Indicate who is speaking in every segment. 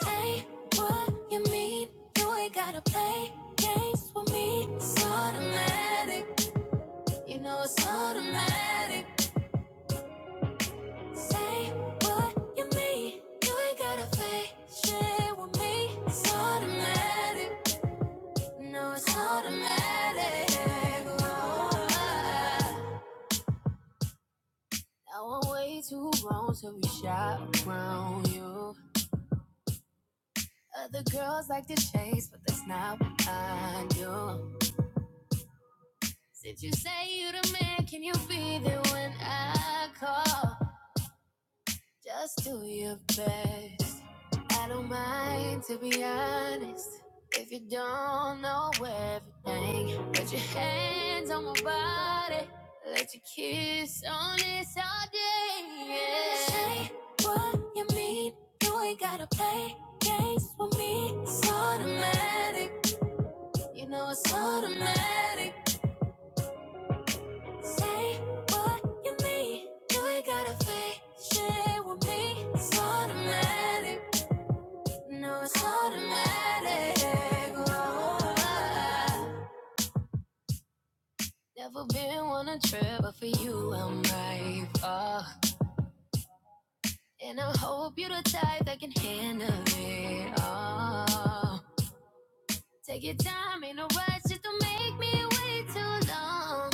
Speaker 1: Say what you mean. You ain't gotta play games with me. It's automatic. You know it's automatic. Say what you mean. You ain't gotta play shit with me. It's automatic. No, it's automatic. Oh, now I'm way too grown to be shy around you. Other girls like to chase, but that's not what I do. Since you say you're the man, can you be there when I call? Just do your best. I don't mind to be honest. If you don't know everything, put your hands on my body. Let your kiss on this all day. Yeah. Say what you mean. You ain't gotta play games with me. It's automatic. You know it's automatic. Say what you mean. You ain't gotta fake shit with me. It's automatic. No, it's automatic. Oh, never been on a trip, but for you I'm brave. Oh, and I hope you're the type that can handle it. Oh, take your time, ain't no rush, just don't make me wait too long.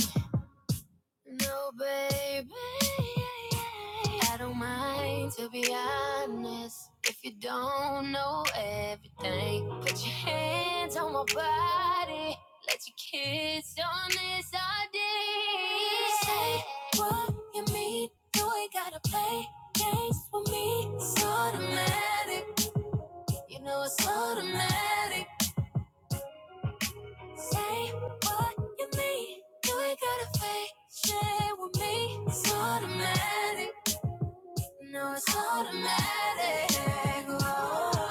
Speaker 1: No, baby, yeah, yeah. I don't mind to be honest. If you don't know everything, put your hands on my body. Let your kiss on this ID. Say what you mean. You ain't gotta play games with me. It's automatic. You know it's automatic. Say what you mean. You ain't gotta fake shit with me. It's automatic. No, it's automatic. Oh,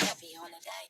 Speaker 1: Happy holiday.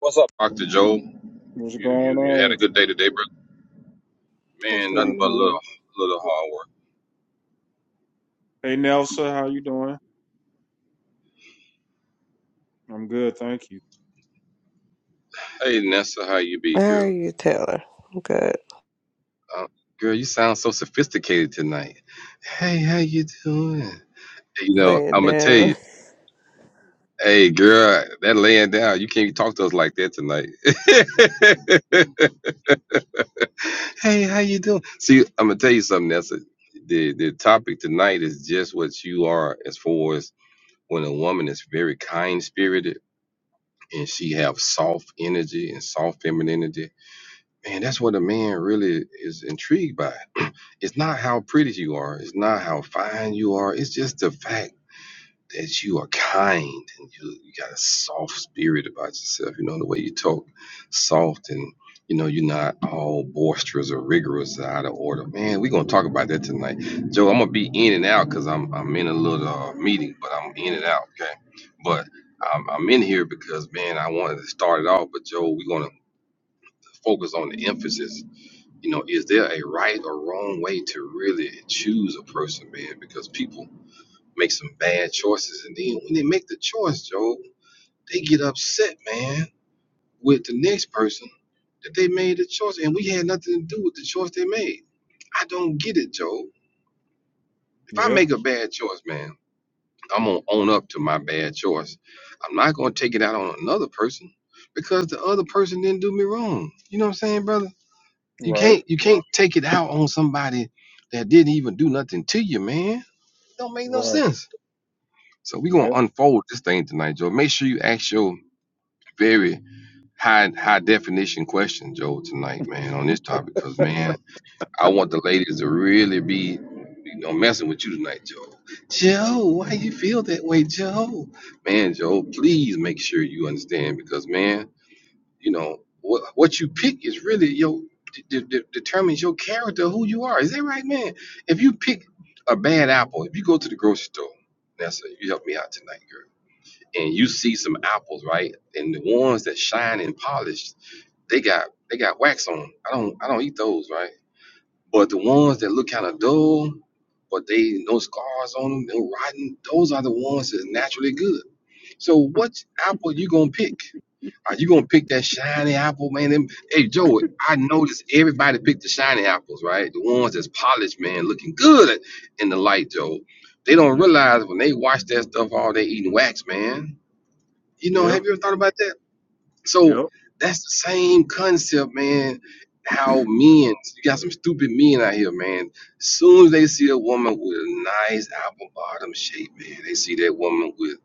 Speaker 2: What's up, Doctor Joe?
Speaker 1: What's
Speaker 2: You,
Speaker 1: going
Speaker 2: you you
Speaker 1: on
Speaker 2: had a
Speaker 1: with
Speaker 2: good
Speaker 1: you?
Speaker 2: day today, brother.
Speaker 3: What's
Speaker 2: Man,
Speaker 1: Pretty
Speaker 2: nothing
Speaker 3: going
Speaker 2: but
Speaker 3: on?
Speaker 2: little
Speaker 1: good.
Speaker 2: little hard work.
Speaker 1: Hey Nelson, how you doing? I'm good, thank you.
Speaker 2: Hey, Nessa, how you be,
Speaker 3: How are
Speaker 2: girl?
Speaker 3: you, Taylor? I'm good.
Speaker 2: Uh, girl, you sound so sophisticated tonight. Hey, how you doing? You know,
Speaker 3: Laying
Speaker 2: I'ma tell
Speaker 3: down.
Speaker 2: you. Hey, girl, that laying down, you can't talk to us like that tonight. hey, how you doing? See, I'm gonna tell you something, Nessa. The the topic tonight is just what you are as far as when a woman is very kind spirited and she have soft energy and soft femininity. Man, that's what a man really is intrigued by. It's not how pretty you are, it's not how fine you are, it's just the fact that you are kind and you, you got a soft spirit about yourself. You know, the way you talk, soft, and you know, you're not all boisterous or rigorous or out of order. Man, we're gonna talk about that tonight, Joe. I'm gonna be in and out because I'm I'm in a little uh, meeting, but I'm in and out. Okay, but I'm, I'm in here because man, I wanted to start it off, but Joe, we're gonna focus on the emphasis. You know, is there a right or wrong way to really choose a person, man? Because people make some bad choices. And then when they make the choice, Joe, they get upset, man, with the next person that they made the choice. And we had nothing to do with the choice they made. I don't get it, Joe. If I
Speaker 1: Yeah,
Speaker 2: make a bad choice, man, I'm going to own up to my bad choice. I'm not going to take it out on another person because the other person didn't do me wrong. You know what I'm saying, brother? You
Speaker 1: right,
Speaker 2: can't you can't take it out on somebody that didn't even do nothing to you, man. Don't make no
Speaker 1: right.
Speaker 2: sense. So we're gonna
Speaker 1: Yeah,
Speaker 2: unfold this thing tonight, Joe. Make sure you ask your very high high definition question, Joe, tonight, man, on this topic, because man, I want the ladies to really be you know messing with you tonight, Joe. Joe, why you feel that way, Joe? Man, Joe, please make sure you understand because man, you know, what what you pick is really your de- de- determines your character, who you are. Is that right, man? If you pick a bad apple, if you go to the grocery store, that's a, you help me out tonight, girl and you see some apples, right? And the ones that shine and polished, they got they got wax on. 'em. I don't I don't eat those, right? But the ones that look kind of dull, but they no scars on them, no rotten, those are the ones that's naturally good. So what apple you gonna pick? Are you gonna pick that shiny apple, man? Them, hey Joe, I noticed everybody picked the shiny apples, right? The ones that's polished, man, looking good in the light, Joe. They don't
Speaker 1: yeah,
Speaker 2: realize when they watch that stuff all day eating wax, man you know,
Speaker 1: yeah,
Speaker 2: have you ever thought about that? So
Speaker 1: yep,
Speaker 2: that's the same concept, man. How men, you got some stupid men out here, man. Soon as they see a woman with a nice apple bottom shape, man, they see that woman with,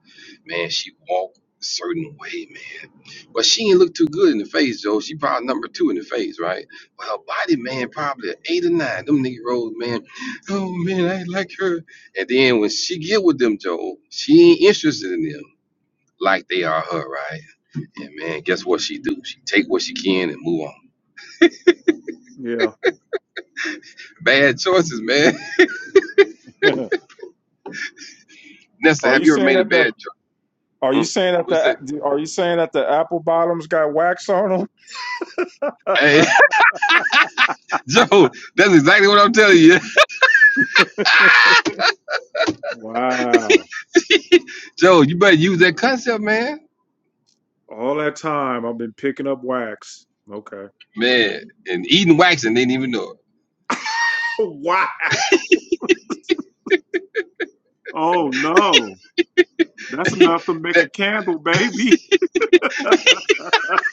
Speaker 2: man, she walk a certain way, man. But she ain't look too good in the face, Joe. She probably number two in the face, right? But her body, man, probably an eight or nine. Them nigga rolls, man. Oh man, I like her. And then when she get with them, Joe, she ain't interested in them like they are her, right? Yeah, man. Guess what she do? She take what she can and move on.
Speaker 1: yeah.
Speaker 2: Bad choices, man.
Speaker 1: yeah.
Speaker 2: Nessa,
Speaker 1: are
Speaker 2: have
Speaker 1: you
Speaker 2: you ever
Speaker 1: saying
Speaker 2: made a
Speaker 1: that the
Speaker 2: bad choice?
Speaker 1: are you
Speaker 2: Hmm?
Speaker 1: saying that
Speaker 2: What's that?
Speaker 1: the are you saying that the apple bottoms got wax on them?
Speaker 2: Hey, Joe, that's exactly what I'm telling you.
Speaker 1: Wow.
Speaker 2: Joe, you better use that concept, man.
Speaker 1: All that time I've been picking up wax. Okay.
Speaker 2: Man, and eating wax and didn't even know
Speaker 1: wow. Oh no. That's enough to make a
Speaker 2: it.
Speaker 1: candle, baby. Got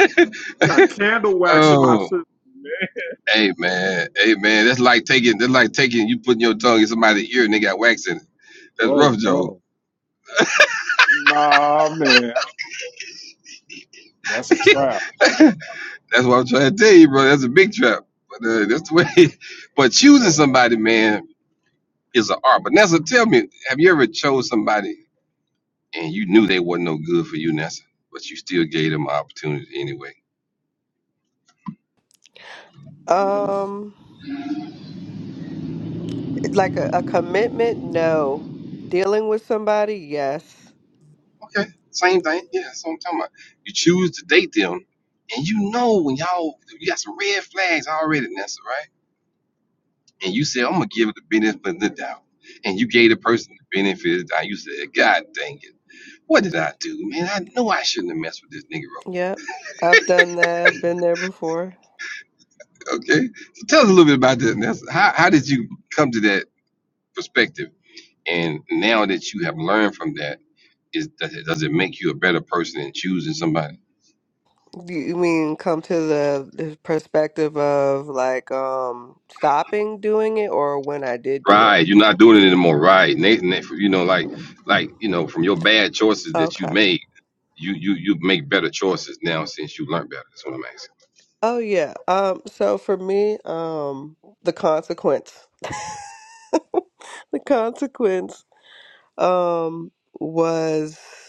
Speaker 1: candle wax in my
Speaker 2: oh,
Speaker 1: system, man.
Speaker 2: hey, man. Hey, man. That's like taking, that's like taking, you putting your tongue in somebody's ear and they got wax in it. That's
Speaker 1: Oh
Speaker 2: rough, Joe.
Speaker 1: no. Nah, man. That's a trap,
Speaker 2: That's what I'm trying to tell you, bro. That's a big trap. But uh, that's the way. But choosing
Speaker 1: man.
Speaker 2: somebody, man. is an art. But Nessa, tell me, have you ever chose somebody and you knew they wasn't no good for you, Nessa, but you still gave them an opportunity anyway?
Speaker 3: Um, like a, a commitment? No. Dealing with somebody? Yes.
Speaker 2: Okay, same thing. Yeah, that's what I'm talking about. You choose to date them, and you know when y'all you got some red flags already, Nessa, right? And you said, I'm gonna give it the benefit of the doubt. And you gave the person the benefit of the doubt. You said, God dang it. What did I do, man? I know I shouldn't have messed with this nigga.
Speaker 3: Yep. I've done that. I've been there before.
Speaker 2: Okay, so tell us a little bit about that. Nessa. How, how did you come to that perspective? And now that you have learned from that, is does it, does it make you a better person in choosing somebody?
Speaker 3: You you mean come to the, the perspective of like um stopping doing it or when I did do it?
Speaker 2: Right, you're not doing it anymore. Right, Nathan, that- you know, like like you know, from your bad choices that you
Speaker 3: Okay.
Speaker 2: made, you you you make better choices now since you learned better. That's what I'm asking.
Speaker 3: Oh yeah. Um so for me, um the consequence. The consequence um was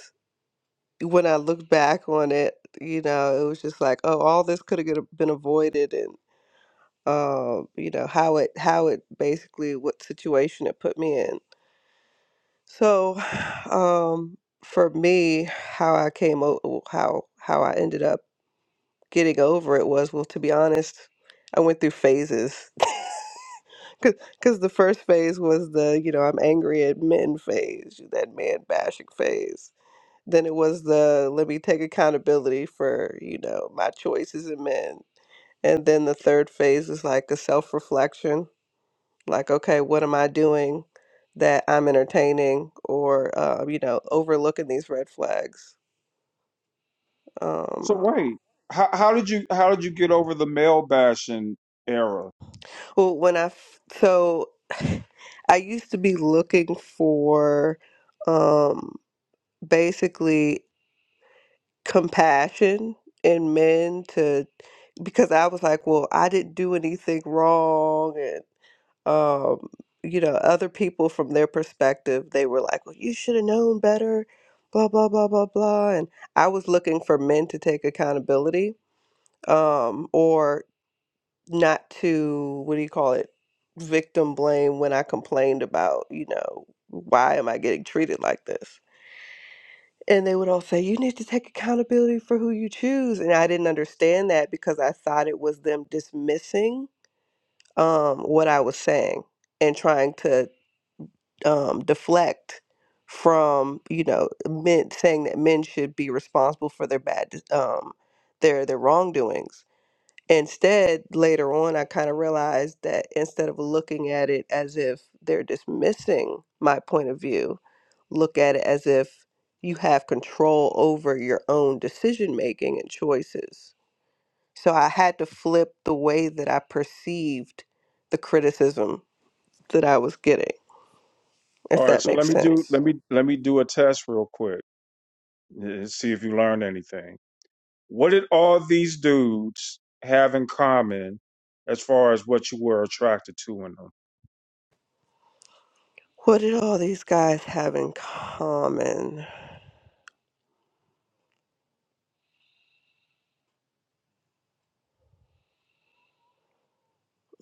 Speaker 3: when I look back on it, you know, it was just like, oh, all this could have been avoided, and um, you know how it how it basically what situation it put me in. So, um, for me, how I came o- how how I ended up getting over it was well, to be honest, I went through phases. Because the first phase was the, you know, I'm angry at men phase, that man bashing phase than it was the let me take accountability for you know my choices and men and then the third phase is like a self-reflection like okay what am i doing that i'm entertaining or uh, you know overlooking these red flags
Speaker 1: So
Speaker 3: um
Speaker 1: wait, how how did you how did you get over the male bashing era?
Speaker 3: well when i f- so i used to be looking for um basically compassion in men to because I was like, well, I didn't do anything wrong and um you know, other people from their perspective, they were like, well, you should have known better, blah blah blah blah blah and I was looking for men to take accountability um or not to what do you call it? victim blame when I complained about, you know, why am I getting treated like this? And they would all say, You need to take accountability for who you choose. And I didn't understand that because I thought it was them dismissing um, what I was saying and trying to um, deflect from, you know, men saying that men should be responsible for their bad, um, their, their wrongdoings Instead, later on, I kind of realized that instead of looking at it as if they're dismissing my point of view, look at it as if you have control over your own decision making and choices. So I had to flip the way that I perceived the criticism that I was getting,
Speaker 1: All
Speaker 3: if
Speaker 1: right,
Speaker 3: that
Speaker 1: so let
Speaker 3: makes
Speaker 1: me do
Speaker 3: sense.
Speaker 1: let me let me do a test real quick and see if you learned anything. What did all these dudes have in common as far as what you were attracted to in them?
Speaker 3: What did all these guys have in common?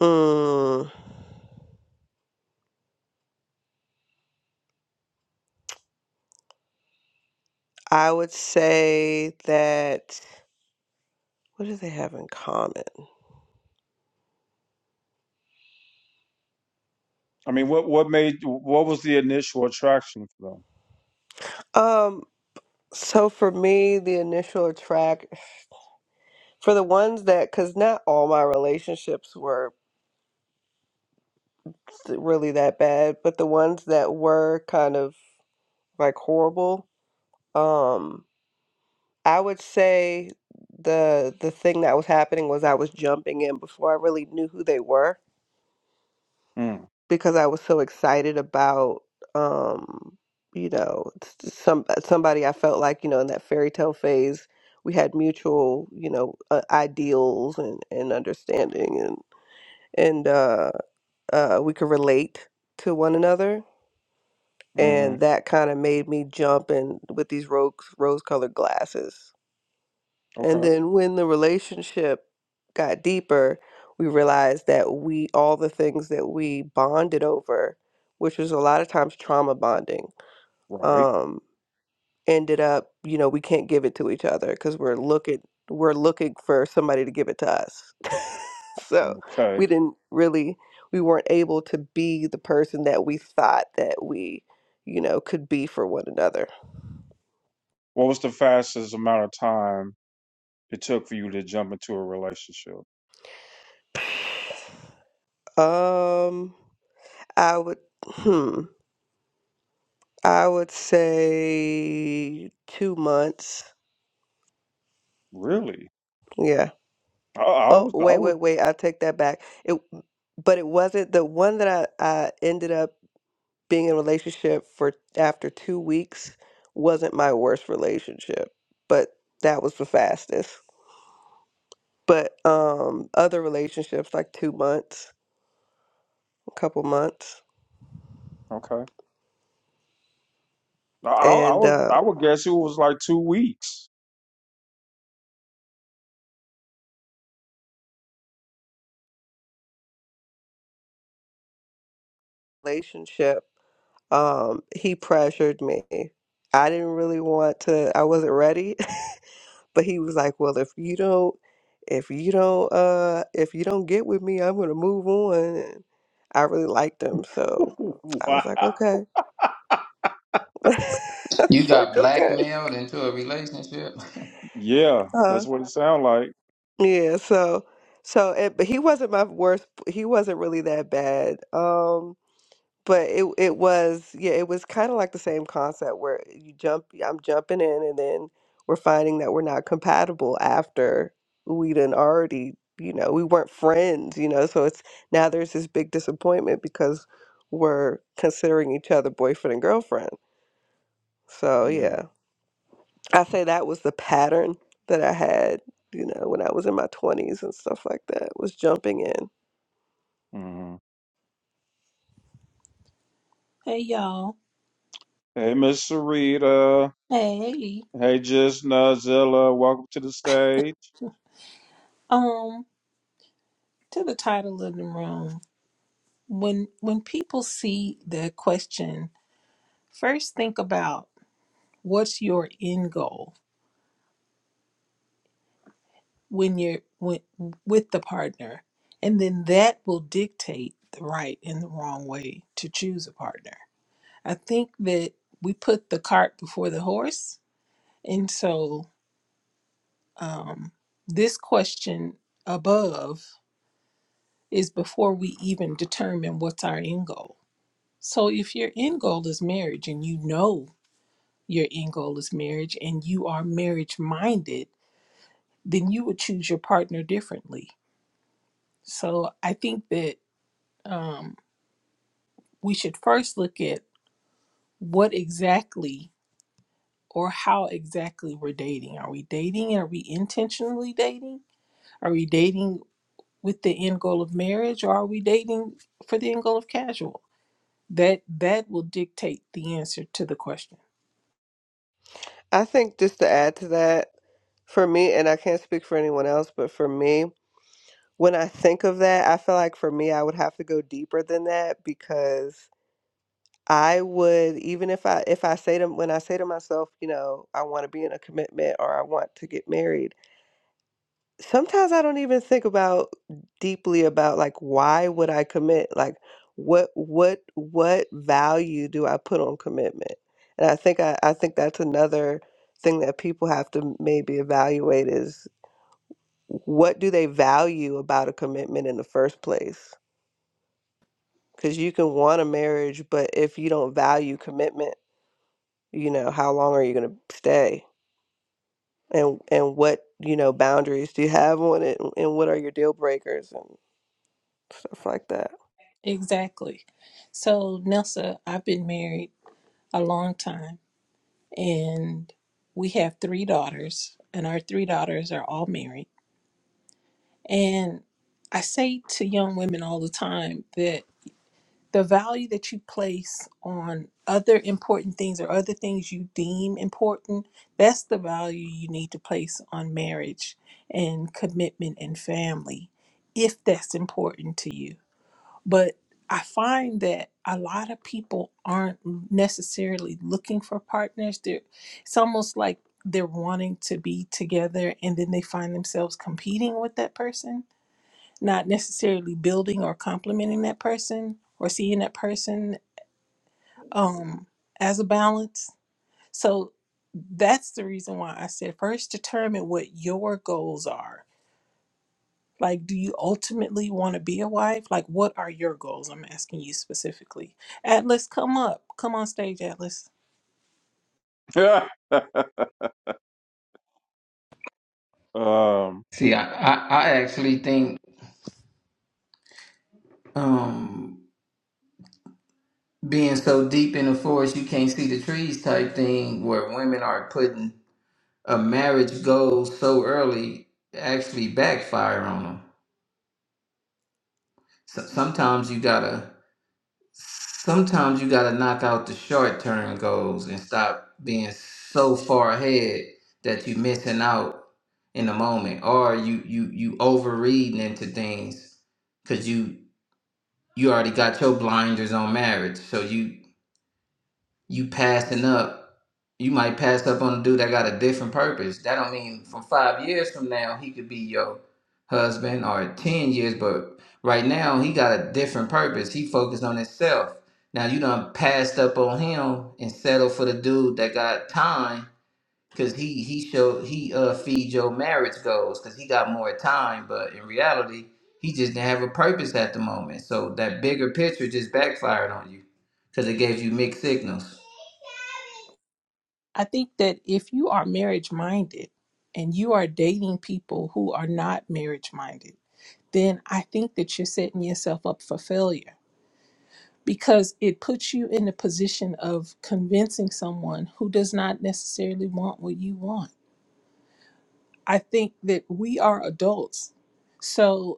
Speaker 3: Mm, I would say that what do they have in common?
Speaker 1: I mean, what what made what was the initial attraction for
Speaker 3: Um, so for me, the initial attract for the ones that, because not all my relationships were really that bad, but the ones that were kind of like horrible, um, I would say the the thing that was happening was I was jumping in before I really knew who they were.
Speaker 1: them?
Speaker 3: because I was so excited about um you know s- some uh, somebody I felt like you know in that fairy tale phase we had mutual you know uh, ideals and and understanding and and uh uh we could relate to one another
Speaker 1: Mm,
Speaker 3: and
Speaker 1: mm-hmm.
Speaker 3: that kind of made me jump in with these rose rose colored glasses and
Speaker 1: Okay,
Speaker 3: then when the relationship got deeper, we realized that we, all the things that we bonded over, which was a lot of times trauma bonding,
Speaker 1: right.
Speaker 3: um, ended up, you know, we can't give it to each other because we're looking, we're looking for somebody to give it to us. so
Speaker 1: Okay.
Speaker 3: we didn't really, we weren't able to be the person that we thought that we, you know, could be for one another.
Speaker 1: What was the fastest amount of time it took for you to jump into a relationship?
Speaker 3: Um, I would, hmm. I would say two months.
Speaker 1: Really?
Speaker 3: Yeah.
Speaker 1: I, I
Speaker 3: Oh,
Speaker 1: was. I
Speaker 3: wait,
Speaker 1: would.
Speaker 3: wait, wait. I take that back. It, but it wasn't the one that I, I ended up being in a relationship for after two weeks wasn't my worst relationship, but that was the fastest. But um, other relationships like two months, a couple months,
Speaker 1: Okay. I, I I
Speaker 3: and
Speaker 1: would.
Speaker 3: uh,
Speaker 1: I would guess it was like two weeks.
Speaker 3: relationship, um, he pressured me. I didn't really want to. I wasn't ready. But he was like, "Well, if you don't, if you don't, uh, if you don't get with me, I'm gonna move on." And I really liked him, so I
Speaker 1: Wow.
Speaker 3: was like, "Okay." I
Speaker 4: You
Speaker 3: was
Speaker 4: got
Speaker 3: like, "Okay."
Speaker 4: blackmailed into a relationship?
Speaker 1: Yeah,
Speaker 3: Uh,
Speaker 1: that's what it sounded like.
Speaker 3: yeah. So, so, it, but he wasn't my worst. He wasn't really that bad. Um, but it it was yeah it was kind of like the same concept where you jump I'm jumping in and then we're finding that we're not compatible after we done already you know we weren't friends you know so it's now there's this big disappointment because we're considering each other boyfriend and girlfriend so
Speaker 1: Yeah.
Speaker 3: yeah I say that was the pattern that I had you know when I was in my 20s and stuff like that was jumping in
Speaker 1: hmm
Speaker 5: Hey y'all.
Speaker 1: Hey, Miss Sarita.
Speaker 5: Hey.
Speaker 1: Hey, just Nazilla, welcome to the stage.
Speaker 5: Um, to the title of the room. When when people see the question, first think about what's your end goal when you're when, with the partner, and then that will dictate the right and the wrong way to choose a partner. I think that we put the cart before the horse, and so um, this question above is before we even determine what's our end goal So if your end goal is marriage and you know your end goal is marriage and you are marriage minded, then you would choose your partner differently. So I think that um, we should first look at what exactly or how exactly we're dating. Are we dating? Are we intentionally dating? Are we dating with the end goal of marriage or are we dating for the end goal of casual? That that will dictate the answer to the question.
Speaker 3: I think just to add to that for me and I can't speak for anyone else but for me When I think of that, I feel like for me, I would have to go deeper than that because I would, even if I if I say to when I say to myself, you know, I want to be in a commitment or I want to get married, sometimes I don't even think about deeply about like why would I commit? Like what what what value do I put on commitment? And I think I, I think that's another thing that people have to maybe evaluate is what do they value about a commitment in the first place? Because you can want a marriage, but if you don't value commitment, you know, how long are you going to stay? And and what, you know, boundaries do you have on it? And and what are your deal breakers and stuff like that?
Speaker 5: Exactly. So, Nelsa, I've been married a long time and we have three daughters, and our three daughters are all married. And I say to young women all the time that the value that you place on other important things or other things you deem important, that's the value you need to place on marriage and commitment and family if that's important to you But I find that a lot of people aren't necessarily looking for partners. They're, it's almost like they're wanting to be together and then they find themselves competing with that person, not necessarily building or complementing that person or seeing that person um, as a balance. So that's the reason why I said first determine what your goals are like, do you ultimately want to be a wife? Like, what are your goals? I'm asking you specifically. Atlas, come up. Come on stage, Atlas.
Speaker 1: um,
Speaker 4: see, I, I, I actually think um, being so deep in the forest you can't see the trees type thing where women are putting a marriage goal so early actually backfire on them. So, sometimes you gotta sometimes you gotta knock out the short term goals and stop being so far ahead that you're missing out in the moment or you you you overreading into things because you you already got your blinders on marriage so you you passing up, you might pass up on a dude that got a different purpose. That don't mean from five years from now he could be your husband or ten years, but right now he got a different purpose. He focused on himself. Now you done passed up on him and settled for the dude that got time because he he showed he uh feed your marriage goals because he got more time, but in reality he just didn't have a purpose at the moment. So that bigger picture just backfired on you because it gave you mixed signals.
Speaker 5: I think that if you are marriage minded and you are dating people who are not marriage minded, then I think that you're setting yourself up for failure because it puts you in the position of convincing someone who does not necessarily want what you want. I think that we are adults. So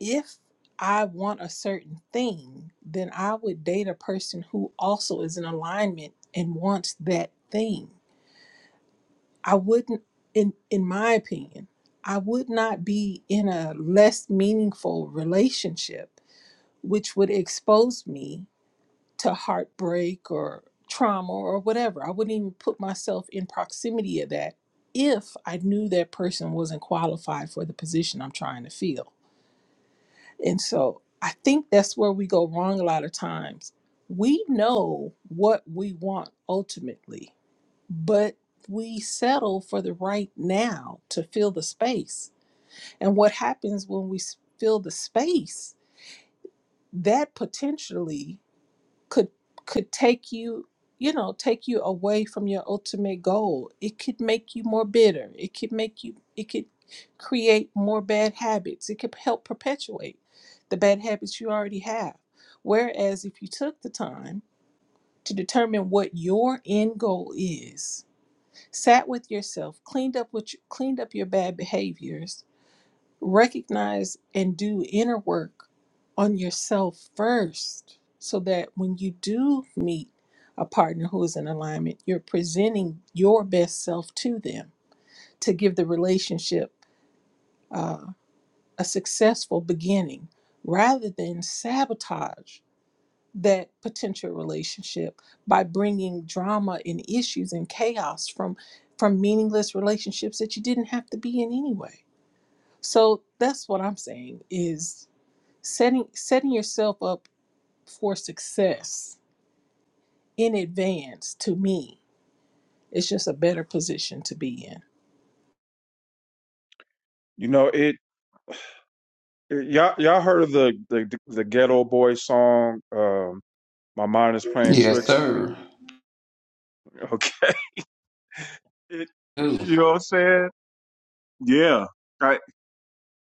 Speaker 5: if I want a certain thing, then I would date a person who also is in alignment and wants that thing. I wouldn't in in my opinion, I would not be in a less meaningful relationship which would expose me to heartbreak or trauma or whatever. I wouldn't even put myself in proximity of that if I knew that person wasn't qualified for the position I'm trying to fill. And so I think that's where we go wrong a lot of times. We know what we want ultimately, but we settle for the right now to fill the space. And what happens when we s- fill the space, that potentially could could take you you know take you away from your ultimate goal it could make you more bitter it could make you it could create more bad habits it could help perpetuate the bad habits you already have whereas if you took the time to determine what your end goal is sat with yourself cleaned up what you, cleaned up your bad behaviors recognize and do inner work on yourself first so that when you do meet a partner who is in alignment, you're presenting your best self to them to give the relationship uh, a successful beginning rather than sabotage that potential relationship by bringing drama and issues and chaos from from meaningless relationships that you didn't have to be in anyway. So that's what I'm saying is setting setting yourself up for success in advance to me is just a better position to be in
Speaker 1: you know it. Y'all, y'all heard of the the the Ghetto Boy song? Um, My mind is playing
Speaker 4: Yes,
Speaker 1: tricks on me.
Speaker 4: sir.
Speaker 1: Okay. you
Speaker 4: Ooh.
Speaker 1: know what I'm saying? Yeah. I,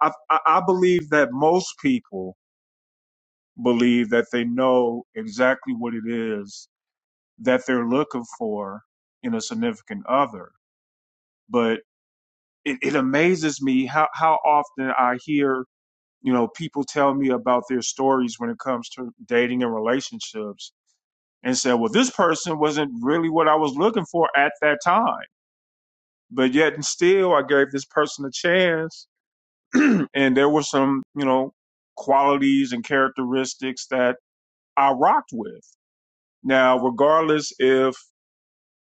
Speaker 1: I I believe that most people believe that they know exactly what it is that they're looking for in a significant other. But it, it amazes me how, how often I hear, you know, people tell me about their stories when it comes to dating and relationships and say, well, this person wasn't really what I was looking for at that time. But yet and still I gave this person a chance and there were some, you know, qualities and characteristics that I rocked with. Now, regardless if,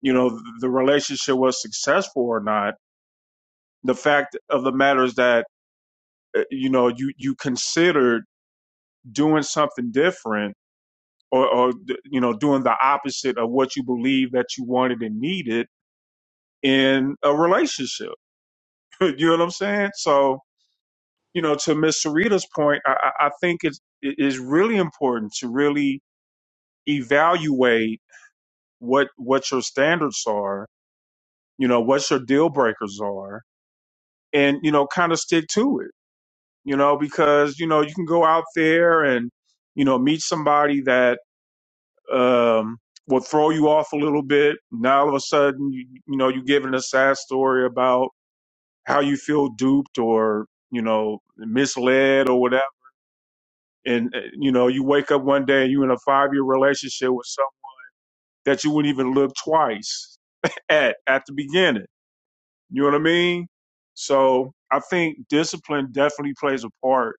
Speaker 1: you know, the relationship was successful or not, the fact of the matter is that, uh, you know, you, you considered doing something different or, or, you know, doing the opposite of what you believe that you wanted and needed in a relationship. you know what I'm saying? So, you know, to Miss Sarita's point, I, I I think it's, it is really important to really evaluate what what your standards are you know what your deal breakers are and you know kind of stick to it you know because you know you can go out there and you know meet somebody that um will throw you off a little bit now all of a sudden you, you know you're giving a sad story about how you feel duped or you know misled or whatever and uh, you know you wake up one day and you're in a five year relationship with someone that you wouldn't even look twice at at the beginning You know what I mean? So I think discipline definitely plays a part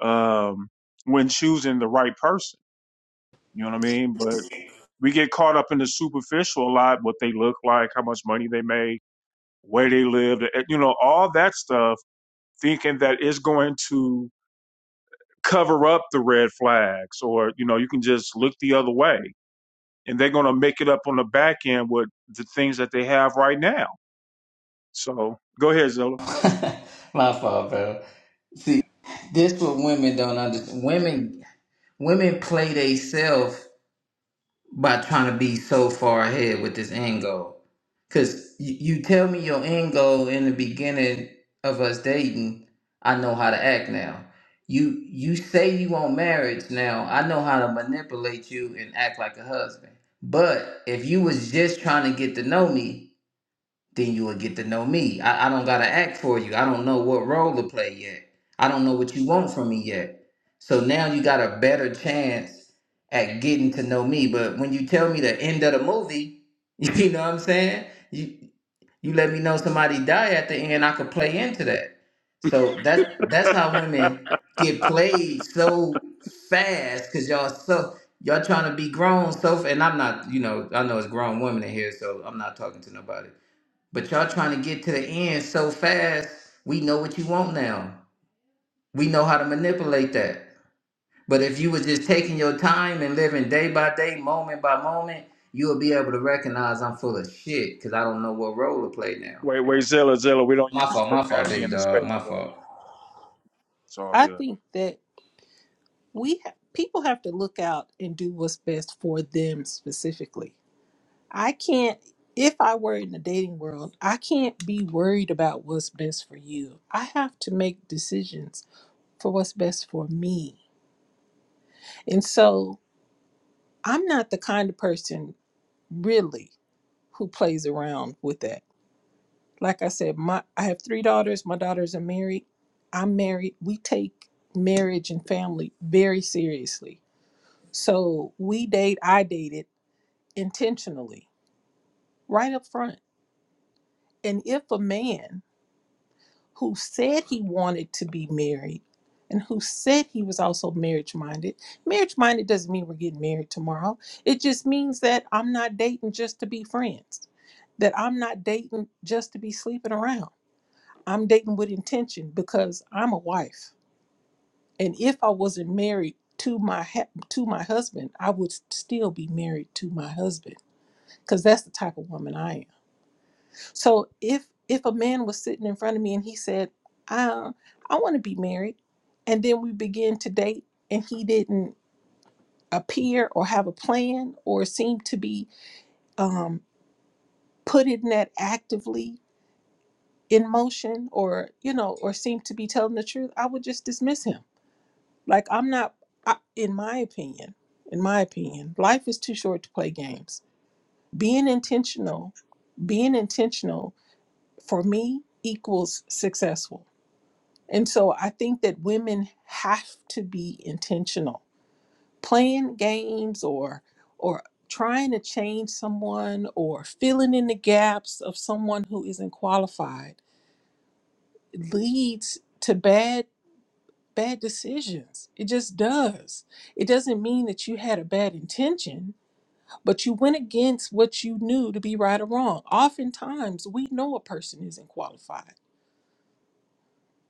Speaker 1: um, when choosing the right person. You know what I mean? But we get caught up in the superficial a lot, what they look like, how much money they make, where they live, eh, you know, all that stuff, thinking that it's going to cover up the red flags or, you know, you can just look the other way. And they're going to make it up on the back end with the things that they have right now. So go ahead, Zilla.
Speaker 4: My fault, bro. See, this what women don't understand. Women, women play themselves by trying to be so far ahead with this end goal. Cause you, you tell me your end goal in the beginning of us dating, I know how to act now. You you say you want marriage now, I know how to manipulate you and act like a husband. But if you was just trying to get to know me, then you will get to know me. I, I don't gotta act for you. I don't know what role to play yet. I don't know what you want from me yet. So now you got a better chance at getting to know me. But when you tell me the end of the movie, you know what I'm saying? You you let me know somebody die at the end, I could play into that. So that's that's how women get played so fast because y'all so y'all trying to be grown so f- and I'm not, you know, I know it's grown women in here, so I'm not talking to nobody but y'all trying to get to the end so fast, we know what you want now. We know how to manipulate that. But if you was just taking your time and living day by day, moment by moment, you will be able to recognize I'm full of shit because I don't know what role to play now.
Speaker 1: Wait, wait, Zilla, Zilla, we don't
Speaker 4: My
Speaker 5: i
Speaker 1: use
Speaker 4: fault, my fault,
Speaker 1: profanity
Speaker 4: big
Speaker 1: in the
Speaker 4: dog,
Speaker 1: space,
Speaker 4: my
Speaker 1: bro.
Speaker 4: fault.
Speaker 1: It's all
Speaker 5: I
Speaker 1: good.
Speaker 5: think that we ha- people have to look out and do what's best for them specifically I can't, if I were in the dating world, I can't be worried about what's best for you. I have to make decisions for what's best for me. And so I'm not the kind of person really who plays around with that. Like I said, my I have three daughters. My daughters are married. I'm married. We take marriage and family very seriously. So we date, I dated intentionally right up front. And if a man who said he wanted to be married and who said he was also marriage minded. Marriage minded doesn't mean we're getting married tomorrow. It just means that I'm not dating just to be friends, that I'm not dating just to be sleeping around. I'm dating with intention because I'm a wife. And if I wasn't married, to my ha- to my husband, I would still be married to my husband because that's the type of woman I am. So if if a man was sitting in front of me and he said, "I I want to be married," and then we begin to date, and he didn't appear or have a plan or seem to be um, putting that actively in motion, or you know, or seem to be telling the truth, I would just dismiss him. Like I'm not, I, in my opinion, in my opinion, life is too short to play games. Being intentional, being intentional for me equals successful And so I think that women have to be intentional. Playing games or or trying to change someone or filling in the gaps of someone who isn't qualified leads to bad bad decisions. It just does. It doesn't mean that you had a bad intention, but you went against what you knew to be right or wrong. Oftentimes we know a person isn't qualified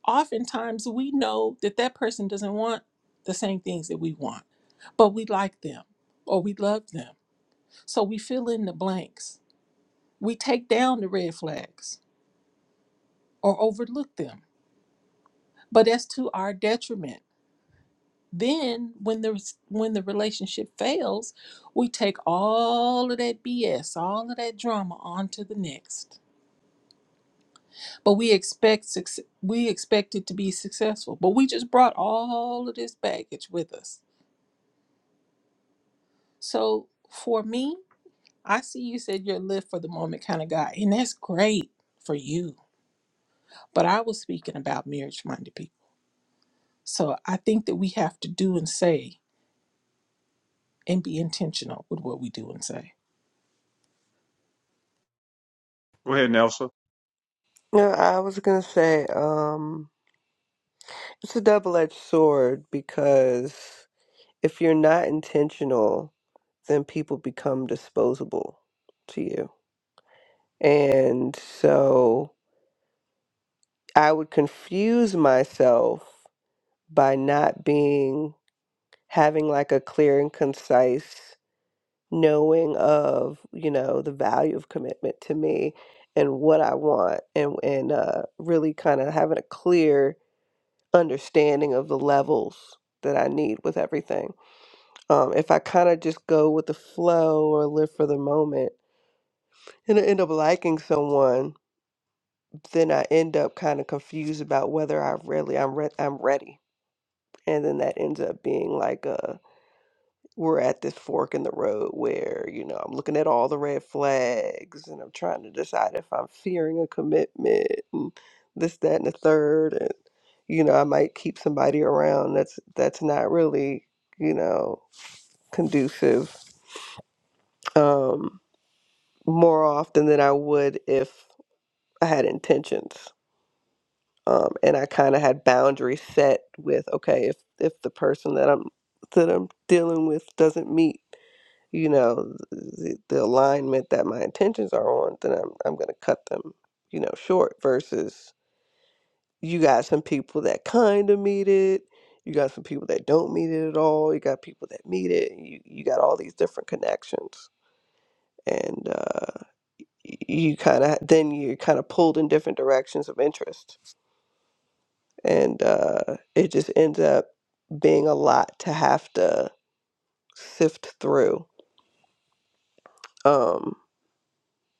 Speaker 5: oftentimes we know that that person doesn't want the same things that we want, but we like them or we love them. So we fill in the blanks. We take down the red flags or overlook them, but that's to our detriment. Then when the when the relationship fails, we take all of that BS, all of that drama onto the next. But we expect suc- we expect it to be successful, but we just brought all of this baggage with us So for me, I see you said you're a live for the moment kind of guy, and that's great for you. But I was speaking about marriage minded people. So I think that we have to do and say and be intentional with what we do and say.
Speaker 1: Go ahead, Nelson.
Speaker 3: No, I was going to say, um, it's a double-edged sword because if you're not intentional, then people become disposable to you. And so I would confuse myself by not being having like a clear and concise knowing of you know the value of commitment to me and what I want and and uh, really kind of having a clear understanding of the levels that I need with everything. Um, if I kind of just go with the flow or live for the moment and I end up liking someone, then I end up kind of confused about whether I really I'm re- I'm ready, and then that ends up being like a we're at this fork in the road where, you know, I'm looking at all the red flags and I'm trying to decide if I'm fearing a commitment and this, that, and the third. And, you know, I might keep somebody around that's that's not really, you know, conducive um, more often than I would if I had intentions. Um, and I kind of had boundaries set with, okay, if if the person that I'm that I'm dealing with doesn't meet you know the, the alignment that my intentions are on then i'm, I'm going to cut them you know short versus you got some people that kind of meet it you got some people that don't meet it at all you got people that meet it you, you got all these different connections and uh, y- you kind of then you're kind of pulled in different directions of interest and uh, it just ends up being a lot to have to sift through Um.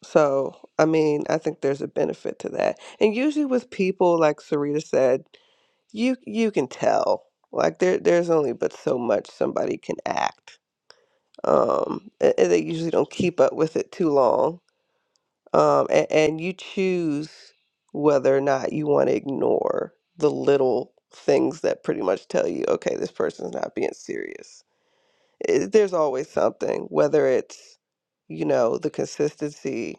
Speaker 3: So, I mean, I think there's a benefit to that. And usually with people, like Sarita said, you you can tell. Like there there's only but so much somebody can act. Um, a- and they usually don't keep up with it too long. Um, and, and you choose whether or not you want to ignore the little things that pretty much tell you, okay, this person's not being serious. Eh, there's always something, whether it's, you know, the consistency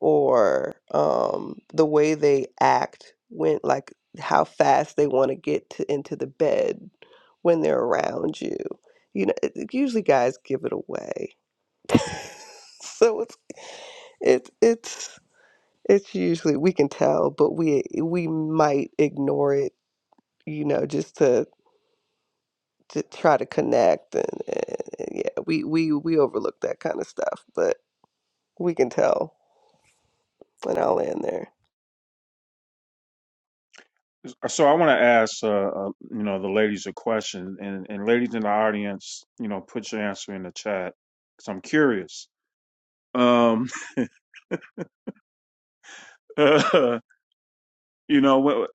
Speaker 3: or um, the way they act when like how fast they want to get to, into the bed when they're around you you know it, it- usually guys give it away so it's it's it's it's usually we can tell but we we might ignore it you know just to to try to connect and, and and yeah we we we overlook that kind of stuff but we can tell and i'll end there
Speaker 1: So I want to ask, uh, uh, you know, the ladies a question, and, and ladies in the audience, you know, put your answer in the chat because I'm curious. Um, you know, when,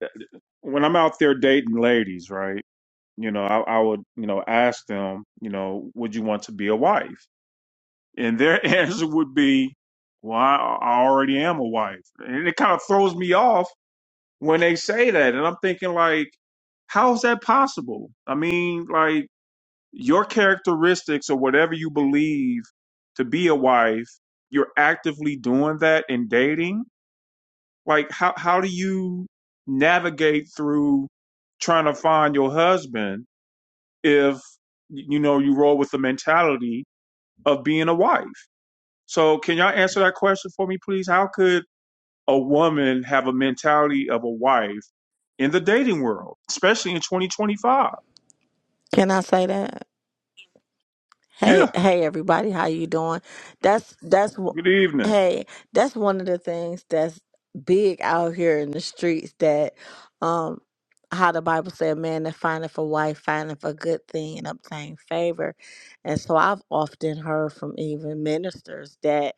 Speaker 1: when I'm out there dating ladies, right? You know, I, I would, you know, ask them, you know, would you want to be a wife? And their answer would be, well, I I already am a wife. And it kind of throws me off when they say that. And I'm thinking, like, how is that possible? I mean, like, your characteristics or whatever you believe to be a wife, you're actively doing that in dating. Like, how, how do you navigate through trying to find your husband if, you know, you roll with the mentality of being a wife? So can y'all answer that question for me, please? How could a woman have a mentality of a wife in the dating world, especially in 2025?
Speaker 6: Can I say that? Hey,
Speaker 1: Yeah.
Speaker 6: hey everybody, how you doing? That's that's wh-
Speaker 1: Good evening.
Speaker 6: hey, that's one of the things that's big out here in the streets that um how the Bible said man that findeth a wife findeth a good thing and obtain favor. And so I've often heard from even ministers that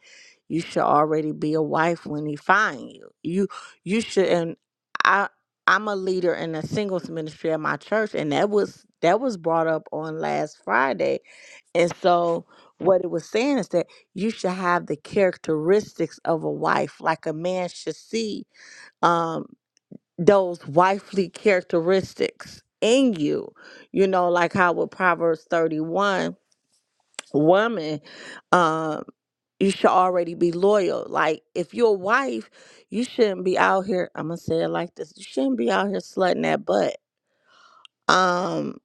Speaker 6: you should already be a wife when he find you. You you should and I I'm a leader in a singles ministry at my church and that was that was brought up on last Friday and so, what it was saying is that you should have the characteristics of a wife, like a man should see um, those wifely characteristics in you. You know, like how with Proverbs 31, woman, um, you should already be loyal. Like, if you're a wife, you shouldn't be out here, I'm going to say it like this you shouldn't be out here slutting that butt. Um,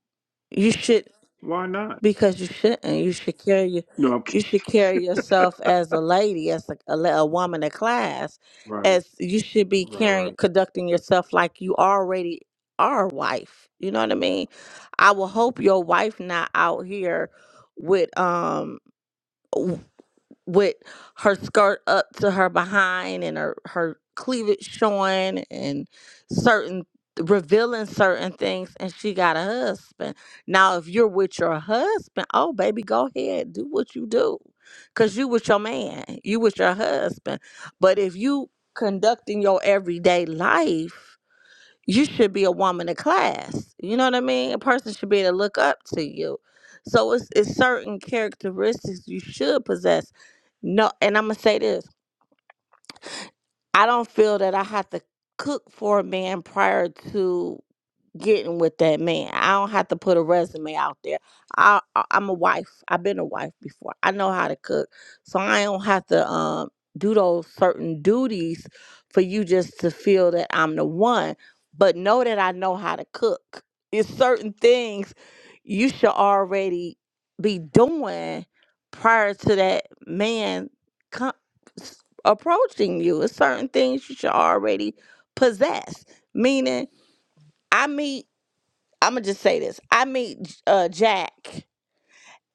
Speaker 6: you should
Speaker 1: Why not?
Speaker 6: Because you shouldn't. You should carry your-
Speaker 1: No, I'm kidding.
Speaker 6: you should carry yourself as a lady, as a, a, la- a woman of class,
Speaker 1: Right,
Speaker 6: as you should be
Speaker 1: right, right.
Speaker 6: carrying conducting yourself like you already are a wife. You know what I mean? I will hope your wife not out here with um with her skirt up to her behind and her, her cleavage showing and certain revealing certain things and she got a husband now if you're with your husband oh baby go ahead do what you do because you with your man you with your husband but if you conducting your everyday life you should be a woman of class. You know what I mean? A person should be able to look up to you. So it's it's certain characteristics you should possess. No, and I'm gonna say this: I don't feel that I have to cook for a man prior to getting with that man. I don't have to put a resume out there. I, I I'm a wife. I've been a wife before. I know how to cook, so I don't have to um do those certain duties for you just to feel that I'm the one. But know that I know how to cook. It's certain things you should already be doing prior to that man com- s- approaching you. It's certain things you should already possess. Meaning, I meet. I'm gonna just say this. I meet uh, Jack,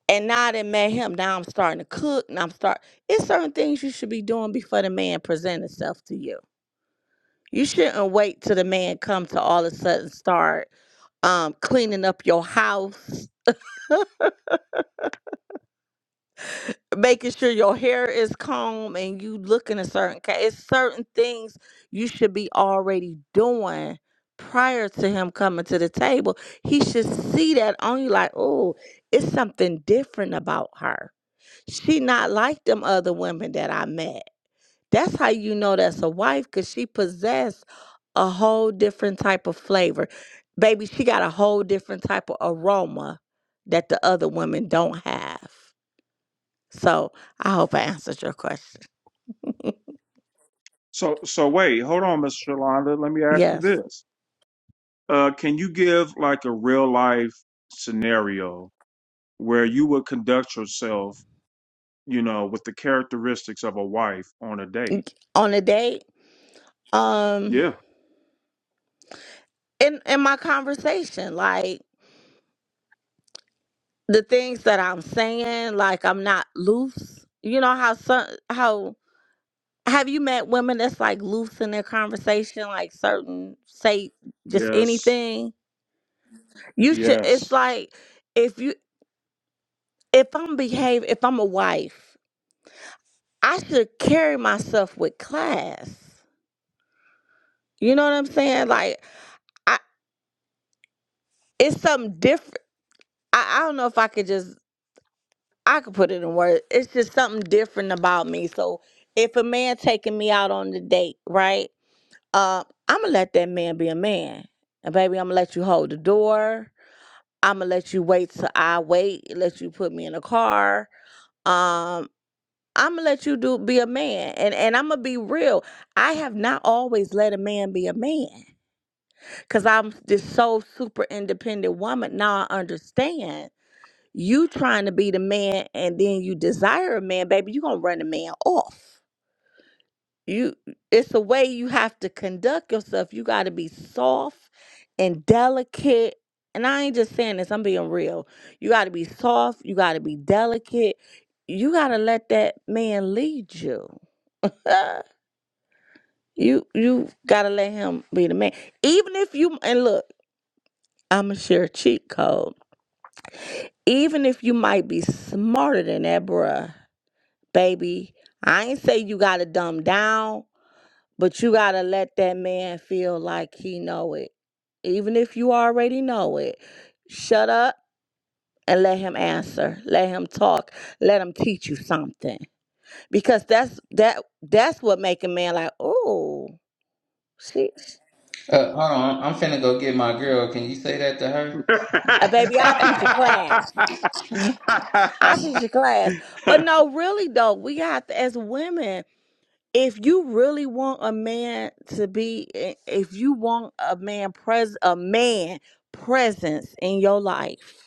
Speaker 6: and now I done met him. Now I'm starting to cook, and I'm start. It's certain things you should be doing before the man present himself to you. You shouldn't wait till the man come to all of a sudden start um, cleaning up your house, making sure your hair is combed, and you looking a certain. ca- It's certain things you should be already doing prior to him coming to the table. He should see that on you, like, oh, it's something different about her She not like them other women that I met. That's how you know that's a wife, cause she possessed a whole different type of flavor. Baby, she got a whole different type of aroma that the other women don't have. So I hope I answered your question.
Speaker 1: So, so wait, hold on, Miss Shalonda. Let me ask you
Speaker 6: Yes.
Speaker 1: this. Uh, can you give like a real life scenario where you would conduct yourself, you know, with the characteristics of a wife on a date?
Speaker 6: On a date, um,
Speaker 1: Yeah.
Speaker 6: in in my conversation, like the things that I'm saying, like I'm not loose. You know how some how have you met women that's like loose in their conversation like certain say just
Speaker 1: Yes.
Speaker 6: anything you should
Speaker 1: Yes.
Speaker 6: it's like if you if i'm behave if i'm a wife i should carry myself with class you know what i'm saying like i it's something different i, I don't know if i could just i could put it in words it's just something different about me so if a man taking me out on the date right uh i'm gonna let that man be a man and baby i'm gonna let you hold the door I'ma let you wait till I wait, let you put me in a car. Um, I'ma let you do be a man. And and I'ma be real. I have not always let a man be a man. Cause I'm this so super independent woman. Now I understand you trying to be the man and then you desire a man, baby, you gonna run a man off you it's the way you have to conduct yourself you got to be soft and delicate and i ain't just saying this i'm being real you got to be soft you got to be delicate you got to let that man lead you Uh, you you got to let him be the man even if you and look i'm gonna share a cheat code even if you might be smarter than that bruh baby i ain't say you gotta dumb down But you got to let that man feel like he know it. Even if you already know it, shut up and let him answer. Let him talk. Let him teach you something. Because that's that that's what make a man like, "Oh, she
Speaker 4: Uh, hold on, I'm finna go get my girl. Can you say that to her?
Speaker 6: a baby, I teach a class. I teach a class." But no, really though, we have to as women if you really want a man to be, eh, if you want a man pres, a man presence in your life,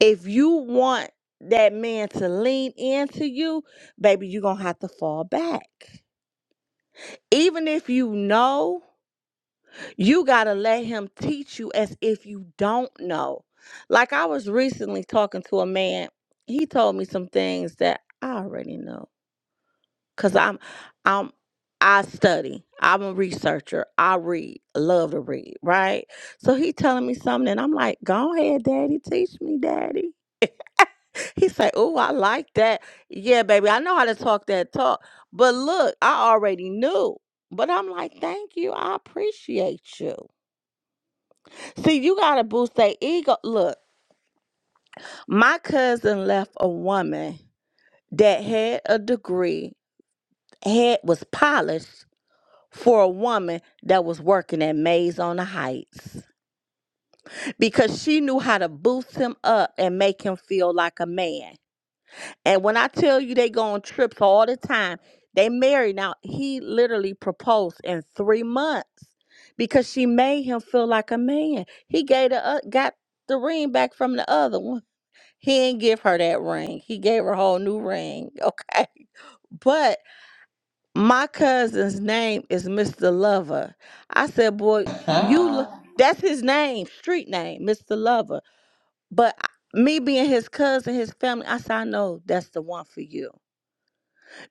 Speaker 6: if you want that man to lean into you, baby, you're going to have to fall back. Even if you know, you got to let him teach you as if you don't know. Like I was recently talking to a man, he told me some things that I already know cuz I'm I'm I study. I'm a researcher. I read. Love to read, right? So he telling me something and I'm like, "Go ahead, daddy, teach me, daddy." He's like, "Oh, I like that. Yeah, baby, I know how to talk that talk. But look, I already knew. But I'm like, thank you. I appreciate you. See, you gotta boost their ego. Look, my cousin left a woman that had a degree, head was polished for a woman that was working at Maze on the Heights because she knew how to boost him up and make him feel like a man. And when I tell you they go on trips all the time, they married. Now he literally proposed in three months because she made him feel like a man. He gave the uh, got the ring back from the other one. He didn't give her that ring. He gave her a whole new ring. Okay. But my cousin's name is Mr. Lover. I said, boy, you lo- that's his name, street name, Mr. Lover. But I- me being his cousin, his family, I said, I know that's the one for you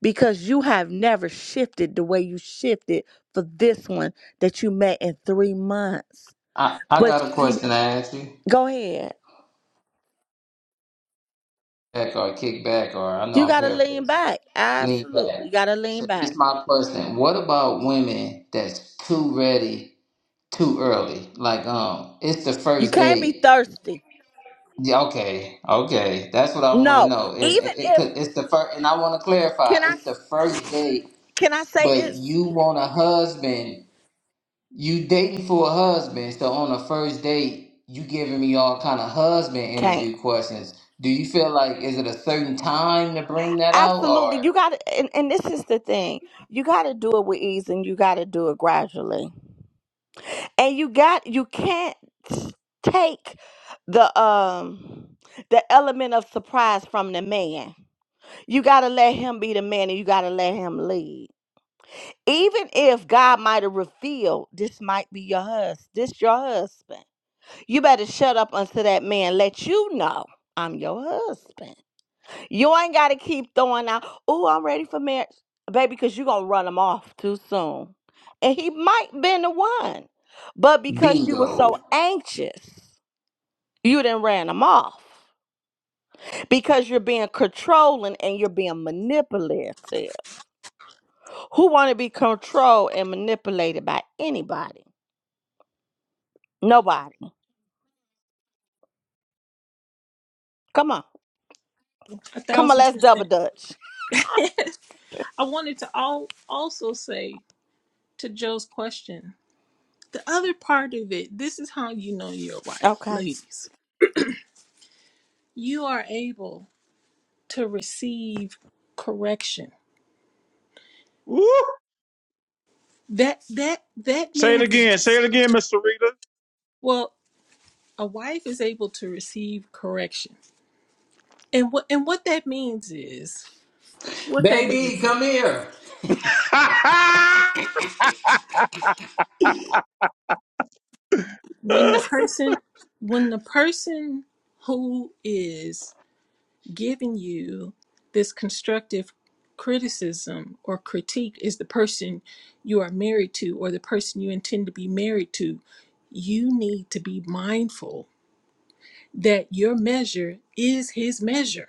Speaker 6: because you have never shifted the way you shifted for this one that you met in three months.
Speaker 4: I, I
Speaker 6: But
Speaker 4: got a
Speaker 6: she,
Speaker 4: question to ask you.
Speaker 6: go ahead.
Speaker 4: Back or kick back or I know
Speaker 6: You
Speaker 4: I'm
Speaker 6: got to lean
Speaker 4: paraphrasing.
Speaker 6: back.
Speaker 4: Lean
Speaker 6: Absolutely. You
Speaker 4: back.
Speaker 6: got to lean
Speaker 4: So this
Speaker 6: back.
Speaker 4: is my question. What about women that's too ready too early? Like um it's the
Speaker 6: You
Speaker 4: first
Speaker 6: can't be
Speaker 4: date.
Speaker 6: thirsty.
Speaker 4: Yeah, okay, okay. That's what I want to
Speaker 6: No.
Speaker 4: know. It,
Speaker 6: Even
Speaker 4: it, it-
Speaker 6: if,
Speaker 4: 'cause it's the first, and I want to clarify.
Speaker 6: can I,
Speaker 4: It's the first date,
Speaker 6: can I say
Speaker 4: but
Speaker 6: this?
Speaker 4: you want a husband. You dating for a husband. So on the first date, you giving me all kind of husband
Speaker 6: Can't.
Speaker 4: interview questions. Do you feel like is it a certain time to bring that out
Speaker 6: Absolutely.
Speaker 4: or
Speaker 6: You got to, and, and this is the thing. You got to do it with ease and you got to do it gradually. and you got you can't take the um the element of surprise from the man you got to let him be the man and you got to let him lead even if god might have revealed this might be your husband this your husband you better shut up unto that man let you know i'm your husband you ain't got to keep throwing out, oh, I'm ready for marriage, baby, because you're going to run him off too soon. And he might been the one. But because you were
Speaker 4: bingo?
Speaker 6: so anxious, you didn't ran him off. Because you're being controlling and you're being manipulative. Who want to be controlled and manipulated by anybody? Nobody. Come on.
Speaker 5: A
Speaker 6: Come on,
Speaker 5: thousand
Speaker 6: let's double
Speaker 5: percent.
Speaker 6: dutch.
Speaker 5: I wanted to all also say to Joe's question, the other part of it, this is how you know you're a wife,
Speaker 6: Okay.
Speaker 5: ladies. You are able to receive correction.
Speaker 1: Woo.
Speaker 5: That that that
Speaker 1: Say it
Speaker 5: means
Speaker 1: again. Say it again, Miss Sarita.
Speaker 5: well a wife is able to receive correction. And what and what that means is what that means
Speaker 4: Baby, come
Speaker 5: is
Speaker 4: here.
Speaker 5: when the person when the person who is giving you this constructive criticism or critique is the person you are married to or the person you intend to be married to, you need to be mindful that your measure is his measure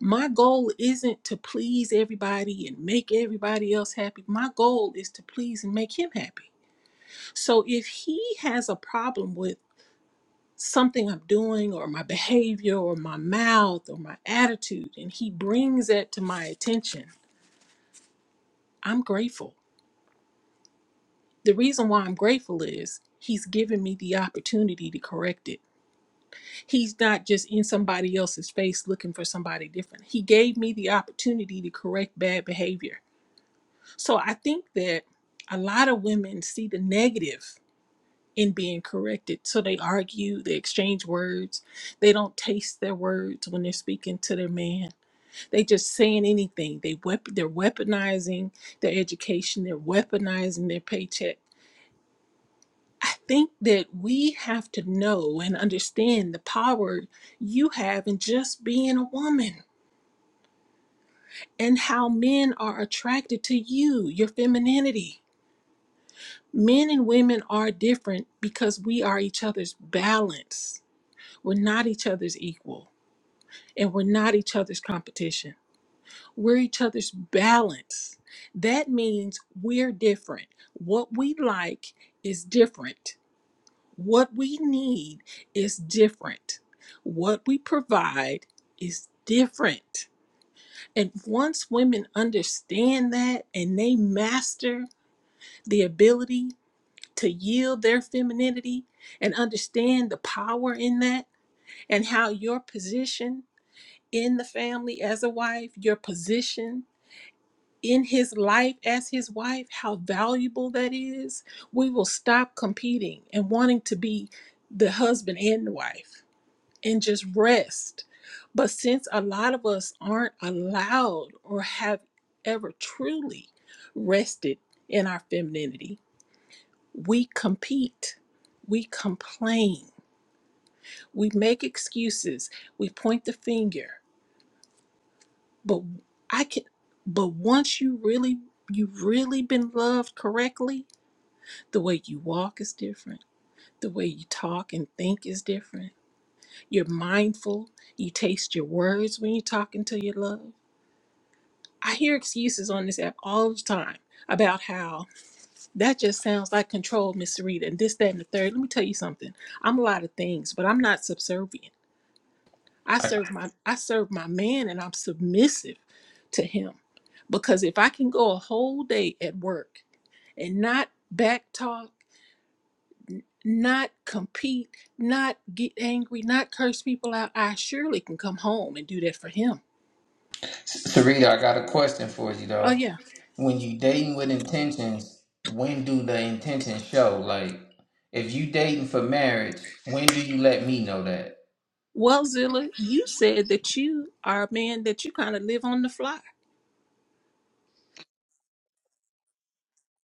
Speaker 5: my goal isn't to please everybody and make everybody else happy. My goal is to please and make him happy. So if he has a problem with something I'm doing or my behavior or my mouth or my attitude, and he brings that to my attention, I'm grateful. The reason why I'm grateful is he's given me the opportunity to correct it. He's not just in somebody else's face looking for somebody different. He gave me the opportunity to correct bad behavior So I think that a lot of women see the negative in being corrected. So they argue, they exchange words, they don't taste their words when they're speaking to their man. They just saying anything. They wep- they're weaponizing their education, they're weaponizing their paycheck. I think that we have to know and understand the power you have in just being a woman and how men are attracted to you, your femininity men and women are different because we are each other's balance. We're not each other's equal and we're not each other's competition. We're each other's balance. That means we're different. What we like is different. What we need is different. What we provide is different. And once women understand that and they master the ability to yield their femininity and understand the power in that and how your position in the family as a wife, your position in his life as his wife, how valuable that is, we will stop competing and wanting to be the husband and the wife and just rest. But since a lot of us aren't allowed or have ever truly rested in our femininity, we compete. We complain. We make excuses. We point the finger. But I can but once you really you've really been loved correctly, the way you walk is different. The way you talk and think is different. You're mindful. You taste your words when you're talking to your love. I hear excuses on this app all the time about how that just sounds like control, Miss Rita, and this, that, and the third. Let me tell you something. I'm a lot of things, but I'm not subservient. I
Speaker 4: I-
Speaker 5: serve my I serve my man and I'm submissive to him because if I can go a whole day at work and not back talk, not compete, not get angry, not curse people out, I surely can come home and do that for him.
Speaker 4: Sarita, I got a question for you
Speaker 5: Oh
Speaker 4: though.
Speaker 5: yeah.
Speaker 4: When you dating with intentions, when do the intentions show? Like, if you dating for marriage, when do you let me know that?
Speaker 5: Well, Zilla, you said that you are a man that you kind of live on the fly.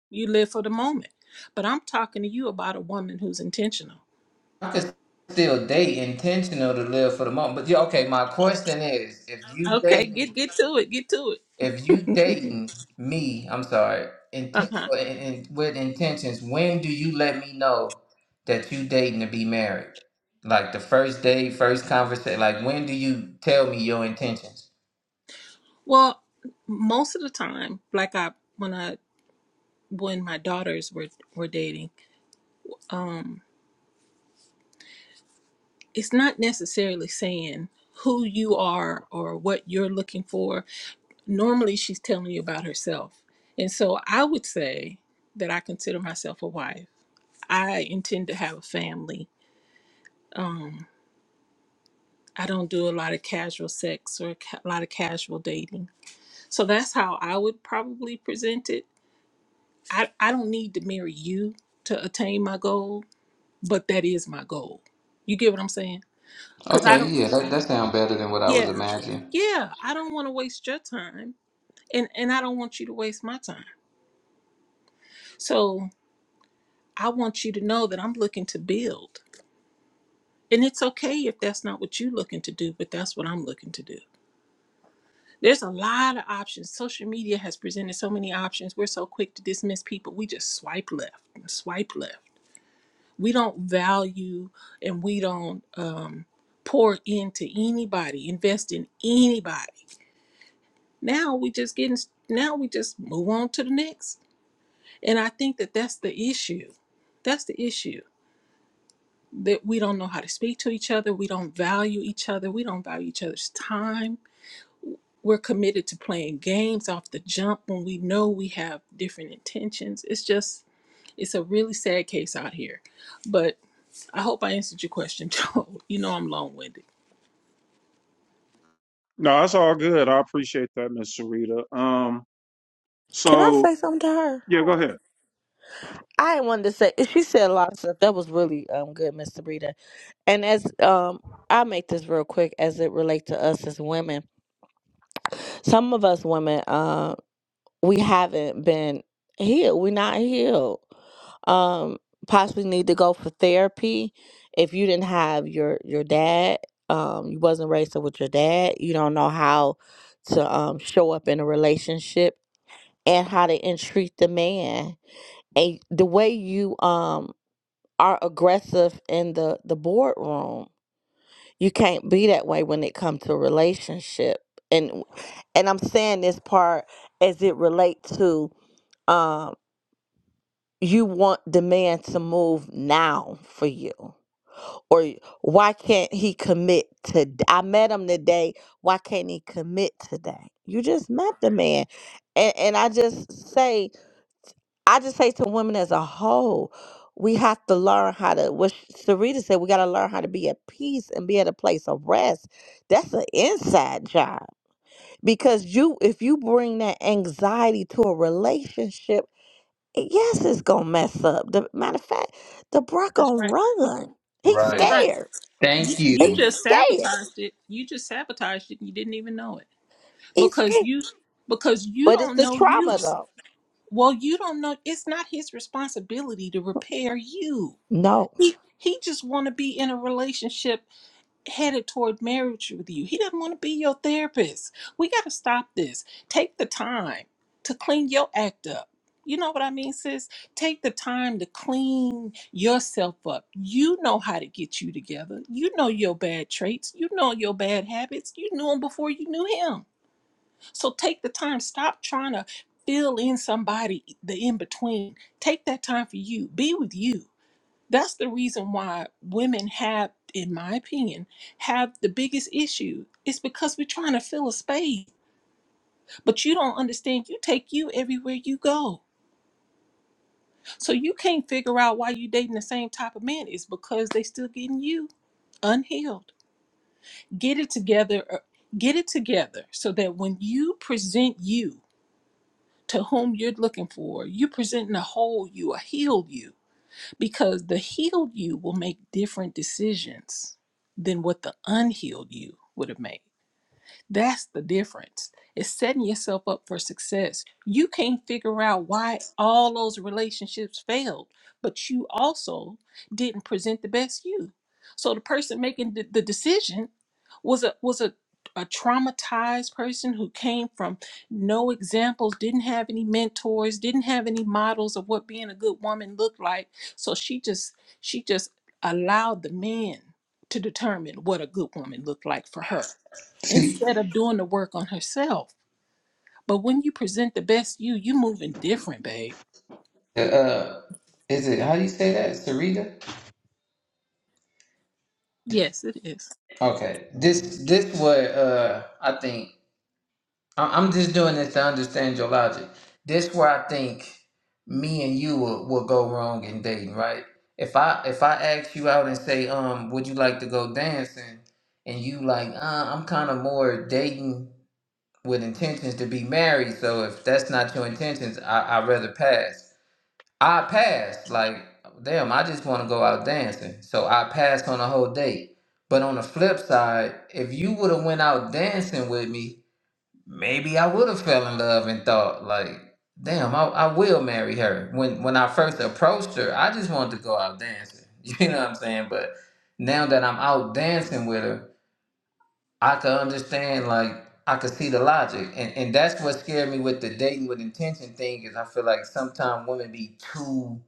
Speaker 5: You live for the moment. But I'm talking to you about a woman who's intentional.
Speaker 4: I could still date intentional to live for the moment. But yeah, okay, my question is, if you
Speaker 5: Okay,
Speaker 4: dating
Speaker 5: get get to it, get to it.
Speaker 4: If you dating me, I'm sorry, intent
Speaker 5: Uh-huh.
Speaker 4: for, in, in- with intentions, when do you let me know that you dating to be married? Like the first day, first conversation. Like when do you tell me your intentions?
Speaker 5: Well, most of the time, like I when I when my daughters were were dating, um, it's not necessarily saying who you are or what you're looking for. Normally, she's telling you about herself, and so I would say that I consider myself a wife. I intend to have a family. Um, I don't do a lot of casual sex or ca- a lot of casual dating. So that's how I would probably present it. I, I don't need to marry you to attain my goal but that is my goal. You get what I'm saying? Because I
Speaker 4: Okay,
Speaker 5: don't.
Speaker 4: yeah, that, that sounds better than what I was
Speaker 5: Yeah,
Speaker 4: imagining.
Speaker 5: yeah. I don't want to waste your time, and and I don't want you to waste my time. So I want you to know that I'm looking to build, and it's okay if that's not what you're looking to do, but that's what I'm looking to do. There's a lot of options. Social media has presented so many options. We're so quick to dismiss people. We just swipe left and swipe left. We don't value and we don't um, pour into anybody, invest in anybody Now we just getting now we just move on to the next. And I think that that's the issue. That's the issue that we don't know how to speak to each other, we don't value each other, we don't value each other's time. We're committed to playing games off the jump when we know we have different intentions. It's just it's a really sad case out here. But I hope I answered your question, Joe. You know I'm long-winded.
Speaker 1: no, that's all good. I appreciate that, Miss Sarita. Um,
Speaker 6: Can I
Speaker 1: so
Speaker 6: say something to her?
Speaker 1: yeah, go ahead.
Speaker 6: I wanted to say she said a lot of stuff. That was really um good, Miss Sabrina. And as um, I make this real quick as it relates to us as women, some of us women, uh, we haven't been healed. We're not healed. Um, possibly need to go for therapy. If you didn't have your your dad, um, you wasn't raised up with your dad. You don't know how to um show up in a relationship and how to entreat the man. And the way you um are aggressive in the the boardroom you can't be that way when it comes to a relationship and and i'm saying this part as it relates to um you want the man to move now for you or why can't he commit to i met him today why can't he commit today you just met the man and and i just say I just say to women as a whole, we have to learn how to, what Sarita said, we got to learn how to be at peace and be at a place of rest. That's an inside job because you, if you bring that anxiety to a relationship, eh, yes, it's going to mess up. The matter of fact, the bruh
Speaker 5: That's
Speaker 6: going to
Speaker 5: right.
Speaker 6: run. He's
Speaker 5: That's
Speaker 4: Right.
Speaker 5: right.
Speaker 6: scared.
Speaker 5: You,
Speaker 4: Thank
Speaker 5: you
Speaker 4: you.
Speaker 6: He's
Speaker 5: just
Speaker 6: scared.
Speaker 5: sabotaged it. You just sabotaged it and you didn't even know it.
Speaker 6: He's
Speaker 5: because
Speaker 6: scared.
Speaker 5: you because you
Speaker 6: But it's
Speaker 5: don't
Speaker 6: the
Speaker 5: know you
Speaker 6: trauma though.
Speaker 5: well you don't know it's not his responsibility to repair you
Speaker 6: No.
Speaker 5: he he just want to be in a relationship headed toward marriage with you he doesn't want to be your therapist we got to stop this take the time to clean your act up you know what i mean sis take the time to clean yourself up you know how to get you together you know your bad traits you know your bad habits you knew him before you knew him so take the time. Stop trying to fill in somebody e, the in between. Take that time for you. Be with you. That's the reason why women have, in my opinion, have the biggest issue. It's because we're trying to fill a space, but you don't understand. You take you everywhere you go. So you can't figure out why you dating the same type of man. It's because they still getting you unhealed. Get it together. uh, Get it together so that when you present you to whom you're looking for. You're presenting a whole you, a healed you, because the healed you will make different decisions than what the unhealed you would have made. That's the difference. It's setting yourself up for success. You can't figure out why all those relationships failed, but you also didn't present the best you. So the person making the, the decision was a was a a traumatized person who came from no examples, didn't have any mentors, didn't have any models of what being a good woman looked like. So she just she just allowed the men to determine what a good woman looked like for her
Speaker 4: See,
Speaker 5: instead of doing the work on herself. But when you present the best you, you moving different, babe.
Speaker 4: uh, is it, how do you say that? Sarita?
Speaker 5: Yes, it is.
Speaker 4: Okay. This, this what, uh, I think I- I'm just doing this to understand your logic. This where I think me and you will, will go wrong in dating, right? If I if I ask you out and say, um, would you like to go dancing, and you like, uh, I'm kind of more dating with intentions to be married. So if that's not your intentions, I I'd rather pass. I pass. Like, damn, I just want to go out dancing. So I pass on a whole date. But on the flip side, if you would have went out dancing with me maybe I would have fell in love and thought like, damn, I, I will marry her. When when I first approached her, I just wanted to go out dancing. You know what I'm saying? But now that I'm out dancing with her, I can understand like I could see the logic. And and that's what scared me with the dating with intention thing is I feel like sometimes women be too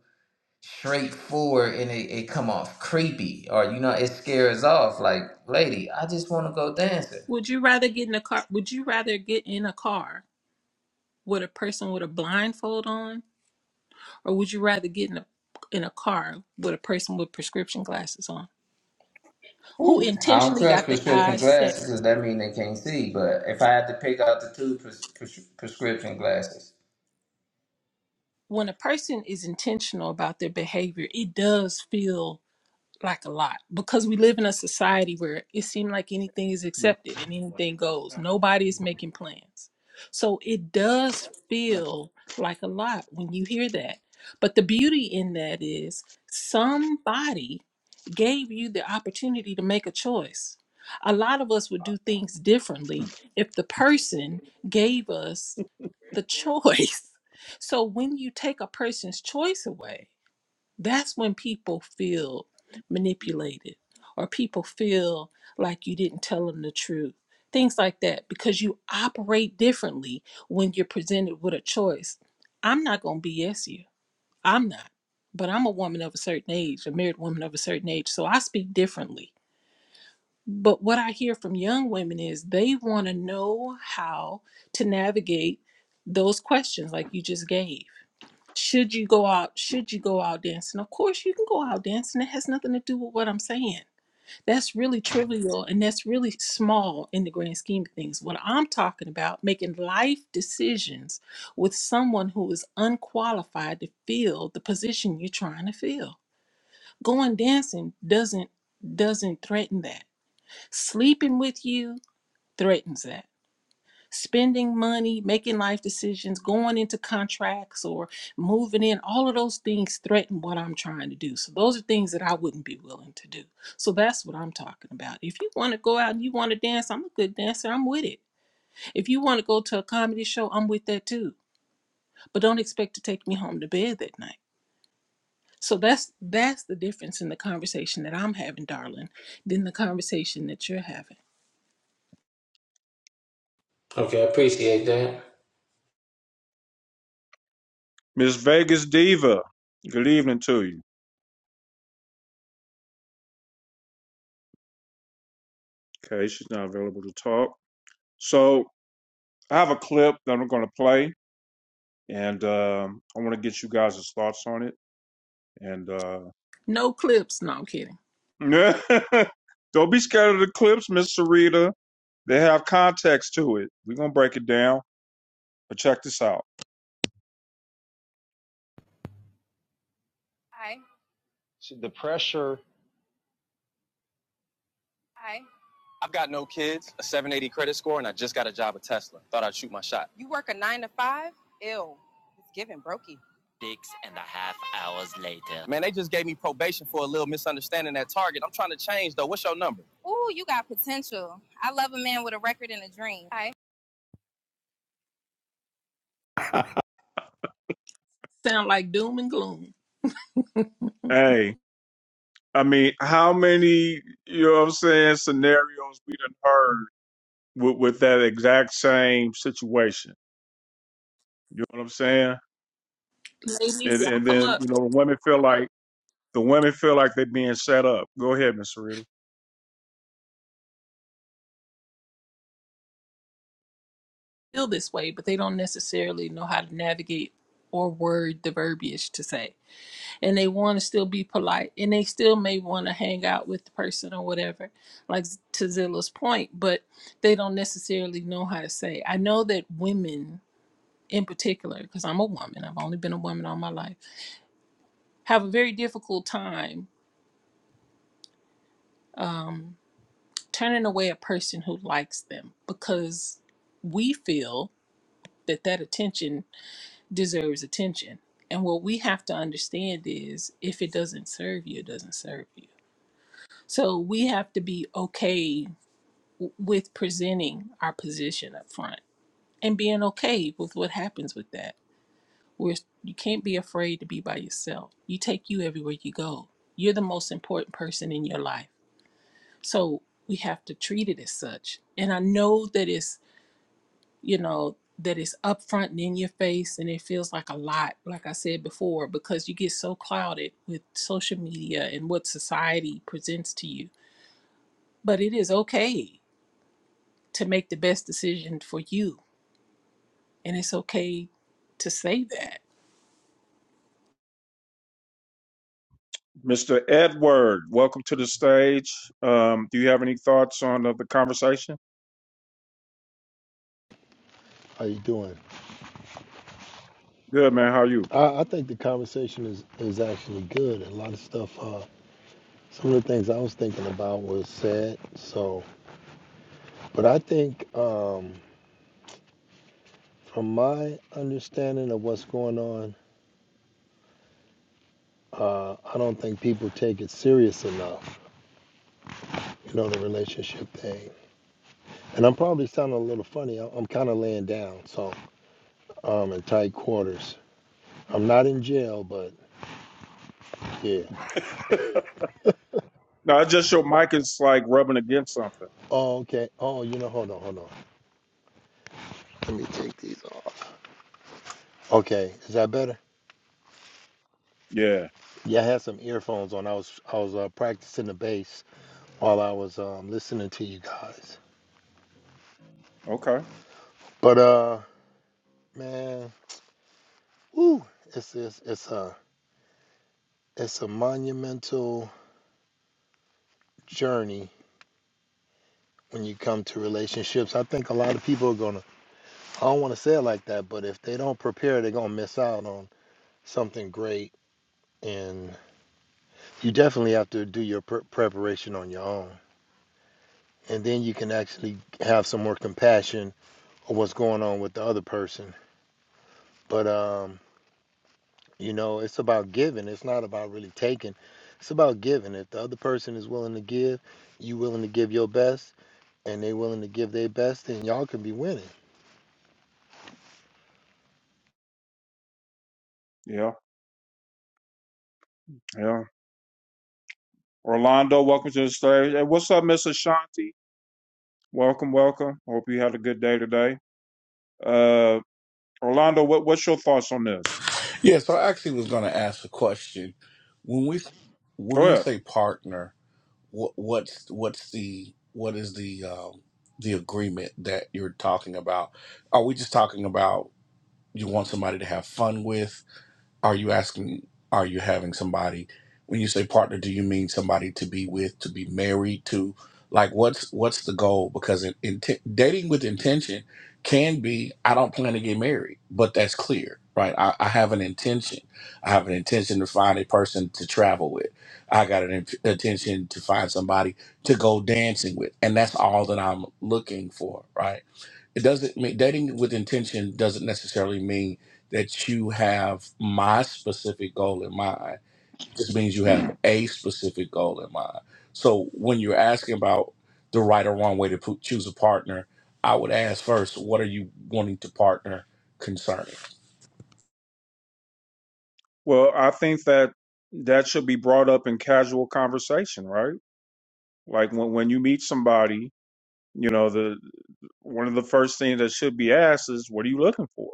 Speaker 4: straightforward and it, it come off creepy or you know it scares off like lady i just want to go dancing
Speaker 5: Would you rather get in a car? Would you rather get in a car with a person with a blindfold on, or would you rather get in a in a car with a person with prescription glasses on, who
Speaker 4: Ooh. I don't
Speaker 5: intentionally
Speaker 4: trust
Speaker 5: got their
Speaker 4: prescription
Speaker 5: eyes set?
Speaker 4: glasses because that means they can't see. But if I had to pick out the two pres- pres- prescription glasses,
Speaker 5: When a person is intentional about their behavior, it does feel like a lot because we live in a society where it seems like anything is accepted and anything goes. Nobody is making plans. So it does
Speaker 1: Mm-hmm.
Speaker 5: feel like a lot when you hear that. But the beauty in that is somebody gave you the opportunity to make a choice. A lot of us would do things differently if the person gave us the choice. So when you take a person's choice away, that's when people feel manipulated or people feel like you didn't tell them the truth. Things like that because you operate differently when you're presented with a choice. I'm not going to BS you. I'm not. But I'm a woman of a certain age, a married woman of a certain age, so I speak differently. But what I hear from young women is they want to know how to navigate those questions like you just gave should you go out? Should you go out dancing? Of course, you can go out dancing. It has nothing to do with what I'm saying. That's really trivial and that's really small in the grand scheme of things. What I'm talking about, making life decisions with someone who is unqualified to fill the position you're trying to fill. Going dancing doesn't doesn't threaten that. Sleeping with you threatens that spending money, making life decisions, going into contracts or moving in, all of those things threaten what I'm trying to do. So those are things that I wouldn't be willing to do. So that's what I'm talking about. If you want to go out and you want to dance, I'm a good dancer, I'm with it. If you want to go to a comedy show, I'm with that too. But don't expect to take me home to bed that night. So that's that's the difference in the conversation that I'm having, darling, than the conversation that you're having.
Speaker 4: Okay, I appreciate that.
Speaker 1: Miss Vegas Diva. Good evening to you. Okay, she's not available to talk. So I have a clip that I'm going to play, and um, I want to get you guys' thoughts on it. And uh,
Speaker 5: No clips, no I'm kidding.
Speaker 1: Don't be scared of the clips, Miss Sarita. They have context to it. We're gonna break it down, but check this out. So the pressure. I've got no kids, a 780 credit score, and I just got a job at Tesla. Thought I'd shoot my shot. Man, they just gave me probation for a little misunderstanding at Target. I'm trying to change though. What's your number?
Speaker 5: Sound like doom and gloom.
Speaker 1: Hey, I mean, how many, you know what I'm saying, scenarios we done heard with, with that exact same situation? You know what I'm saying?
Speaker 5: Ladies,
Speaker 1: And
Speaker 5: y'all
Speaker 1: and
Speaker 5: come
Speaker 1: then,
Speaker 5: up.
Speaker 1: you know, the women feel like The women feel like they're being set up. Go ahead, Miss Sarita.
Speaker 5: feel this way, but they don't necessarily know how to navigate or word the verbiage to say. And they want to still be polite and they still may want to hang out with the person or whatever, like to Zilla's point, but they don't necessarily know how to say. I know that women in particular, because I'm a woman, I've only been a woman all my life, have a very difficult time um, turning away a person who likes them because we feel that that attention deserves attention. And what we have to understand is if it doesn't serve you, it doesn't serve you. So we have to be okay w- with presenting our position up front and being okay with what happens with that. Where you can't be afraid to be by yourself. You take you everywhere you go. You're the most important person in your life. So we have to treat it as such. And I know that it's you know, that is upfront and in your face and it feels like a lot, like I said before, because you get so clouded with social media and what society presents to you. But it is okay to make the best decision for you. And it's okay to say that.
Speaker 1: Mr. Edward, welcome to the stage. Um, do you have any thoughts on uh, the conversation?
Speaker 7: How you doing?
Speaker 1: Good, man. How are you?
Speaker 7: I, I think the conversation is, is actually good. A lot of stuff. Uh, some of the things I was thinking about was said. So, but I think um, from my understanding of what's going on, uh, I don't think people take it serious enough. You know the relationship thing. And I'm probably sounding a little funny. I- I'm kind of laying down, so um, in tight quarters. I'm not in jail, but yeah.
Speaker 1: No, it's just your mic is like rubbing against something.
Speaker 7: Oh, okay. Oh, you know, hold on, hold on. Let me take these off. Okay, is that better?
Speaker 1: Yeah.
Speaker 7: Yeah, I had some earphones on. I was I was uh, practicing the bass while I was um, listening to you guys.
Speaker 1: Okay.
Speaker 7: But uh, man, woo, it's it's it's a it's a monumental journey when you come to relationships. I think a lot of people are gonna. I don't want to say it like that, but if they don't prepare, they're gonna miss out on something great. And you definitely have to do your pre- preparation on your own, and then you can actually have some more compassion on what's going on with the other person. But um You know, it's about giving. It's not about really taking. It's about giving. If the other person is willing to give, you willing to give your best, and they willing to give their best, then y'all can be winning.
Speaker 1: Yeah. Yeah. Orlando, welcome to the stage. Hey, what's up, Miss Ashanti? Welcome, welcome. Hope you had a good day today. Uh, Orlando, what, what's your thoughts on this?
Speaker 8: Yeah, so I actually was going to ask a question. When we
Speaker 1: Go
Speaker 8: when we
Speaker 1: ahead.
Speaker 8: say partner, what, what's what's the what is the um, the agreement that you're talking about? Are we just talking about you want somebody to have fun with? Are you asking, are you having somebody, when you say partner, do you mean somebody to be with, to be married to? Like what's what's the goal? Because in, in dating with intention can be, I don't plan to get married, but that's clear, right? I, I have an intention. I have an intention to find a person to travel with. I got an int- intention to find somebody to go dancing with, and that's all that I'm looking for, right? it doesn't mean dating with intention doesn't necessarily mean that you have my specific goal in mind. It just means you have a specific goal in mind. So when you're asking about the right or wrong way to po- choose a partner, I would ask first, what are you wanting to partner concerning?
Speaker 1: Well, I think that that should be brought up in casual conversation, right? Like when when you meet somebody, you know, the one of the first things that should be asked is, "What are you looking for?"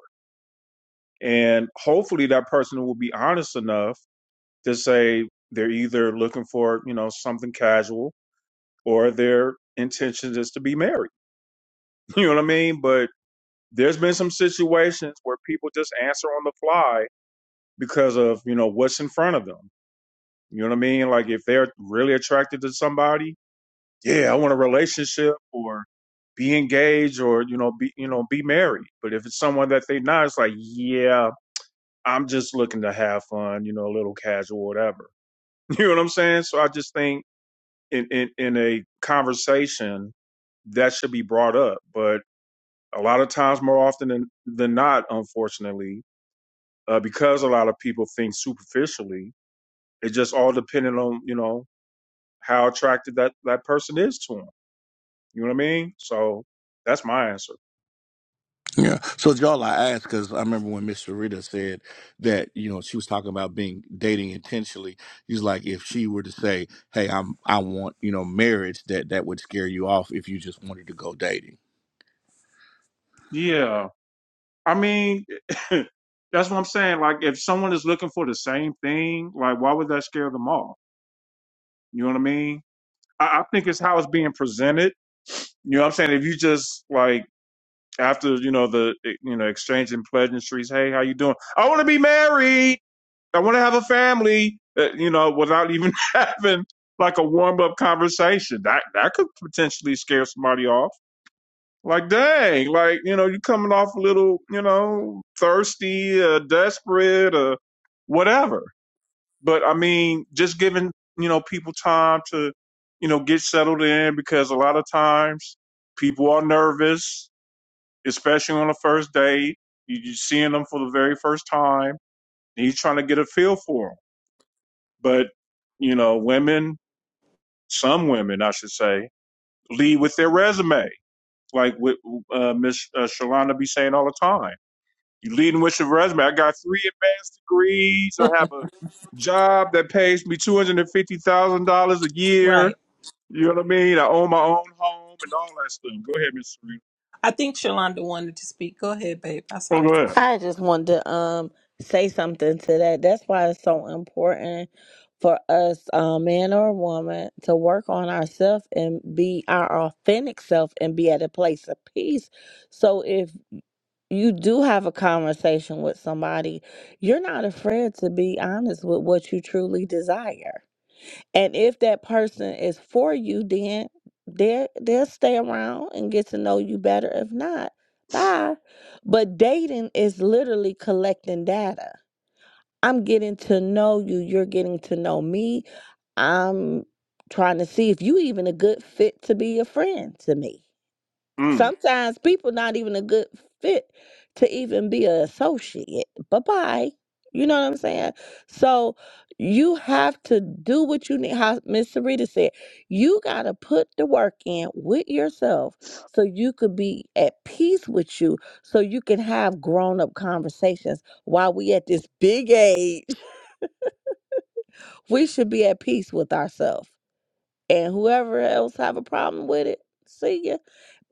Speaker 1: And hopefully, that person will be honest enough to say they're either looking for you know something casual or their intention is to be married. You know what I mean? But there's been some situations where people just answer on the fly because of you know what's in front of them. You know what I mean? Like if they're really attracted to somebody yeah, I want a relationship or be engaged or you know be you know be married. But if it's someone that they not, it's like yeah, I'm just looking to have fun, you know, a little casual, whatever. You know what I'm saying? So I just think in in, in a conversation that should be brought up, but a lot of times, more often than than not, unfortunately, uh, because a lot of people think superficially, it just all depending on you know how attracted that that person is to them. You know what I mean? So that's my answer.
Speaker 8: Yeah. So y'all, I asked because I remember when Miss Sarita said that you know she was talking about being dating intentionally. She's like, if she were to say, "Hey, I'm I want you know marriage," that that would scare you off if you just wanted to go dating.
Speaker 1: Yeah. I mean, that's what I'm saying. Like, if someone is looking for the same thing, like, why would that scare them off? You know what I mean? I, I think it's how it's being presented. You know what I'm saying? If you just, like, after, you know, the, eh, you know, exchanging pleasantries, hey, how you doing? I want to be married. I want to have a family, uh, you know, without even having, like, a warm up conversation. That, that could potentially scare somebody off. Like, dang, like, you know, you coming off a little, you know, thirsty, uh, desperate, or whatever. But I mean, just giving, you know, people time to, you know, get settled in because a lot of times people are nervous, especially on the first date. You, you're seeing them for the very first time and you trying to get a feel for them. But, you know, women, some women, I should say, lead with their resume, like what uh, Miss uh, Shalana be saying all the time You leading with your resume. I got three advanced degrees. I have a job that pays me two hundred and fifty thousand dollars a year.
Speaker 5: Right.
Speaker 1: You know what I mean? I own my own home and all that stuff. Go ahead, Miss Serena.
Speaker 5: I think Shalonda wanted to speak. Go ahead, babe. I
Speaker 1: Oh,
Speaker 5: saw you.
Speaker 1: go ahead.
Speaker 6: I just wanted to um say something to that. That's why it's so important for us, uh, man or woman, to work on ourselves and be our authentic self and be at a place of peace. So if you do have a conversation with somebody, you're not afraid to be honest with what you truly desire. And if that person is for you, then they they'll stay around and get to know you better. If not, bye. But dating is literally collecting data. I'm getting to know you. You're getting to know me. I'm trying to see if you even a good fit to be a friend to me.
Speaker 1: Mm.
Speaker 6: Sometimes people not even a good fit to even be an associate. Bye bye. You know what I'm saying? So you have to do what you need. How Miss Sarita said, you gotta put the work in with yourself so you could be at peace with you, so you can have grown up conversations. While we at this big age, we should be at peace with ourselves. And whoever else have a problem with it, see ya.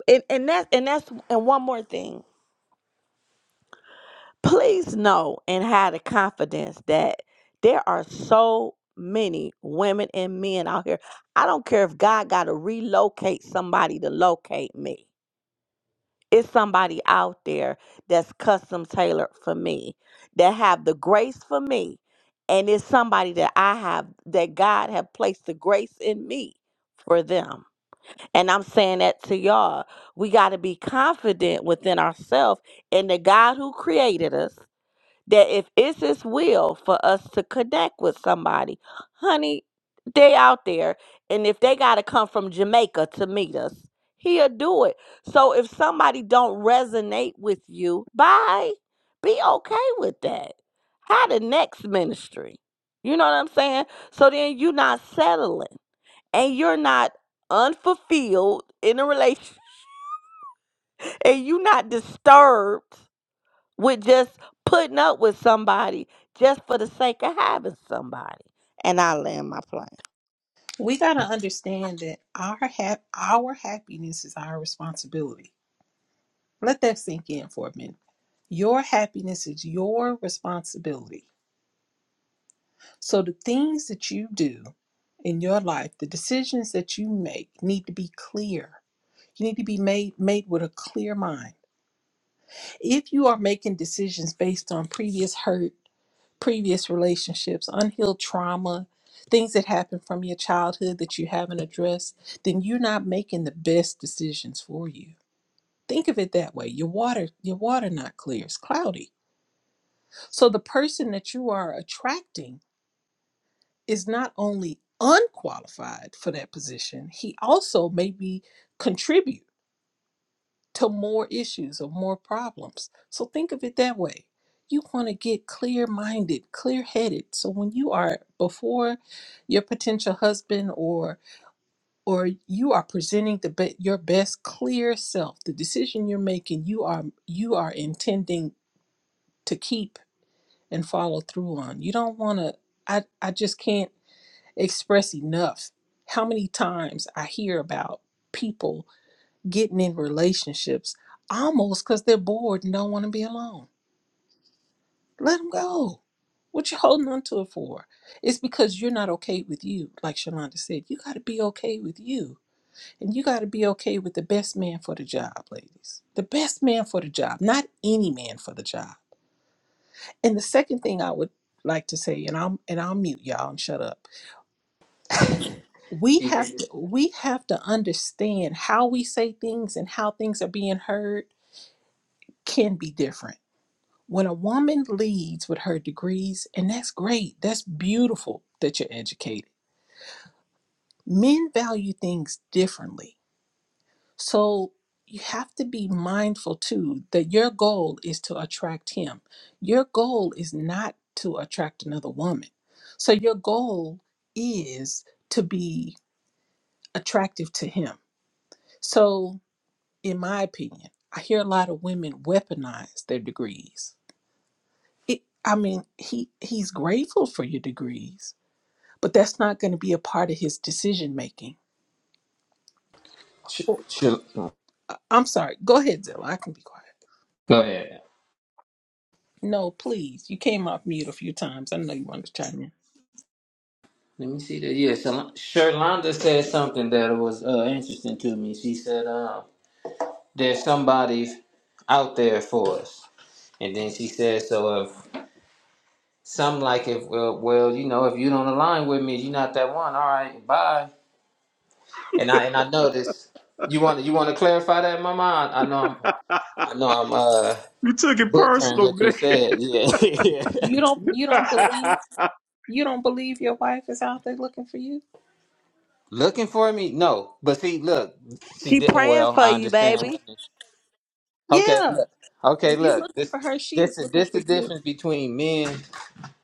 Speaker 6: And and that and that's and one more thing. please know and have the confidence that there are so many women and men out here. I don't care if God got to relocate somebody to locate me. It's somebody out there that's custom tailored for me, that have the grace for me, and it's somebody that I have that God have placed the grace in me for them. And I'm saying that to y'all. We got to be confident within ourselves in the God who created us that if it's his will for us to connect with somebody, honey, they out there. And if they gotta come from Jamaica to meet us, he'll do it. So if somebody don't resonate with you, bye. Be okay with that. How the next ministry. You know what I'm saying? So then you're not settling and you're not unfulfilled in a relationship and you're not disturbed with just putting up with somebody just for the sake of having somebody. And I land my plane.
Speaker 5: We gotta understand that our hap- our happiness is our responsibility. Let that sink in for a minute. Your happiness is your responsibility. So the things that you do in your life, the decisions that you make need to be clear. You need to be made made with a clear mind. If you are making decisions based on previous hurt, previous relationships, unhealed trauma, things that happened from your childhood that you haven't addressed, then you're not making the best decisions for you. Think of it that way. Your water, your water not clear, it's cloudy. So the person that you are attracting is not only unqualified for that position, he also maybe contribute to more issues or more problems. So think of it that way. You want to get clear-minded, clear-headed. So when you are before your potential husband or or you are presenting the be- your best clear self, the decision you're making, you are you are intending to keep and follow through on. You don't want to I I just can't express enough how many times I hear about people getting in relationships almost because they're bored and don't want to be alone. Let them go. What you holding on to it for? It's because you're not okay with you. Like Shalonda said, you got to be okay with you. And you got to be okay with the best man for the job, ladies. The best man for the job, not any man for the job. And the second thing I would like to say, and I'm and I'll mute y'all and shut up we
Speaker 4: Yeah.
Speaker 5: have to we have to understand how we say things and how things are being heard can be different when a woman leads with her degrees and that's great that's beautiful that you're educated men value things differently so you have to be mindful too that your goal is to attract him your goal is not to attract another woman so your goal is to be attractive to him so in my opinion. I hear a lot of women weaponize their degrees. It, I mean, he he's grateful for your degrees, but that's not going to be a part of his decision making. Well, I- I'm sorry. Go ahead, Zilla. I can be quiet.
Speaker 4: go ahead.
Speaker 5: No, please. You came off mute a few times. I know you wanted to chime in.
Speaker 4: Let me see that. Yeah, Shal- Sherlonda said something that was uh, interesting to me. She said, uh, "There's somebody out there for us." And then she said, "So if some like if uh, well, you know, if you don't align with me, you're not that one. All right, bye." And I and I noticed you want you want to clarify that, Mama. I, I know I'm. I know I'm uh
Speaker 1: You took it
Speaker 4: butchering
Speaker 1: personal,
Speaker 4: what you
Speaker 1: man.
Speaker 4: said. Yeah. Yeah.
Speaker 5: You don't. You don't believe. You don't believe your wife is out there looking for you.
Speaker 4: Looking for me? No. But see, look, see,
Speaker 6: She
Speaker 4: thi-
Speaker 6: praying
Speaker 4: well,
Speaker 6: for
Speaker 4: I
Speaker 6: you,
Speaker 4: understand
Speaker 6: baby.
Speaker 4: women. Okay,
Speaker 5: Yeah.
Speaker 4: look. Okay,
Speaker 5: If you're
Speaker 4: look.
Speaker 5: looking
Speaker 4: This,
Speaker 5: for her, she
Speaker 4: this,
Speaker 5: is
Speaker 4: the,
Speaker 5: looking
Speaker 4: this,
Speaker 5: for
Speaker 4: the
Speaker 5: you.
Speaker 4: difference between men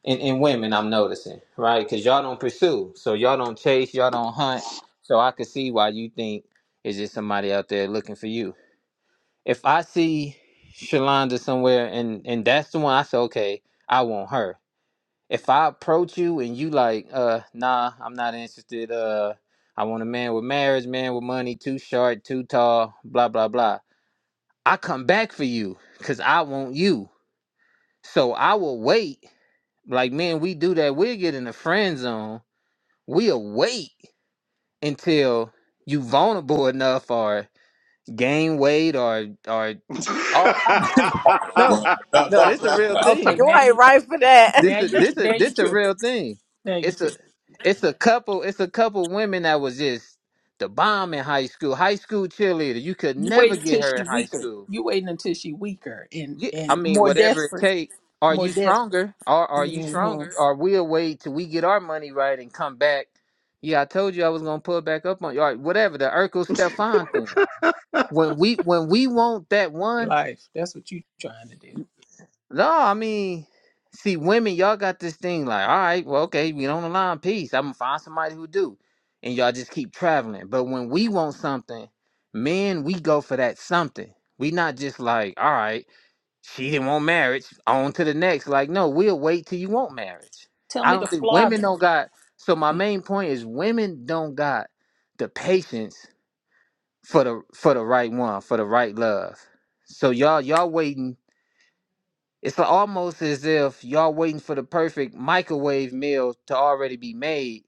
Speaker 4: and, and women. I'm noticing, right? Because y'all don't pursue, so y'all don't chase, y'all don't hunt. So I could see why you think is just somebody out there looking for you. If I see Shalonda somewhere and and that's the one, I say, okay, I want her if I approach you and you like, uh, nah, I'm not interested. Uh, I want a man with marriage, man with money, too short, too tall, blah blah blah. I come back for you because I want you. So I will wait. Like man, we do that. We get in the friend zone. We'll wait until you vulnerable enough or gain weight or or all kind of
Speaker 8: Oh,
Speaker 4: no,
Speaker 8: bro. No,
Speaker 4: no.
Speaker 8: no,
Speaker 4: This is a
Speaker 8: that's
Speaker 4: real
Speaker 8: not true.
Speaker 5: Okay.
Speaker 4: thing.
Speaker 6: You
Speaker 5: Now
Speaker 6: ain't
Speaker 5: you.
Speaker 6: right for that.
Speaker 4: This
Speaker 5: Now
Speaker 4: is
Speaker 5: you. tri-
Speaker 4: this is
Speaker 5: Now you
Speaker 4: this a
Speaker 5: tripping.
Speaker 4: real thing.
Speaker 5: Now you
Speaker 4: It's a
Speaker 5: tripping.
Speaker 4: it's a couple it's a couple women that was just the bomb in high school. High school cheerleader. You could
Speaker 5: You
Speaker 4: never
Speaker 5: wait
Speaker 4: get
Speaker 5: until
Speaker 4: her
Speaker 5: she
Speaker 4: in high
Speaker 5: weaker.
Speaker 4: school.
Speaker 5: You waiting until she weaker and
Speaker 4: Yeah, I
Speaker 5: and
Speaker 4: mean
Speaker 5: more
Speaker 4: whatever it
Speaker 5: desperate,
Speaker 4: take. Are
Speaker 5: more
Speaker 4: you
Speaker 5: desperate
Speaker 4: stronger? Are are you
Speaker 5: hmm
Speaker 4: stronger? Or we'll wait till we get our money right and come back. Yeah, I told you I was gonna pull back up on you. Or whatever the Urkel Stefan thing. When we when we want that
Speaker 5: in
Speaker 4: one.
Speaker 5: life. That's what you trying to do.
Speaker 4: No, I mean, see, women, y'all got this thing like, all right, well, okay, we don't align, peace. I'm gonna find somebody who do, and y'all just keep traveling. But when we want something, men, we go for that something. We not just like, all right, she didn't want marriage, on to the next. Like, no, we'll wait till you want marriage.
Speaker 5: Tell
Speaker 4: I
Speaker 5: me the
Speaker 4: don't think
Speaker 5: flaw
Speaker 4: women
Speaker 5: though.
Speaker 4: don't got. So my main point is, women don't got the patience for the for the right one, for the right love. So y'all y'all waiting it's almost as if y'all waiting for the perfect microwave meal to already be made.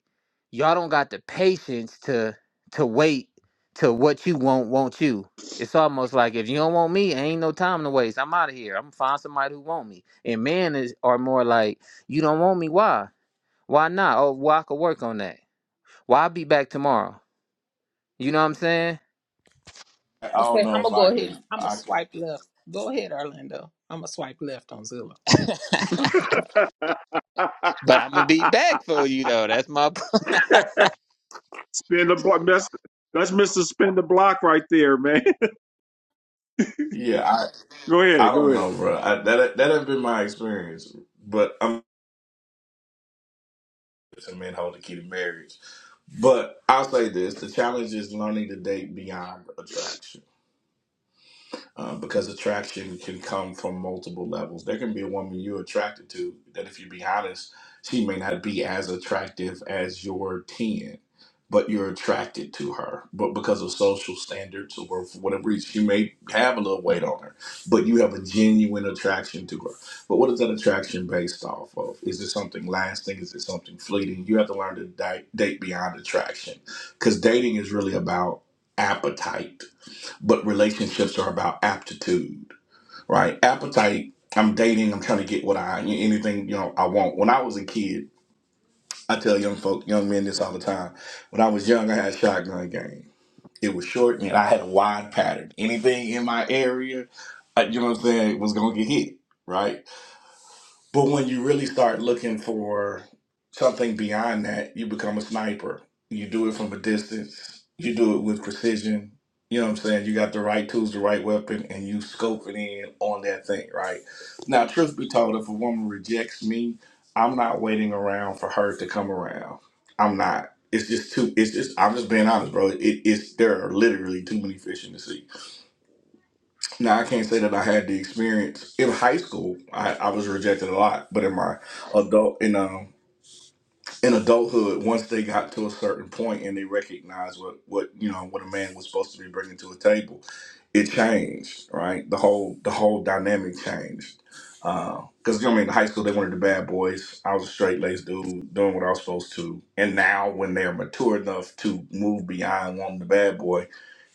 Speaker 4: Y'all don't got the patience to to wait to what you want want you. It's almost like if you don't want me, ain't no time to waste. I'm out of here. I'm gonna find somebody who want me. And men is are more like, you don't want me, why? Why not? Oh, well, I could work on that. Well, I'll be back tomorrow. You know what I'm saying?
Speaker 8: I don't
Speaker 5: Okay,
Speaker 8: know
Speaker 5: I'm
Speaker 8: if
Speaker 5: gonna go
Speaker 8: I can.
Speaker 5: ahead. I'm gonna
Speaker 8: I can,
Speaker 5: swipe left. Go ahead, Orlando. I'm gonna swipe left on Zillow.
Speaker 4: but I'm gonna be back for you though. That's my.
Speaker 1: spin the block. That's, that's Mr. Spin the block right there, man.
Speaker 8: yeah, I
Speaker 1: Go
Speaker 8: I
Speaker 1: ahead. Go
Speaker 8: don't
Speaker 1: ahead.
Speaker 8: know, bro. I, that that has been my experience, but I'm a man hold the key to marriage. But I'll say this: the challenge is learning to date beyond attraction. uh, because attraction can come from multiple levels. There can be a woman you're attracted to that, if you be honest, she may not be as attractive as your 10, but you're attracted to her. But because of social standards or for whatever reason, she may have a little weight on her, but you have a genuine attraction to her. But what is that attraction based off of? Is it something lasting? Is it something fleeting? You have to learn to di- date beyond attraction because dating is really about appetite but relationships are about aptitude, right? Appetite. I'm dating. I'm trying to get what I anything you know I want. When I was a kid, I tell young folk, young men this all the time. When I was young, I had shotgun game. It was short and I had a wide pattern. Anything in my area, uh, you know what I'm saying, was gonna get hit, right? But when you really start looking for something beyond that, you become a sniper. You do it from a distance, you do it with precision. You know what I'm saying? You got the right tools, the right weapon, and you scope it in on that thing, right? Now, truth be told, if a woman rejects me, I'm not waiting around for her to come around. I'm not. It's just too, it's just, I'm just being honest, bro. It, it's, there are literally too many fish in the sea now I can't say that I had the experience in high school. I, I was rejected a lot, but in my adult in um in adulthood, once they got to a certain point and they recognized what what you know what a man was supposed to be bringing to a table, it changed. Right, the whole the whole dynamic changed. Because you know, I mean, in high school they wanted the bad boys. I was a straight laced dude doing what I was supposed to. And now when they're mature enough to move beyond wanting the bad boy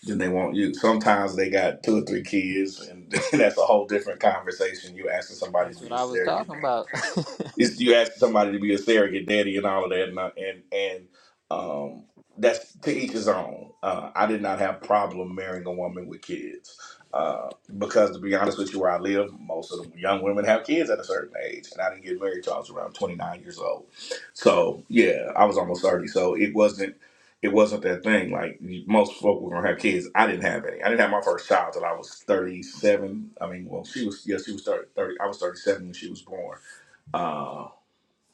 Speaker 8: then they want you. Sometimes they got two or three kids, and that's a whole different conversation. You asking somebody
Speaker 4: That's
Speaker 8: to be
Speaker 4: what
Speaker 8: a
Speaker 4: I was talking
Speaker 8: surrogate.
Speaker 4: about.
Speaker 8: It's, you ask somebody to be a surrogate daddy and all of that, and I- and, and um, that's to each his own. Uh, I did not have problem marrying a woman with kids uh, because, to be honest with you, where I live, most of the young women have kids at a certain age, and I didn't get married till I was around twenty nine years old. So yeah, I was almost thirty, so it wasn't. It wasn't that thing. Like most folk were gonna have kids. I didn't have any. I didn't have my first child till I was thirty-seven. I mean, well, she was yeah, she was thirty. 30 I was thirty-seven when she was born Uh,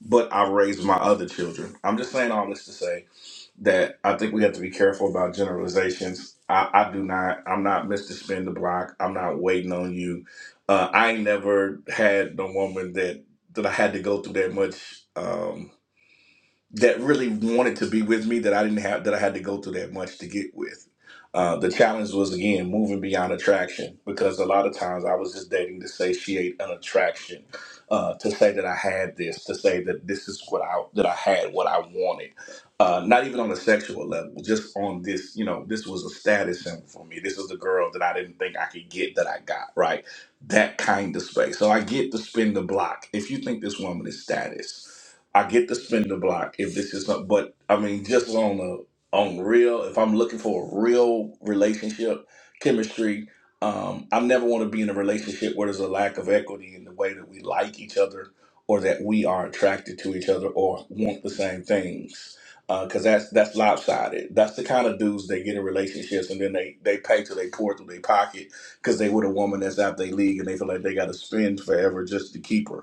Speaker 8: but I've raised my other children. I'm just saying all this to say that I think we have to be careful about generalizations. I, I do not. I'm not Mr. Spin the Block. I'm not waiting on you. Uh, I ain't never had no woman that that I had to go through that much. Um, that really wanted to be with me that I didn't have that I had to go through that much to get with. Uh, the challenge was again moving beyond attraction because a lot of times I was just dating to satiate an attraction, uh, to say that I had this, to say that this is what I that I had what I wanted. Uh, not even on a sexual level, just on this, you know, this was a status symbol for me. This is the girl that I didn't think I could get that I got, right? That kind of space. So I get to spin the block. If you think this woman is status, I get to spin the block if this is not, but I mean, just on the on real, if I'm looking for a real relationship, chemistry, um, I never want to be in a relationship where there's a lack of equity in the way that we like each other or that we are attracted to each other or want the same things. Because that's that's lopsided. That's the kind of dudes they get in relationships and then they, they pay till they pour through their pocket because they with a woman that's out their league and they feel like they got to spend forever just to keep her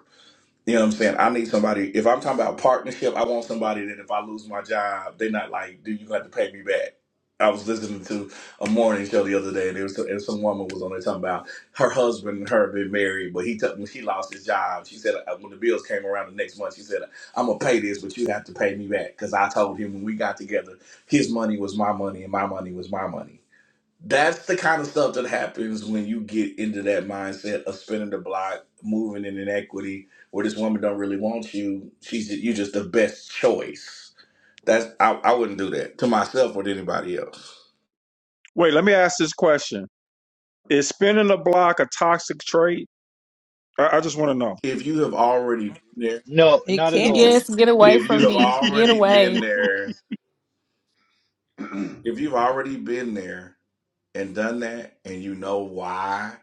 Speaker 8: you know what I'm saying? I need somebody. If I'm talking about partnership, I want somebody that if I lose my job, they're not like, "Dude, you gonna have to pay me back." I was listening to a morning show the other day, and there was and some woman was on there talking about her husband and her been married, but he took when she lost his job, she said uh, when the bills came around the next month, she said, "I'm gonna pay this, but you have to pay me back because I told him when we got together, his money was my money and my money was my money." That's the kind of stuff that happens when you get into that mindset of spinning the block, moving in inequity, where this woman don't really want you. She's you just the best choice. That's I, I wouldn't do that to myself or to anybody else.
Speaker 1: Wait, let me ask this question. Is spinning the block a toxic trait? I, I just want to know.
Speaker 8: If you have already been there,
Speaker 9: No,
Speaker 5: It
Speaker 9: not at
Speaker 5: can be.
Speaker 9: all.
Speaker 10: Yes, get away
Speaker 8: if you
Speaker 10: from
Speaker 8: have
Speaker 10: me. Get
Speaker 8: already been
Speaker 10: away.
Speaker 8: there, if you've already been there and done that and you know why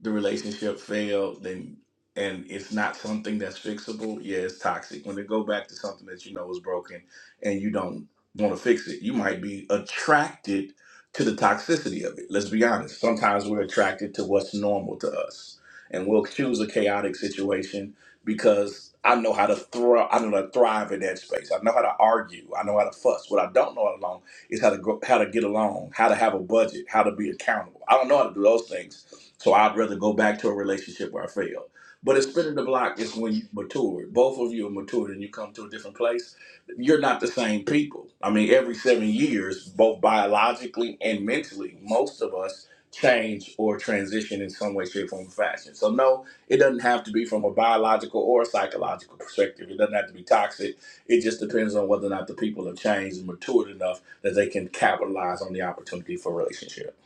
Speaker 8: the relationship failed then and it's not something that's fixable yeah it's toxic when they go back to something that you know is broken and you don't want to fix it you might be attracted to the toxicity of it let's be honest sometimes we're attracted to what's normal to us and we'll choose a chaotic situation because I know how to thrive. I know how to thrive in that space. I know how to argue. I know how to fuss. What I don't know how to is how to go, how to get along, how to have a budget, how to be accountable. I don't know how to do those things, so I'd rather go back to a relationship where I failed. But it's spinning the block is when you mature. Both of you are matured and you come to a different place. You're not the same people. I mean, every seven years, both biologically and mentally, most of us change or transition in some way, shape, form, or fashion. So no, it doesn't have to be from a biological or a psychological perspective. It doesn't have to be toxic it just depends on whether or not the people have changed and matured enough that they can capitalize on the opportunity for relationship.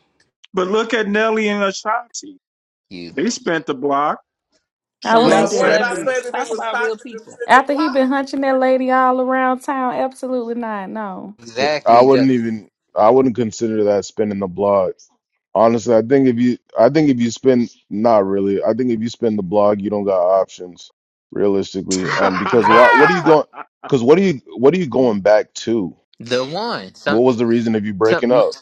Speaker 1: but look at Nelly and Ashanti.
Speaker 4: You.
Speaker 1: They spent the block.
Speaker 10: I
Speaker 1: You
Speaker 5: Those
Speaker 1: know
Speaker 5: are
Speaker 10: went
Speaker 8: Now,
Speaker 1: what I'm
Speaker 8: where
Speaker 1: saying?
Speaker 8: did
Speaker 10: there.
Speaker 8: I say
Speaker 5: celebrities.
Speaker 8: that it
Speaker 5: Talk
Speaker 8: was
Speaker 5: about real
Speaker 8: toxic to
Speaker 5: people.
Speaker 8: spin the
Speaker 10: After he been
Speaker 8: block?
Speaker 10: hunching that lady all around town, absolutely not. No.
Speaker 11: I
Speaker 4: exactly ju-
Speaker 11: wouldn't even I wouldn't consider that spending the blog. Honestly, I think if you I think if you spend not really. I think if you spend the blog, you don't got options realistically. Um because why what are you going cuz what are you what are you going back to?
Speaker 4: the one.
Speaker 11: What
Speaker 4: Some
Speaker 11: was the reason of you
Speaker 4: some
Speaker 11: breaking up?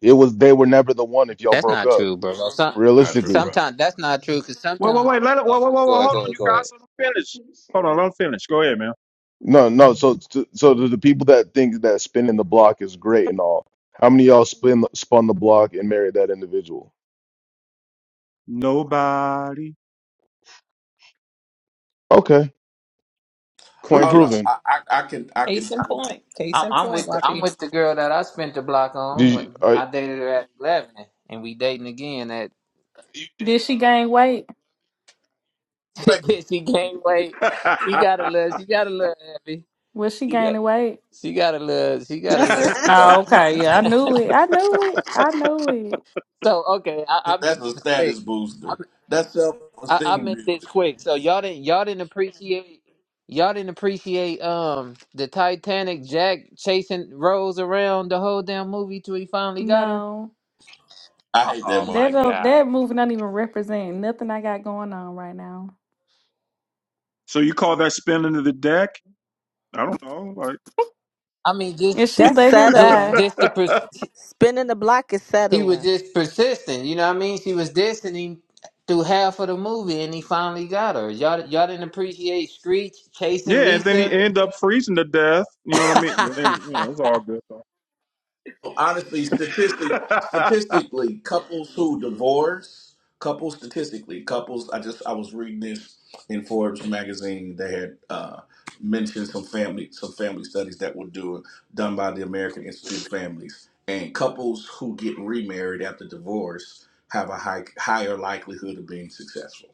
Speaker 11: It was they were never the one if y'all
Speaker 4: that's
Speaker 11: broke
Speaker 4: not
Speaker 11: up.
Speaker 4: true, bro. Some
Speaker 8: Not true, bro.
Speaker 11: Realistically.
Speaker 4: sometimes that's not true because
Speaker 1: wait, wait,
Speaker 4: sometimes.
Speaker 1: wait. Let it, wait, wait, wait, wait.
Speaker 4: Go
Speaker 1: Hold
Speaker 4: ahead, go
Speaker 1: on,
Speaker 4: ahead,
Speaker 1: you
Speaker 4: go ahead.
Speaker 1: guys. Let them finish. Hold on, let them finish. Go ahead, man.
Speaker 11: No, no. So so so to the people that think that spinning the block is great and all. How many of y'all spin spun the block and married that individual?
Speaker 1: Nobody.
Speaker 11: Okay. Point
Speaker 8: Oh no,
Speaker 1: Crickets.
Speaker 11: proven.
Speaker 8: I, I, I can I can
Speaker 5: Case
Speaker 8: tell
Speaker 5: in
Speaker 8: you.
Speaker 5: point. Case
Speaker 4: I'm,
Speaker 5: in
Speaker 4: I'm
Speaker 5: point,
Speaker 4: with the, I'm
Speaker 5: YP.
Speaker 4: with the girl that I spent the block on
Speaker 11: Did you,
Speaker 4: when
Speaker 11: are,
Speaker 4: I dated her at eleven, and we dating again at.
Speaker 10: Did she gain weight?
Speaker 8: Wait,
Speaker 4: she gained weight. She got a little. She got a little heavy.
Speaker 10: Was she
Speaker 4: She got.
Speaker 10: gaining weight?
Speaker 4: She got a little. She got a
Speaker 5: I
Speaker 4: little. You know.
Speaker 10: Oh, okay. Yeah, I knew it. I knew it. I knew it.
Speaker 4: so okay, I, I'll make
Speaker 8: That's a
Speaker 4: this quick.
Speaker 8: status booster. That's self
Speaker 4: I, I
Speaker 8: esteem
Speaker 4: make this
Speaker 8: building.
Speaker 4: quick. So y'all didn't y'all didn't appreciate y'all didn't appreciate um the Titanic Jack chasing Rose around the whole damn movie till he finally got her.
Speaker 10: No.
Speaker 8: I hate that.
Speaker 4: Oh
Speaker 8: motherfucker.
Speaker 4: my
Speaker 10: That don't-
Speaker 4: god!
Speaker 10: that movie not even represent nothing I got going on right now.
Speaker 1: so you call that spinning of the deck? I don't know.
Speaker 4: I mean,
Speaker 10: If
Speaker 4: just
Speaker 10: she
Speaker 6: That's
Speaker 10: let him
Speaker 4: just
Speaker 6: settling.
Speaker 10: die.
Speaker 4: just the
Speaker 1: Like
Speaker 4: pers-
Speaker 6: Spinning the block is
Speaker 4: he was
Speaker 6: settling.
Speaker 4: just persistent. You know what I mean? She was dissing him through half of the movie, and he finally got her. Y'all y'all didn't appreciate Screech chasing
Speaker 1: Yeah, and then he
Speaker 4: Lisa.
Speaker 1: end up freezing to death. You know what I mean? But then, you know, it's all good. Though.
Speaker 8: honestly, statistic statistically, couples who divorce, couples statistically, couples. I just I was reading this in Forbes magazine. They had uh, mentioned some family some family studies that were doing done by the American Institute of Families, and couples who get remarried after divorce have a high, higher likelihood of being successful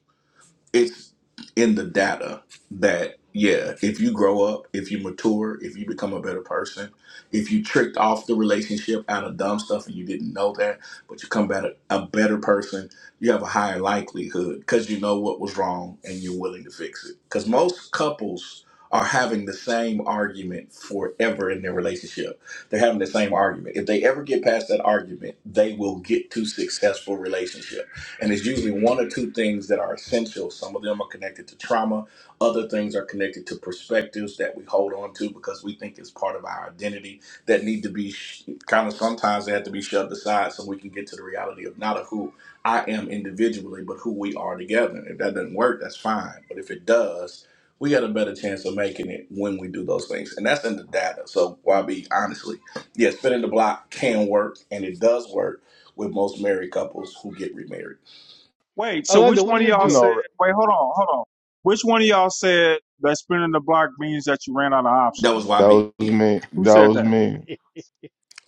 Speaker 8: it's in the data that yeah, if you grow up, if you mature, if you become a better person, if you tricked off the relationship out of dumb stuff and you didn't know that, but you come back a, a better person, you have a higher likelihood because you know what was wrong and you're willing to fix it. Because most couples are having the same argument forever in their relationship. They're having the same argument. If they ever get past that argument, they will get to successful relationship and it's usually one or two things that are essential. Some of them are connected to trauma, other things are connected to perspectives that we hold on to because we think it's part of our identity that need to be sh- kind of sometimes they have to be shoved aside so we can get to the reality of not of who I am individually, but who we are together. And if that doesn't work, that's fine. But if it does, we got a better chance of making it when we do those things. And that's in the data. So YB, honestly, yeah, spinning the block can work and it does work with most married couples who get remarried.
Speaker 1: Wait, so which
Speaker 9: Orlando, what
Speaker 1: one
Speaker 9: do
Speaker 1: of
Speaker 9: you
Speaker 1: y'all
Speaker 9: do?
Speaker 1: said?
Speaker 11: No,
Speaker 1: Wait, hold on, hold on. Which one of y'all said that spinning the block means that you ran out of
Speaker 8: That was
Speaker 1: options?
Speaker 11: that
Speaker 8: YB.
Speaker 11: was me.
Speaker 1: Who
Speaker 11: That
Speaker 1: said
Speaker 11: was
Speaker 1: that?
Speaker 11: me.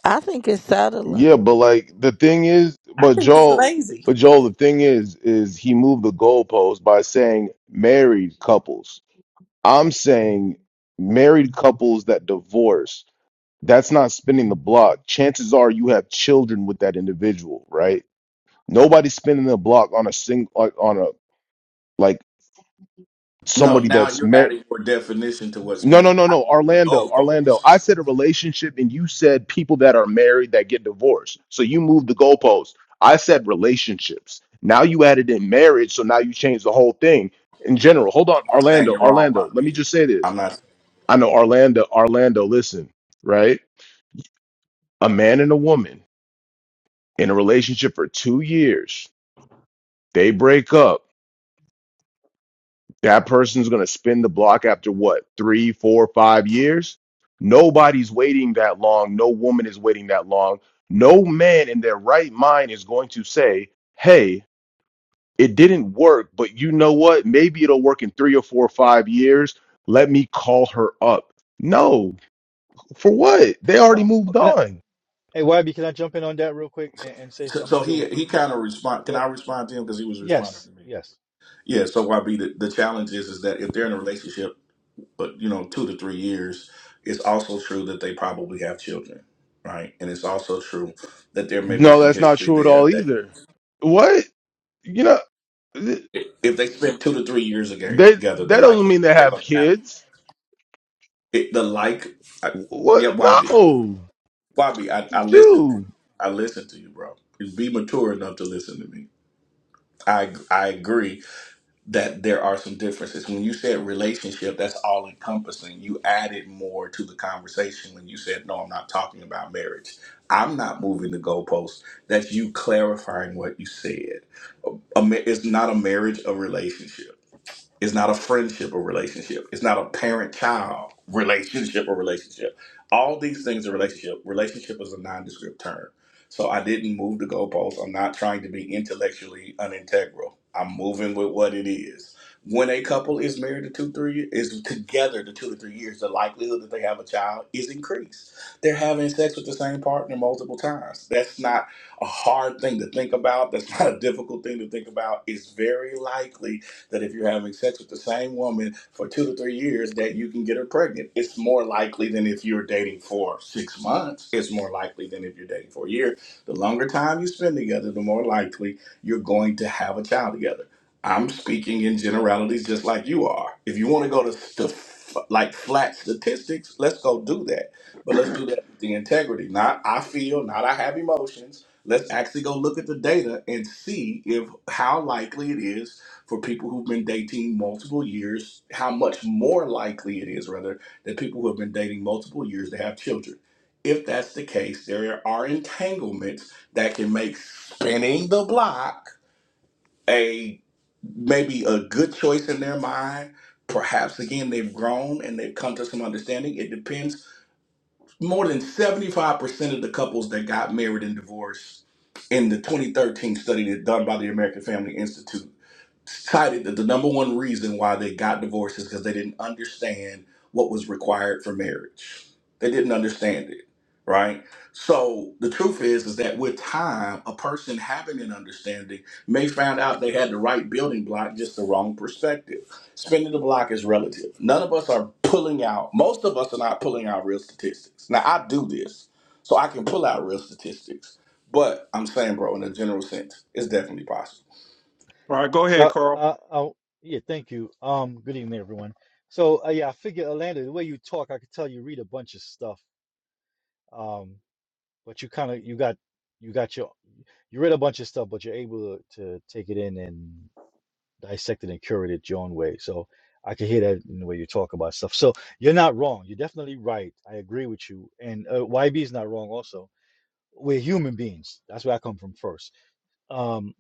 Speaker 6: I think it's settling.
Speaker 11: Yeah, but like the thing is, but
Speaker 5: think it's
Speaker 11: Joel,
Speaker 5: lazy.
Speaker 11: but Joel, the thing is, is he moved the goalpost by saying married couples. I'm saying married couples that divorce. That's not spinning the block. Chances are you have children with that individual, right? Nobody's spinning the block on a single, like on a like
Speaker 8: No,
Speaker 11: somebody
Speaker 8: now
Speaker 11: that's
Speaker 8: you're
Speaker 11: married.
Speaker 8: adding your definition to what
Speaker 11: No, no,
Speaker 8: spinning.
Speaker 11: no,
Speaker 8: I
Speaker 11: no.
Speaker 8: didn't move the
Speaker 11: Orlando, Orlando. I
Speaker 8: goalposts.
Speaker 11: said a relationship and you said people that are married that get divorced. So you moved the goalpost. I said relationships. Now you added in marriage, so now you changed the whole thing in general. Hold on,
Speaker 8: I'm not saying
Speaker 11: Orlando,
Speaker 8: you're wrong,
Speaker 11: Orlando. Let me
Speaker 8: YB.
Speaker 11: just say this.
Speaker 8: I'm not.
Speaker 11: I know Orlando, Orlando, listen, right? A man and a woman in a relationship for 2 years. They break up That person's going to spin the block after what, three, four, five years? Nobody's waiting that long. No woman is waiting that long. No man in their right mind is going to say, hey, it didn't work, but you know what? Maybe it'll work in three or four or five years. Let me call her up. No, for what? They already
Speaker 9: Oh,
Speaker 11: moved
Speaker 9: can I,
Speaker 11: on.
Speaker 9: hey, YB, can I jump in on that real quick and, and say
Speaker 8: So, so
Speaker 9: something
Speaker 8: he
Speaker 9: to,
Speaker 8: he
Speaker 9: to
Speaker 8: kind of respond. Can
Speaker 9: yeah,
Speaker 8: I respond to him because he was responding
Speaker 9: yes,
Speaker 8: to me?
Speaker 9: yes.
Speaker 8: Yeah. So YB, the, the challenge is is that if they're in a relationship, but you know, two to three years, it's also true that they probably have children, right? And it's also true that there may be
Speaker 11: No,
Speaker 8: some
Speaker 11: that's not
Speaker 8: history
Speaker 11: true at
Speaker 8: there
Speaker 11: all
Speaker 8: that
Speaker 11: either. What? You know, th-
Speaker 8: if they spend two to three years aga-
Speaker 11: they
Speaker 8: together, the
Speaker 11: that doesn't
Speaker 8: likelihood
Speaker 11: mean they
Speaker 8: they're
Speaker 11: have
Speaker 8: going to have
Speaker 11: kids.
Speaker 8: it, the like. I, yeah,
Speaker 11: What?
Speaker 8: YB.
Speaker 11: No.
Speaker 8: Bobby, I, I listen. To,
Speaker 11: Shoo.
Speaker 8: I listen to you, bro. Be mature enough to listen to me. I I agree that there are some differences. When you said relationship, that's all encompassing. You added more to the conversation when you said, "No, I'm not talking about marriage. I'm not moving the goalposts." That's you clarifying what you said. A ma- It's not a marriage, a relationship. It's not a friendship or relationship. It's not a parent child relationship or relationship. All these things are relationship. Relationship is a nondescript term. So I didn't move the goalposts. I'm not trying to be intellectually unintegral. I'm moving with what it is. When a couple is married to two, three is together to two to three years, the likelihood that they have a child is increased. They're having sex with the same partner multiple times. That's not a hard thing to think about. That's not a difficult thing to think about. It's very likely that if you're having sex with the same woman for two to three years, that you can get her pregnant. It's more likely than if you're dating for six months. It's more likely than if you're dating for a year. The longer time you spend together, the more likely you're going to have a child together. I'm speaking in generalities just like you are. If you want to go to st- like flat statistics, let's go do that. But let's do that with the integrity. Not I feel, not I have emotions let's actually go look at the data and see if how likely it is for people who've been dating multiple years, how much more likely it is, rather, that people who have been dating multiple years to have children. If that's the case, there are entanglements that can make spinning the block a maybe a good choice in their mind. Perhaps again, they've grown and they've come to some understanding. It depends. More than 75% of the couples that got married and divorced in the 2013 study that done by the American Family Institute cited that the number one reason why they got divorced is because they didn't understand what was required for marriage. They didn't understand it, right? So the truth is, is that with time, a person having an understanding may find out they had the right building block, just the wrong perspective. Spinning the block is relative. None of us are pulling out. Most of us are not pulling out real statistics. Now I do this, so I can pull out real statistics. But I'm saying, bro, in a general sense, it's definitely possible.
Speaker 1: All right, go ahead,
Speaker 9: So,
Speaker 1: Carl.
Speaker 9: uh, oh, yeah, thank you. Um, good evening, everyone. So, uh, yeah, I figure Orlando, the way you talk, I could tell you read a bunch of stuff. Um, but you kind of you got you got your you read a bunch of stuff, but you're able to, to take it in and. dissected and curated your own way. So I can hear that in the way you talk about stuff. So you're not wrong. You're definitely right. I agree with you. And uh, YB is not wrong. Also, we're human beings. That's where I come from first. Um,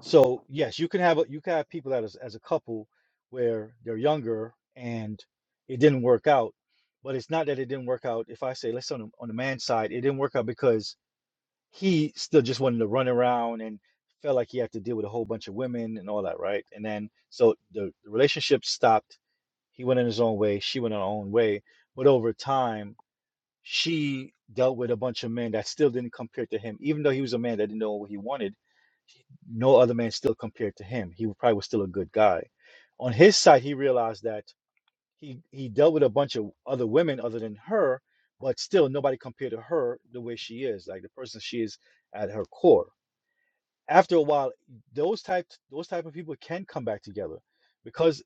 Speaker 9: so yes, you can have a, you can have people that is as a couple where they're younger and it didn't work out. But it's not that it didn't work out. If I say, let's say on the, on the man's side, it didn't work out because he still just wanted to run around and felt like he had to deal with a whole bunch of women and all that, right? And then so the, the relationship stopped. He went in his own way, she went on her own way. But over time, she dealt with a bunch of men that still didn't compare to him, even though he was a man that didn't know what he wanted. No other man still compared to him. He probably was still a good guy. On his side, he realized that he he dealt with a bunch of other women other than her, but still nobody compared to her the way she is, like the person she is at her core. After a while, those type those type of people can come back together because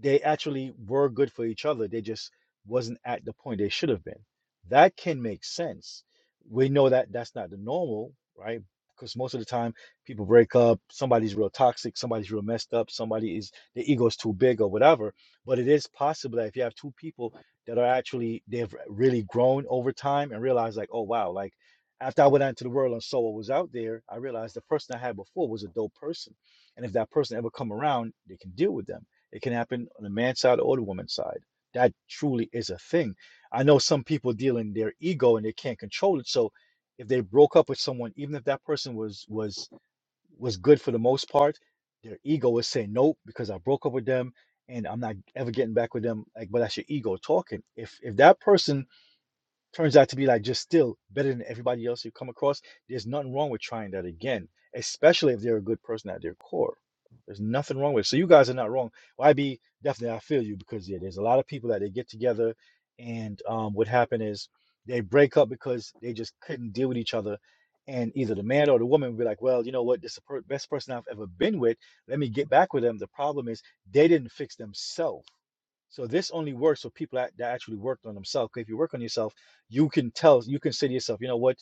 Speaker 9: they actually were good for each other. They just wasn't at the point they should have been. That can make sense. We know that that's not the normal, right? Because most of the time people break up, somebody's real toxic, somebody's real messed up, somebody is their ego's too big or whatever. But it is possible that if you have two people that are actually they've really grown over time and realize like, oh wow, like after I went out into the world and saw what was out there, I realized the person I had before was a dope person. And if that person ever come around, they can deal with them it can happen on the man's side or the woman's side. That truly is a thing. I know some people deal in their ego and they can't control it. So if they broke up with someone, even if that person was was was good for the most part, their ego is saying nope because I broke up with them and I'm not ever getting back with them. Like, but that's your ego talking. If if that person turns out to be like just still better than everybody else you come across, there's nothing wrong with trying that again, especially if they're a good person at their core. There's nothing wrong with it. So you guys are not wrong. YB, definitely I feel you because yeah, there's a lot of people that they get together and um, what happened is they break up because they just couldn't deal with each other. And either the man or the woman would be like, well, you know what, this is the per- best person I've ever been with. Let me get back with them. The problem is they didn't fix themselves. So this only works for people that, that actually worked on themselves. 'cause if you work on yourself, you can tell, you can say to yourself, you know what?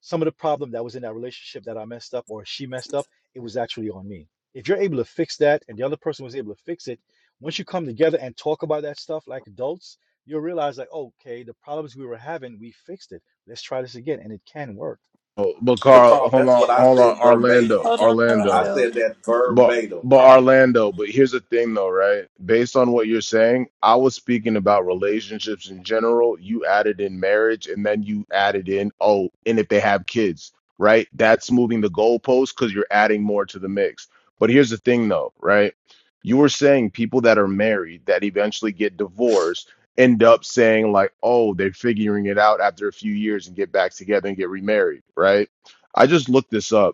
Speaker 9: Some of the problem that was in that relationship that I messed up or she messed up, it was actually on me. If you're able to fix that and the other person was able to fix it, once you come together and talk about that stuff like adults, you'll realize like, okay, the problems we were having, we fixed it. Let's try this again, and it can work.
Speaker 11: Oh, but
Speaker 8: So,
Speaker 11: Carl,
Speaker 8: Carl,
Speaker 11: hold
Speaker 8: that's
Speaker 11: on,
Speaker 8: what I
Speaker 11: hold on,
Speaker 8: said
Speaker 11: Orlando,
Speaker 8: verbatim.
Speaker 5: Hold on,
Speaker 8: I
Speaker 11: Orlando.
Speaker 5: Orlando.
Speaker 8: said that
Speaker 11: But
Speaker 8: verbatim,
Speaker 11: but
Speaker 8: Carl.
Speaker 11: Orlando, but here's the thing though, right? Based on what you're saying, I was speaking about relationships in general. You added in marriage and then you added in, oh, and if they have kids, right? That's moving the goalpost because you're adding more to the mix. But here's the thing though, right? You were saying people that are married that eventually get divorced end up saying like, oh, they're figuring it out after a few years and get back together and get remarried, right? I just looked this up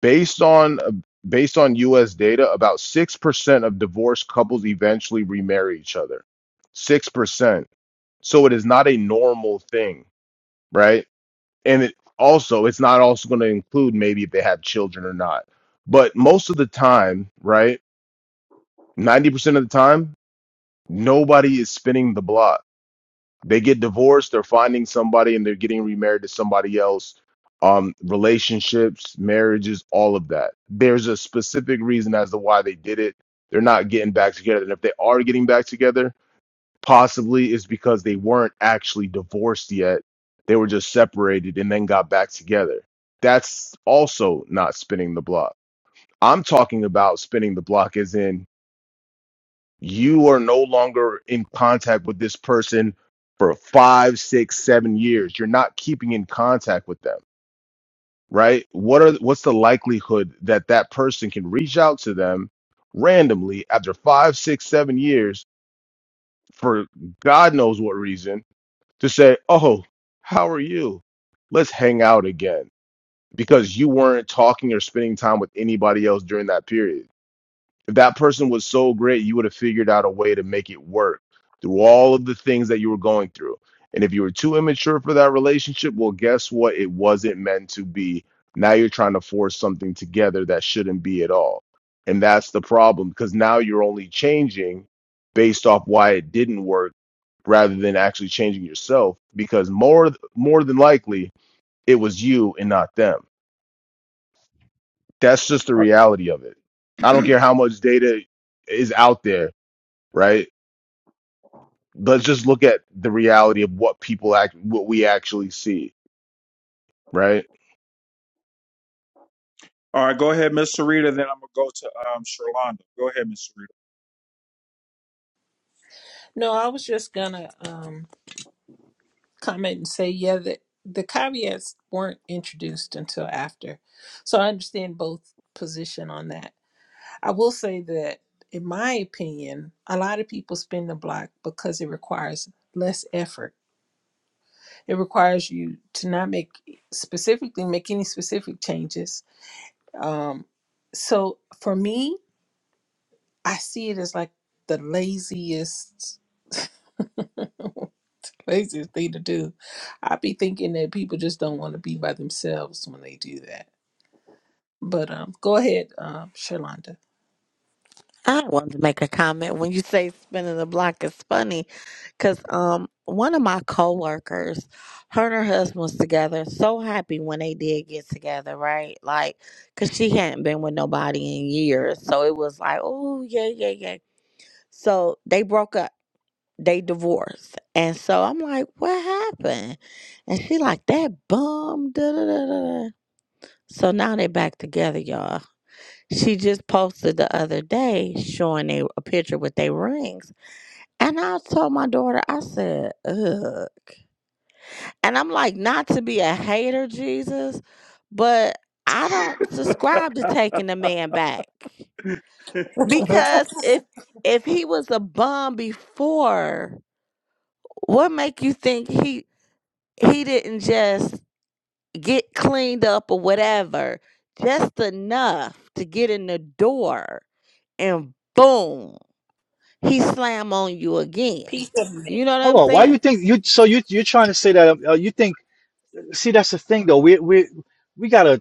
Speaker 11: based on uh, based on US data, about 6% of divorced couples eventually remarry each other. 6%. So it is not a normal thing, right? And it also it's not also going to include maybe if they have children or not. But most of the time, right? 90% of the time, nobody is spinning the block they get divorced they're finding somebody and they're getting remarried to somebody else um relationships marriages all of that there's a specific reason as to why they did it they're not getting back together and if they are getting back together possibly it's because they weren't actually divorced yet they were just separated and then got back together that's also not spinning the block i'm talking about spinning the block as in you are no longer in contact with this person for five, six, seven years. You're not keeping in contact with them, right? What are what's the likelihood that that person can reach out to them randomly after five, six, seven years for God knows what reason to say, "Oh, how are you? Let's hang out again," because you weren't talking or spending time with anybody else during that period If that person was so great, you would have figured out a way to make it work through all of the things that you were going through. And if you were too immature for that relationship, well, guess what? It wasn't meant to be. Now you're trying to force something together that shouldn't be at all. And that's the problem because now you're only changing based off why it didn't work rather than actually changing yourself because more more than likely it was you and not them. That's just the reality of it. I don't care how much data is out there right? Let's just look at the reality of what people act, what we actually see, right?
Speaker 1: All right, go ahead, Miss Sarita. Then I'm gonna go to um Sherlando. Go ahead, Miss Sarita.
Speaker 5: No, I was just gonna. um. comment and say, yeah, the, the caveats weren't introduced until after. So I understand both position on that. I will say that in my opinion, a lot of people spin the block because it requires less effort. It requires you to not make specifically make any specific changes. Um, so for me, I see it as like the laziest laziest thing to do. I'd be thinking that people just don't want to be by themselves when they do that But um, go ahead, um, Shalonda.
Speaker 6: I wanted to make a comment when you say spinning the block is funny, because um one of my coworkers, her and her husband was together. So happy when they did get together, right? Like, cause she hadn't been with nobody in years, so it was like, oh yeah, yeah, yeah. So they broke up, they divorced, and so I'm like, what happened? And she like that bum, da da da da. da." So now they back together, y'all. She just posted the other day showing they, a picture with their rings. And I told my daughter, I said, ugh. And I'm like, not to be a hater, Jesus, but I don't subscribe to taking the man back. Because if if he was a bum before, what make you think he he didn't just get cleaned up or whatever, just enough to get in the door and boom. he slam on you again.
Speaker 5: Peace of it.
Speaker 6: You know what
Speaker 9: Hold
Speaker 6: I'm
Speaker 9: on, why do
Speaker 6: saying?
Speaker 9: you think you so you you're trying to say that uh, you think see that's the thing though. We we we gotta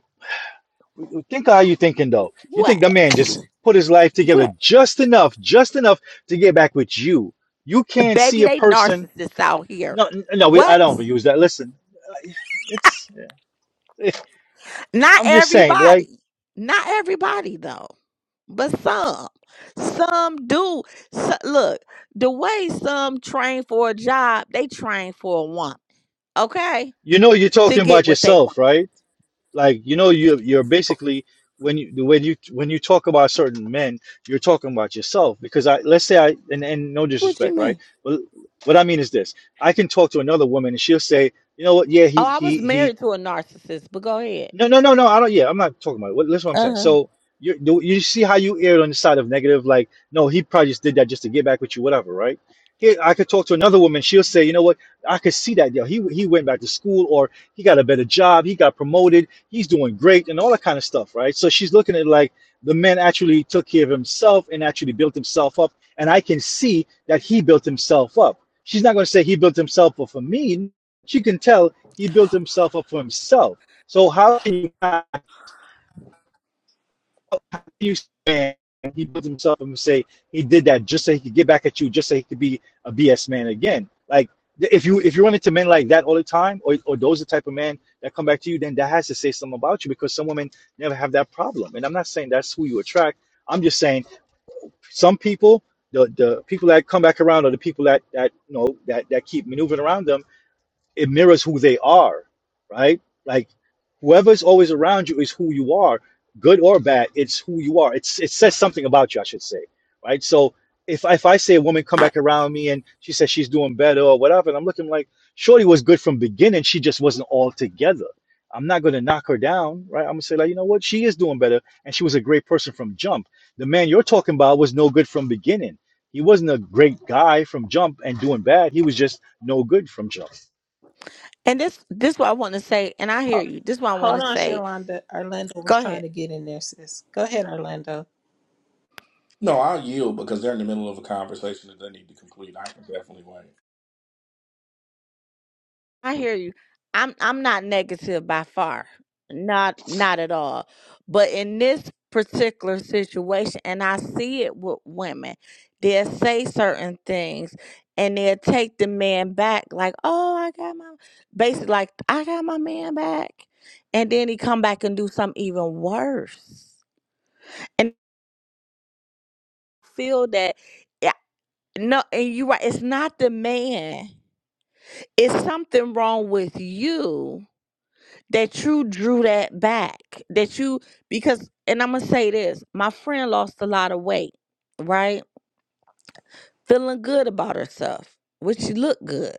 Speaker 9: Think of how you thinking though. You think the
Speaker 6: What?
Speaker 9: man just put his life together
Speaker 6: What?
Speaker 9: just enough, just enough to get back with you. You can't see
Speaker 6: Baby,
Speaker 9: a
Speaker 6: they
Speaker 9: person.
Speaker 6: narcissists out here.
Speaker 9: No, n- no, we, I
Speaker 6: What?
Speaker 9: don't use that. Listen, I- it's. it-
Speaker 6: Not
Speaker 9: I'm just saying, like
Speaker 6: everybody. Not everybody though, but some. Some do. So, look, the way some train for a job, they train for a woman. Okay,
Speaker 9: you know, you're
Speaker 6: to
Speaker 9: talking
Speaker 6: get
Speaker 9: about
Speaker 6: what they
Speaker 9: yourself,
Speaker 6: want.
Speaker 9: right? Like you know, you you're basically when you when you when you talk about certain men, you're talking about yourself because I let's say I and, and no
Speaker 6: What you
Speaker 9: disrespect, right?
Speaker 6: mean?
Speaker 9: But what I mean is this: I can talk to another woman and she'll say, you know what? Yeah, he
Speaker 6: Oh, I
Speaker 9: he
Speaker 6: was
Speaker 9: he
Speaker 6: married to a narcissist, but go ahead.
Speaker 9: No, no, no, no. I don't. Yeah, I'm not talking about it. What, that's what I'm
Speaker 6: Uh
Speaker 9: saying.
Speaker 6: huh.
Speaker 9: So you you you see how you erred on the side of negative, like no, he probably just did that just to get back with you, whatever, right? Here, I could talk to another woman. She'll say, you know what? I could see that. Yo, he he went back to school, or he got a better job, he got promoted, he's doing great, and all that kind of stuff, right? So she's looking at it like the man actually took care of himself and actually built himself up, and I can see that he built himself up. She's not going to say he built himself up for me. She can tell he built himself up for himself so how can you how you stand he builds himself up and say he did that just so he could get back at you, just so he could be a BS man again? Like if you if you run into men like that all the time, or or those are the type of men that come back to you, then that has to say something about you because some women never have that problem. And I'm not saying that's who you attract. I'm just saying some people, the the people that come back around are the people that that you know that that keep maneuvering around them it mirrors who they are, right? Like whoever's always around you is who you are, good or bad. It's who you are. It's it says something about you, I should say, right? So if if I say a woman come
Speaker 6: I
Speaker 9: back around me and she says she's doing better or whatever, and I'm looking like Shorty was good from beginning, she just wasn't all together. I'm not gonna knock her down, right? I'm gonna say like, you know what, she is doing better, and she was a great person from jump. The man you're talking about was no good from beginning. He wasn't a great guy from jump and doing bad. He was just no good from jump
Speaker 6: and this this what I want to say, and I hear
Speaker 5: Ho-
Speaker 6: you. This is what I want
Speaker 5: Hold
Speaker 6: to
Speaker 5: on,
Speaker 6: say
Speaker 5: Shalonda. Orlando was
Speaker 6: Go
Speaker 5: trying
Speaker 6: ahead.
Speaker 5: to get in there, sis. Go ahead, Orlando.
Speaker 8: No, I'll yield because they're in the middle of a conversation that they need to complete. I can definitely wait.
Speaker 6: I hear you. I'm I'm not negative by far. Not not at all. But in this particular situation, and I see it with women, they'll say certain things and they'll take the man back like, oh, I got my basically like I got my man back. And then he come back and do something even worse. And feel that yeah, no, and you're right, it's not the man. It's something wrong with you that you drew that back that you because and i'm gonna say this my friend lost a lot of weight right feeling good about herself which she looked good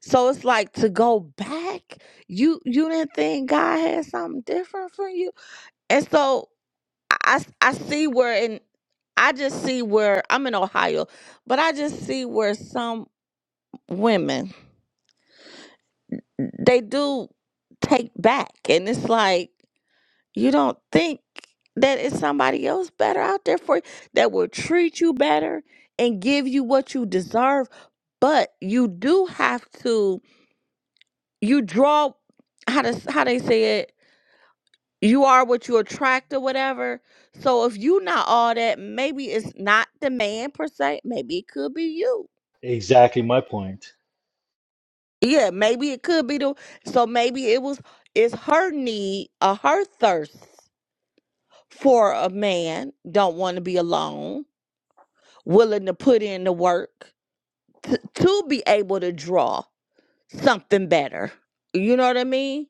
Speaker 6: so it's like to go back you you didn't think god had something different for you and so i i see where and i just see where i'm in ohio but i just see where some women they do take back and it's like You don't think that it's somebody else better out there for you that will treat you better and give you what you deserve, but you do have to you draw how to how they say it you are what you attract or whatever so if you not all that maybe it's not the man per se maybe it could be you
Speaker 9: Exactly my point.
Speaker 6: yeah maybe it could be the so maybe it was it's her need or her thirst for a man don't want to be alone willing to put in the work t- to be able to draw something better. You know what I mean?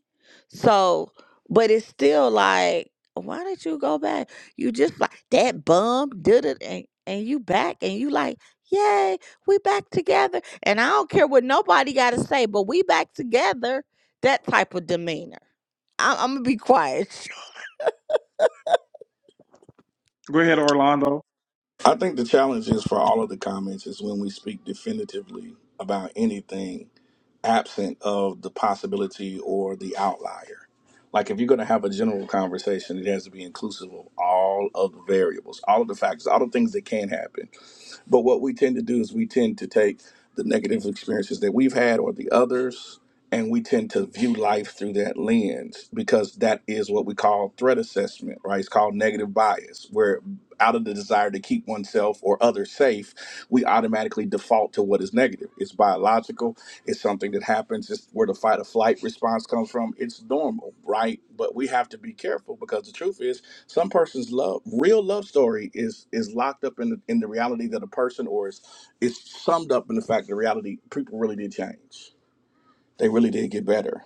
Speaker 6: So, but it's still like, why did you go back? You just like that bum did it, and and you back, and you like, yay, we back together. And I don't care what nobody got to say, but we back together. That type of demeanor. I- I'm gonna be quiet.
Speaker 1: Go ahead, Orlando.
Speaker 8: I think the challenge is for all of the comments is when we speak definitively about anything absent of the possibility or the outlier. Like if you're going to have a general conversation, it has to be inclusive of all of the variables, all of the factors, all the things that can happen. But what we tend to do is we tend to take the negative experiences that we've had or the others, and we tend to view life through that lens because that is what we call threat assessment, right? It's called negative bias, where out of the desire to keep oneself or others safe, we automatically default to what is negative. It's biological. It's something that happens. It's where the fight or flight response comes from. It's normal, right? But we have to be careful because the truth is, some person's love, real love story, is is locked up in the, in the reality that a person, or is is summed up in the fact that reality people really did change. They really did get better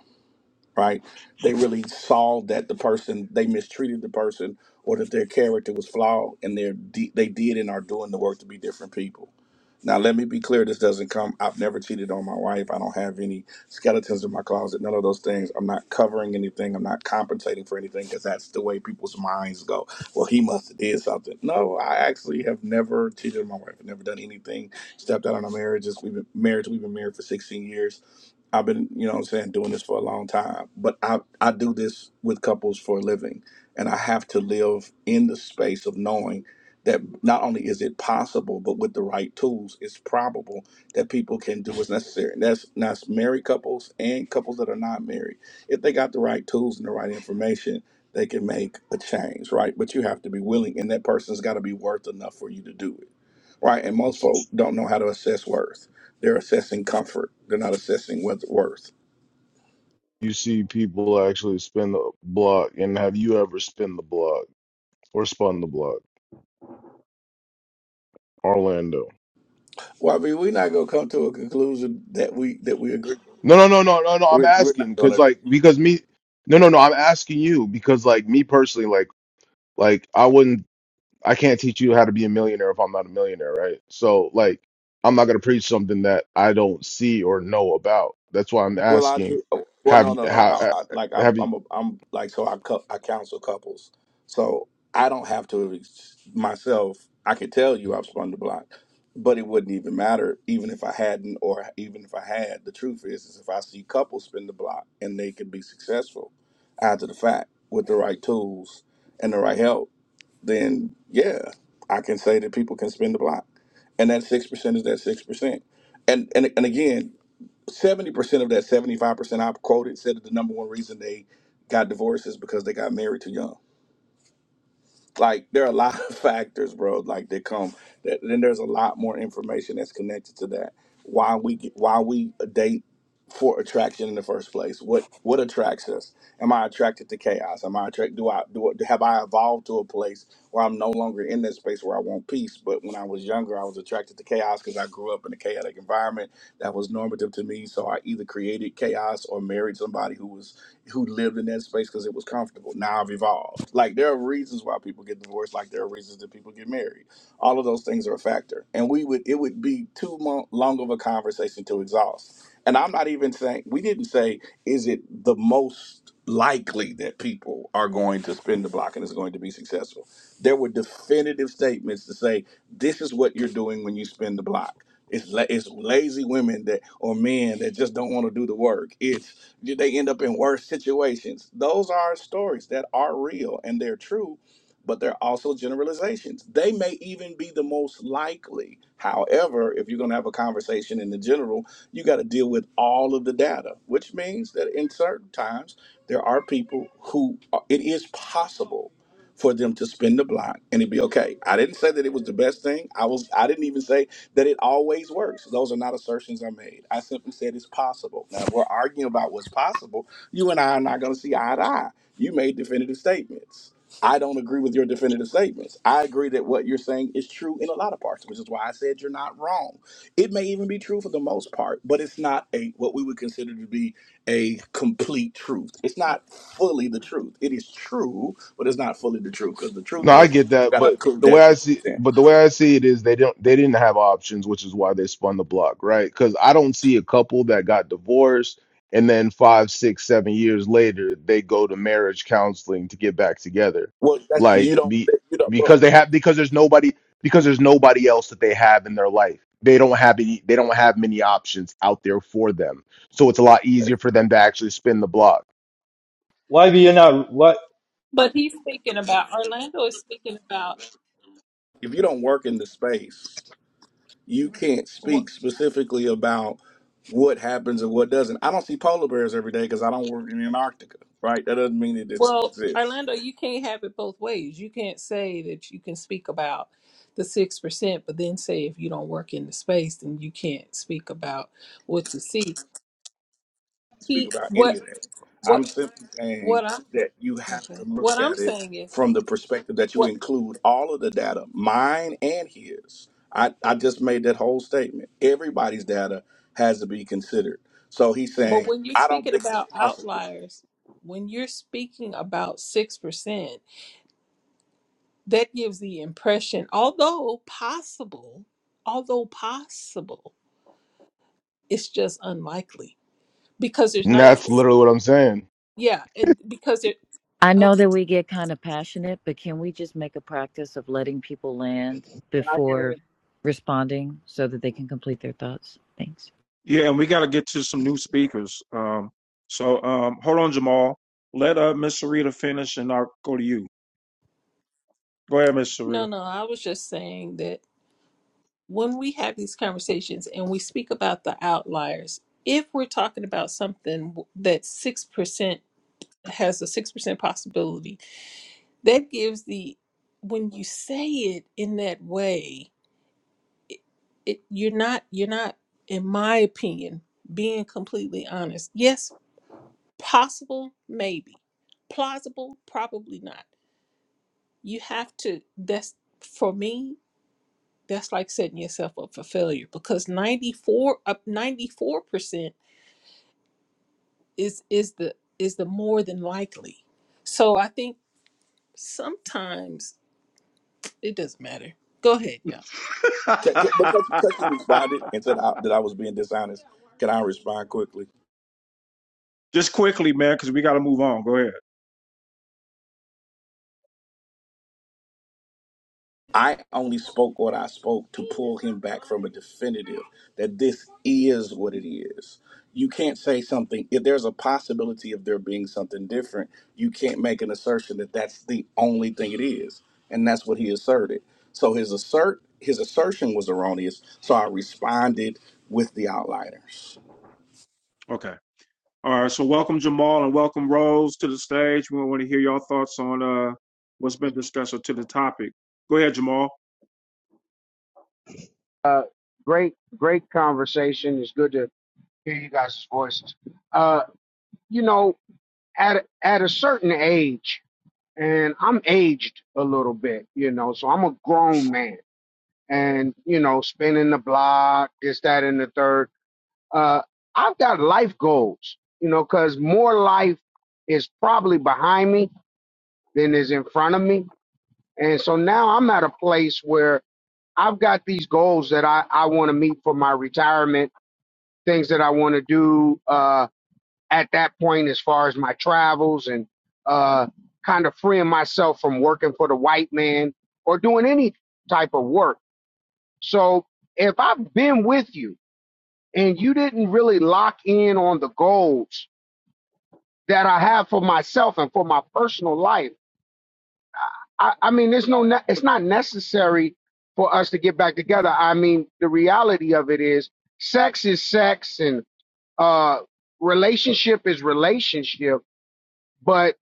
Speaker 8: right? They really saw that the person they mistreated the person, or that their character was flawed, and they they did and are doing the work to be different people. Now, let me be clear: this doesn't come. I've never cheated on my wife. I don't have any skeletons in my closet. None of those things. I'm not covering anything. I'm not compensating for anything because that's the way people's minds go. Well, he must have did something. No, I actually have never cheated on my wife. I've never done anything. Stepped out on a marriage. We've been marriage. We've been married for 16 years I've been, you know what I'm saying, doing this for a long time, but I, I do this with couples for a living. And I have to live in the space of knowing that not only is it possible, but with the right tools, it's probable that people can do what's necessary. And that's, that's married couples and couples that are not married. If they got the right tools and the right information, they can make a change, right? But you have to be willing, and that person's got to be worth enough for you to do it right? And most folks don't know how to assess worth. They're assessing comfort. They're not assessing with worth.
Speaker 11: You see people actually spin the block, and have you ever spin the block or spun the block, Orlando?
Speaker 8: Well, I mean, we're not gonna come to a conclusion that we that we agree.
Speaker 11: No, no, no, no, no, no. I'm
Speaker 8: We're, we're not
Speaker 11: asking because,
Speaker 8: gonna.
Speaker 11: like, because me, no, no, no. I'm asking you because, like, me personally, like, like I wouldn't I can't teach you how to be a millionaire if I'm not a millionaire, right? So like I'm not going to preach something that I don't see or know about. That's why I'm
Speaker 8: Well, I
Speaker 11: asking
Speaker 8: do. oh, Well,
Speaker 11: have
Speaker 8: no,
Speaker 11: you
Speaker 8: no, no.
Speaker 11: how
Speaker 8: I, I like I,
Speaker 11: have you?
Speaker 8: I'm a, I'm like so I cou- I counsel couples, so I don't have to ex- myself. I could tell you I've spun the block, but it wouldn't even matter even if I hadn't or even if I had. The truth is, is if I see couples spin the block and they can be successful after the fact with the right tools and the right help, then yeah, I can say that people can spin the block, and that six percent is that six percent and and and again, seventy percent of that seventy five percent I quoted said that the number one reason they got divorced is because they got married too young. Like there are a lot of factors, bro. Like that come. That, then there's a lot more information that's connected to that. Why we get, why we date for attraction in the first place? What what attracts us? Am I attracted to chaos? Am I attracted? Do I do? I- Have I evolved to a place where I'm no longer in that space where I want peace? But when I was younger, I was attracted to chaos because I grew up in a chaotic environment that was normative to me. So I either created chaos or married somebody who was who lived in that space because it was comfortable. Now I've evolved. Like there are reasons why people get divorced. Like there are reasons that people get married. All of those things are a factor, and we would it would be too mo- long of a conversation to exhaust and I'm not even saying we didn't say is it the most likely that people are going to spin the block and is going to be successful. There were definitive statements to say this is what you're doing when you spin the block. It's la- it's lazy women that or men that just don't want to do the work. It's they end up in worse situations. Those are stories that are real and they're true but they're also generalizations. They may even be the most likely. However, if you're going to have a conversation in the general, you got to deal with all of the data, which means that in certain times, there are people who uh, it is possible for them to spin the block and it'd be okay. I didn't say that it was the best thing. I was I didn't even say that it always works. Those are not assertions I made. I simply said it's possible. Now if we're arguing about what's possible. You and I are not gonna see eye to eye. You made definitive statements. I don't agree with your definitive statement. I agree that what you're saying is true in a lot of parts, which is why I said you're not wrong. It may even be true for the most part, but it's not a what we would consider to be a complete truth. It's
Speaker 5: Uh,
Speaker 8: not fully the truth. It is true, but it's not fully the truth because the truth
Speaker 11: No, I
Speaker 8: is
Speaker 11: get
Speaker 8: you
Speaker 11: that,
Speaker 8: got to
Speaker 5: or-
Speaker 11: but
Speaker 8: include
Speaker 11: the way
Speaker 8: that
Speaker 11: I
Speaker 8: six
Speaker 11: see,
Speaker 8: percent.
Speaker 11: but the way I see it is they don't they didn't have options, which is why they spun the block, right? Because I don't see a couple that got divorced and then five, six, seven years later they go to marriage counseling to get back together,
Speaker 8: Well, that's you
Speaker 11: like
Speaker 8: don't
Speaker 11: be,
Speaker 8: you don't well,
Speaker 11: because they have because there's nobody because there's nobody else that they have in their life. They don't have any they don't have many options out there for them, so it's a lot easier for them to actually spin the block.
Speaker 9: Why be you not? What?
Speaker 5: But he's speaking about Orlando is speaking about
Speaker 8: if you don't work in the space, you can't
Speaker 5: wh-
Speaker 8: speak specifically about what happens and what doesn't. I don't see polar bears every day because I don't work in Antarctica, right? That doesn't mean it didn't
Speaker 5: well,
Speaker 8: exist.
Speaker 5: Orlando, you can't have it both ways. You can't say that you can speak about the six percent, but then say if you don't work in the space, then you can't speak about what you see.
Speaker 8: speak
Speaker 5: He
Speaker 8: about any
Speaker 5: what
Speaker 8: of that.
Speaker 5: what
Speaker 8: I'm simply saying
Speaker 5: what I'm
Speaker 8: that you have to
Speaker 5: okay.
Speaker 8: look
Speaker 5: What I'm
Speaker 8: at it
Speaker 5: saying is
Speaker 8: from the perspective that you include all of the data, mine and his. I, I just made that whole statement. Everybody's data has to be considered. So he's
Speaker 5: But
Speaker 8: saying,
Speaker 5: when you're
Speaker 8: I don't
Speaker 5: speaking
Speaker 8: think it's
Speaker 5: about
Speaker 8: possible.
Speaker 5: outliers, when you're speaking about 6%, that gives the impression, although possible, although possible, it's just unlikely because there's
Speaker 11: And that's
Speaker 5: 94.
Speaker 11: literally what I'm saying.
Speaker 5: Yeah. And because it,
Speaker 12: I know
Speaker 5: okay.
Speaker 12: that we get kind of passionate, but can we just make a practice of letting people land
Speaker 13: i get in.
Speaker 12: before responding so that they can complete their thoughts? Thanks.
Speaker 1: Yeah, and we got to get to some new speakers. Um, so um, hold on, Jamal. Let uh Miss Sarita finish, and I'll go to you. Go ahead, Miss
Speaker 5: No,
Speaker 1: Sarita.
Speaker 5: no, I was just saying that when we have these conversations and we speak about the outliers, if we're talking about something w- that 6% has a 6% possibility, that gives the when you say it in that way it, it you're not you're not in my opinion being completely honest yes possible maybe plausible probably not you have to that's for me that's like setting yourself up for failure because 94 up 94% is is the is the more than likely so i think sometimes it doesn't matter go ahead y'all
Speaker 8: Can, can- because, because he responded and said I, that I was being dishonest, can I respond quickly?
Speaker 1: Just quickly, man, because we got to move on. Go ahead.
Speaker 8: I only spoke what I spoke to pull him back from a definitive that this is what it is. You can't say something, if there's a possibility of there being something different, you can't make an assertion that that's the only thing it is. And that's what he asserted. So his assert his assertion was erroneous. So I responded with the outliners.
Speaker 1: Okay. All right. So welcome Jamal and welcome Rose to the stage. We want to hear your thoughts on uh, what's been discussed or to the topic. Go ahead, Jamal.
Speaker 13: Uh, great, great conversation. It's good to hear you guys' voices. Uh, you know, at at a certain age, and I'm aged a little bit, you know, so I'm a grown man, and you know, spinning the block, this, that, and the third. Uh, I've got life goals, you know, because more life is probably behind me than is in front of me, and so now I'm at a place where I've got these goals that I I want to meet for my retirement things that I want to do uh, at that point as far as my travels and uh, kind of freeing myself from working for the white man or doing any type of work. So if I've been with you and you didn't really lock in on the goals that I have for myself and for my personal life, I, I mean, there's no, ne- it's not necessary for us to get back together. I mean, the reality of it is sex is sex and uh, relationship is relationship, but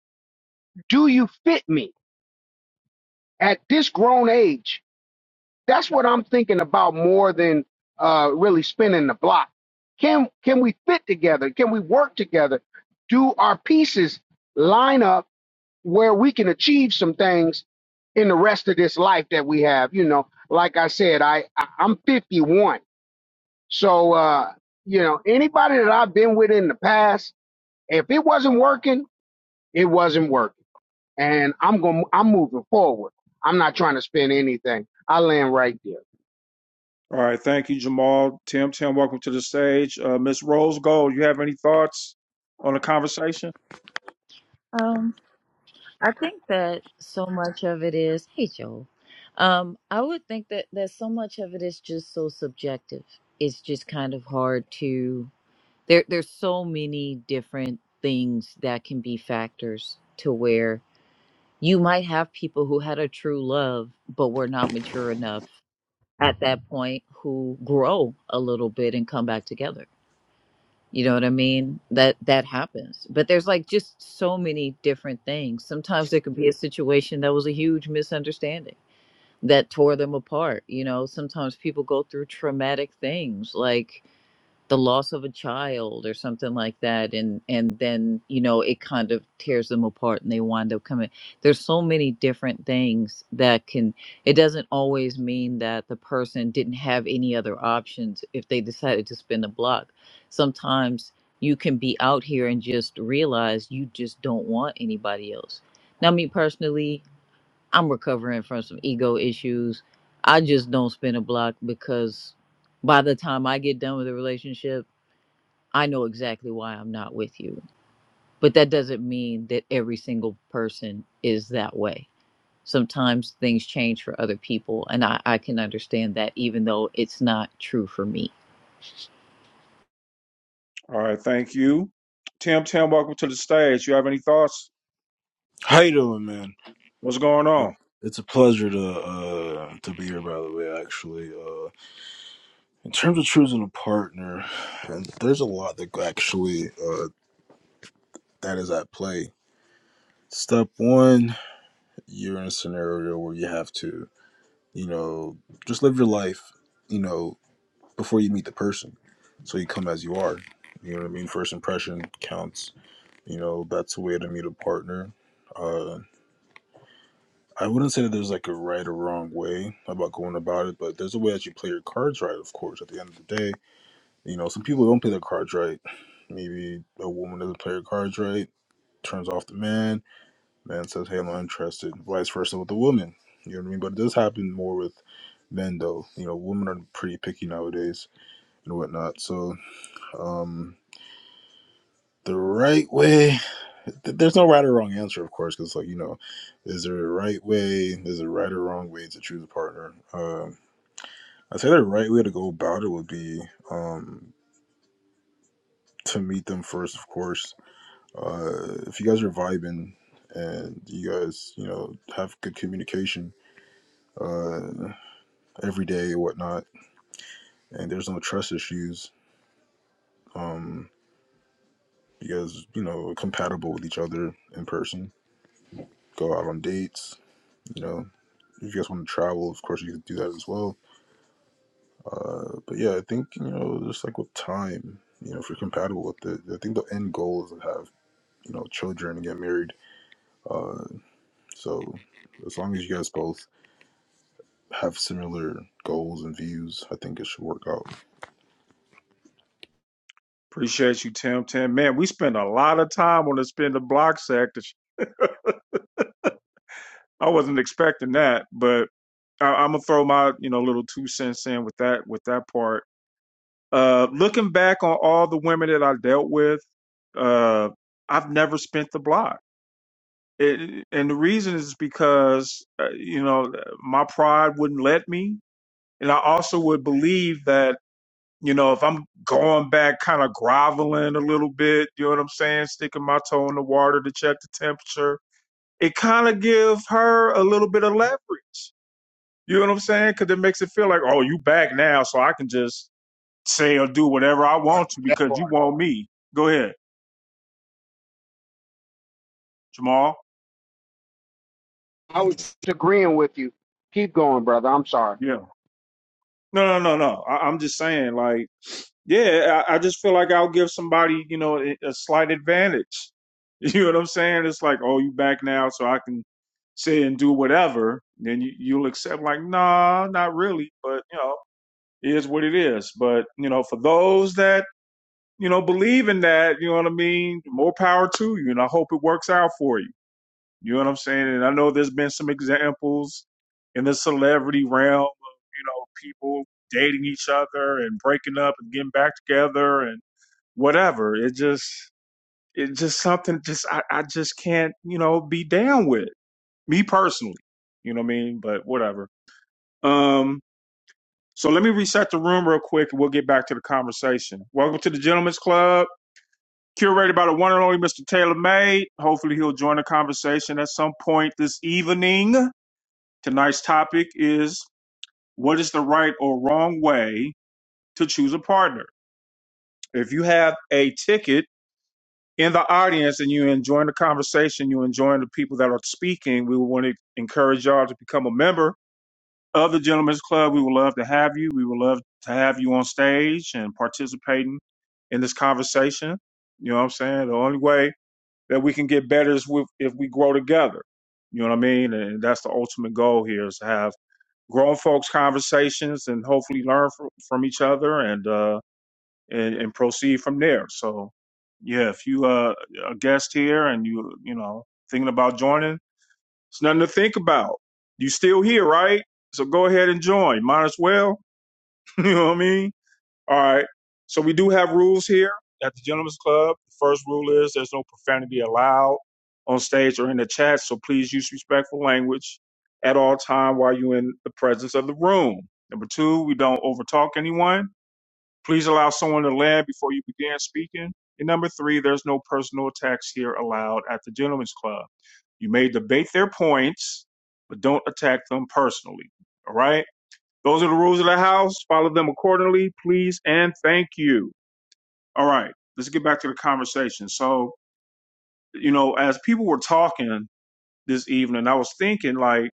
Speaker 13: do you fit me at this grown age? That's what I'm thinking about more than uh, really spinning the block. Can can we fit together? Can we work together? Do our pieces line up where we can achieve some things in the rest of this life that we have? You know, like I said, I I- I'm 51, so uh, you know anybody that I've been with in the past, if it wasn't working It wasn't working. And I'm going I'm moving forward. I'm not trying to spend anything. I land right there.
Speaker 1: All right, thank you, Jamal. Tim, Tim, welcome to the stage. Uh, Miss Rose Gold, you have any thoughts on the conversation?
Speaker 12: Um, I think that so much of it is, hey Joel, um, I would think that that so much of it is just so subjective. It's just kind of hard to there. There's so many different things that can be factors to where you might have people who had a true love but were not mature enough at that point who grow a little bit and come back together you know what i mean that that happens but there's like just so many different things sometimes there could be a situation that was a huge misunderstanding that tore them apart you know sometimes people go through traumatic things like the loss of a child or something like that and and then you know it kind of tears them apart and they wind up coming there's so many different things that can it doesn't always mean that the person didn't have any other options if they decided to spin the block sometimes you can be out here and just realize you just don't want anybody else now me personally i'm recovering from some ego issues i just don't spin a block because by the time i get done with the relationship I know exactly why I'm not with you. But that doesn't mean that every single person is that way. Sometimes things change for other people, and I, I can understand that, even though it's not true for me.
Speaker 1: All right, thank you. Tim, Tim, welcome to the stage. You have any thoughts?
Speaker 14: How you doing, man?
Speaker 1: What's going
Speaker 14: It,
Speaker 1: on?
Speaker 14: it's a pleasure to uh, to be here. By the way, actually, uh, in terms of choosing a partner, and there's a lot that actually uh, that is at play. Step one, you're in a scenario where you have to, you know, just live your life, you know, before you meet the person, so you come as you are. You know what I mean? First impression counts. You know, that's a way to meet a partner. Uh, I wouldn't say that there's like a right or wrong way about going about it, but there's a way that you play your cards right, of course. At the end of the day, you know, some people don't play their cards right. Maybe a woman doesn't play her cards right, turns off the man, man says, hey, I'm not interested. Vice versa with the woman. You know what I mean? But it does happen more with men, though. You know, women are pretty picky nowadays and whatnot. So, um, the right way, th- there's no right or wrong answer, of course, because, like, you know, is there a right way is there a right or wrong way to choose a partner Um I say the right way to go about it would be um, to meet them first, of course. Uh, if you guys are vibing and you guys, you know, have good communication uh, every day and whatnot, and there's no trust issues, um, you guys, you know, are compatible with each other in person, go out on dates, you know. If you guys want to travel, of course, you can do that as well. Uh, but yeah, I think, you know, just like with time, you know, if you're compatible with it, I think the end goal is to have you know children and get married uh so as long as you guys both have similar goals and views i think it should work out
Speaker 1: Appreciate you, Tim, Tim. Man, we spend a lot of time on the spin the block sector. I wasn't expecting that, but I, I'm gonna throw my you know little two cents in with that with that part. Uh, looking back on all the women that I dealt with, uh, I've never spent the block, it, and the reason is because uh, you know my pride wouldn't let me, and I also would believe that you know if I'm going back, kind of groveling a little bit, you know what I'm saying, sticking my toe in the water to check the temperature, it kind of gives her a little bit of leverage You know what I'm saying? Because it makes it feel like, oh, you back now, so I can just say or do whatever I want
Speaker 13: Part,
Speaker 1: to
Speaker 13: that
Speaker 1: because you
Speaker 13: part.
Speaker 1: want me. Go ahead, Jamal.
Speaker 13: Agreeing with you. Keep going, brother. I'm sorry.
Speaker 1: Yeah. No, no, no, no. I, I'm just saying, like, yeah, I, I just feel like I'll give somebody, you know, a, a slight advantage. You know what I'm saying? It's like, oh, you back now, so I can say and do whatever. Then you, you'll accept, like, nah, not really, but you know, it is what it is. But you know, for those that you know, believe in that. You know what I mean? More power to you. And I hope it works out for you. You know what I'm saying? And I know there's been some examples in the celebrity realm of, you know, people dating each other and breaking up and getting back together and whatever. It just, it just something just, I, I just can't, you know, be down with me personally. You know what I mean? But whatever. Um, so let me reset the room real quick and we'll get back to the conversation. Welcome to the Gentlemen's Club. curated by the one and only Mr. Taylor May. Hopefully, he'll join the conversation at some point this evening. Tonight's topic is what is the right or wrong way to choose a partner? If you have a ticket in the audience and you're enjoying the conversation, you're enjoying the people that are speaking, we want to encourage y'all to become a member of the Gentlemen's Club. We would love to have you. We would love to have you on stage and participating in this conversation. You know what I'm saying? The only way that we can get better as if we grow together. You know what I mean? And that's the ultimate goal here is to have grown folks conversations and hopefully learn from, from each other and, uh, and, and proceed from there. So yeah, if you, uh, a guest here and you, you know, thinking about joining, it's nothing to think about. You still here, right? So go ahead and join. Might as well. you know what I mean? All right. So we do have rules here at the Gentlemen's Club. The first rule is there's no profanity allowed on stage or in the chat. So please use respectful language at all time while you're in the presence of the room. Number two, we don't overtalk anyone. Please allow someone to land before you begin speaking. And number three, there's no personal attacks here allowed at the Gentlemen's Club. You may debate their points, but don't attack them personally. All right. Those are the rules of the house. Follow them accordingly, please and thank you. All right, let's get back to the conversation. So, you know, as people were talking this evening, I was thinking like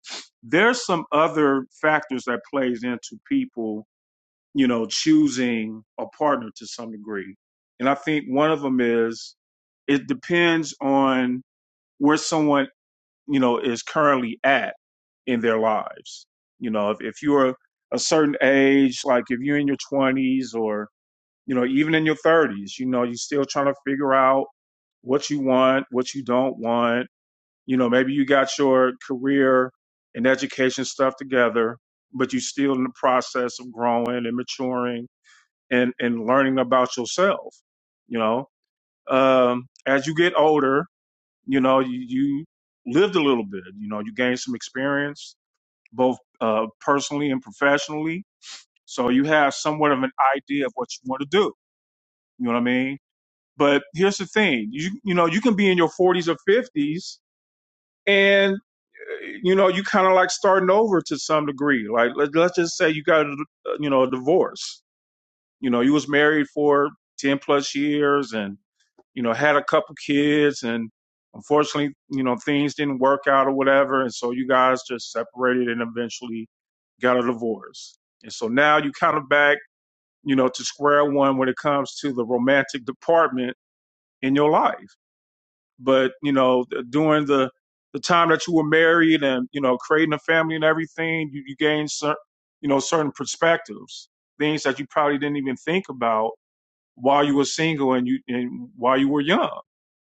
Speaker 1: there's some other factors that plays into people, you know, choosing a partner to some degree. And I think one of them is it depends on where someone you know is currently at in their lives you know if, if you're a certain age like if you're in your 20s or you know even in your 30s you know you're still trying to figure out what you want what you don't want you know maybe you got your career and education stuff together but you're still in the process of growing and maturing and and learning about yourself you know um as you get older you know you, you lived a little bit you know you gained some experience both uh, personally and professionally so you have somewhat of an idea of what you want to do you know what i mean but here's the thing you you know you can be in your 40s or 50s and uh, you know you kind of like starting over to some degree like let, let's just say you got a, uh, you know a divorce you know, you was married for 10 plus years and, you know, had a couple kids and unfortunately, you know, things didn't work out or whatever. And so you guys just separated and eventually got a divorce. And so now you kind of back, you know, to square one when it comes to the romantic department in your life. But, you know, th- during the, the time that you were married and, you know, creating a family and everything, you, you gained certain, you know, certain perspectives, things that you probably didn't even think about while you were single and you and while you were young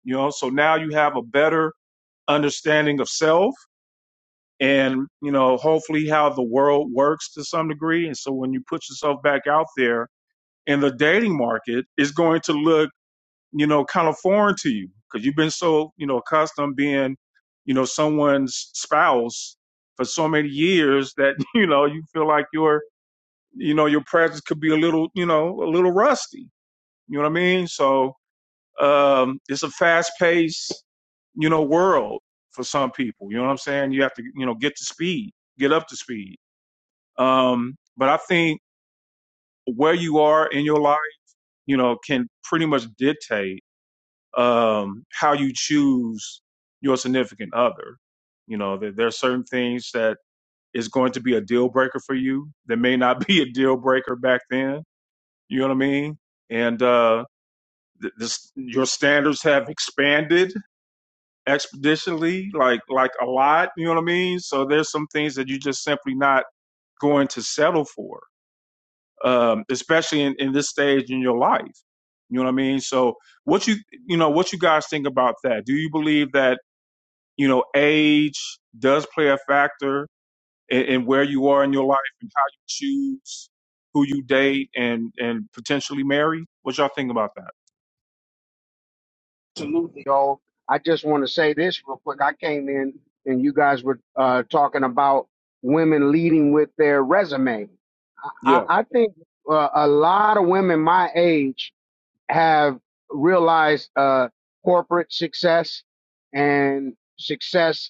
Speaker 1: you know so now you have a better understanding of self and you know hopefully how the world works to some degree and so when you put yourself back out there in the dating market it's going to look you know kind of foreign to you because you've been so you know accustomed being you know someone's spouse for so many years that you know you feel like your you know your presence could be a little you know a little rusty you know what i mean so Um, it's a fast paced, you know, world for some people. You know what I'm saying? You have to, you know, get to speed, get up to speed. Um, but I think where you are in your life, you know, can pretty much dictate um, how you choose your significant other. You know, there, there are certain things that is going to be a deal breaker for you that may not be a deal breaker back then. You know what I mean? And uh, the, the, your standards have expanded expeditionally, like like a lot. You know what I mean? So there's some things that you just simply not going to settle for, um, especially in, in this stage in your life. You know what I mean? So what you you know what you guys think about that? Do you believe that you know age does play a factor in, in where you are in your life and how you choose who you date and and potentially marry? What y'all think about that?
Speaker 13: Absolutely. y'all. I just want to say this real quick. I came in and you guys were uh, talking about women leading with their resume. I,
Speaker 1: Yeah,
Speaker 13: I think uh, a lot of women my age have realized uh, corporate success and success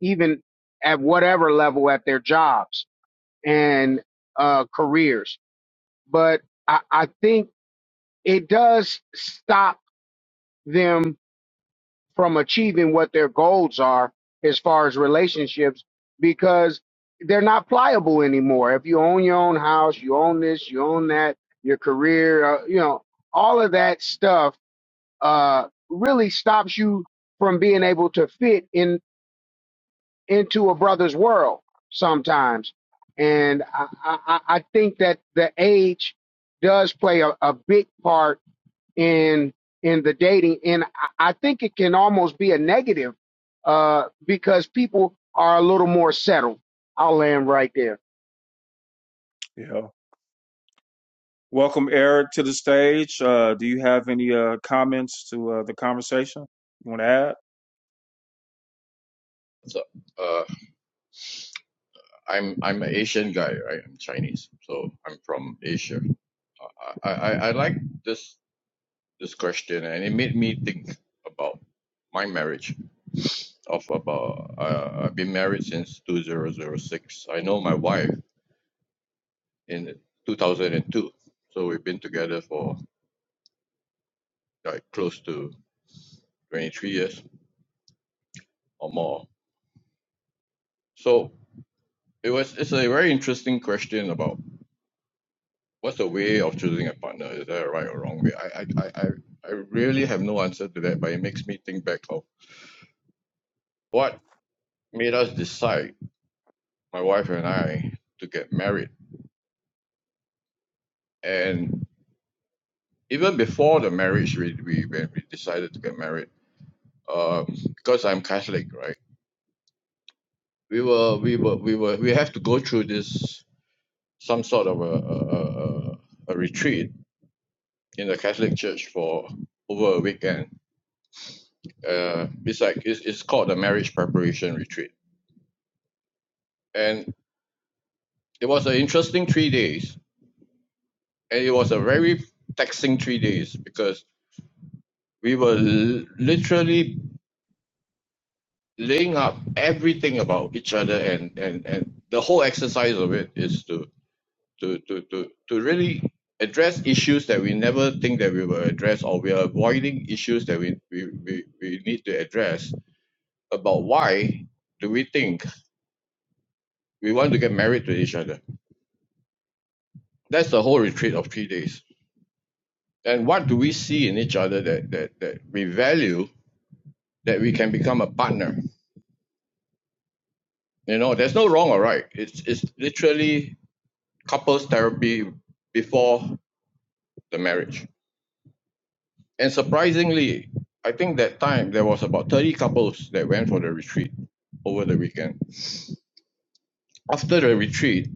Speaker 13: even at whatever level at their jobs and uh, careers. But I, I think it does stop them from achieving what their goals are as far as relationships because they're not pliable anymore. If you own your own house, you own this, you own that, your career, uh, you know, all of that stuff uh, really stops you from being able to fit in. into a brother's world sometimes. And I, I, I think that the age does play a, a big part in in the dating. And I I think it can almost be a negative uh, because people are a little more settled. I'll land right there.
Speaker 1: yeah. Welcome, Eric, to the stage. Uh, do you have any uh, comments to uh, the conversation you want to add?
Speaker 15: So, uh, I'm I'm an Asian guy, right? I'm Chinese, so I'm from Asia. Uh, I, I, I like this this question, and it made me think about my marriage. Of about uh, I've been married since 2006. I know my wife in 2002, so we've been together for like close to 23 years or more. So it was it's a very interesting question about what's the way of choosing a partner? Is there a right or wrong way? I, I, I, I I really have no answer to that, but it makes me think back of what made us decide, my wife and I, to get married. And even before the marriage, we, we when we decided to get married, um, because I'm Catholic, right? We were, we were, we were, we have to go through this some sort of a, a, a a retreat in the Catholic Church for over a weekend. Uh, it's like it's, it's called the marriage preparation retreat and it was an interesting three days and it was a very taxing three days because we were l- literally laying up everything about each other and, and, and the whole exercise of it is to, to, to, to, to really address issues that we never think that we will address or we are avoiding issues that we, we, we, we need to address about why do we think we want to get married to each other that's the whole retreat of three days And what do we see in each other that, that, that we value that we can become a partner? You know, there's no wrong or right. It's, it's literally couples therapy before the marriage. And surprisingly, I think that time there was about 30 couples that went for the retreat over the weekend. After the retreat,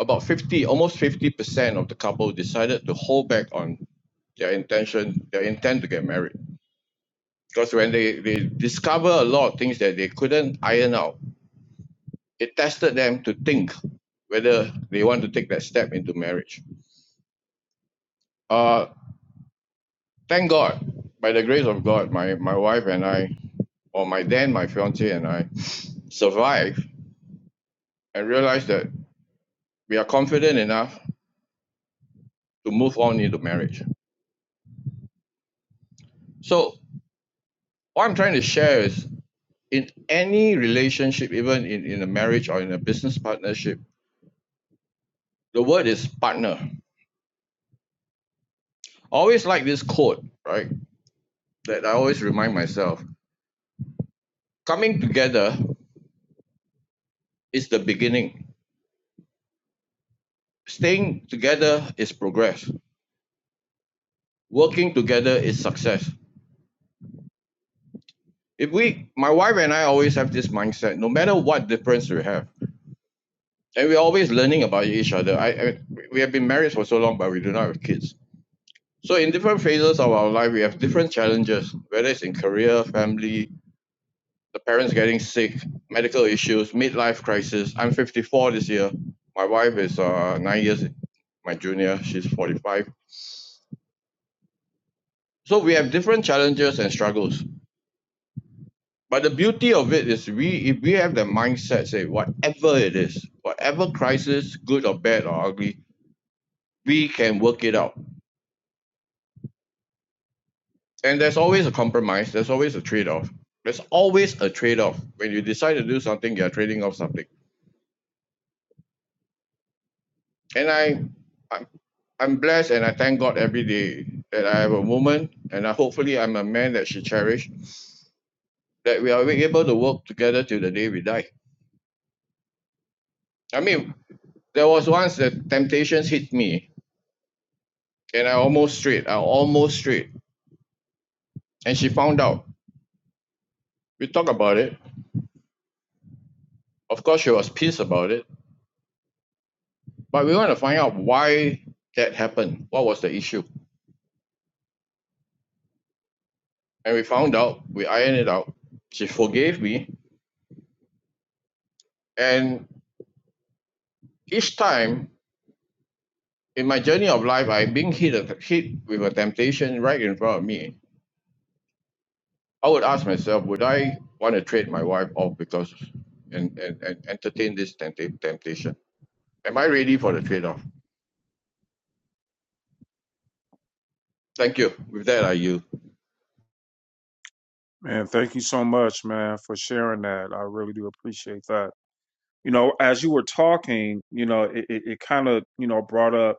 Speaker 15: about 50, almost 50% of the couple decided to hold back on their intention, their intent to get married. Because when they, they discover a lot of things that they couldn't iron out, it tested them to think whether they want to take that step into marriage. Uh, thank God, by the grace of God, my, my wife and I, or my then my fiancee and I, survived and realized that we are confident enough to move on into marriage. So, what I'm trying to share is in any relationship, even in, in a marriage or in a business partnership, the word is partner. I always like this quote, right? That I always remind myself coming together is the beginning staying together is progress. Working together is success. If we, my wife and I always have this mindset, no matter what difference we have, and we're always learning about each other. I, I we have been married for so long, but we do not have kids. So in different phases of our life, we have different challenges, whether it's in career, family, the parents getting sick, medical issues, midlife crisis. I'm 54 this year. My wife is uh, nine years my junior. She's 45. So we have different challenges and struggles. But the beauty of it is, we if we have the mindset, say whatever it is, whatever crisis, good or bad or ugly, we can work it out. And there's always a compromise. There's always a trade-off. There's always a trade-off. When you decide to do something, you're trading off something. And I, I'm, I'm blessed, and I thank God every day that I have a woman, and I, hopefully I'm a man that she cherished. That we are able to work together till the day we die. I mean, there was once that temptations hit me, and I almost straight. I almost straight. And she found out. We talked about it. Of course, she was pissed about it. But we want to find out why that happened. What was the issue? And we found out. We ironed it out. She forgave me. And each time in my journey of life, I'm being hit hit with a temptation right in front of me. I would ask myself, would I want to trade my wife off because and, and, and entertain this tempt temptation? Am I ready for the trade off? Thank you. With that, I yield.
Speaker 1: Man, thank you so much, man, for sharing that. I really do appreciate that. You know, as you were talking, you know, it, it, it kind of, you know, brought up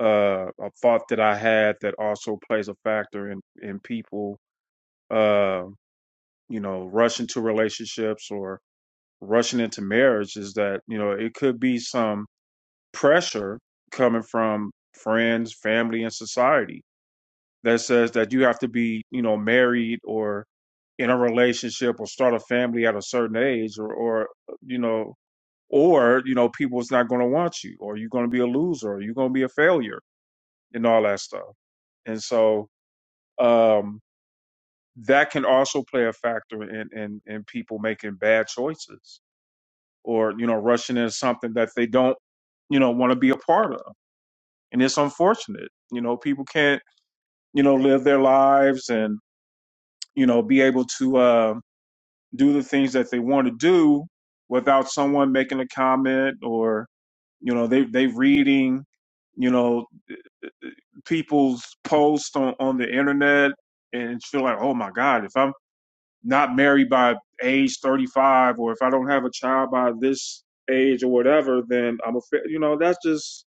Speaker 1: uh, a thought that I had that also plays a factor in in people, uh, you know, rushing to relationships or rushing into marriage is that you know it could be some pressure coming from friends, family, and society that says that you have to be, you know, married or in a relationship or start a family at a certain age or, or you know, or, you know, people's not going to want you or you're going to be a loser or you're going to be a failure and all that stuff. And so, um, that can also play a factor in, in, in people making bad choices or, you know, rushing into something that they don't, you know, want to be a part of. And it's unfortunate, you know, people can't, you know, live their lives and. you know, be able to uh, do the things that they want to do without someone making a comment or you know they they reading you know people's posts on on the internet and feel like oh my god if I'm not married by age 35 or if I don't have a child by this age or whatever then I'm a fa-" you know that's just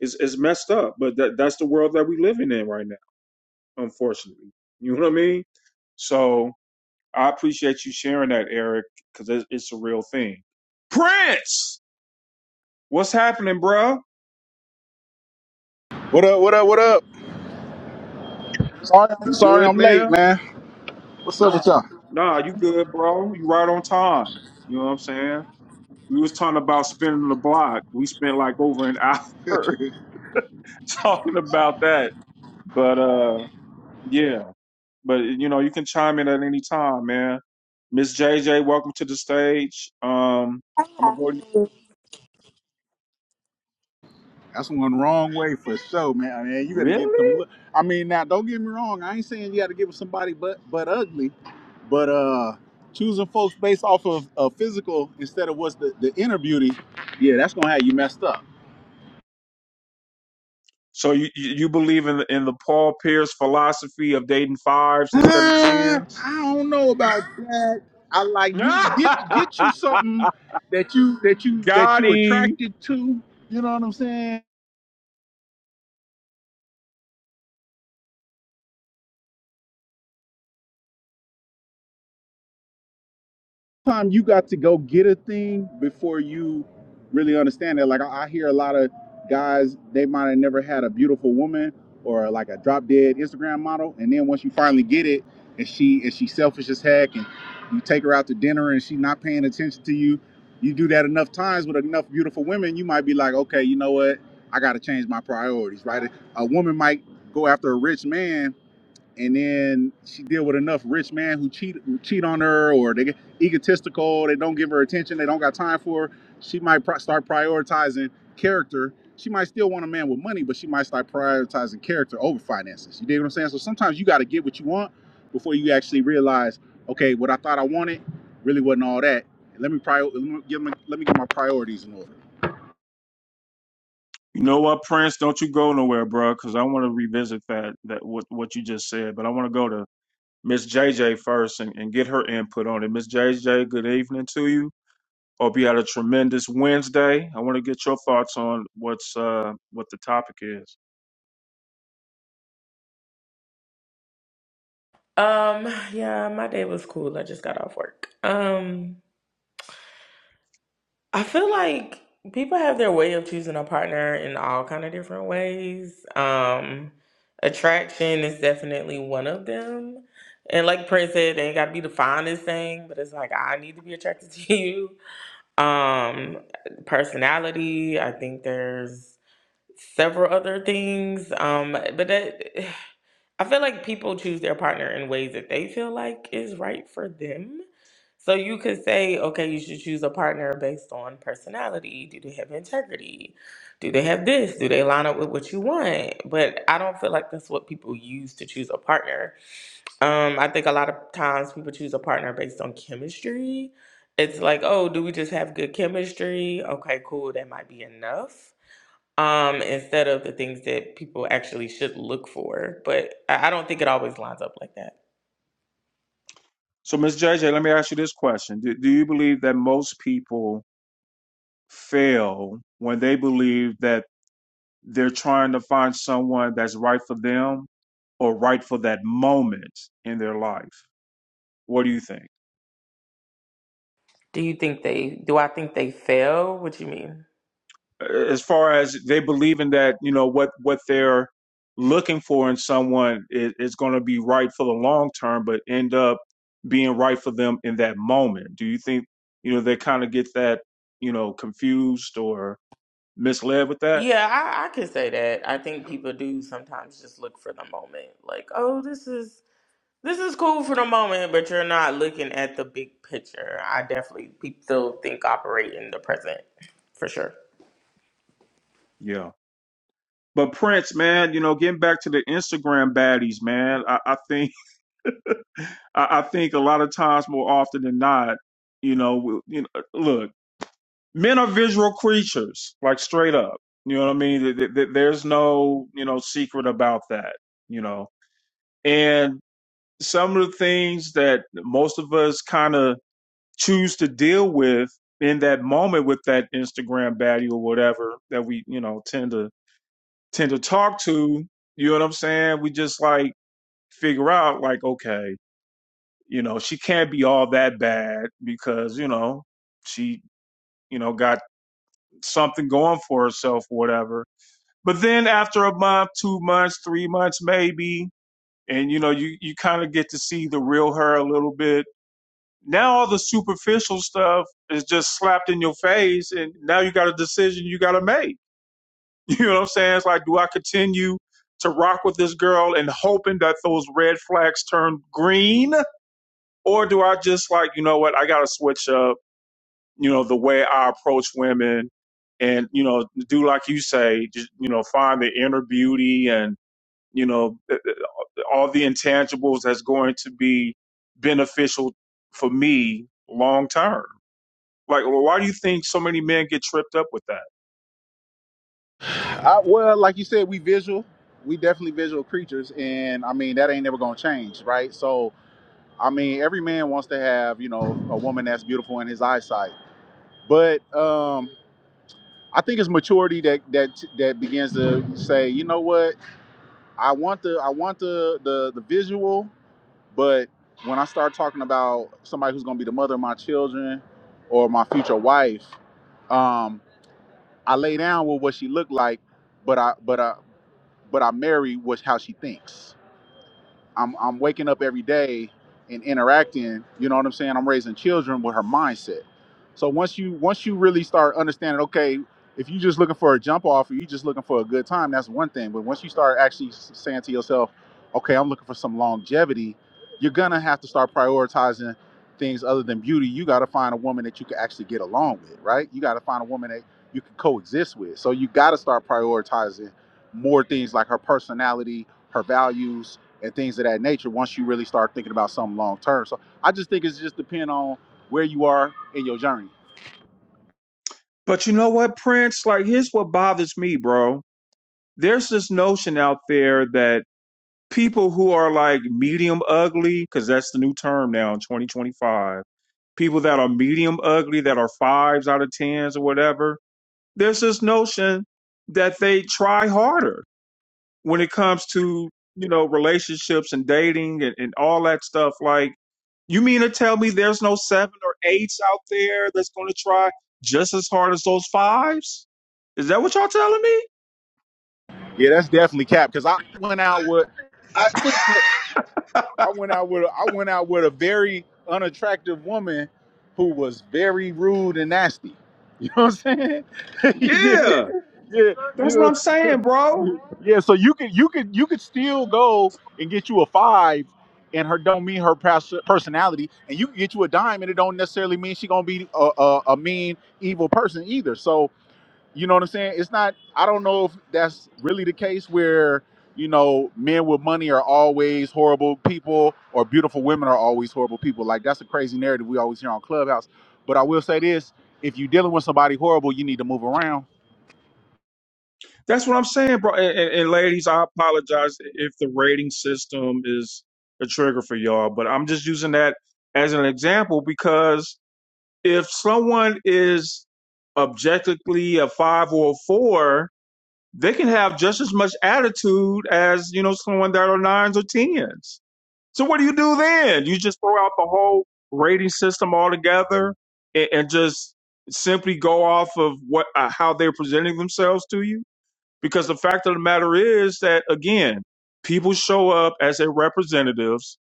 Speaker 1: it's, it's messed up but that that's the world that we are living in right now unfortunately you know what I mean so I appreciate you sharing that, Eric, because it's, it's a real thing. Prince, what's happening, bro?
Speaker 16: What up? What up? What up? Sorry,
Speaker 1: You
Speaker 16: sorry,
Speaker 1: good,
Speaker 16: I'm late,
Speaker 1: man?
Speaker 16: man. What's up with y'all?
Speaker 1: Nah, you good, bro. You right on time. You know what I'm saying? We was talking about spinning the block. We spent like over an hour talking about that. But uh, yeah. But you know, you can chime in at any time, man. Miss JJ, welcome to the stage. Um, I'm gonna go.
Speaker 16: That's one wrong way for sure, man. I mean, you better get
Speaker 1: Really?
Speaker 16: them. Look, I mean, now don't get me wrong. I ain't saying you got to get with somebody, but but ugly. But uh, choosing folks based off of a physical instead of what's the the inner beauty, yeah, that's gonna have you messed up.
Speaker 1: So you you believe in the, in the Paul Pierce philosophy of dating fives instead of
Speaker 16: Uh,
Speaker 1: tens?
Speaker 16: I don't know about that. I like you get get you something that you that you that you
Speaker 1: Gotti.
Speaker 16: attracted to. You know what I'm saying? Sometimes you got to go get a thing before you really understand it. Like I, I hear a lot of guys, they might have never had a beautiful woman or like a drop dead Instagram model, and then once you finally get it, and she and she selfish as heck, and you take her out to dinner and she's not paying attention to you. You do that enough times with enough beautiful women, you might be like, okay, you know what? I got to change my priorities, right? A woman might go after a rich man and then she deal with enough rich man who cheat who cheat on her or they get egotistical they don't give her attention they don't got time for her she might pro- start prioritizing character she might still want a man with money but she might start prioritizing character over finances you dig what i'm saying so sometimes you got to get what you want before you actually realize okay what i thought i wanted really wasn't all that let me prior let me get my, let me get my priorities in order
Speaker 1: You know what, Prince? Don't you go nowhere, bro, because I want to revisit that that what what you just said. But I want to go to Miss JJ first and, and get her input on it. Miss JJ, good evening to you. Hope you had a tremendous Wednesday. I want to get your thoughts on what's uh what the topic is.
Speaker 17: Um, yeah, my day was cool. I just got off work. Um, I feel like people have their way of choosing a partner in all kind of different ways. Um, attraction is definitely one of them. And like Prince said, it ain't gotta be the finest thing, but it's like I need to be attracted to you. Um, personality, I think there's several other things. Um, but that I feel like people choose their partner in ways that they feel like is right for them. So you could say, okay, you should choose a partner based on personality. Do they have integrity? Do they have this? Do they line up with what you want? But I don't feel like that's what people use to choose a partner. Um, I think a lot of times people choose a partner based on chemistry. It's like, oh, do we just have good chemistry? Okay, cool, that might be enough um, instead of the things that people actually should look for. But I, I don't think it always lines up like that.
Speaker 1: So, Miss JJ, let me ask you this question: Do, do you believe that most people fail when they believe that they're trying to find someone that's right for them or right for that moment in their life. What do you think?
Speaker 17: Do you think they? Do I think they fail? What you mean?
Speaker 1: As far as they believing that, you know, what what they're looking for in someone is, is going to be right for the long term, but end up being right for them in that moment. Do you think, you know, they kind of get that, you know, confused or misled with that?
Speaker 17: Yeah, I, I could say that. I think people do sometimes just look for the moment, like, oh, this is This is cool for the moment, but you're not looking at the big picture. I definitely people still think operate in the present, for sure.
Speaker 1: Yeah. But Prince, man, you know, getting back to the Instagram baddies, man, I, I think I, I think a lot of times more often than not, you know, we- you know, look men are visual creatures, like straight up. You know what I mean? Th- th- th- There's no, you know, secret about that, you know. And some of the things that most of us kind of choose to deal with in that moment with that Instagram baddie or whatever that we, you know, tend to tend to talk to, you know what I'm saying? We just like figure out like, okay, you know, she can't be all that bad because, you know, she, you know, got something going for herself or whatever But then after a month, two months, three months, maybe, and you know, you, you kind of get to see the real her a little bit. Now all the superficial stuff is just slapped in your face. And now you got a decision you got to make. You know what I'm saying? It's like, do I continue to rock with this girl and hoping that those red flags turn green? Or do I just like, you know what? I got to switch up, you know, the way I approach women and, you know, do like you say, just, you know, find the inner beauty and, you know eh, eh, all the intangibles that's going to be beneficial for me long term like well, why do you think so many men get tripped up with that
Speaker 16: I, well like you said we visual we definitely visual creatures and i mean that ain't never gonna change right so I mean, every man wants to have, you know, a woman that's beautiful in his eyesight. But um, I think it's maturity that that that begins to say, you know what, I want the I want the the the visual, but when I start talking about somebody who's gonna be the mother of my children or my future wife, um, I lay down with what she looked like, but I but I but I marry what how she thinks I'm I'm waking up every day and interacting, you know what I'm saying? I'm raising children with her mindset. So once you once you really start understanding, okay, if you're just looking for a jump off or you're just looking for a good time, that's one thing. But once you start actually s- saying to yourself, okay, I'm looking for some longevity, you're gonna have to start prioritizing things other than beauty. You gotta find a woman that you can actually get along with, right? You gotta find a woman that you can coexist with. So you gotta start prioritizing more things like her personality, her values, and things of that nature once you really start thinking about something long term. So I just think it's just depend on where you are in your journey.
Speaker 1: but you know what prince like here's what bothers me bro there's this notion out there that people who are like medium ugly because that's the new term now in 2025 people that are medium ugly that are fives out of tens or whatever there's this notion that they try harder when it comes to you know relationships and dating and, and all that stuff like you mean to tell me there's no seven or eights out there that's going to try just as hard as those fives is that what y'all telling me
Speaker 16: Yeah, that's definitely cap because I went out with
Speaker 13: I I think that
Speaker 16: I went out with I went out with a very unattractive woman who was very rude and nasty. You know what I'm saying? you did,
Speaker 1: yeah
Speaker 16: yeah. You
Speaker 1: that's what
Speaker 16: know
Speaker 1: i'm saying bro
Speaker 16: Yeah, so you could you could you could still go and get you a five, and her don't mean her pers- personality, and you can get you a dime, and it don't necessarily mean she gonna be a, a, a mean evil person either. So you know what I'm saying? It's not. I don't know if that's really the case where you know men with money are always horrible people, or beautiful women are always horrible people. Like that's a crazy narrative we always hear on Clubhouse. But I will say this: if you're dealing with somebody horrible, you need to move around.
Speaker 1: that's what i'm saying bro and, and, and ladies i apologize if the rating system is a trigger for y'all but i'm just using that as an example because if someone is objectively a five or a four, they can have just as much attitude as, you know, someone that are nines or tens. So what do you do then? You just throw out the whole rating system altogether and, and just simply go off of what uh, how they're presenting themselves to you? Because the fact of the matter is that again, people show up as their representatives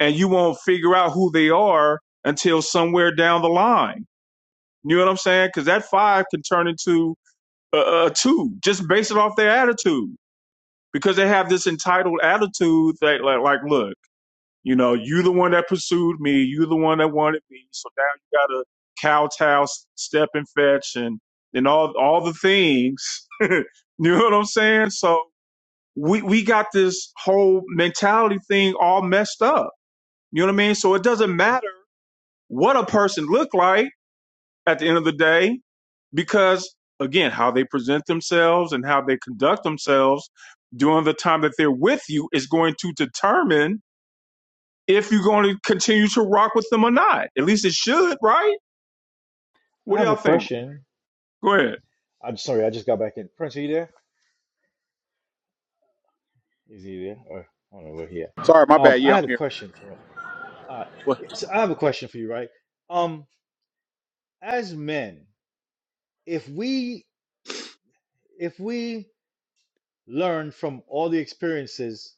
Speaker 1: and you won't figure out who they are until somewhere down the line you know what I'm saying? Because that five can turn into a, a two just based it off their attitude because they have this entitled attitude that like, like, look, you know, you the one that pursued me, you the one that wanted me, so now you gotta kowtow, s- step and fetch, and and all all the things. you know what I'm saying? So we we got this whole mentality thing all messed up. You know what I mean? So it doesn't matter what a person look like at the end of the day because again how they present themselves and how they conduct themselves during the time that they're with you is going to determine if you're going to continue to rock with them or not at least it should right
Speaker 9: I
Speaker 1: what do
Speaker 9: have a
Speaker 1: y'all think
Speaker 9: question.
Speaker 1: go ahead.
Speaker 9: I'm sorry, I just got back in. Prince, are you there? Is he there? Or I don't know where he at.
Speaker 16: Sorry, my
Speaker 9: Um,
Speaker 16: bad.
Speaker 9: I
Speaker 16: Yeah, I'm
Speaker 9: had a
Speaker 16: here.
Speaker 9: question for him. Uh,
Speaker 16: What?
Speaker 9: yeah, so I have a question for you, right? Um, as men, if we if we learn from all the experiences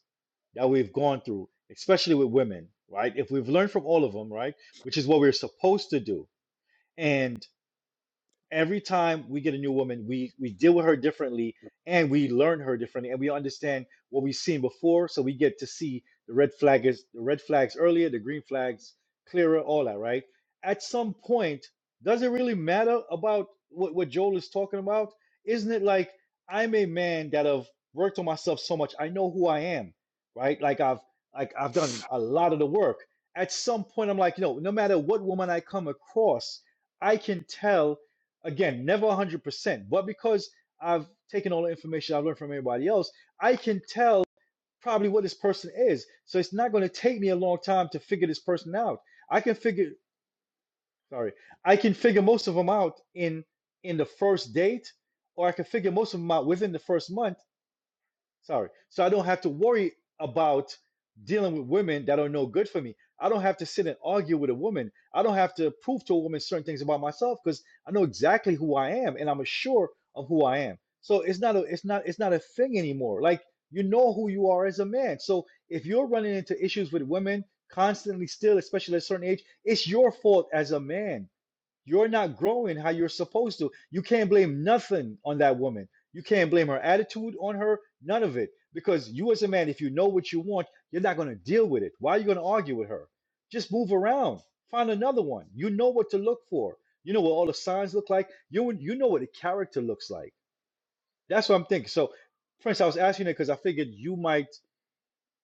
Speaker 9: that we've gone through, especially with women, right? If we've learned from all of them, right, which is what we're supposed to do, every time we get a new woman, we we deal with her differently and we learn her differently and we understand what we've seen before, so we get to see the red flag is the red flags earlier, the green flags clearer, all that, right? At some point, does it really matter about what, what Joel is talking about? Isn't it like I'm a man that have worked on myself so much, I know who I am, right? Like I've like I've done a lot of the work. At some point, I'm like, you know, no matter what woman I come across, I can tell Again, never 100%, but because I've taken all the information I've learned from everybody else, I can tell probably what this person is. So it's not going to take me a long time to figure this person out. I can figure, sorry, I can figure most of them out in in the first date, or I can figure most of them out within the first month Sorry. So I don't have to worry about dealing with women that are no good for me. I don't have to sit and argue with a woman. I don't have to prove to a woman certain things about myself because I know exactly who I am and I'm assured of who I am. So it's not a it's not it's not a thing anymore. Like you know who you are as a man. So if you're running into issues with women constantly still, especially at a certain age, it's your fault as a man you're not growing how you're supposed to. You can't blame nothing on that woman. You can't blame her attitude on her, none of it. Because you, as a man, if you know what you want, you're not going to deal with it. Why are you going to argue with her? Just move around, find another one. You know what to look for. You know what all the signs look like. You you know what the character looks like. That's what I'm thinking. So, Prince, I was asking it because I figured you might,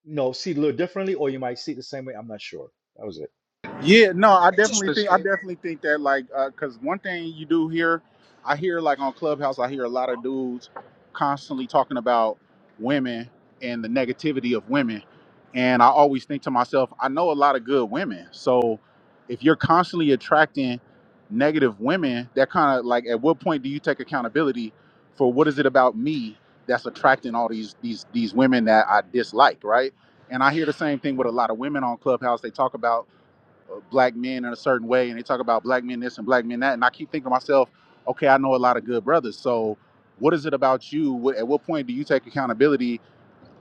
Speaker 9: you know, see it a little differently, or you might see it the same way. I'm not sure. That was it.
Speaker 16: Yeah, no, I
Speaker 13: I just
Speaker 16: definitely
Speaker 13: to
Speaker 16: think I
Speaker 13: say
Speaker 16: definitely think that like because one thing you do hear, I hear like on Clubhouse, I hear a lot of dudes constantly talking about women and the negativity of women, and I always think to myself, I know a lot of good women, so if you're constantly attracting negative women, that kind of like at what point do you take accountability for what is it about me that's attracting all these these these women that I dislike, right? And I hear the same thing with a lot of women on Clubhouse. They talk about black men in a certain way, and they talk about black men this and black men that, and I keep thinking to myself, okay, I know a lot of good brothers. So, what is it about you? What, at what point do you take accountability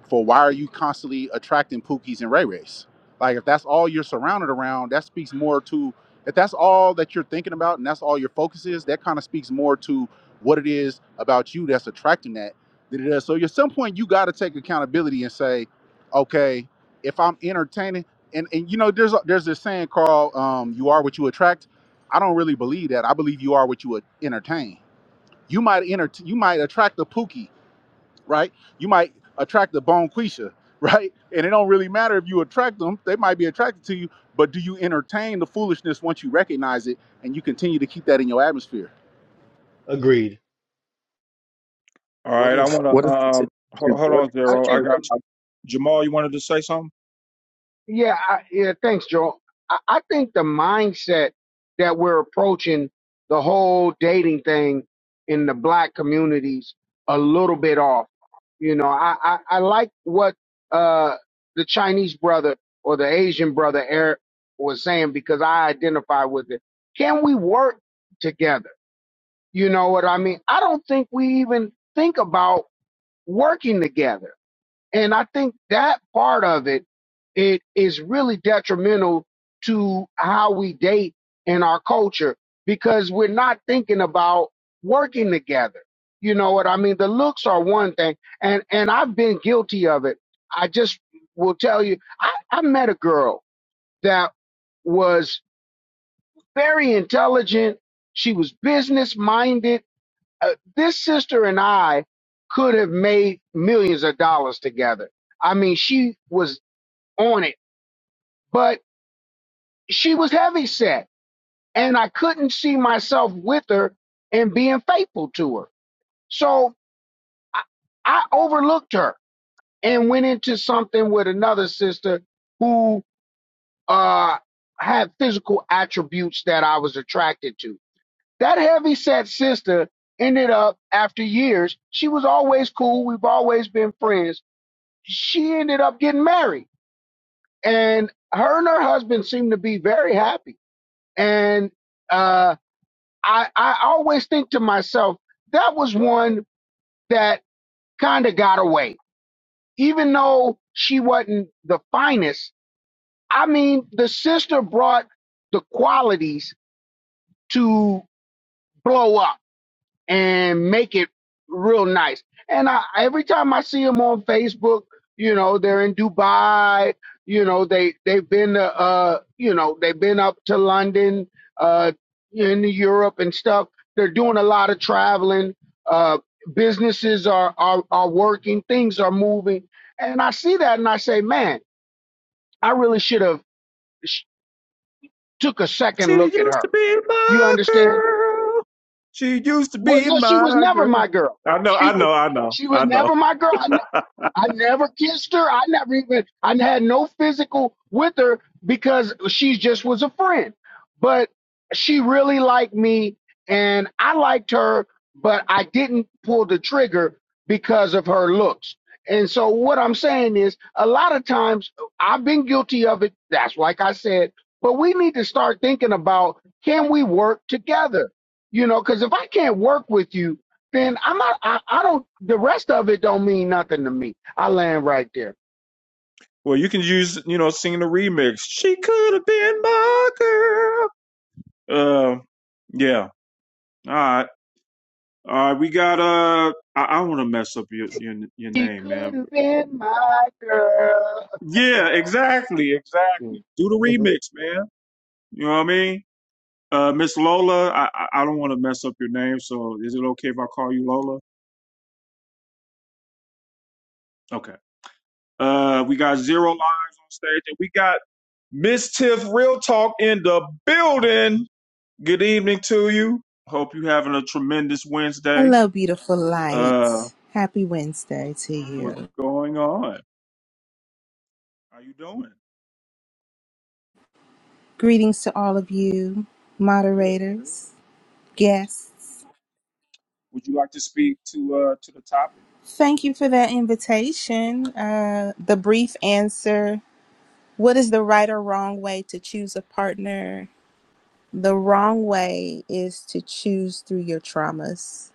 Speaker 16: for why are you constantly attracting Pookies and Ray Rays? Like if that's all you're surrounded around, that speaks more to if that's all that you're thinking about and that's all your focus is, that kind of speaks more to what it is about you that's attracting that than it is. So at some point you gotta take accountability and say, okay, if I'm entertaining and, and you know, there's a, there's this saying called um, you are what you attract. I don't really believe that. I believe you are what you would entertain. You might enter you might attract the Pookie right? You might attract a bonquisha, right? And it don't really matter if you attract them; they might be attracted to you. But do you entertain the foolishness once you recognize it, and you continue to keep that in your atmosphere?
Speaker 9: Agreed.
Speaker 1: All
Speaker 18: What
Speaker 1: right, I
Speaker 18: if
Speaker 1: want
Speaker 18: what
Speaker 1: to
Speaker 18: if the
Speaker 1: um ho-
Speaker 18: situation
Speaker 1: hold
Speaker 18: what if
Speaker 1: on,
Speaker 18: the
Speaker 13: I
Speaker 1: Zero. I
Speaker 13: think the
Speaker 1: got
Speaker 18: situation I'm
Speaker 1: you. Jamal, you wanted to say something?
Speaker 13: Yeah, I, yeah. Thanks, Joel. I, I think the mindset that we're approaching the whole dating thing in the black communities a little bit off. You know, I I, I like what uh the Chinese brother or the Asian brother Eric was saying because I identify with it. Can we work together? You know what I mean? I don't think we even think about working together. And I think that part of it, it is really detrimental to how we date in our culture because we're not thinking about working together. You know what I mean? The looks are one thing, and and I've been guilty of it. I just will tell you, I, I met a girl that was very intelligent. She was business minded uh, this sister and I could have made millions of dollars together. I mean, she was on it, but she was heavy set, and I couldn't see myself with her and being faithful to her. So I, I overlooked her and went into something with another sister who uh, had physical attributes that I was attracted to. That heavy set sister ended up after years. She was always cool. We've always been friends she ended up getting married and her and her husband seemed to be very happy and uh i i always think to myself that was one that kind of got away even though she wasn't the finest i mean the sister brought the qualities to blow up and make it real nice. And I, every time I see them on Facebook, you know, they're in Dubai. You know, they they've been to, uh, you know, they've been up to London, uh, in Europe and stuff. They're doing a lot of traveling. Uh, businesses are are are working. Things are moving, and I see that, and I say, man, I really should have sh- took a
Speaker 1: She
Speaker 13: second look at
Speaker 1: used to
Speaker 13: her.
Speaker 1: be
Speaker 13: You
Speaker 1: my
Speaker 13: understand?
Speaker 1: girl. She used to
Speaker 13: Well,
Speaker 1: be
Speaker 13: no, she was
Speaker 1: my
Speaker 13: never
Speaker 1: girl.
Speaker 13: my girl.
Speaker 1: I know,
Speaker 13: She
Speaker 1: I
Speaker 13: was
Speaker 1: know, I know,
Speaker 13: she
Speaker 1: I
Speaker 13: was
Speaker 1: know.
Speaker 13: never my girl. I, I never kissed her. I never even I had no physical with her because she just was a friend. But she really liked me and I liked her, but I didn't pull the trigger because of her looks. And so what I'm saying is a lot of times I've been guilty of it. That's like I said, but we need to start thinking about can we work together? You know, cuz if I can't work with you then I'm not. I, I don't. The rest of it don't mean nothing to me. I land right there.
Speaker 1: Well, you can use, you know, sing the remix. She could have been my girl. Uh, yeah. All right. All right. We got uh. I, I want to mess up your, your your
Speaker 13: She
Speaker 1: name, man.
Speaker 13: could have been my girl.
Speaker 1: Yeah. Exactly. Exactly.
Speaker 13: Mm,
Speaker 1: Do the
Speaker 13: mhm.
Speaker 1: remix, man. You know what I mean? Uh, Miss Lola. I I I don't want to mess up your name, so is it okay if I call you Lola? Okay. Uh, we got zero lives on stage, and we got Miss Tiff Real Talk in the building. Good evening to you. Hope you having a tremendous Wednesday.
Speaker 19: Hello, beautiful
Speaker 1: Uh,
Speaker 19: light. Happy Wednesday to
Speaker 1: what's
Speaker 19: you.
Speaker 1: going on? How you doing?
Speaker 19: Greetings to all of you,
Speaker 1: Good, good.
Speaker 19: moderators, guests.
Speaker 1: Would you like to speak to uh to the topic?
Speaker 19: Thank you for that invitation. Uh, the brief answer What is the right or wrong way to choose a partner? The wrong way is to choose through your traumas.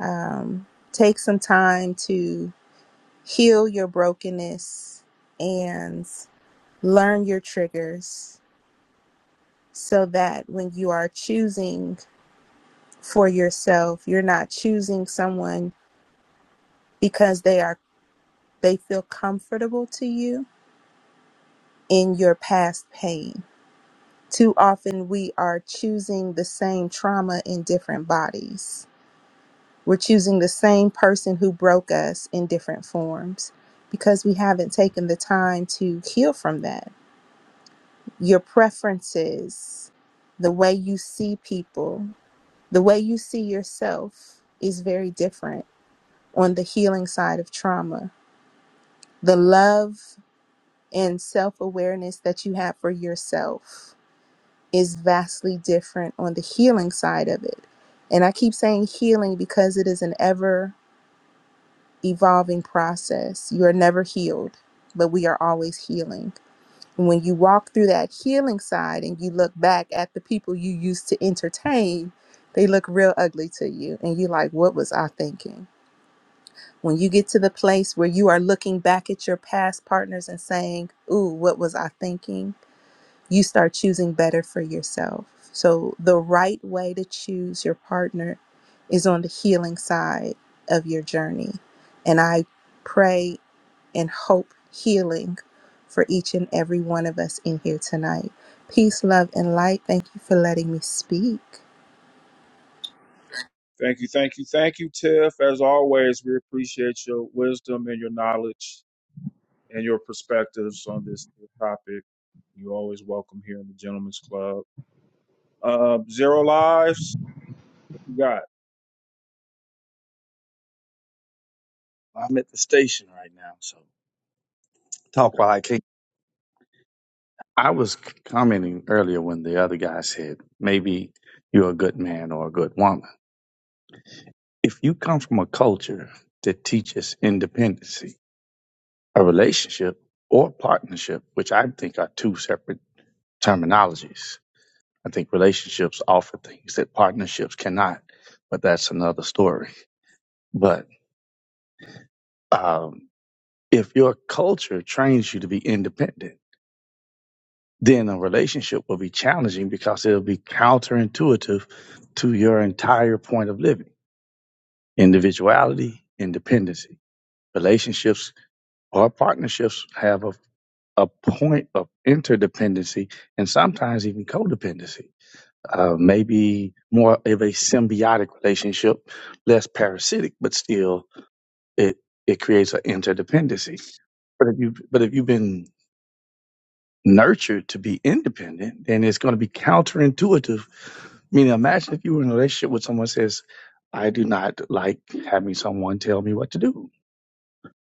Speaker 19: Um, take some time to heal your brokenness and learn your triggers so that when you are choosing for yourself, you're not choosing someone because they are they feel comfortable to you in your past pain. Too often we are choosing the same trauma in different bodies. We're choosing the same person who broke us in different forms because we haven't taken the time to heal from that. Your preferences, the way you see people, the way you see yourself is very different on the healing side of trauma. The love and self awareness that you have for yourself is vastly different on the healing side of it. And I keep saying healing because it is an ever evolving process. You are never healed, but we are always healing. And when you walk through that healing side and you look back at the people you used to entertain, they look real ugly to you. And you're like, what was I thinking? When you get to the place where you are looking back at your past partners and saying, Ooh, what was I thinking? You start choosing better for yourself. So, the right way to choose your partner is on the healing side of your journey. And I pray and hope healing for each and every one of us in here tonight. Peace, love, and light. Thank you for letting me speak.
Speaker 1: Thank you, thank you, thank you, Tiff. As always, we appreciate your wisdom and your knowledge and your perspectives on this topic. You're always welcome here in the Gentlemen's Club. Uh, Zero Lives, you got it.
Speaker 18: I'm at the station right now, so talk
Speaker 1: okay.
Speaker 18: while I can. I was commenting earlier when the other guy said maybe you're a good man or a good woman. If you come from a culture that teaches independency, a relationship or partnership, which I think are two separate terminologies. I think relationships offer things that partnerships cannot, but that's another story. But um, If your culture trains you to be independent, then a relationship will be challenging because it'll be counterintuitive to your entire point of living. Individuality, independency. Relationships or partnerships have a, a point of interdependency and sometimes even codependency. Uh, maybe more of a symbiotic relationship, less parasitic, but still it, it creates an interdependency. But if you but if you've been nurtured to be independent, then it's going to be counterintuitive. Meaning, imagine if you were in a relationship with someone who says, I do not like having someone tell me what to do.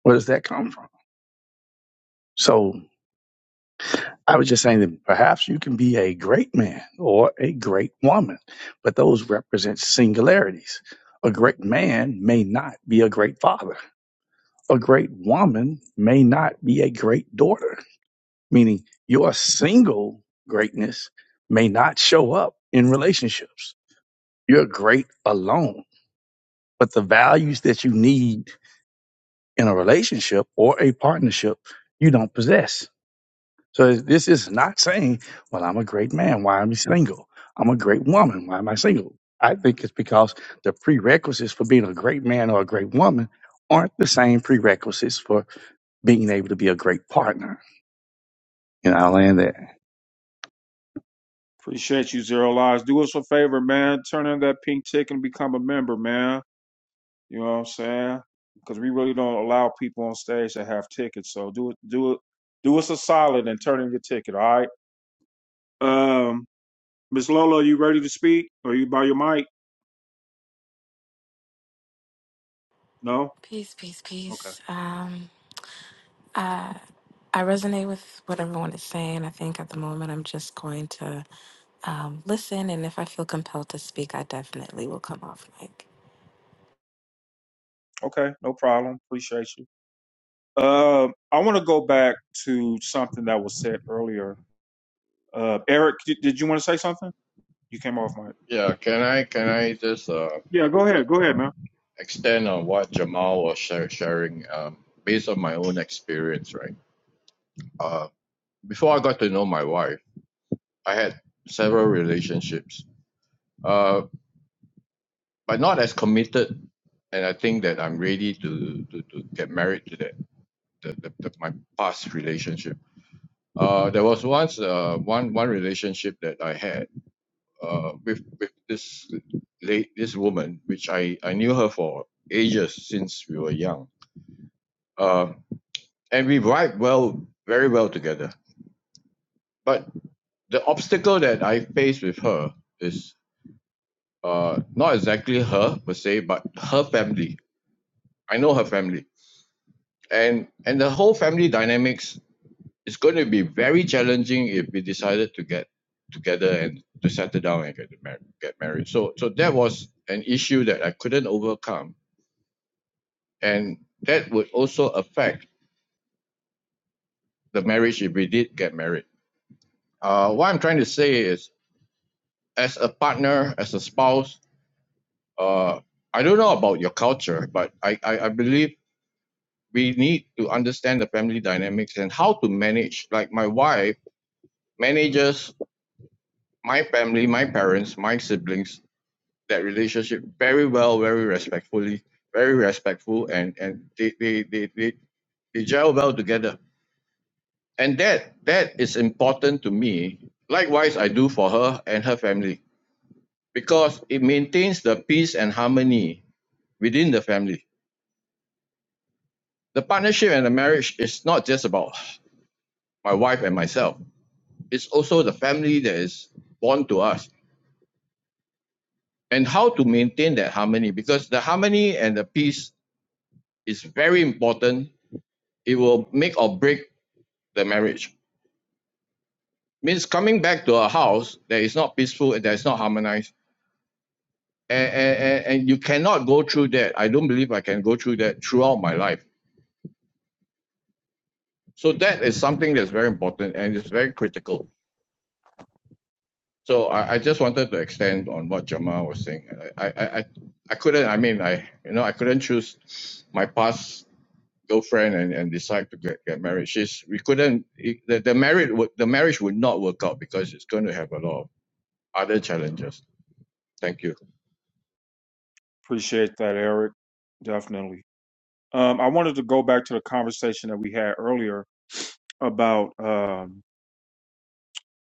Speaker 18: Where does that come from? So I was just saying that perhaps you can be a great man or a great woman, but those represent singularities. A great man may not be a great father. A great woman may not be a great daughter meaning your single greatness may not show up in relationships. You're great alone, but the values that you need in a relationship or a partnership, you don't possess. So this is not saying, well, I'm a great man. Why am I single? I'm a great woman. Why am I single? I think it's because the prerequisites for being a great man or a great woman aren't the same prerequisites for being able to be a great partner. And I land there.
Speaker 1: Appreciate you, Zero Lives. Do us a favor, man. Turn in that pink ticket and become a member, man. You know what I'm saying? Because we really don't allow people on stage to have tickets. So do it, do it, do us a solid and turn in your ticket. All right. Um, Miss Lola, you ready to speak? Are you by your mic? No.
Speaker 20: Peace, peace,
Speaker 1: Okay.
Speaker 20: peace. Um, uh, I resonate with what everyone is saying. I think at the moment I'm just going to um, listen, and if I feel compelled to speak, I definitely will come off mic.
Speaker 1: Okay. No problem. Appreciate you. Uh, I want to go back to something that was said earlier. Uh, Eric, did, did you want to say something? You came off mic.
Speaker 15: Yeah, can I can I just uh,
Speaker 1: Yeah. Go ahead. Go ahead, man.
Speaker 15: extend on what Jamal was share, sharing um, based on my own experience, right? Uh, before I got to know my wife, I had several relationships, uh, but not as committed. And I think that I'm ready to to, to get married to that the, the, the, my past relationship. Uh, there was once uh, one one relationship that I had uh, with with this late this woman, which I I knew her for ages since we were young uh, and we vibe well, very well together. But the obstacle that I face with her is uh, not exactly her per se, but her family. I know her family, and and the whole family dynamics is going to be very challenging if we decided to get together and to settle down and get married. Get married. So so that was an issue that I couldn't overcome, and that would also affect the marriage if we did get married. Uh, what I'm trying to say is as a partner, as a spouse, uh, I don't know about your culture, but I, I, I believe we need to understand the family dynamics and how to manage. Like my wife manages my family, my parents, my siblings, that relationship very well, very respectfully, very respectful, and, and they, they, they, they, they gel well together. And that that is important to me. Likewise, I do for her and her family because it maintains the peace and harmony within the family The partnership and the marriage is not just about my wife and myself. It's also the family that is born to us and how to maintain that harmony because the harmony and the peace is very important. It will make or break the marriage. Means coming back to a house that is not peaceful and that is not harmonized. And, and, and you cannot go through that. I don't believe I can go through that throughout my life. So that is something that's very important and it's very critical. So I I just wanted to extend on what Jamal was saying. I I I I couldn't. I mean, I you know I couldn't choose my past girlfriend and, and decide to get, get married. She's we couldn't it- the the marriage would the marriage would not work out because it's going to have a lot of other challenges. Thank you.
Speaker 1: Appreciate that, Eric. Definitely. Um, I wanted to go back to the conversation that we had earlier about um,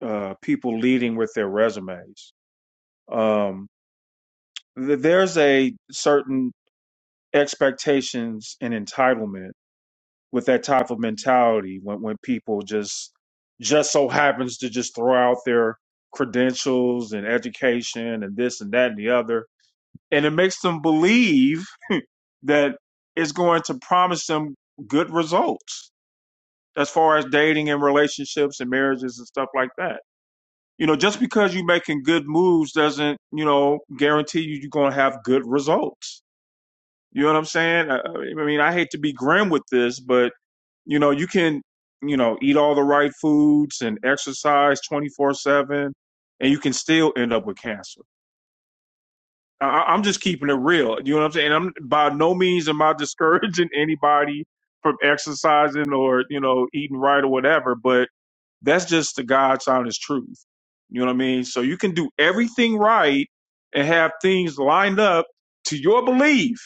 Speaker 1: uh, people leading with their resumes. Um, th- there's a certain expectations and entitlement with that type of mentality when when people just just so happens to just throw out their credentials and education and this and that and the other and it makes them believe that it's going to promise them good results as far as dating and relationships and marriages and stuff like that you know just because you're making good moves doesn't you know guarantee you you're going to have good results you know what i'm saying i, I mean i hate to be grim with this but you know, you can, you know, eat all the right foods and exercise 24 7, and you can still end up with cancer. I, I- am just keeping it real. You know what I'm saying? I'm by no means am I discouraging anybody from exercising or, you know, eating right or whatever, but that's just the God's honest truth. You know what I mean? So you can do everything right and have things lined up to your belief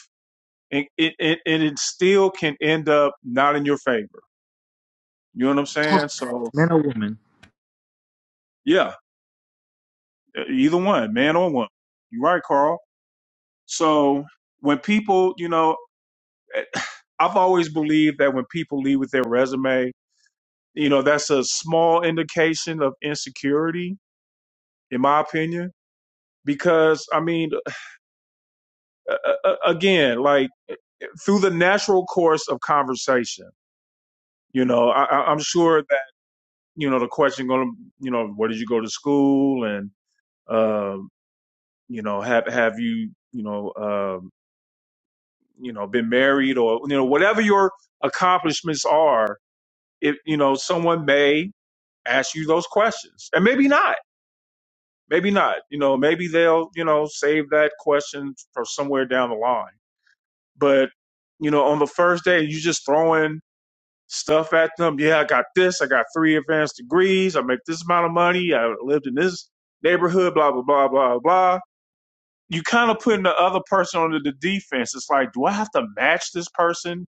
Speaker 1: and it, it, and it still can end up not in your favor. You know what I'm saying? So Yeah, e- either one, man or woman. You're right, Carl. So when people, you know, eh, I've always believed that when people leave with their resume, you know, that's a small indication of insecurity, in my opinion. Because I mean, a- a- a- again, like eh, eh, through the natural course of conversation, you know, I, I- I'm sure that you know the question going to, you know, where did you go to school, and um, you know, have have you, you know. Um, you know, been married or, you know, whatever your accomplishments are, if, you know, someone may ask you those questions and maybe not, maybe not, you know, maybe they'll, you know, save that question for somewhere down the line. But, you know, on the first day, you just throwing stuff at them. Yeah, I got this. I got three advanced degrees. I make this amount of money. I lived in this neighborhood, blah, blah, blah, blah, blah. you kind of putting the other person under the defense. It's like, do I have to match this person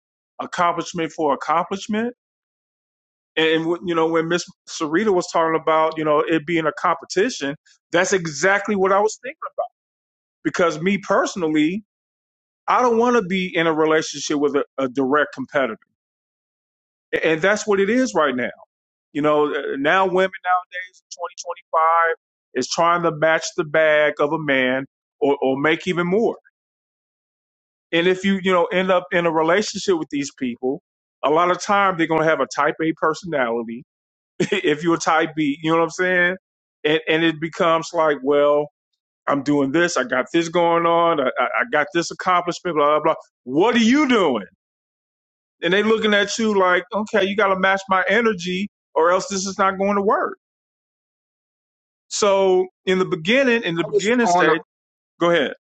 Speaker 1: accomplishment for accomplishment? And, and you know, when Miss Sarita was talking about, you know, it being a competition, that's exactly what I was thinking about. Because me personally, I don't want to be in a relationship with a, a direct competitor. A- And that's what it is right now. You know, uh, now women nowadays, 2025, is trying to match the bag of a man or, or make even more. And if you, you know, end up in a relationship with these people, a lot of time they're gonna have a type A personality. if you're a type B, you know what I'm saying? And and it becomes like, well, I'm doing this, I got this going on, I, I I got this accomplishment, blah, blah, blah. What are you doing? And they looking at you like, okay, you gotta match my energy or else this is not going to work. So in the beginning, in the
Speaker 13: I was
Speaker 1: beginning
Speaker 13: on. A,
Speaker 1: stage, go ahead.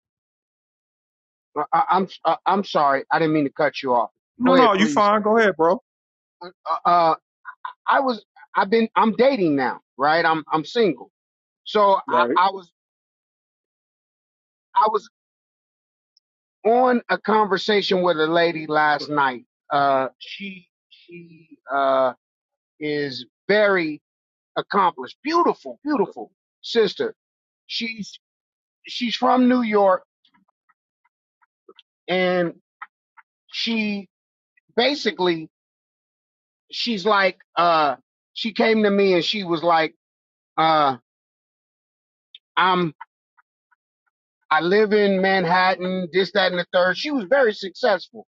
Speaker 13: I, I'm. I, I'm sorry. I didn't mean to cut you off. Go
Speaker 1: No,
Speaker 13: ahead,
Speaker 1: no, you
Speaker 13: please.
Speaker 1: fine, go ahead, bro.
Speaker 13: Uh, uh, I was. I've been. I'm dating now, right? I'm. I'm single. So I,
Speaker 1: Right.
Speaker 13: I was. I was on a conversation with a lady last night. Uh, she. She. Uh, is very accomplished. Beautiful, beautiful sister. She's she's from New York and she basically she's like uh she came to me and she was like uh I'm I live in Manhattan, this, that, and the third. She was very successful.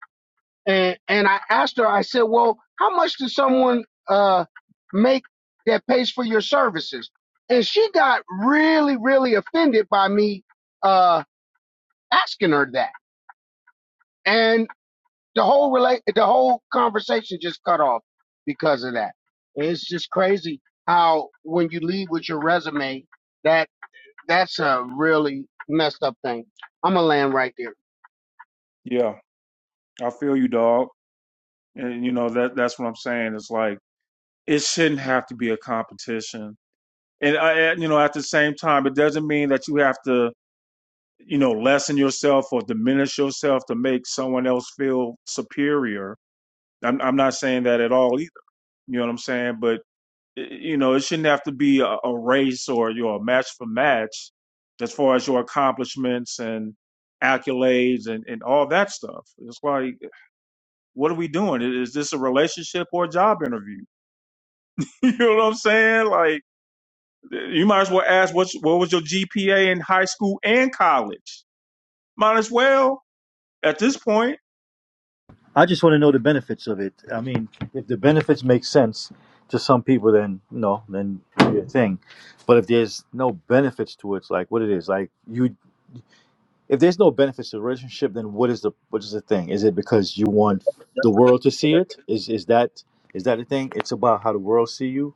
Speaker 13: And and I asked her, I said, Well, how much does someone uh make that pays for your services? And she got really, really offended by me uh asking her that. and. the whole relate the whole conversation just cut off because of that. It's just crazy how when you leave with your resume, that that's a really messed up thing. I'm gonna land right there.
Speaker 1: Yeah. I feel you, dog. And you know that that's what I'm saying. It's like it shouldn't have to be a competition. And I, you know, at the same time, it doesn't mean that you have to, you know, lessen yourself or diminish yourself to make someone else feel superior. I'm I'm not saying that at all either. You know what I'm saying? But you know, it shouldn't have to be a, a race or you know, a match for match as far as your accomplishments and accolades and, and all that stuff. It's like, what are we doing? Is this a relationship or a job interview? you know what I'm saying? Like, you might as well ask what's what was your GPA in high school and college. Might as well at this point.
Speaker 9: I just want to know the benefits of it. I mean, if the benefits make sense to some people, then no, then do your thing. But if there's no benefits to it, it's like what it is, like you. If there's no benefits to the relationship, then what is the what is the thing? Is it because you
Speaker 18: But
Speaker 9: want the world to see it? Is is that is that a thing? It's about how the world see you,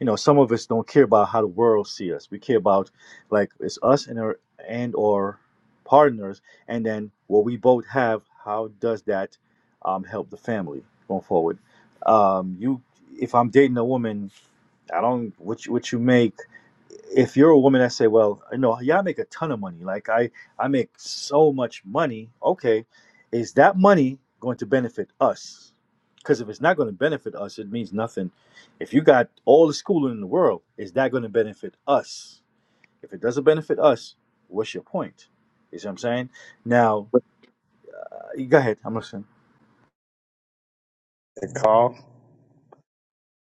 Speaker 9: you know some of us don't care about how the world see us we care about like it's us and our and or partners and then what we both have how does that um, help the family going forward um, you if i'm dating a woman I don't what you, what you make. If you're a woman that say, "Well, you know, yeah, I make a ton of money. Like I I make so much money." Okay, is that money going to benefit us? Because if it's not going to benefit us, it means nothing. If you got all the schooling in the world, is that going to benefit us? If it doesn't benefit us, what's your point? You see what I'm saying? Now,
Speaker 18: with
Speaker 9: uh, go ahead. I'm listening.
Speaker 18: the call,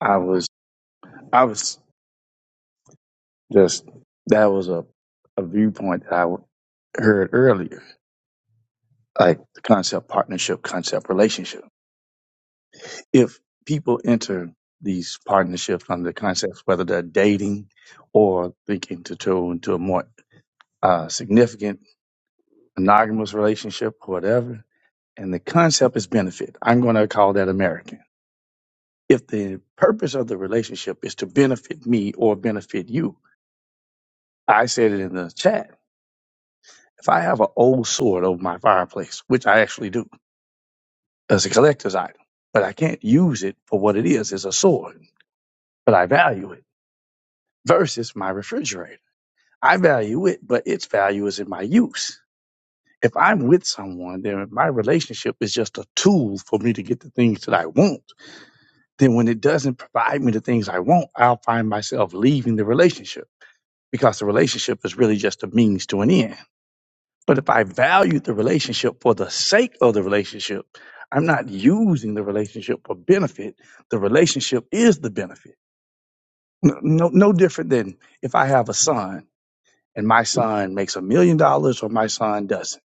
Speaker 18: I was, I was just that was a, a viewpoint that I w- heard earlier, like the concept partnership, concept relationship. If people enter these partnerships under the concepts, whether they're dating or thinking to go into a more uh, significant monogamous relationship, whatever, and the concept is benefit. I'm going to call that American. if the purpose of the relationship is to benefit me or benefit you, I said it in the chat. If I have an old sword over my fireplace, which I actually do as a collector's item, but I can't use it for what it is as a sword, but I value it versus my refrigerator. I value it, but its value is in my use. If I'm with someone, then my relationship is just a tool for me to get the things that I want. Then when it doesn't provide me the things I want, I'll find myself leaving the relationship because the relationship is really just a means to an end. But if I value the relationship for the sake of the relationship, I'm not using the relationship for benefit. The relationship is the benefit. No, no, no different than if I have a son and my son makes a million dollars or my son doesn't.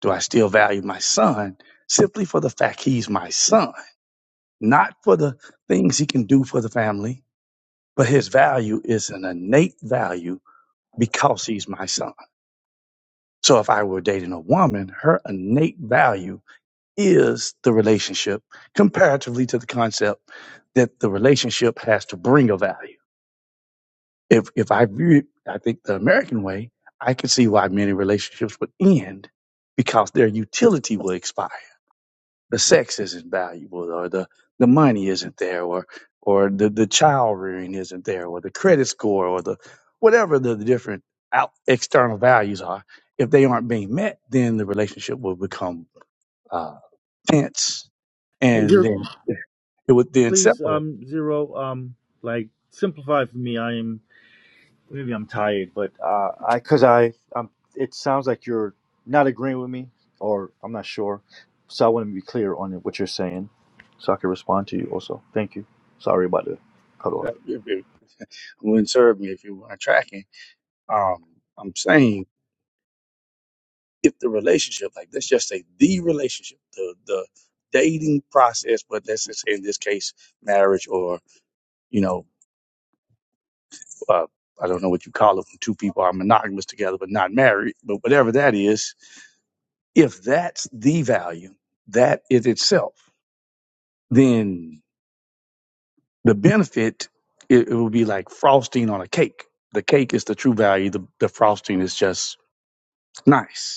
Speaker 18: Do I still value my son simply for the fact he's my son, not for the things he can do for the family, but his value is an innate value because he's my son. So if I were dating a woman, her innate value is the relationship comparatively to the concept that the relationship has to bring a value. If if I view it, I think the American way, I can see why many relationships would end because their utility will expire the sex isn't valuable or the the money isn't there or or the the child rearing isn't there or the credit score or the whatever the, the different out external values are if they aren't being met then the relationship will become uh tense
Speaker 9: Hey,
Speaker 18: and
Speaker 9: zero,
Speaker 18: then it would then
Speaker 9: please,
Speaker 18: separate
Speaker 9: um, zero, um, like simplify for me. I am. Maybe I'm tired, but uh, I because I um, it sounds like you're not agreeing with me, or I'm not sure. So I want to be clear on what you're saying, so I can respond to you. Also, thank you. Sorry about the cut off.
Speaker 18: Uh, if it wouldn't serve me if you weren't tracking um i'm saying if the relationship like let's just say the relationship the the dating process but let's just say in this case marriage or you know, uh, I don't know what you call it when two people are monogamous together but not married, but whatever that is, if that's the value, that is itself, then the benefit, it, it will be like frosting on a cake. The cake is the true value, the, the frosting is just nice.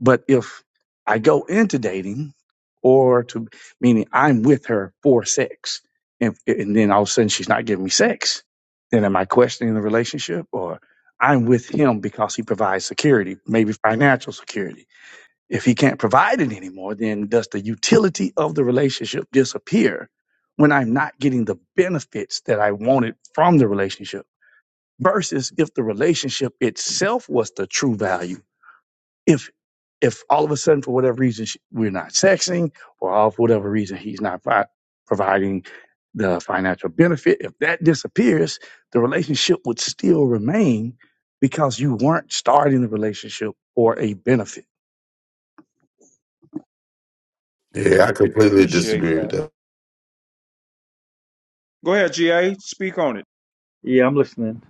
Speaker 18: But if I go into dating or to meaning I'm with her for sex and, and then all of a sudden she's not giving me sex, then am I questioning the relationship or I'm with him because he provides security, maybe financial security. If he can't provide it anymore, then does the utility of the relationship disappear when I'm not getting the benefits that I wanted from the relationship? Versus if the relationship itself was the true value if if all of a sudden for whatever reason she, we're not sexing or all for whatever reason he's not fi- providing the financial benefit if that disappears the relationship would still remain because you weren't starting the relationship for a benefit
Speaker 21: Yeah, I completely
Speaker 1: Appreciate
Speaker 21: disagree with
Speaker 1: that.
Speaker 21: that.
Speaker 1: Go ahead, GA. Speak on it.
Speaker 9: Yeah, I'm listening.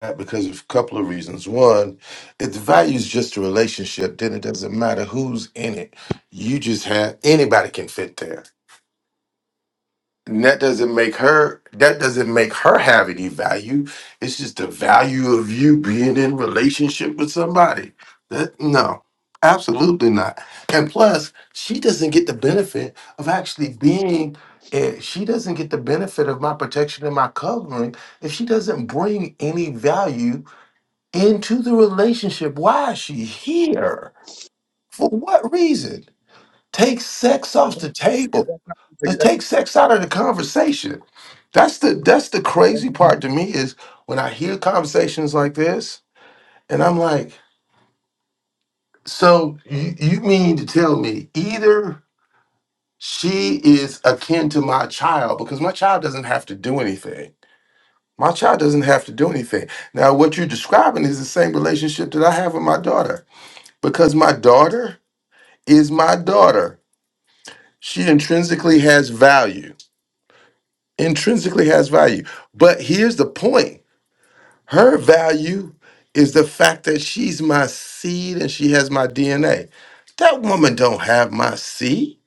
Speaker 21: That Because of a couple of reasons. One, if the value is just a relationship, then it doesn't matter who's in it. You just have anybody can fit there. And that doesn't make her that doesn't make her have any value. It's just the value of you being in relationship with somebody. That no, absolutely not. And plus, she doesn't get the benefit of actually being eh, she doesn't get the benefit of my protection and my covering if she doesn't bring any value into the relationship. Why is she here? For what reason? Take sex off the
Speaker 18: but
Speaker 21: table.
Speaker 18: that's not
Speaker 21: Let's
Speaker 18: that's-
Speaker 21: take
Speaker 18: that's-
Speaker 21: sex out of the conversation. That's the that's the crazy
Speaker 18: that's
Speaker 21: part to me is when I hear conversations like this, and I'm like, so you, you mean to tell me either she is akin to my child because my child doesn't have to do anything. My child doesn't have to do anything. Now, what you're describing is the same relationship that I have with my daughter because my daughter is my daughter. She intrinsically has value intrinsically has value. But here's the point her value is the fact that she's my seed and she has my DNA. That woman don't have my seed.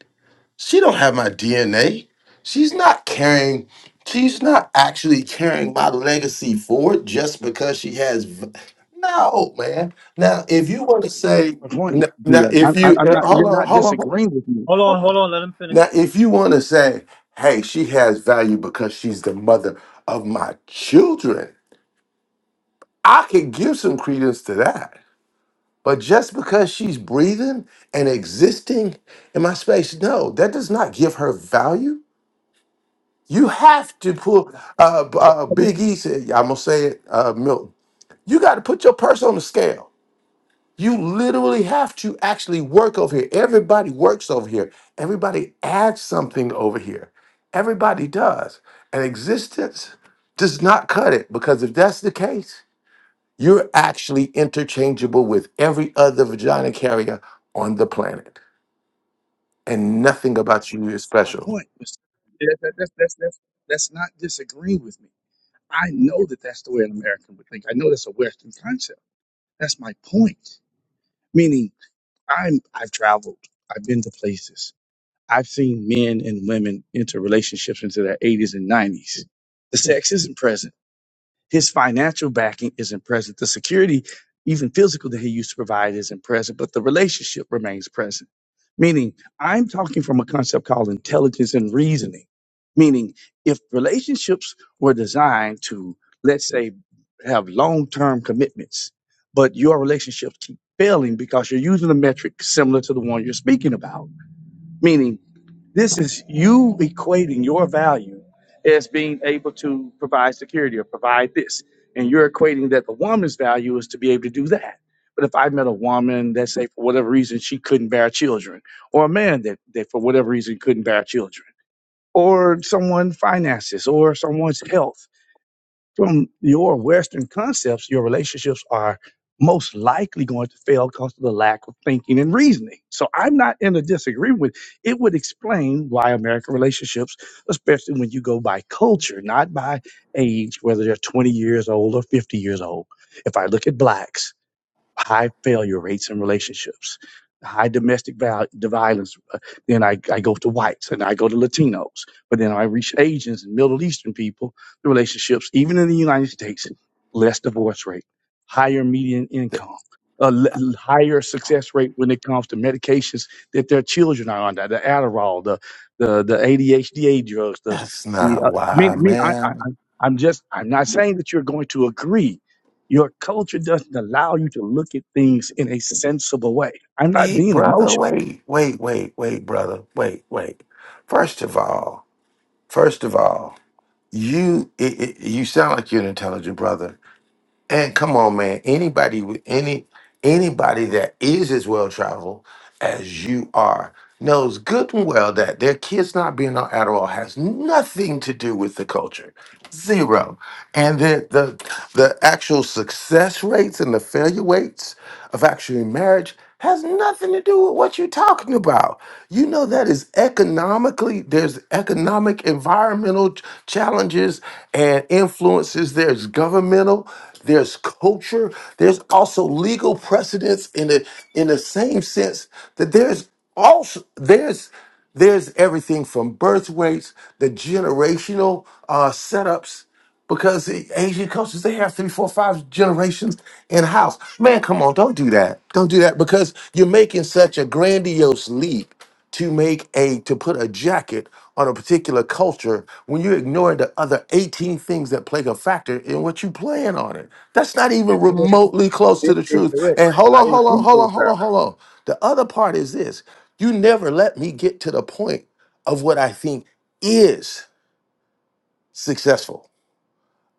Speaker 21: She don't have my DNA. She's not carrying she's not actually carrying my legacy forward just because she has v- no man. Now if you want to say
Speaker 18: my
Speaker 21: n-
Speaker 18: point
Speaker 21: now
Speaker 18: Yeah,
Speaker 21: if
Speaker 18: I'm, I'm
Speaker 21: you
Speaker 18: I'm
Speaker 21: uh,
Speaker 18: not you're
Speaker 21: hold on
Speaker 18: not
Speaker 21: hold on hold on
Speaker 18: disagreeing with me
Speaker 9: Hold
Speaker 21: Hold
Speaker 9: on,
Speaker 21: on.
Speaker 9: hold on. Let him
Speaker 21: Now,
Speaker 9: finish.
Speaker 21: if you want to say, hey, she has value because she's the mother of my children, I could give some credence to that. But just because she's breathing and existing in my space, no, that does not give her value. You have to pull, uh, uh, Big E said, I'm going to say it, uh, Milton, you got to put your purse on the scale You literally have to actually work over here. Everybody works over here. Everybody adds something over here. Everybody does. And existence does not cut it because if that's the case, you're actually interchangeable with every other vagina carrier on the planet. And nothing about you is
Speaker 18: My
Speaker 21: special.
Speaker 18: point was that, that, that's, that's, that's, that's not disagreeing with me. I know that that's the way an American would think. I know that's a Western concept. That's my point. Meaning, I'm I've traveled. I've been to places. I've seen men and women into relationships into their 80s and 90s. The sex isn't present his financial backing isn't present. The security, even physical, that he used to provide isn't present, but the relationship remains present. Meaning, I'm talking from a concept called intelligence and reasoning. Meaning, if relationships were designed to, let's say, have long term commitments, but your relationships keep failing because you're using a metric similar to the one you're speaking about, meaning this is you equating your value as being able to provide security or provide this. And you're equating that the woman's value is to be able to do that. But if I met a woman that say for whatever reason she couldn't bear children, or a man that, that for whatever reason couldn't bear children, or someone finances, or someone's health from your Western concepts, your relationships are most likely going to fail because of the lack of thinking and reasoning. So I'm not in a disagreement with it would explain why American relationships, especially when you go by culture, not by age, whether they're 20 years old or 50 years old. If I look at blacks, high failure rates in relationships, high domestic val- the violence. Uh, Then I, I go to whites and I go to Latinos, but then I reach Asians and Middle Eastern people. The relationships, even in the United States, less divorce rate, higher median
Speaker 21: Th-
Speaker 18: income. A l- l- higher success rate when it comes to medications that their children are under, the Adderall, the the, the ADHD drugs, the
Speaker 21: That's
Speaker 18: the.
Speaker 21: not
Speaker 18: Uh, me,
Speaker 21: why,
Speaker 18: me, I, I,
Speaker 21: man.
Speaker 18: I- I'm just, I'm not saying that you're going to agree, your culture doesn't allow you to look at things in a sensible way. I'm not
Speaker 21: Wait,
Speaker 18: being
Speaker 21: brother,
Speaker 18: emotional.
Speaker 21: wait, wait, wait, wait, brother, wait, wait. First of all, first of all, you it, it, you sound like you're an intelligent brother. And come on, man, anybody with any anybody that is as well traveled as you are knows good and well that their kids not being on Adderall has nothing to do with the culture, zero. And the the the actual success rates and the failure rates of actually marriage has nothing to do with what you're talking about. You know that is economically there's economic environmental ch- challenges and influences, there's governmental, there's culture, there's also legal precedents in the in the same sense that there's also there's there's everything from birth weights, the generational uh, setups because the Asian cultures they have three, four, five generations in house. Man, come on, don't do that. Don't do that because you're making such a grandiose leap to make a to put a jacket on a particular culture when you're ignoring the other 18 things that play a factor in what you plan on it. That's not even
Speaker 18: Incorrect.
Speaker 21: remotely close to
Speaker 18: In-
Speaker 21: the truth.
Speaker 18: incorrect.
Speaker 21: And hold
Speaker 18: I
Speaker 21: on, hold on,
Speaker 18: include
Speaker 21: hold
Speaker 18: those
Speaker 21: on, hold on,
Speaker 18: values,
Speaker 21: hold on. The other part is this. You never let me get to the point of what I think is successful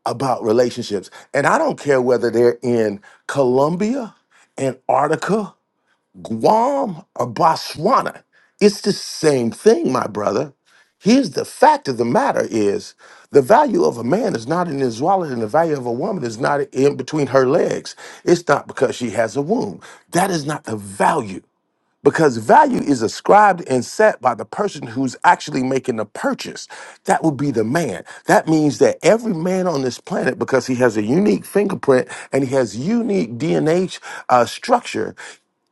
Speaker 21: about relationships. And I don't care whether they're in Colombia, Antarctica, Guam, or Botswana. It's the same thing, my brother. Here's the fact of the matter is the value of a man is not in his wallet and the value of a woman is not in between her legs. It's not because she has a womb. That is not the value because value is ascribed and set by the person who's actually making the purchase. That would be the man. That means that every man on this planet, because he has a unique fingerprint and he has unique DNA uh, structure,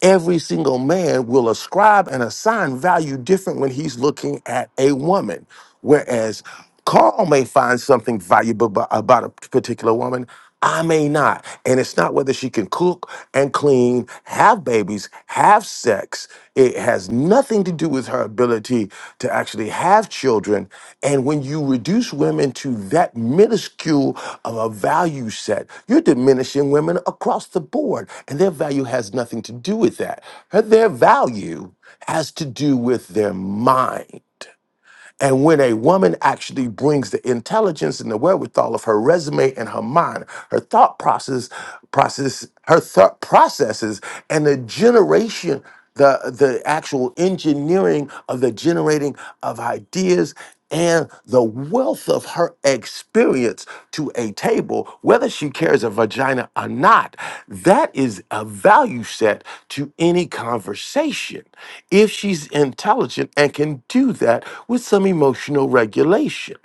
Speaker 21: every single man will ascribe and assign value different when he's looking at a woman. Whereas Carl may find something valuable bu- about a particular woman. I may not. And it's not whether she can cook and clean, have babies, have sex. It has nothing to do with her ability to actually have children. And when you reduce women to that minuscule of a value set, you're diminishing women across the board. And their value has nothing to do with that. Her- Their value has to do with their mind. And when a woman actually brings the intelligence and the wherewithal of her resume and her mind, her thought process, process, her thought processes, and the generation, the the actual engineering of the generating of ideas and the wealth of her experience to a table, whether she carries a vagina or not. That is a value set to any conversation if she's intelligent and can do that with some emotional regulation.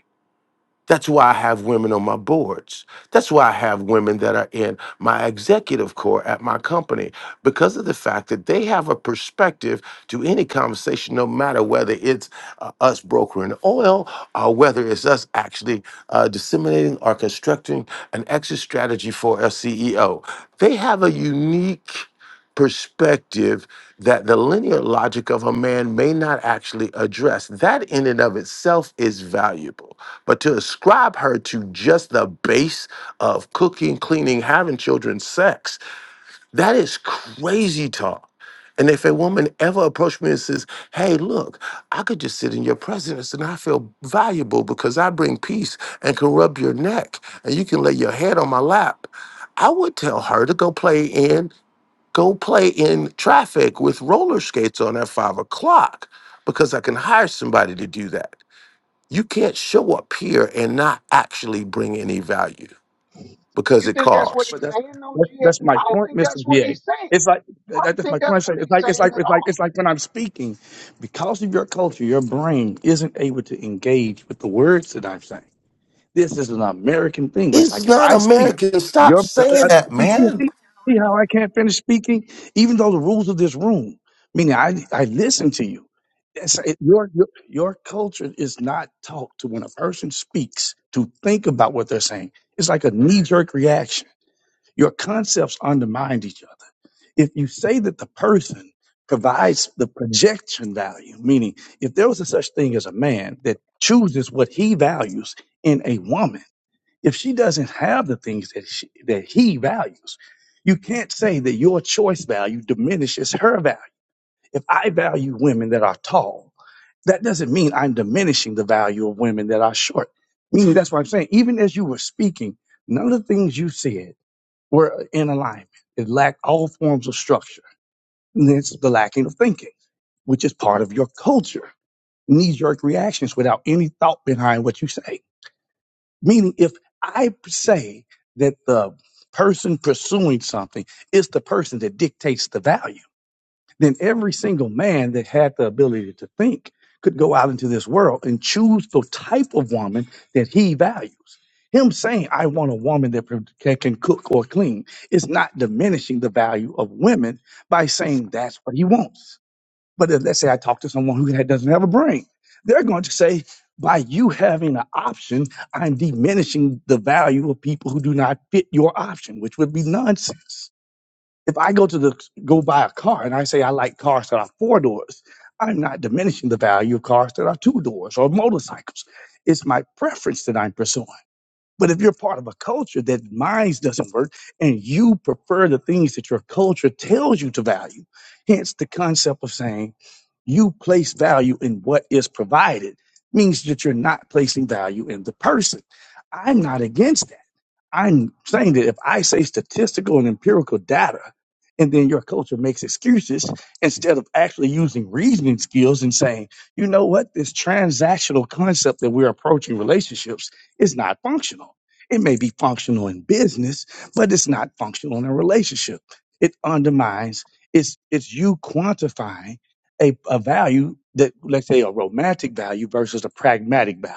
Speaker 21: That's why I have women on my boards. That's why I have women that are in my executive core at my company because of the fact that they have a perspective to any conversation, no matter whether it's uh, us brokering oil or whether it's us actually uh, disseminating or constructing an exit strategy for a CEO. They have a unique perspective that the linear logic of a man may not actually address. That in and of itself is valuable. But to ascribe her to just the base of cooking, cleaning, having children, sex, that is crazy talk. And if a woman ever approached me and says, Hey, look, I could just sit in your presence and I feel valuable because I bring peace and can rub your neck and you can lay your head on my lap, I would tell her to go play in go play in traffic with roller skates on at five o'clock because I can hire somebody to do that. You can't show up here and not actually bring any value because
Speaker 13: You
Speaker 21: it
Speaker 13: think that's what
Speaker 21: costs.
Speaker 18: but
Speaker 13: he's
Speaker 18: that's
Speaker 13: saying, no,
Speaker 18: that's,
Speaker 13: G?
Speaker 18: that's my
Speaker 13: I don't
Speaker 18: point,
Speaker 13: think
Speaker 18: Mister
Speaker 13: that's what
Speaker 18: VA.
Speaker 13: he's saying.
Speaker 18: It's like
Speaker 13: I
Speaker 18: that,
Speaker 13: don't
Speaker 18: that's my
Speaker 13: think
Speaker 18: point. I
Speaker 13: that's
Speaker 18: say
Speaker 13: what
Speaker 18: It's
Speaker 13: he's
Speaker 18: like it's
Speaker 13: saying
Speaker 18: like
Speaker 13: at
Speaker 18: it's like
Speaker 13: all.
Speaker 18: it's like when I'm speaking, because of your culture, your brain isn't able to engage with the words that I'm saying. This is an American thing. It's
Speaker 21: It's
Speaker 18: like if
Speaker 21: not
Speaker 18: I speak,
Speaker 21: American. Stop
Speaker 18: your uh, uh,
Speaker 21: saying
Speaker 18: uh,
Speaker 21: that,
Speaker 18: see, see,
Speaker 21: man.
Speaker 18: see, see how I can't finish speaking, even though the rules of this room, meaning I I listen to you. It's, it, your, your your culture is not taught to when a person speaks to think about what they're saying. It's like a knee jerk reaction. Your concepts undermine each other if you say that the person provides the projection value, meaning if there was a such thing as a man that chooses what he values in a woman, if she doesn't have the things that she, that he values, you can't say that your choice value diminishes her value. If I value women that are tall, that doesn't mean I'm diminishing the value of women that are short. Meaning that's what I'm saying. Even as you were speaking, none of the things you said were in alignment. It lacked all forms of structure. And it's the lacking of thinking, which is part of your culture. Knee jerk reactions without any thought behind what you say Meaning, if I say that the person pursuing something is the person that dictates the value, then every single man that had the ability to think could go out into this world and choose the type of woman that he values. Him saying, I want a woman that pro- that can cook or clean is not diminishing the value of women by saying that's what he wants but if, let's say I talk to someone who ha- doesn't have a brain, they're going to say, by you having an option, I'm diminishing the value of people who do not fit your option, which would be nonsense. If I go to the go buy a car and I say I like cars that are four doors, I'm not diminishing the value of cars that are two doors or motorcycles. It's my preference that I'm pursuing. But if you're part of a culture that mine doesn't work and you prefer the things that your culture tells you to value, hence the concept of saying you place value in what is provided, means that you're not placing value in the person. I'm not against that. I'm saying that if I say statistical and empirical data, and then your culture makes excuses instead of actually using reasoning skills and saying, you know what, this transactional concept that we're approaching relationships is not functional. It may be functional in business, but it's not functional in a relationship. It undermines, it's, it's you quantifying a, a value that, let's say, a romantic value versus a pragmatic value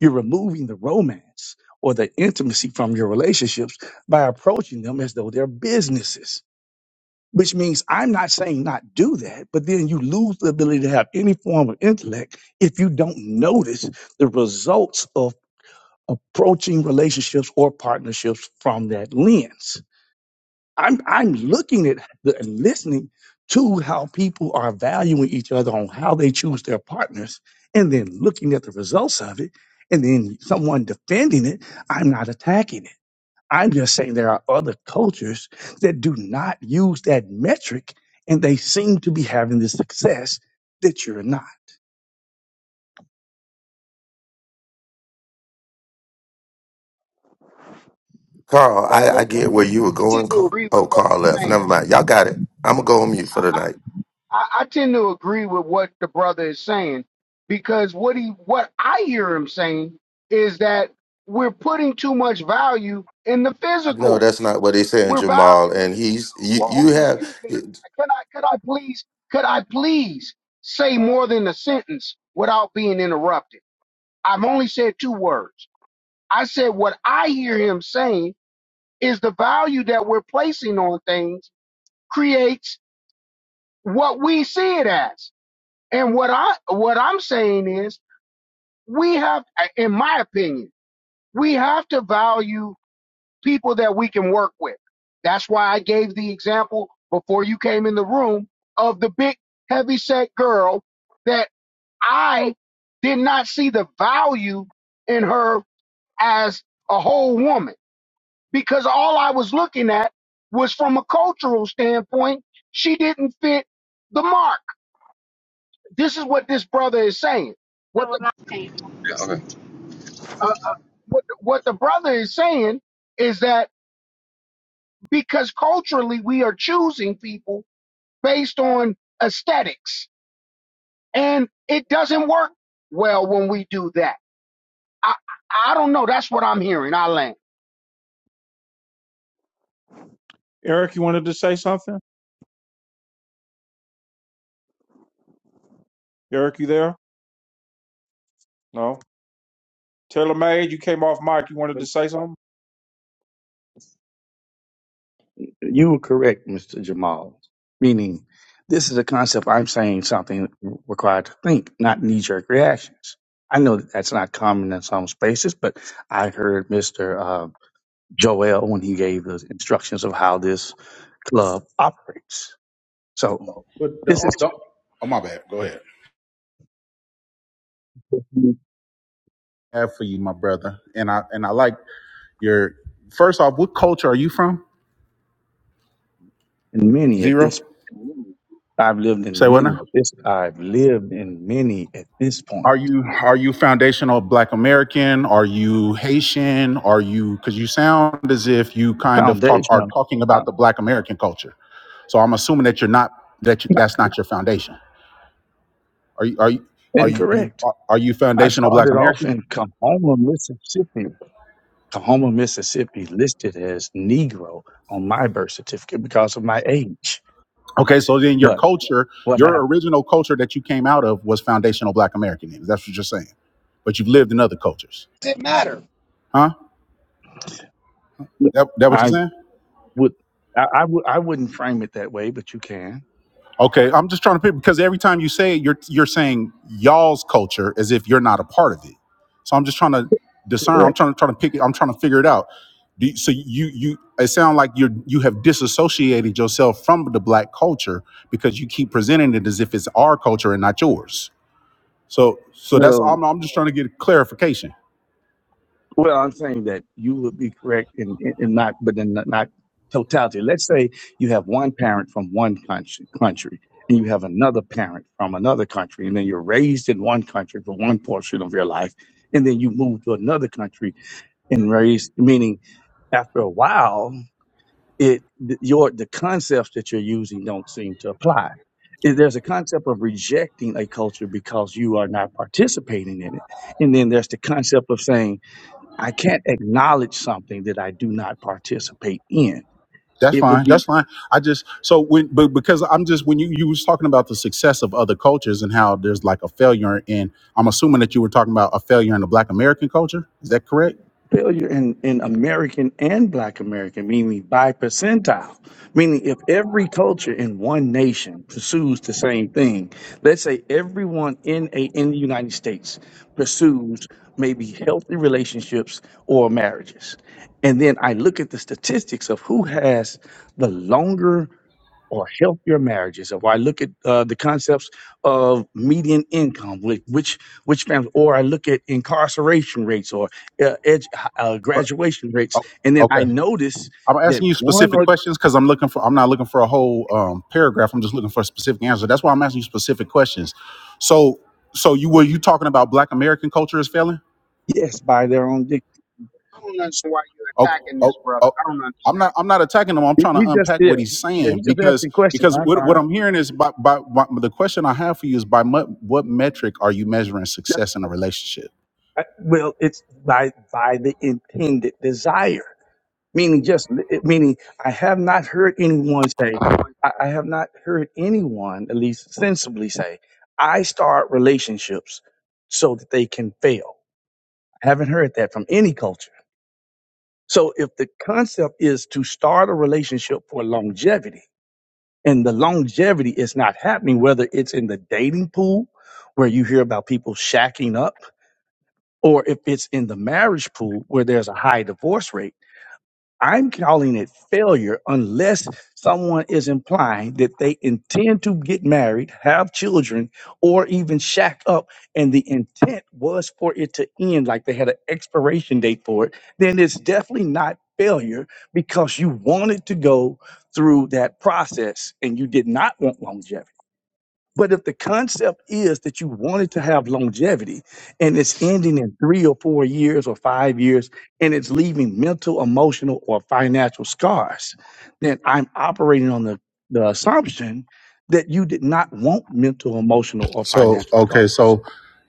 Speaker 18: you're removing the romance or the intimacy from your relationships by approaching them as though they're businesses, which means I'm not saying not do that, but then you lose the ability to have any form of intellect if you don't notice the results of approaching relationships or partnerships from that lens. I'm I'm looking at the, and listening to how people are valuing each other on how they choose their partners, and then looking at the results of it, and then someone defending it. I'm not attacking it. I'm just saying there are other cultures that do not use that metric, and they seem to be having the success that you're not.
Speaker 21: Carl, I, I get where you were
Speaker 13: I
Speaker 21: going.
Speaker 13: tend to
Speaker 21: Car-
Speaker 13: agree with
Speaker 21: Oh,
Speaker 13: what he's
Speaker 21: Carl left.
Speaker 13: saying.
Speaker 21: Never mind. Y'all got it. I'm gonna go on mute for the
Speaker 13: I.
Speaker 21: night.
Speaker 13: I, I tend to agree with what the brother is saying because what he what I hear him saying is that we're putting too much value in the
Speaker 21: No,
Speaker 13: physical.
Speaker 21: that's not what they saying,
Speaker 13: We're
Speaker 21: Jamal.
Speaker 13: valuing.
Speaker 21: And he's
Speaker 13: Well,
Speaker 21: you. You
Speaker 13: hold on,
Speaker 21: have
Speaker 13: excuse me. Could I could I please could I please say more than a sentence without being interrupted? I've only said two words. I said what I hear him saying is the value that we're placing on things creates what we see it as. And what I what I'm saying is, we have, in my opinion, we have to value people that we can work with. That's why I gave the example before you came in the room of the big heavyset girl that I did not see the value in her as a whole woman because all I was looking at was from a cultural standpoint, she didn't fit the mark. This is what this brother is saying.
Speaker 2: I
Speaker 13: What
Speaker 2: will
Speaker 13: the
Speaker 2: not change. Yeah, okay.
Speaker 13: uh, what what the brother is saying is that because culturally we are choosing people based on aesthetics and it doesn't work well when we do that i i don't know that's what i'm hearing i land
Speaker 1: Eric, you wanted to say something? Eric, you there? No. Taylor May, you came off mic. You wanted to say something?
Speaker 18: You were correct, Mr. Jamal. Meaning, this is a concept I'm saying something required to think, not knee jerk reactions. I know that that's not common in some spaces, but I heard Mr. Uh, Joel when he gave the instructions of how this club operates. So,
Speaker 16: But the,
Speaker 18: this is
Speaker 16: the oh my bad. Go ahead.
Speaker 18: in
Speaker 16: I Have for you, my brother, and I and I like your. First off, what culture are you from?
Speaker 18: many at
Speaker 16: Zero.
Speaker 18: this. I've lived in
Speaker 16: Say what
Speaker 18: many
Speaker 16: now?
Speaker 18: at this. I've lived in many at this point.
Speaker 16: Are you are you foundational Black American? Are you Haitian? Are you because you sound as if you kind of talk are
Speaker 18: Foundation,
Speaker 16: talking
Speaker 18: uh,
Speaker 16: about the Black American culture. So I'm assuming that you're not that you, that's not your foundation. Are you are you are you
Speaker 18: incorrect.
Speaker 16: are you
Speaker 18: I
Speaker 16: foundational Black
Speaker 18: started off
Speaker 16: American?
Speaker 18: in Kahoma, Mississippi. Kahoma, Mississippi listed as Negro on my birth certificate because of my age.
Speaker 16: Okay, so then your
Speaker 18: But
Speaker 16: culture,
Speaker 18: what happened?
Speaker 16: your original culture that you came out of was foundational Black American. That's what you're saying, but you've lived in other cultures, huh? That that what you're
Speaker 18: I
Speaker 16: saying?
Speaker 18: would I, I would I wouldn't frame it that way, but you can.
Speaker 16: Okay, I'm just trying to pick because every time you say it, you're you're saying y'all's culture as if you're not a part of it. So I'm just trying to discern. I'm
Speaker 18: Correct.
Speaker 16: trying to try to pick. it- I'm trying to figure it out. Do you, so you you it sounds like you you have disassociated yourself from the black culture because you keep presenting it as if it's our culture and not yours. So so that's
Speaker 18: Well.
Speaker 16: all. I'm, I'm just trying to get clarification.
Speaker 18: Well, I'm saying that you would be correct in, in, in not, but in not not totality. Let's say you have one parent from one country, country, and you have another parent from another country, and then you're raised in one country for one portion of your life, and then you move to another country and raised, meaning after a while, it th- your the concepts that you're using don't seem to apply. If There's a concept of rejecting a culture because you are not participating in it, and then there's the concept of saying I can't acknowledge something that I do not participate in.
Speaker 16: That's
Speaker 18: It would
Speaker 16: fine.
Speaker 18: be
Speaker 16: That's fine. I just so when but because I'm just when you you was talking about the success of other cultures and how there's like a failure in I'm assuming that you were talking about a failure in the Black American culture. Is that correct?
Speaker 18: failure in, in American and Black American, meaning by percentile, meaning if every culture in one nation pursues the same thing, let's say everyone in a in the United States pursues maybe healthy relationships or marriages, and then I look at the statistics of who has the longer or healthier marriages. Or I look at uh, the concepts of median income, which which which families, or I look at incarceration rates or uh, edu- uh,
Speaker 16: But
Speaker 18: graduation rates,
Speaker 16: oh,
Speaker 18: and then I
Speaker 16: okay,
Speaker 18: notice
Speaker 16: I'm
Speaker 18: that
Speaker 16: asking you
Speaker 18: one
Speaker 16: specific
Speaker 18: or
Speaker 16: questions because I'm looking for I'm not looking for a whole um, paragraph. I'm just looking for a specific answer. That's why I'm asking you specific questions. So so you were you talking about Black American culture is failing?
Speaker 18: yes, by their own dic-
Speaker 13: i don't understand why you're
Speaker 16: Okay,
Speaker 13: attacking
Speaker 16: oh,
Speaker 13: this brother
Speaker 16: oh,
Speaker 13: i don't
Speaker 16: I'm
Speaker 13: understand
Speaker 16: not. I'm not attacking him. I'm
Speaker 18: he
Speaker 16: trying to
Speaker 18: he just
Speaker 16: unpack
Speaker 18: yeah,
Speaker 16: what he's
Speaker 18: yeah, he
Speaker 16: saying
Speaker 18: just
Speaker 16: because
Speaker 18: asking questions.
Speaker 16: because
Speaker 18: I'm
Speaker 16: what, what
Speaker 18: fine.
Speaker 16: I'm hearing is by, by by the question I have for you is by what what metric are you measuring
Speaker 18: That's-
Speaker 16: success in a relationship?
Speaker 18: I- Well, it's by by the intended desire. meaning just meaning I have not heard anyone say, I, I have not heard anyone at least sensibly say, I start relationships so that they can fail. I haven't heard that from any culture. So if the concept is to start a relationship for longevity, and the longevity is not happening, whether it's in the dating pool where you hear about people shacking up, or if it's in the marriage pool where there's a high divorce rate I'm calling it failure unless someone is implying that they intend to get married, have children, or even shack up, and the intent was for it to end, like they had an expiration date for it, then it's definitely not failure because you wanted to go through that process and you did not want longevity but if the concept is that you wanted to have longevity and it's ending in three or four years or five years and it's leaving mental, emotional, or financial scars, then I'm operating on the, the assumption that you did not want mental, emotional, or
Speaker 16: So
Speaker 18: financial
Speaker 16: okay,
Speaker 18: scars.
Speaker 16: so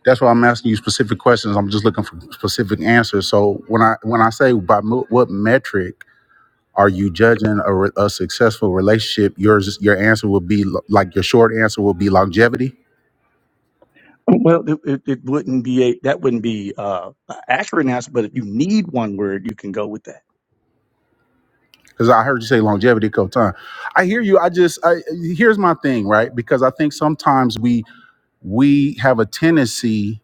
Speaker 16: that's why I'm asking you specific questions. I'm just looking for specific answers. So when I when I say by mo- what metric are you judging a, re- a successful relationship, yours your answer will be lo- like your short answer will be longevity.
Speaker 18: Well, it, it, it wouldn't be a that wouldn't be uh, an accurate answer, but if you need one word, you can go with that.
Speaker 16: because I heard you say longevity, co time. I hear you. I just I, here's my thing, right? Because I think sometimes we we have a tendency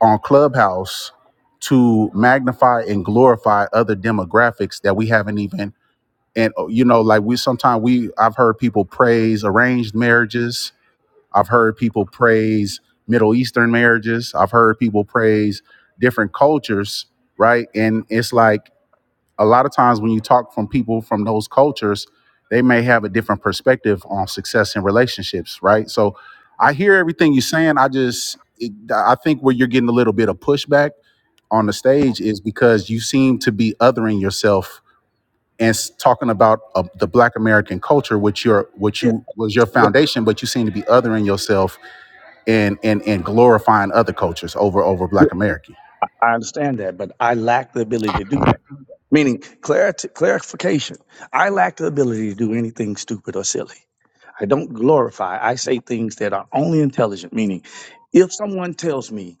Speaker 16: on Clubhouse to magnify and glorify other demographics that we haven't even and uh, you know like we sometimes we I've heard people praise arranged marriages. I've heard people praise Middle Eastern marriages. I've heard people praise different cultures, right? And it's like a lot of times when you talk from people from those cultures, they may have a different perspective on success in relationships, right? So I hear everything you're saying. I just, it, I think where you're getting a little bit of pushback on the stage is because you seem to be othering yourself and s- talking about uh, the Black American culture, which your, which
Speaker 18: Yes,
Speaker 16: you was your
Speaker 18: yes,
Speaker 16: foundation, but you seem to be othering yourself and and and glorifying other cultures over over Black American.
Speaker 18: I understand that, but I lack the ability to do that. Meaning clarity, clarification. I lack the ability to do anything stupid or silly. I don't glorify. I say things that are only intelligent. Meaning, if someone tells me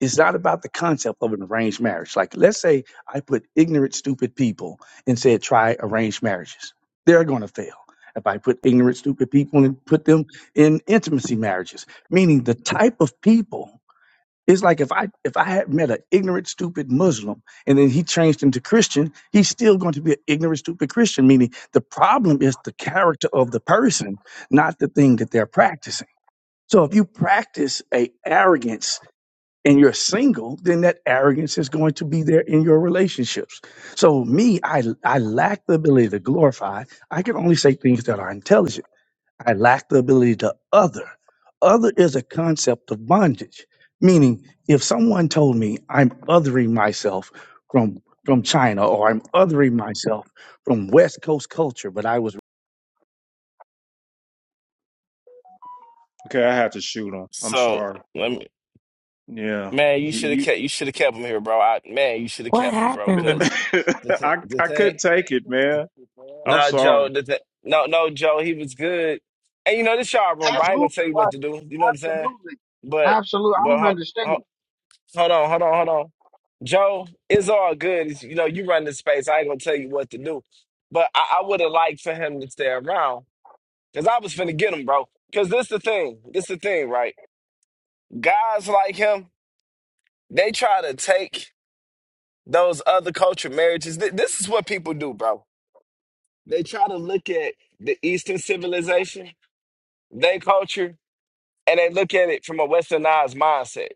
Speaker 18: it's not about the concept of an arranged marriage, like let's say I put ignorant, stupid people and said try arranged marriages, they're going to fail. If I put ignorant, stupid people and put them in intimacy marriages, meaning the type of people it's like if I if I had met an ignorant, stupid Muslim and then he changed into Christian, he's still going to be an ignorant, stupid Christian. Meaning the problem is the character of the person, not the thing that they're practicing. So if you practice a arrogance and you're single, then that arrogance is going to be there in your relationships. So me, I I lack the ability to glorify. I can only say things that are intelligent. I lack the ability to other. Other is a concept of bondage, meaning if someone told me I'm othering myself from from China or I'm othering myself from West Coast culture, but I was
Speaker 1: Okay, I had to shoot him. I'm
Speaker 22: So,
Speaker 1: sorry.
Speaker 22: let me,
Speaker 1: Yeah,
Speaker 22: man, you
Speaker 1: he,
Speaker 22: should have
Speaker 1: you,
Speaker 22: kept you should have kept him here, bro. I, man, you should have
Speaker 23: What
Speaker 22: kept him, bro.
Speaker 23: happened?
Speaker 22: Cause the thing,
Speaker 1: I
Speaker 22: the
Speaker 1: I
Speaker 22: thing,
Speaker 1: couldn't take it, man. I'm
Speaker 22: no,
Speaker 1: sorry.
Speaker 22: Joe, the thing, no, no, Joe, he was good. And you know this y'all room, but I ain't gonna
Speaker 13: absolutely
Speaker 22: tell you
Speaker 13: why
Speaker 22: what to do. You know what I'm saying?
Speaker 13: absolutely
Speaker 22: But,
Speaker 13: absolutely i
Speaker 22: but
Speaker 13: don't
Speaker 22: ho,
Speaker 13: understand
Speaker 22: ho, hold on, hold on, hold on. Joe, it's all good. It's- you know, you run the space. I ain't gonna tell you what to do. But I, I would have liked for him to stay around because I was finna get him, bro. Because this the thing. This the thing, right? Guys like him. They try to take those other culture marriages. Th- This is what people do, bro. They try to look at the Eastern civilization, their culture, and they look at it from a westernized mindset.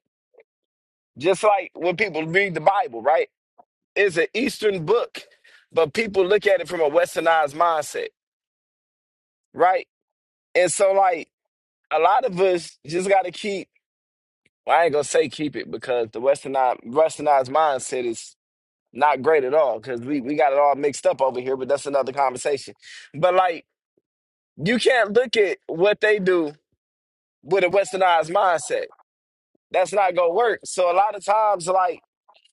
Speaker 22: Just like when people read the Bible, right? It's an Eastern book, but people look at it from a westernized mindset, right? And so, like, a lot of us just got to keep, well, I ain't going to say keep it because the westernized, westernized mindset is Not great at all, because we, we got it all mixed up over here, but that's another conversation. But like you can't look at what they do with a westernized mindset. That's not gonna work. So a lot of times, like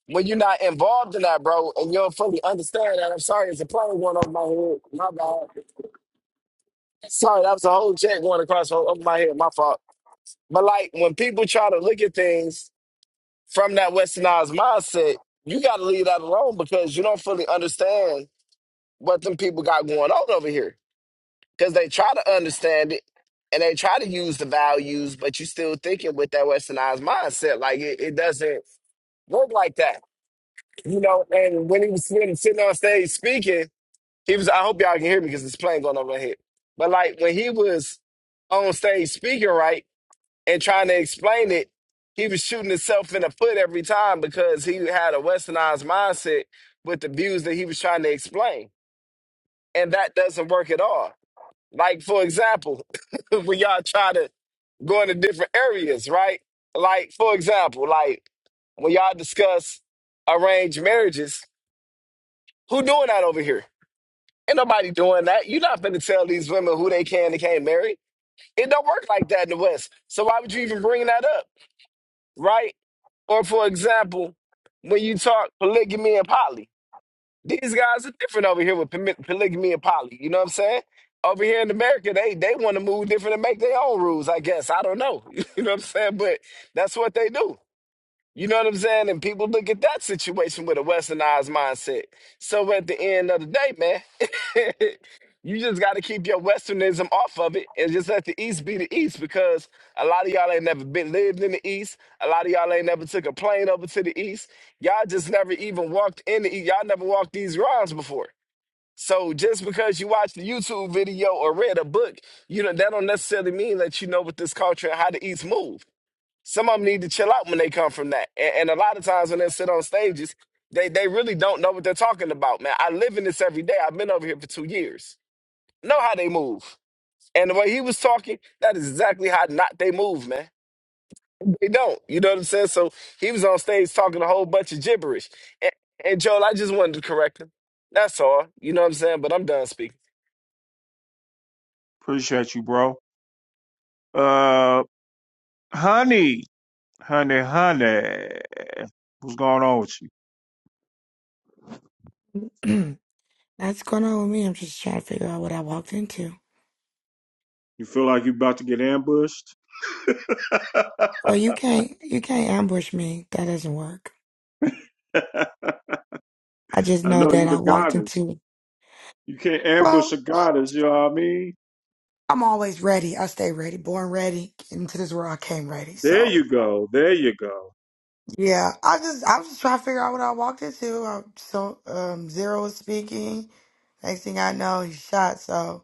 Speaker 22: when you're not involved in that, bro, and you don't fully understand that, I'm sorry, it's a plane going over my head. My bad. Sorry, that was a whole jet going across o- over my head. My fault. But like when people try to look at things from that westernized mindset, you gotta leave that alone because you don't fully understand what them people got going on over here. because they try to understand it and they try to use the values, but you still thinking with that westernized mindset. Like it, it doesn't work like that, you know. And when he was sitting, sitting on stage speaking, he was. I hope y'all can hear me because this plane going over my head. But like when he was on stage speaking, right, and trying to explain it, he was shooting himself in the foot every time because he had a westernized mindset with the views that he was trying to explain, and that doesn't work at all like, for example, when y'all try to go into different areas, right? Like, for example, like when y'all discuss arranged marriages, who doing that over here? Ain't nobody doing that. You're not finna tell these women who they can and can't marry. It don't work like that in the West. So why would you even bring that up, right? Or for example, when you talk polygamy and poly. These guys are different over here with poly- polygamy and poly. You know what I'm saying? Over here in America, they they want to move different and make their own rules. I guess I don't know. You know what I'm saying? But that's what they do. You know what I'm saying? And people look at that situation with a westernized mindset. So at the end of the day, man, you just got to keep your westernism off of it and just let the East be the East because a lot of y'all ain't never been lived in the East. A lot of y'all ain't never took a plane over to the East. Y'all just never even walked in the East. Y'all never walked these rounds before. So just because you watched a YouTube video or read a book, you know that don't necessarily mean that you know what this culture and how the East move. Some of them need to chill out when they come from that. And, and a lot of times when they sit on stages, they, they really don't know what they're talking about, man. I live in this every day. I've been over here for two years. Know how they move. And the way he was talking, that is exactly how not they move, man. They don't. You know what I'm saying? So he was on stage talking a whole bunch of gibberish. And, and Joel, I just wanted to correct him. That's all. You know what I'm saying? But I'm done speaking.
Speaker 1: Appreciate you, bro. Uh, honey, honey, honey, what's going on with you?
Speaker 23: That's going on with me. I'm just trying to figure out what I walked into.
Speaker 1: You feel like you about to get ambushed?
Speaker 23: Well, you can't you can't ambush me. That doesn't work.
Speaker 1: I
Speaker 23: I just know
Speaker 1: know you
Speaker 23: that I
Speaker 1: the
Speaker 23: walked
Speaker 1: goddess.
Speaker 23: into.
Speaker 1: You can't ambush
Speaker 23: Well,
Speaker 1: a goddess. You know what I mean?
Speaker 23: I'm always ready. I stay ready. Born ready. Into this world, I came ready.
Speaker 1: There
Speaker 23: So
Speaker 1: you go. There you go.
Speaker 23: yeah, I just I was just trying to figure out what I walked into. I, so um, Zero was speaking. Next thing I know, he shot. So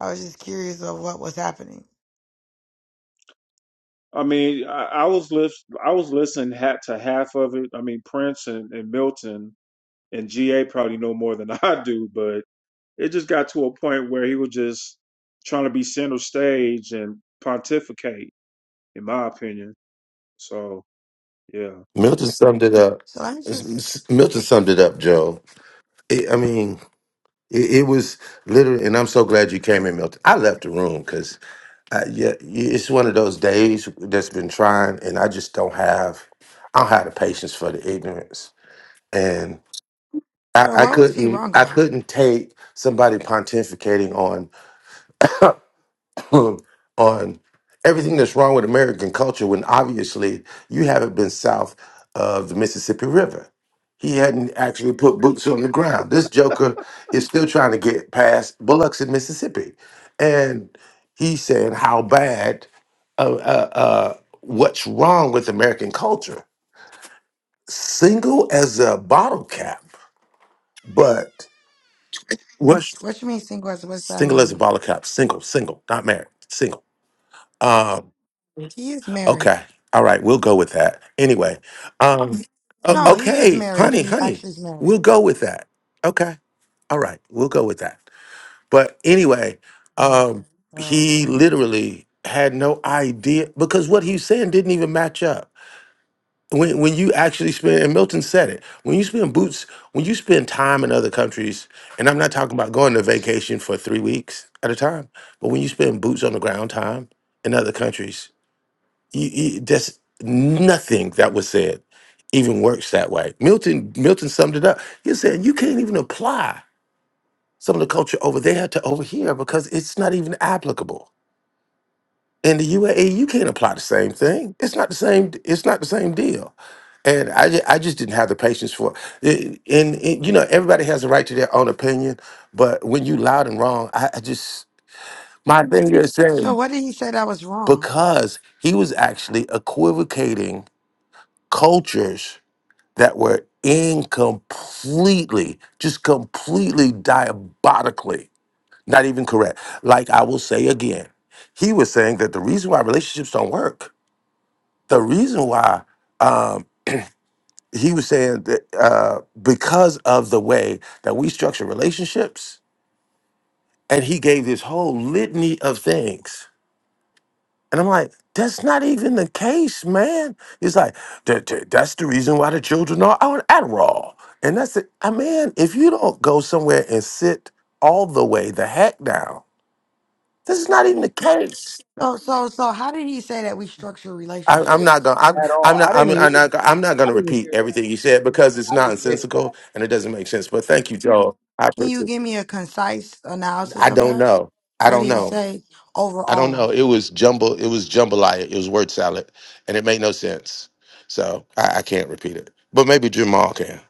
Speaker 23: I was just curious of what was happening.
Speaker 1: I mean, I, I was lis- I was listening hat to half of it. I mean, Prince and, and Milton and GA probably know more than I do, but it just got to a point where he was just trying to be center stage and pontificate, in my opinion. So yeah.
Speaker 21: Milton summed it up.
Speaker 23: So let me just.
Speaker 21: Milton summed it up, Joe. I I mean. It, it was literally, and I'm so glad you came in, Milton. I left the room because yeah, it's one of those days that's been trying, and I just don't have, I don't have the patience for the ignorance, and I,
Speaker 23: So
Speaker 21: I
Speaker 23: what was he
Speaker 21: couldn't,
Speaker 23: wrong
Speaker 21: I
Speaker 23: about?
Speaker 21: couldn't take somebody pontificating on um, on everything that's wrong with American culture when obviously you haven't been south of the Mississippi River. He hadn't actually put boots on the ground. This Joker is still trying to get past Bullocks in Mississippi. And he's saying how bad, uh, uh, uh, what's wrong with American culture? Single as a bottle cap, but what's
Speaker 23: What you mean single? as- What's that
Speaker 21: single as a
Speaker 23: mean?
Speaker 21: bottle cap? Single, single, not married, single. Um,
Speaker 23: He is married.
Speaker 21: Okay. All right. We'll go with that. Anyway. Um o- Mm.
Speaker 23: No, he is
Speaker 21: okay,
Speaker 23: married.
Speaker 21: honey,
Speaker 23: He
Speaker 21: honey.
Speaker 23: actually is
Speaker 21: We'll
Speaker 23: married.
Speaker 21: go with that. Okay. All right. We'll go with that. But anyway, um he
Speaker 23: Okay.
Speaker 21: literally had no idea because what he was saying didn't even match up. When when you actually spend and Milton said it, when you spend boots, when you spend time in other countries, and I'm not talking about going to vacation for three weeks at a time, but when you spend boots on the ground time in other countries, you, you, there's nothing that was said even works that way. Milton Milton summed it up. He said you can't even apply some of the culture over there to over here because it's not even applicable. In the UAE, you can't apply the same thing. It's not the same. It's not the same deal. And I, ju- I just didn't have the patience for it. And, and, you know, everybody has a right to their own opinion. But when you loud and wrong, I, I just, my thing is
Speaker 23: So
Speaker 21: saying,
Speaker 23: what did he say that was wrong?
Speaker 21: because he was actually equivocating cultures that were in completely, just completely diabolically not even correct. Like I will say again, he was saying that the reason why relationships don't work, the reason why um, he was saying that uh, because of the way that we structure relationships, and he gave this whole litany of things And I'm like, that's not even the case, man. It's like, "That- that- that's the reason why the children are on Adderall. And that's it. I mean, if you don't go somewhere and sit all the way the heck down, this is not even the case.
Speaker 23: So so so how did he say that we structure
Speaker 21: I, I'm
Speaker 13: that
Speaker 21: not
Speaker 23: relationships?
Speaker 21: gonna. I'm,
Speaker 13: at all
Speaker 21: I'm not.
Speaker 13: i
Speaker 21: I'm,
Speaker 13: didn't
Speaker 21: I'm
Speaker 13: hear
Speaker 21: not. I'm not
Speaker 13: i
Speaker 21: gonna
Speaker 13: didn't
Speaker 21: repeat
Speaker 13: hear that
Speaker 21: everything you said because it's
Speaker 13: i didn't hear that
Speaker 21: nonsensical and it doesn't make sense. But thank you, Joel. I
Speaker 23: Can you
Speaker 21: appreciate
Speaker 23: give
Speaker 21: it.
Speaker 23: me a concise
Speaker 21: I
Speaker 23: analysis of
Speaker 21: don't
Speaker 23: that?
Speaker 21: know. I
Speaker 23: What
Speaker 21: don't
Speaker 23: did he
Speaker 21: know.
Speaker 23: say
Speaker 21: I don't know.
Speaker 23: overall?
Speaker 21: It was jumble. It was jambalaya. It was word salad, and it made no sense. So I, I can't repeat it. But maybe Jamal can.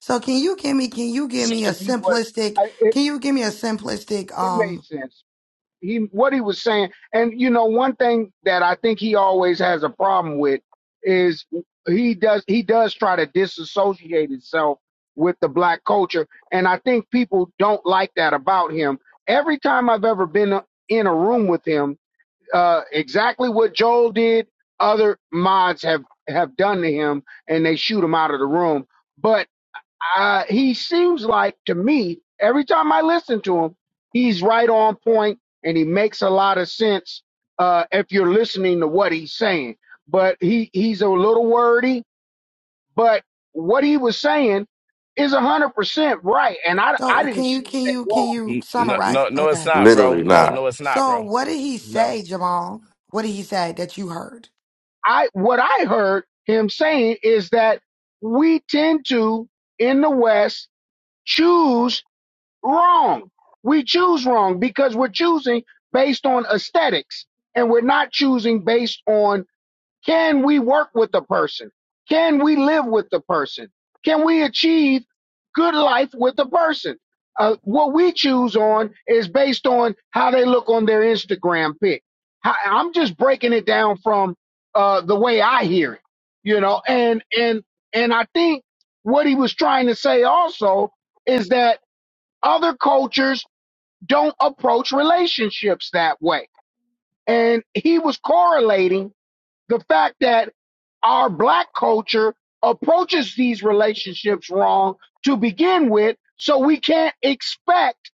Speaker 23: So can you give me can you give
Speaker 13: seems
Speaker 23: me a
Speaker 13: to me what
Speaker 23: simplistic
Speaker 13: I, it,
Speaker 23: can you give me a simplistic
Speaker 13: it made
Speaker 23: um
Speaker 13: sense he what he was saying and you know one thing that i think he always has a problem with is he does he does try to disassociate himself with the black culture and i think people don't like that about him every time i've ever been in a room with him uh exactly what joel did other mods have have done to him and they shoot him out of the room But uh, he seems like to me every time I listen to him, he's right on point and he makes a lot of sense uh, if you're listening to what he's saying. But he he's a little wordy, but what he was saying is a hundred percent right, and I I
Speaker 23: so can
Speaker 13: didn't
Speaker 23: you
Speaker 13: see
Speaker 23: can
Speaker 13: anything
Speaker 23: you can
Speaker 13: wrong
Speaker 23: you
Speaker 22: N-
Speaker 13: with
Speaker 22: No,
Speaker 13: it.
Speaker 23: summarize
Speaker 22: no, no, it's
Speaker 23: okay.
Speaker 22: not, bro.
Speaker 21: Literally
Speaker 22: No,
Speaker 21: not.
Speaker 22: no, it's not,
Speaker 23: So
Speaker 22: bro.
Speaker 23: what did he
Speaker 22: No,
Speaker 23: say, Jamal? What did he say that you heard?
Speaker 13: I what I heard him saying is that we tend to in the West choose Wrong. We choose wrong because we're choosing based on aesthetics and we're not choosing based on can we work with the person? Can we live with the person? Can we achieve good life with the person? Uh, what we choose on is based on how they look on their Instagram pic. How, I'm just breaking it down from uh, the way I hear it, you know, and and and I think what he was trying to say also is that other cultures don't approach relationships that way. And he was correlating the fact that our black culture approaches these relationships wrong to begin with, so we can't expect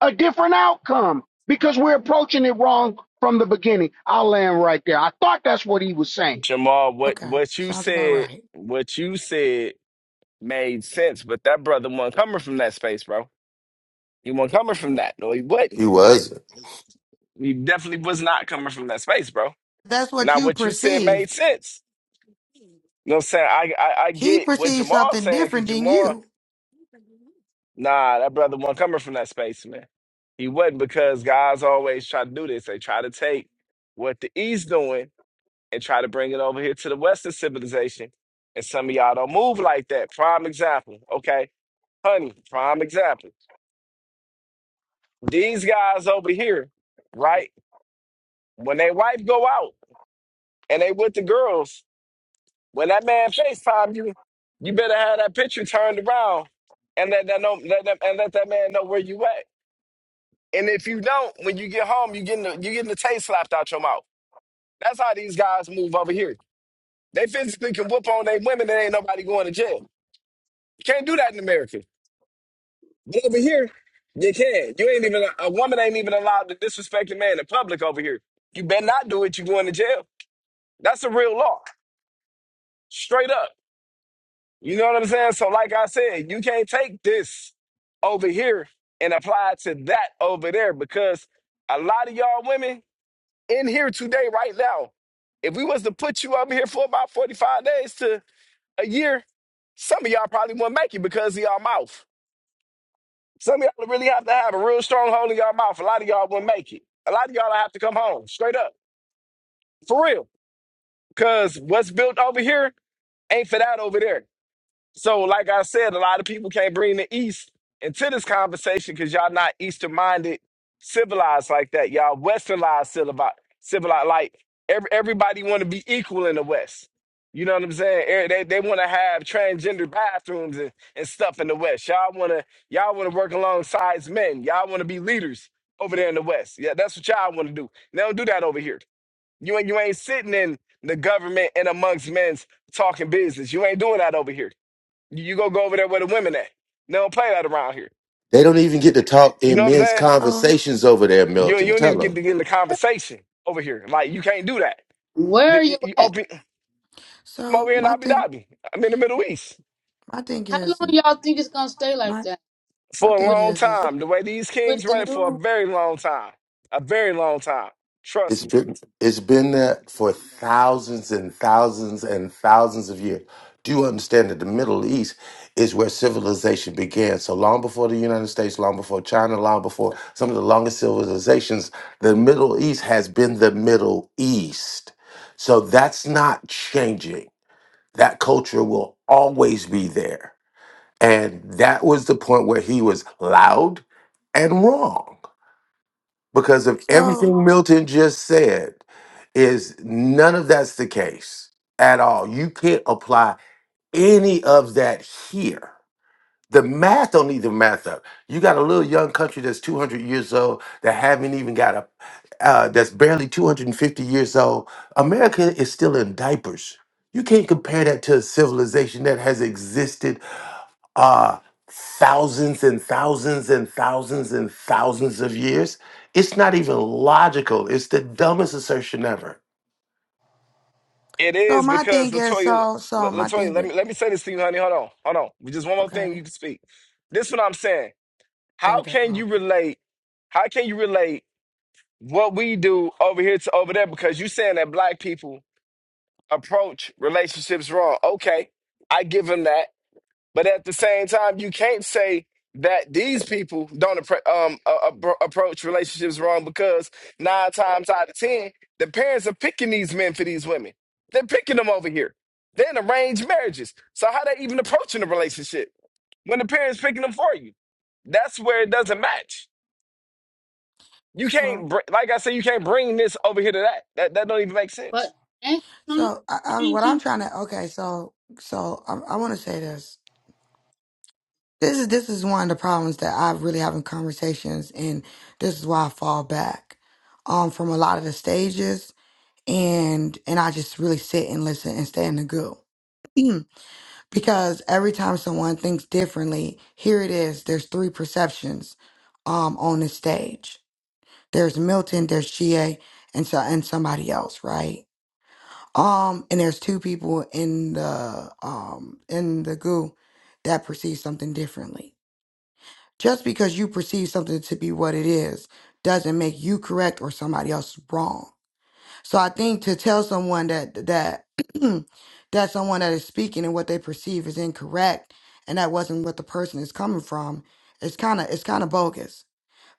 Speaker 13: a different outcome because we're approaching it wrong from the beginning. I'll land right there. I thought that's what he was saying.
Speaker 22: Jamal, what
Speaker 23: Okay.
Speaker 22: what you
Speaker 23: Sounds about
Speaker 22: said,
Speaker 23: right.
Speaker 22: what you said made sense, but that brother wasn't coming from that space, bro. He wasn't coming from that. No, he
Speaker 21: He
Speaker 22: wasn't.
Speaker 21: wasn't.
Speaker 22: He definitely was not coming from that space, bro.
Speaker 23: That's what
Speaker 22: Now,
Speaker 23: you
Speaker 22: what you said made
Speaker 23: perceived.
Speaker 22: sense. You know what I'm saying? I I, I
Speaker 23: He
Speaker 22: get what
Speaker 23: perceived
Speaker 22: Jamal's
Speaker 23: something
Speaker 22: saying because
Speaker 23: different than
Speaker 22: Jamal,
Speaker 23: you.
Speaker 22: nah, that brother wasn't coming from that space, man. He wasn't because guys always try to do this. They try to take what the East doing and try to bring it over here to the Western civilization. And some of y'all don't move like that. Prime example. Okay. Honey, prime example. These guys over here, right? When they wife go out and they with the girls, when that man FaceTime you, you better have that picture turned around and let that know let them and let that man know where you at. And if you don't, when you get home, you getting the you getting the taste slapped out your mouth. That's how these guys move over here. They physically can whoop on their women and ain't nobody going to jail. You can't do that in America. But over here, you can. You ain't even a woman ain't even allowed to disrespect a man in public over here. You better not do it. You going to jail. That's a real law, straight up. You know what I'm saying? So, like I said, you can't take this over here and apply it to that over there because a lot of y'all women in here today, right now, if we was to put you over here for about 45 days to a year, some of y'all probably wouldn't make it because of y'all mouth. Some of y'all really have to have a real strong hold in y'all mouth. A lot of y'all wouldn't make it. A lot of y'all have to come home, straight up, for real. Because what's built over here ain't for that over there. So, like I said, a lot of people can't bring the East into this conversation because y'all not Eastern minded, civilized like that. Y'all Westernized, civilized, civilized. Like every, everybody want to be equal in the West. You know what I'm saying? Eh, They they want to have transgender bathrooms and, and stuff in the West. Y'all want to y'all want to work alongside men. Y'all want to be leaders over there in the West. Yeah, that's what y'all want to do. They don't do that over here. You ain't you ain't sitting in the government and amongst men's talking business. You ain't doing that over here. You go go over there where the women at. They don't play that around here.
Speaker 21: They don't even get to talk
Speaker 22: You know
Speaker 21: in
Speaker 22: what I'm
Speaker 21: men's
Speaker 22: saying?
Speaker 23: So,
Speaker 21: conversations over there,
Speaker 22: You
Speaker 21: Milton.
Speaker 22: you don't even
Speaker 21: Tell
Speaker 22: get
Speaker 21: 'em.
Speaker 22: to get in the conversation over here. Like you can't do that.
Speaker 24: Where
Speaker 22: You,
Speaker 24: are you
Speaker 22: you you
Speaker 24: at?
Speaker 22: open come over
Speaker 23: so
Speaker 22: here in
Speaker 23: my
Speaker 22: Abu
Speaker 23: thing,
Speaker 22: Dhabi. I'm in the Middle East
Speaker 23: my thing
Speaker 24: How
Speaker 23: is,
Speaker 24: long y'all think it's gonna stay like
Speaker 23: my
Speaker 24: that
Speaker 23: my
Speaker 22: for a
Speaker 23: thing
Speaker 24: with
Speaker 22: long
Speaker 24: the
Speaker 23: is, is
Speaker 24: with
Speaker 22: time.
Speaker 24: the
Speaker 22: The way these kings
Speaker 24: with the
Speaker 22: run it for a
Speaker 24: new?
Speaker 22: very long time, a very long time. Trust
Speaker 21: It's
Speaker 22: me,
Speaker 21: been it's been there for thousands and thousands and thousands of years. Do you understand that the Middle East is where civilization began? So long before the United States, long before China, long before some of the longest civilizations, the Middle East has been the Middle East. So that's not changing. That culture will always be there. And that was the point where he was loud and wrong because of
Speaker 23: so
Speaker 21: everything Milton just said is none of that's the case at all. You can't apply any of that here. The math don't need the math up. You got a little young country that's 200 years old that haven't even got a uh, that's barely 250 years old. America is still in diapers. You can't compare that to a civilization that has existed uh, thousands and thousands and thousands and thousands of years. It's not even logical. It's the dumbest assertion ever.
Speaker 22: it
Speaker 23: so
Speaker 22: is
Speaker 23: my
Speaker 22: because
Speaker 23: thing is
Speaker 22: Latoya.
Speaker 23: so
Speaker 22: La-
Speaker 23: so my
Speaker 22: Latoya,
Speaker 23: thing
Speaker 22: let
Speaker 23: is
Speaker 22: me let me say this to you, honey. Hold on, hold on. We Just one more thing
Speaker 23: okay.
Speaker 22: you can speak. This is what I'm saying.
Speaker 23: Gotta
Speaker 22: How
Speaker 23: get
Speaker 22: can
Speaker 23: oh,
Speaker 22: you
Speaker 23: okay.
Speaker 22: relate? How can you relate? what we do over here to over there because you saying that black people approach relationships wrong. Okay, I give them that, but at the same time, you can't say that these people don't appro- um, uh, appro- approach relationships wrong because nine times out of ten, the parents are picking these men for these women. They're picking them over here. They're in arranged marriages. So how they even approaching a relationship when the parents picking them for you? That's where it doesn't match. You
Speaker 23: So
Speaker 22: can't, br- like I said, you can't bring this over here to that. That that don't even make sense.
Speaker 24: But ain't some of
Speaker 23: so I,
Speaker 24: it
Speaker 23: I, what I'm
Speaker 24: changing.
Speaker 23: trying to okay. So so I, I want to say this. This is this is one of the problems that I really have in conversations, and this is why I fall back um from a lot of the stages and and I just really sit and listen and stay in the group. Mm. because every time someone thinks differently, here it is. There's three perceptions um on the stage. There's Milton, there's Chie, and so and somebody else, right? Um, and there's two people in the um in the goo that perceive something differently. Just because you perceive something to be what it is doesn't make you correct or somebody else wrong So I think to tell someone that that that someone that is speaking and what they perceive is incorrect and that wasn't what the person is coming from, it's kind of it's kind of bogus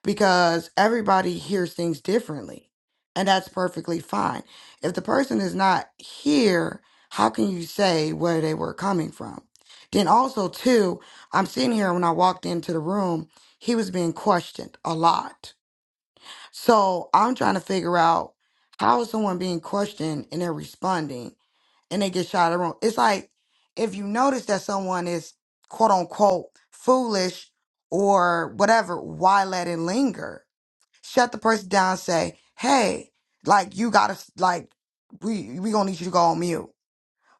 Speaker 23: because everybody hears things differently. And that's perfectly fine. If the person is not here, how can you say where they were coming from? Then also too, I'm sitting here when I walked into the room, he was being questioned a lot so I'm trying to figure out how is someone being questioned and they're responding and they get shot around. It's like if you notice that someone is quote unquote foolish or whatever, why let it linger? Shut the person down. Say, hey, like you gotta like we we gonna need you to go on mute.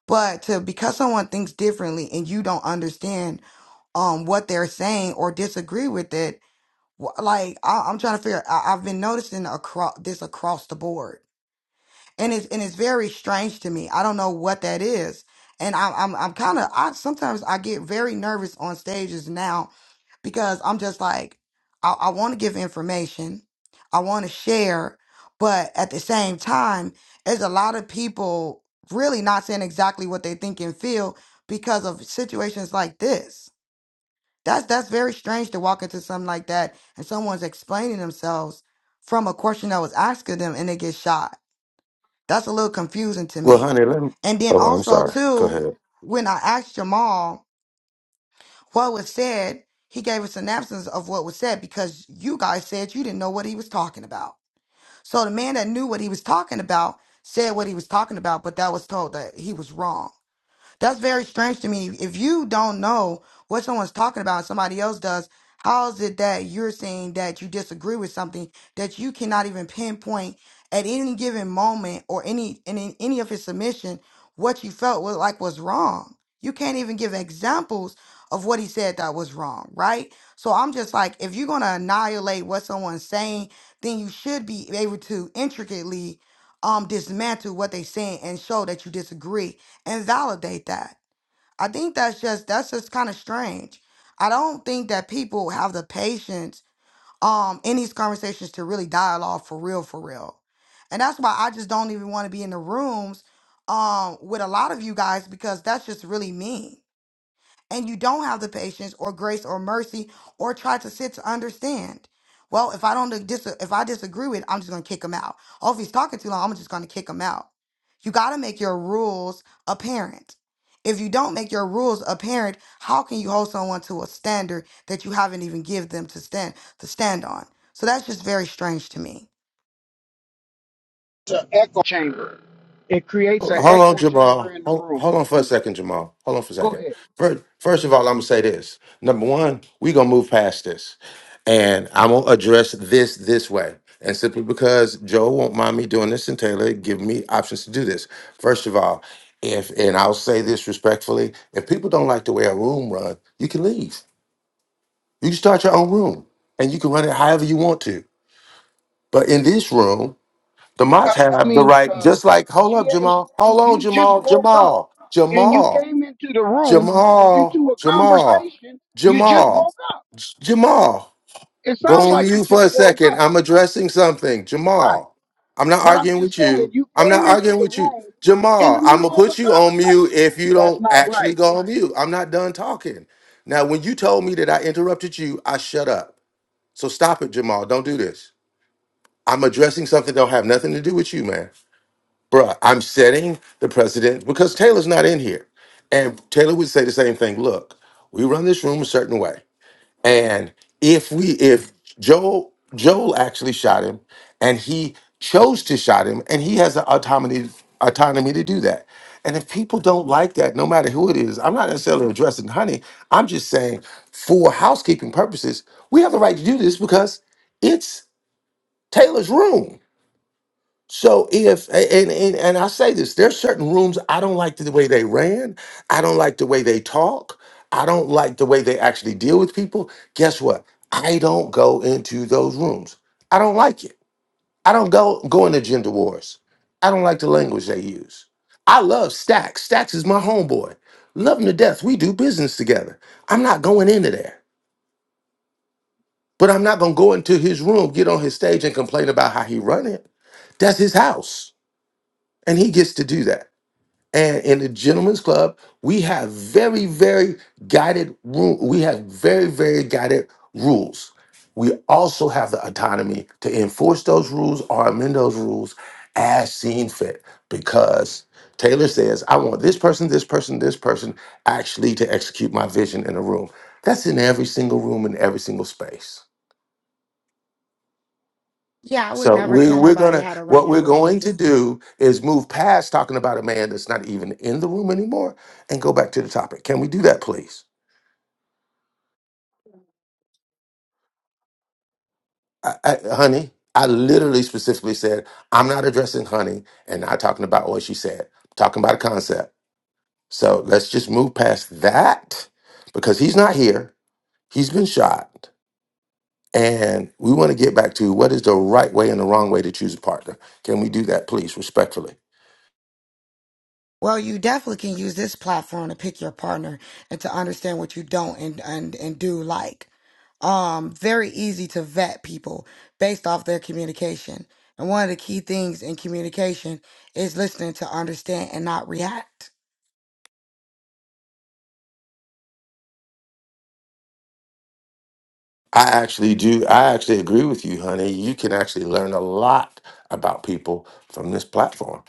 Speaker 23: But to because someone thinks differently and you don't understand um what they're saying or disagree with it, Wh- like I, I'm trying to figure. I, I've been noticing across this across the board, and it's and it's very strange to me. I don't know what that is, and I, I'm I'm kind of I sometimes I get very nervous on stages now because I'm just like I, I want to give information, I want to share, but at the same time, there's a lot of people really not saying exactly what they think and feel because of situations like this that's that's very strange to walk into something like that and someone's explaining themselves from a question that was asked of them and they get shot. That's a little confusing to
Speaker 21: Well,
Speaker 23: me. And then
Speaker 21: oh, I'm
Speaker 23: also
Speaker 21: sorry. Go
Speaker 23: too,
Speaker 21: ahead.
Speaker 23: when I asked Jamal what was said, he gave us an absence of what was said because you guys said you didn't know what he was talking about. So the man that knew what he was talking about said what he was talking about, but that was told that he was wrong. That's very strange to me. If you don't know what someone's talking about, and somebody else does. How is it that you're saying that you disagree with something that you cannot even pinpoint at any given moment or any and in any of his submission what you felt was like was wrong? You can't even give examples of what he said that was wrong, right? So I'm just like, if you're gonna annihilate what someone's saying, then you should be able to intricately um dismantle what they're saying and show that you disagree and validate that. I think that's just that's just kind of strange. I don't think that people have the patience um in these conversations to really dialogue for real for real. And that's why I just don't even want to be in the rooms um with a lot of you guys because that's just really mean and you don't have the patience or grace or mercy or try to sit to understand. Well, if I don't dis- if I disagree with, it, I'm just gonna kick him out. Oh, if he's talking too long, I'm just gonna kick him out. You gotta make your rules apparent. If you don't make your rules apparent, how can you hold someone to a standard that you haven't even give them to stand to stand on? So that's just very strange to me.
Speaker 13: To echo Chamber. It creates an
Speaker 21: Hold on,
Speaker 13: echo chamber
Speaker 21: Jamal.
Speaker 13: in the
Speaker 21: Hold,
Speaker 13: room.
Speaker 21: hold on for a
Speaker 13: Go,
Speaker 21: second, Jamal. Hold on for a
Speaker 13: go
Speaker 21: second.
Speaker 13: ahead.
Speaker 21: First, first of all, I'm gonna say this. Number one, we gonna move past this, and I'm gonna address this this way. And simply because Joe won't mind me doing this, and Taylor give me options to do this. First of all, if and I'll say this respectfully, if people don't like the way a room run, you can leave. You can start your own room, and you can run it however you want to. But in this room, the Mots
Speaker 13: I
Speaker 21: have the
Speaker 13: mean,
Speaker 21: right,
Speaker 13: uh,
Speaker 21: just like, hold up,
Speaker 13: GA,
Speaker 21: Jamal. Hold on,
Speaker 13: you just
Speaker 21: Jamal.
Speaker 13: woke up
Speaker 21: Jamal.
Speaker 13: and you
Speaker 21: Jamal.
Speaker 13: came into the room
Speaker 21: Jamal.
Speaker 13: into a
Speaker 21: Jamal.
Speaker 13: conversation. You just
Speaker 21: Jamal.
Speaker 13: woke up.
Speaker 21: Jamal.
Speaker 13: It
Speaker 21: Go
Speaker 13: sounds
Speaker 21: on
Speaker 13: like you
Speaker 21: mute for
Speaker 13: just
Speaker 21: a
Speaker 13: woke
Speaker 21: second.
Speaker 13: up.
Speaker 21: I'm addressing something.
Speaker 13: Right.
Speaker 21: Jamal. I'm not
Speaker 13: But I'm
Speaker 21: arguing
Speaker 13: just
Speaker 21: with
Speaker 13: saying,
Speaker 21: you.
Speaker 13: you
Speaker 21: I'm not
Speaker 13: came into
Speaker 21: arguing
Speaker 13: the
Speaker 21: with you.
Speaker 13: room in the
Speaker 21: Jamal, I'm going to
Speaker 13: middle of a
Speaker 21: put you on mute
Speaker 13: conversation.
Speaker 21: if you
Speaker 13: That's
Speaker 21: don't
Speaker 13: not
Speaker 21: actually go on mute. I'm not done talking. Now, when you told me that I interrupted you, I shut up. So stop it, Jamal. Don't do this. I'm addressing something that don't have nothing to do with you, man. Bruh, I'm setting the precedent because Taylor's not in here. And Taylor would say the same thing. Look, we run this room a certain way. And if we if Joel Joel actually shot him and he chose to shot him and he has the autonomy autonomy to do that. And if people don't like that, no matter who it is, I'm not necessarily addressing honey. I'm just saying for housekeeping purposes, we have the right to do this because it's Taylor's room. So if a- and, and and I say this, there's certain rooms I don't like the way they ran. I don't like the way they talk. I don't like the way they actually deal with people. Guess what? I don't go into those rooms. I don't like it. I don't go go into gender wars. I don't like the language they use. I love Stacks. Stacks is my homeboy. Love him to death. We do business together. I'm not going into there. But I'm not gonna go into his room, get on his stage, and complain about how he run it. That's his house. And he gets to do that. And in the gentlemen's club, we have very, very guided rule. We have very, very guided rules. We also have the autonomy to enforce those rules or amend those rules as seen fit. Because Taylor says, I want this person, this person, this person actually to execute my vision in a room. That's in every single room in every single space.
Speaker 23: Yeah, I would
Speaker 21: So
Speaker 23: never
Speaker 21: we,
Speaker 23: tell
Speaker 21: we're
Speaker 23: nobody
Speaker 21: gonna
Speaker 23: how to run
Speaker 21: what
Speaker 23: your
Speaker 21: we're going to
Speaker 23: room.
Speaker 21: do is move past talking about a man that's not even in the room anymore and go back to the topic. Can we do that, please, I, I, honey? I literally specifically said I'm not addressing honey and not talking about what she said. I'm talking about a concept. So let's just move past that because he's not here. He's been shot, and we want to get back to what is the right way and the wrong way to choose a partner. Can we do that, please, respectfully?
Speaker 23: Well, you definitely can use this platform to pick your partner and to understand what you don't and and, and do like. Um, very easy to vet people based off their communication. And one of the key things in communication is listening to understand and not react.
Speaker 21: I actually do. I actually agree with you, honey. You can actually learn a lot about people from this platform.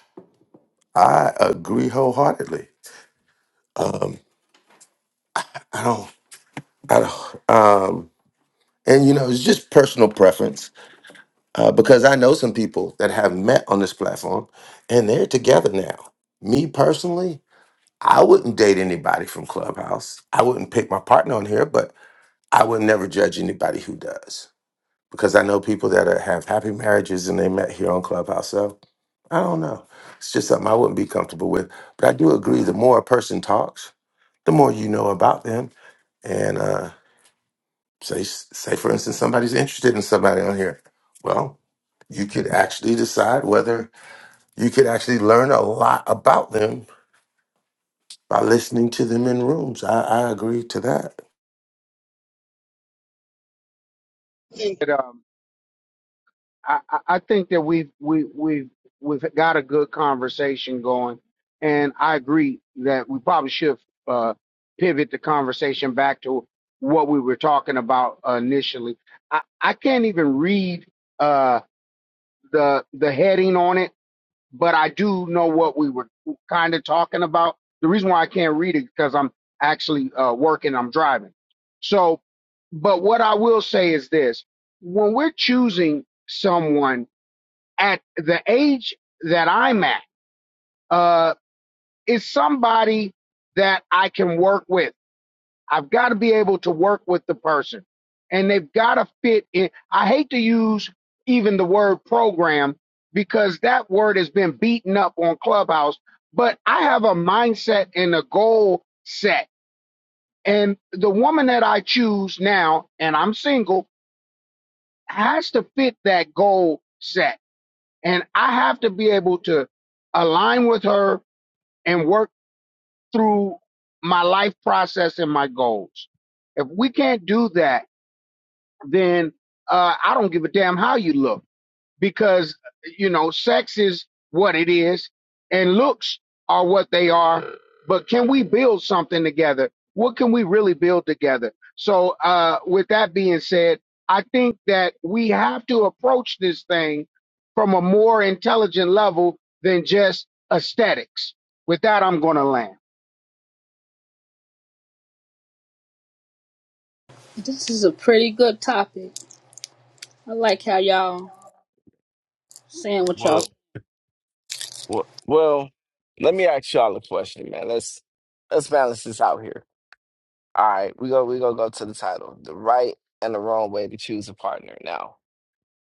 Speaker 21: I agree wholeheartedly. I don't. I don't. Um, and you know, it's just personal preference uh, because I know some people that have met on this platform, and they're together now. Me personally, I wouldn't date anybody from Clubhouse. I wouldn't pick my partner on here, but I would never judge anybody who does because I know people that are, have happy marriages and they met here on Clubhouse. So I don't know. It's just something I wouldn't be comfortable with. But I do agree. The more a person talks, the more you know about them. And uh, say, say for instance, somebody's interested in somebody on here. Well, you could actually decide whether you could actually learn a lot about them by listening to them in rooms. I, I agree to that.
Speaker 13: right. I, I I think that we've we we've we've got a good conversation going, and I agree that we probably should uh, pivot the conversation back to what we were talking about initially. I, I can't even read uh, the the heading on it, but I do know what we were kind of talking about. The reason why I can't read it because I'm actually uh, working, I'm driving. So, but what I will say is this: when we're choosing someone at the age that I'm at uh, is somebody that I can work with. I've got to be able to work with the person, and they've got to fit in. I hate to use even the word program because that word has been beaten up on Clubhouse, but I have a mindset and a goal set. And the woman that I choose now, and I'm single, has to fit that goal set and I have to be able to align with her and work through my life process and my goals. If we can't do that, then uh, I don't give a damn how you look because you know sex is what it is and looks are what they are but can we build something together what can we really build together so uh with that being said i think that we have to approach this thing from a more intelligent level than just aesthetics with that i'm gonna land
Speaker 24: This is a pretty good topic. I like how y'all saying what y'all.
Speaker 22: Well, Well, well, let me ask y'all a question, man. Let's let's balance this out here. All right, we go we gonna go to the title, the right and the wrong way to choose a partner. Now,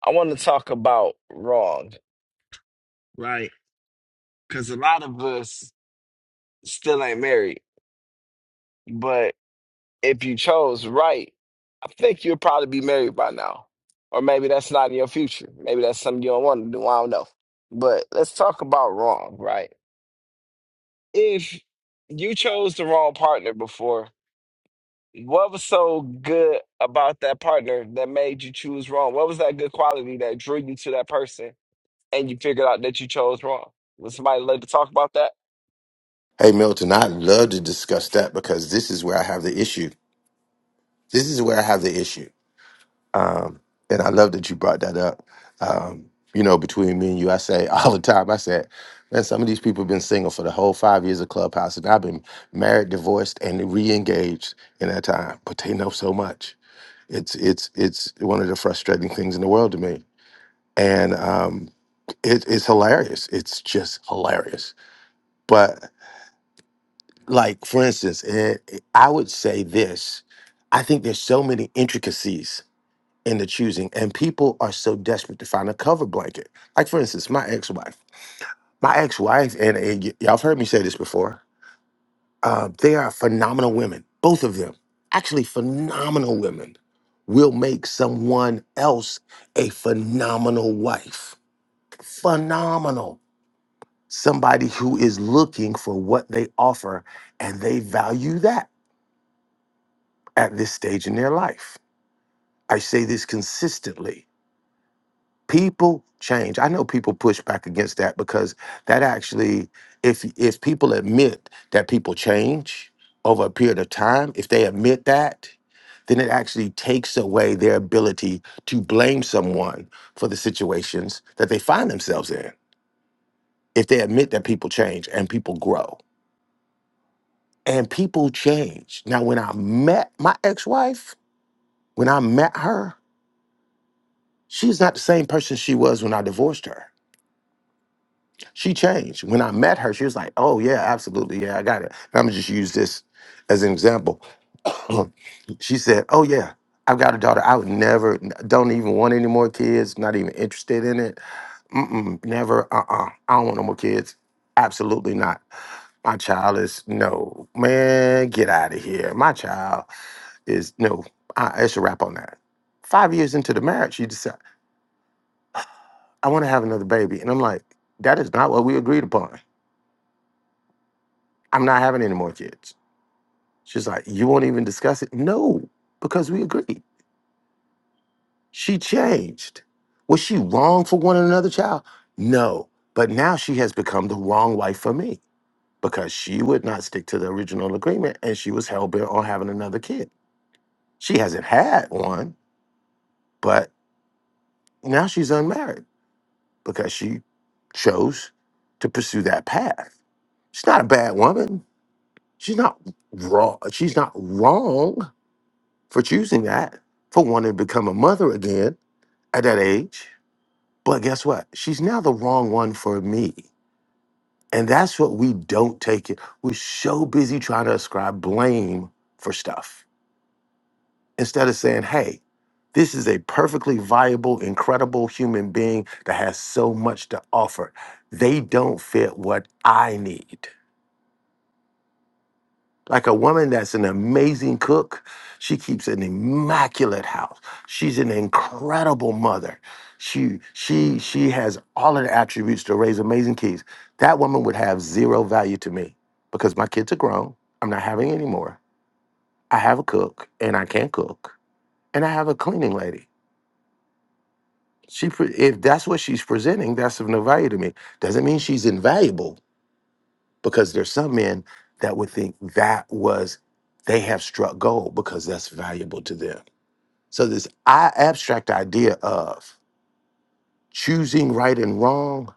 Speaker 22: I want to talk about wrong, right? Because a lot of us still ain't married, but. if you chose right, I think you'll probably be married by now. Or maybe that's not in your future. Maybe that's something you don't want to do. I don't know. But let's talk about wrong, right? If you chose the wrong partner before, what was so good about that partner that made you choose wrong? What was that good quality that drew you to that person and you figured out that you chose wrong? Would somebody like to talk about that?
Speaker 21: Hey, Milton, I'd love to discuss that because this is where I have the issue. This is where I have the issue. Um, and I love that you brought that up. Um, you know, between me and you, I say all the time, I said, man, some of these people have been single for the whole five years of Clubhouse, and I've been married, divorced, and re-engaged in that time, but they know so much. It's it's it's one of the frustrating things in the world to me. And um it, it's hilarious. It's just hilarious. But like for instance, it, I would say this. I think there's so many intricacies in the choosing. And people are so desperate to find a cover blanket. Like, for instance, my ex wife. My ex wife, and, and y'all have heard me say this before, uh, they are phenomenal women, both of them. Actually, phenomenal women will make someone else a phenomenal wife. Phenomenal. Somebody who is looking for what they offer and they value that at this stage in their life. I say this consistently people change i know people push back against that because that actually if if people admit that people change over a period of time if they admit that then it actually takes away their ability to blame someone for the situations that they find themselves in if they admit that people change and people grow and people change now when i met my ex-wife when i met her she's not the same person she was when i divorced her She changed. When I met her, she was like, "Oh yeah, absolutely, yeah, I got it." And I'm gonna just use this as an example. she said, "Oh yeah, I've got a daughter. I would never, don't even want any more kids. Not even interested in it. Mm-mm, never. Uh-uh. I don't want no more kids. Absolutely not. My child is no man. Get out of here. My child is no. I, it's a wrap on that. Five years into the marriage, she decided I want to have another baby, and I'm like, that is not what we agreed upon. I'm not having any more kids. She's like, You won't even discuss it? No, because we agreed. She changed. Was she wrong for wanting another child? No. But now she has become the wrong wife for me because she would not stick to the original agreement and she was hell bent on having another kid. She hasn't had one, but now she's unmarried because she chose to pursue that path. She's not a bad woman. She's not raw. She's not wrong for choosing that, for wanting to become a mother again at that age. But guess what? She's now the wrong one for me. And that's what we don't take it. We're so busy trying to ascribe blame for stuff instead of saying, hey, this is a perfectly viable, incredible human being that has so much to offer. They don't fit what I need. like a woman that's an amazing cook. She keeps an immaculate house. She's an incredible mother. She she she has all of the attributes to raise amazing kids. That woman would have zero value to me because my kids are grown. I'm not having any more. I have a cook and I can cook and I have a cleaning lady. She pre- if that's what she's presenting, that's of no value to me. Doesn't mean she's invaluable because there's some men that would think that was they have struck gold because that's valuable to them. So this I abstract idea of choosing right and wrong,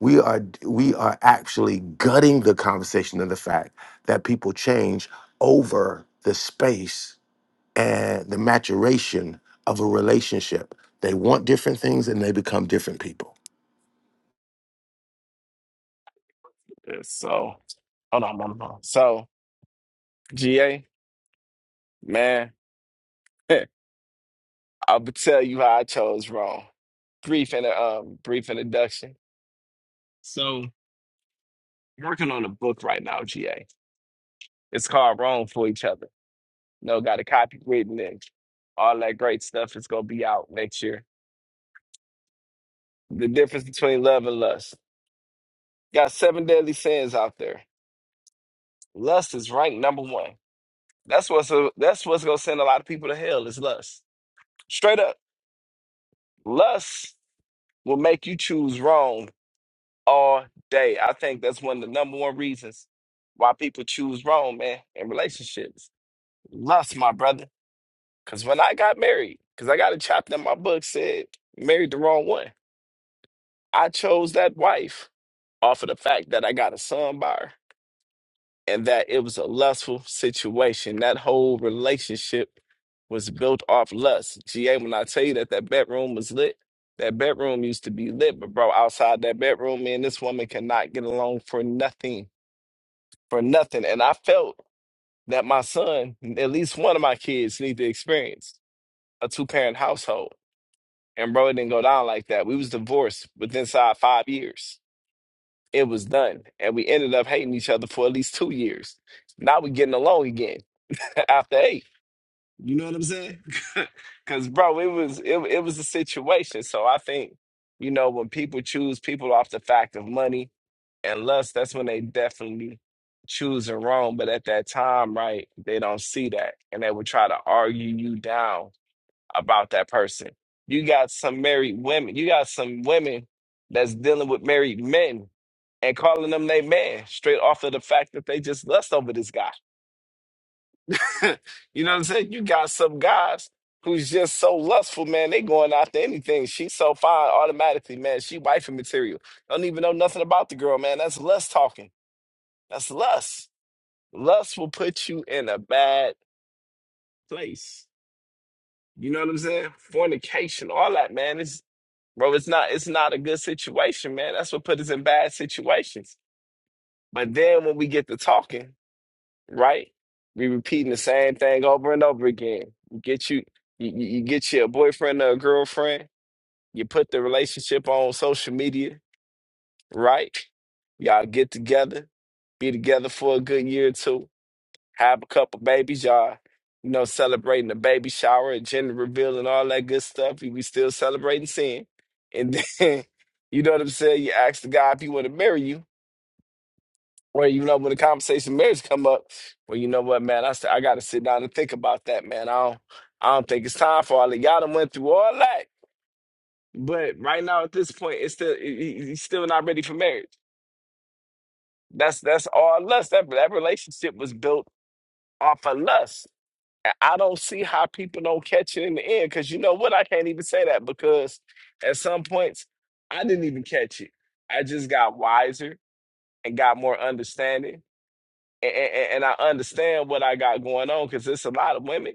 Speaker 21: we are we are actually gutting the conversation of the fact that people change over the space and the maturation of a relationship. They want different things and they become different people.
Speaker 22: Yeah, So, hold on, hold on. hold on. So, GA, man. I'll b- tell you how I chose wrong. Brief and um brief introduction. So I'm working on a book right now, GA. It's called Wrong for Each Other. No, got a copy written and all that great stuff is gonna be out next year. The difference between love and lust. Got seven deadly sins out there. Lust is ranked number one. That's what's uh, that's what's gonna send a lot of people to hell is lust. Straight up, lust will make you choose wrong all day. I think that's one of the number one reasons why people choose wrong, man, in relationships. Lust, my brother. Because when I got married, because I got a chapter in my book said, married the wrong one. I chose that wife off of the fact that I got a son by her and that it was a lustful situation. That whole relationship was built off lust. GA, when I tell you that that bedroom was lit, that bedroom used to be lit, but bro, outside that bedroom, man, this woman cannot get along for nothing for nothing. And I felt that my son, at least one of my kids, need to experience a two parent household. And bro, it didn't go down like that. We was divorced within inside five years. It was done. And we ended up hating each other for at least two years. Now we getting along again after eight. You know what I'm saying? Cause bro, it was it, it was a situation. So I think, you know, when people choose people off the fact of money, and lust, that's when they definitely choosing wrong. But at that time, right, they don't see that. And they will try to argue you down about that person. You got some married women, you got some women that's dealing with married men and calling them they man straight off of the fact that they just lust over this guy. you know what I'm saying? You got some guys who's just so lustful, man. They going after anything. She's so fine automatically, man. She wifey material. Don't even know nothing about the girl, man. That's lust talking. That's lust. Lust will put you in a bad place. You know what I'm saying? Fornication, all that, man. It's bro, it's not it's not a good situation, man. That's what put us in bad situations. But then when we get to talking, right? We repeating the same thing over and over again. You get you you, you you get your boyfriend or a girlfriend, you put the relationship on social media, right? Y'all get together, be together for a good year or two have a couple babies, y'all. You know, celebrating the baby shower and gender reveal and all that good stuff. We still celebrating sin. And then, you know what I'm saying? You ask the guy if he want to marry you, or you know when the conversation marriage come up. Well, you know what, man? I st- I got to sit down and think about that, man. I don't I don't think it's time for all that. Y'all done went through all that, but right now at this point, it's still he- he- he's still not ready for marriage. That's that's all lust. That that relationship was built off of lust And I don't see how people don't catch it in the end. Cause you know what? I can't even say that because at some points I didn't even catch it. I just got wiser and got more understanding. And, and, and I understand what I got going on because there's a lot of women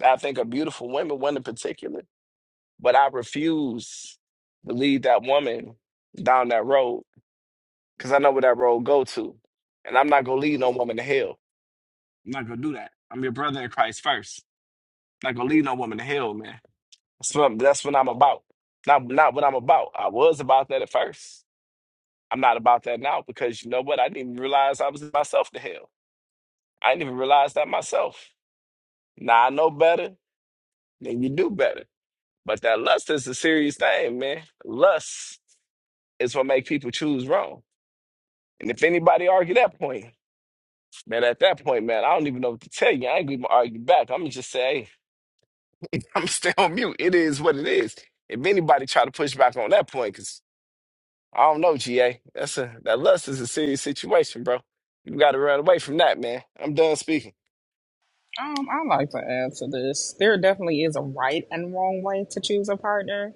Speaker 22: that I think are beautiful women, one in particular, but I refuse to lead that woman down that road because I know where that road go to. And I'm not gonna lead no woman to hell. I'm not gonna do that. I'm your brother in Christ first. I'm not gonna lead no woman to hell, man. That's what, I'm, that's what I'm about. Not not what I'm about. I was about that at first. I'm not about that now because you know what? I didn't even realize I was in myself to hell. I didn't even realize that myself. Now I know better, then you do better. But that lust is a serious thing, man. Lust is what make people choose wrong. And if anybody argue that point, man, at that point, man, I don't even know what to tell you. I ain't gonna even argue back. I'm gonna just say, hey, I'm gonna stay on mute. It is what it is. If anybody try to push back on that point, cause. I don't know, GA. That's a that lust is a serious situation, bro. You got to run away from that, man. I'm done speaking.
Speaker 25: Um, I like to add to this. There definitely is a right and wrong way to choose a partner.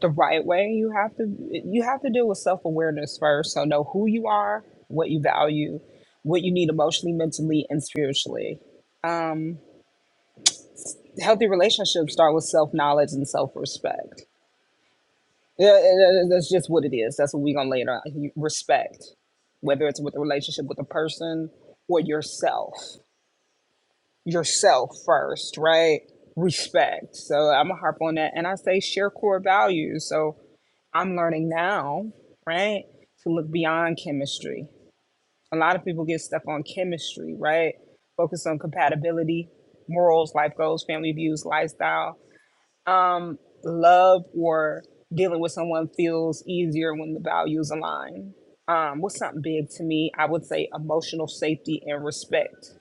Speaker 25: The right way, you have to you have to deal with self awareness first. So know who you are, what you value, what you need emotionally, mentally, and spiritually. Um, healthy relationships start with self knowledge and self respect. Yeah, it- it- that's just what it is. That's what we're gonna lay it on. You- Respect, whether it's with a relationship with a person or yourself. yourself first, right? Respect. So I'm gonna harp on that. And I say share core values. So I'm learning now, right? To look beyond chemistry. A lot of people get stuck on chemistry, right? Focus on compatibility, morals, life goals, family views, lifestyle. Um, love or dealing with someone feels easier when the values align. Um, what's something big to me? I would say emotional safety and respect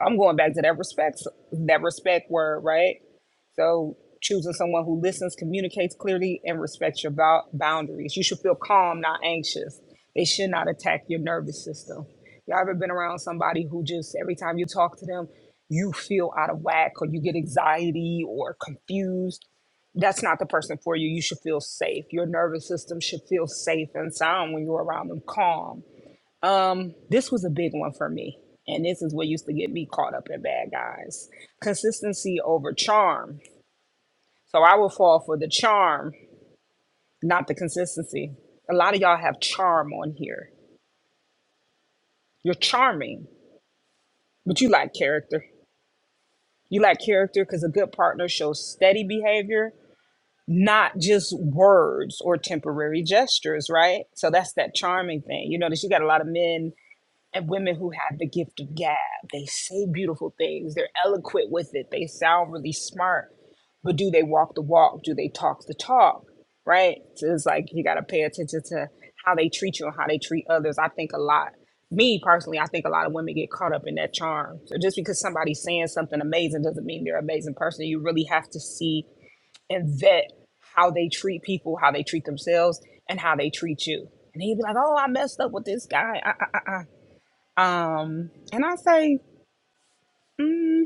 Speaker 25: I'm going back to that respect that respect word, right? So choosing someone who listens, communicates clearly, and respects your bou- boundaries. You should feel calm, not anxious. They should not attack your nervous system. Y'all ever been around somebody who just every time you talk to them, you feel out of whack or you get anxiety or confused? That's not the person for you. You should feel safe. Your nervous system should feel safe and sound when you're around them, calm um, this was a big one for me. And this is what used to get me caught up in bad guys. Consistency over charm. So I will fall for the charm, not the consistency. A lot of y'all have charm on here. You're charming, but you lack character. You lack character because a good partner shows steady behavior, not just words or temporary gestures, right? So that's that charming thing. You notice you got a lot of men and women who have the gift of gab. They say beautiful things, they're eloquent with it, they sound really smart, but do they walk the walk? Do they talk the talk? Right? So it's like you got to pay attention to how they treat you and how they treat others. I think a lot, me personally, I think a lot of women get caught up in that charm. So just because somebody's saying something amazing doesn't mean they're an amazing person. You really have to see and vet how they treat people, how they treat themselves, and how they treat you. And he'd be like, "Oh, I messed up with this guy." Uh, uh, uh, uh." Um, and I say, mm,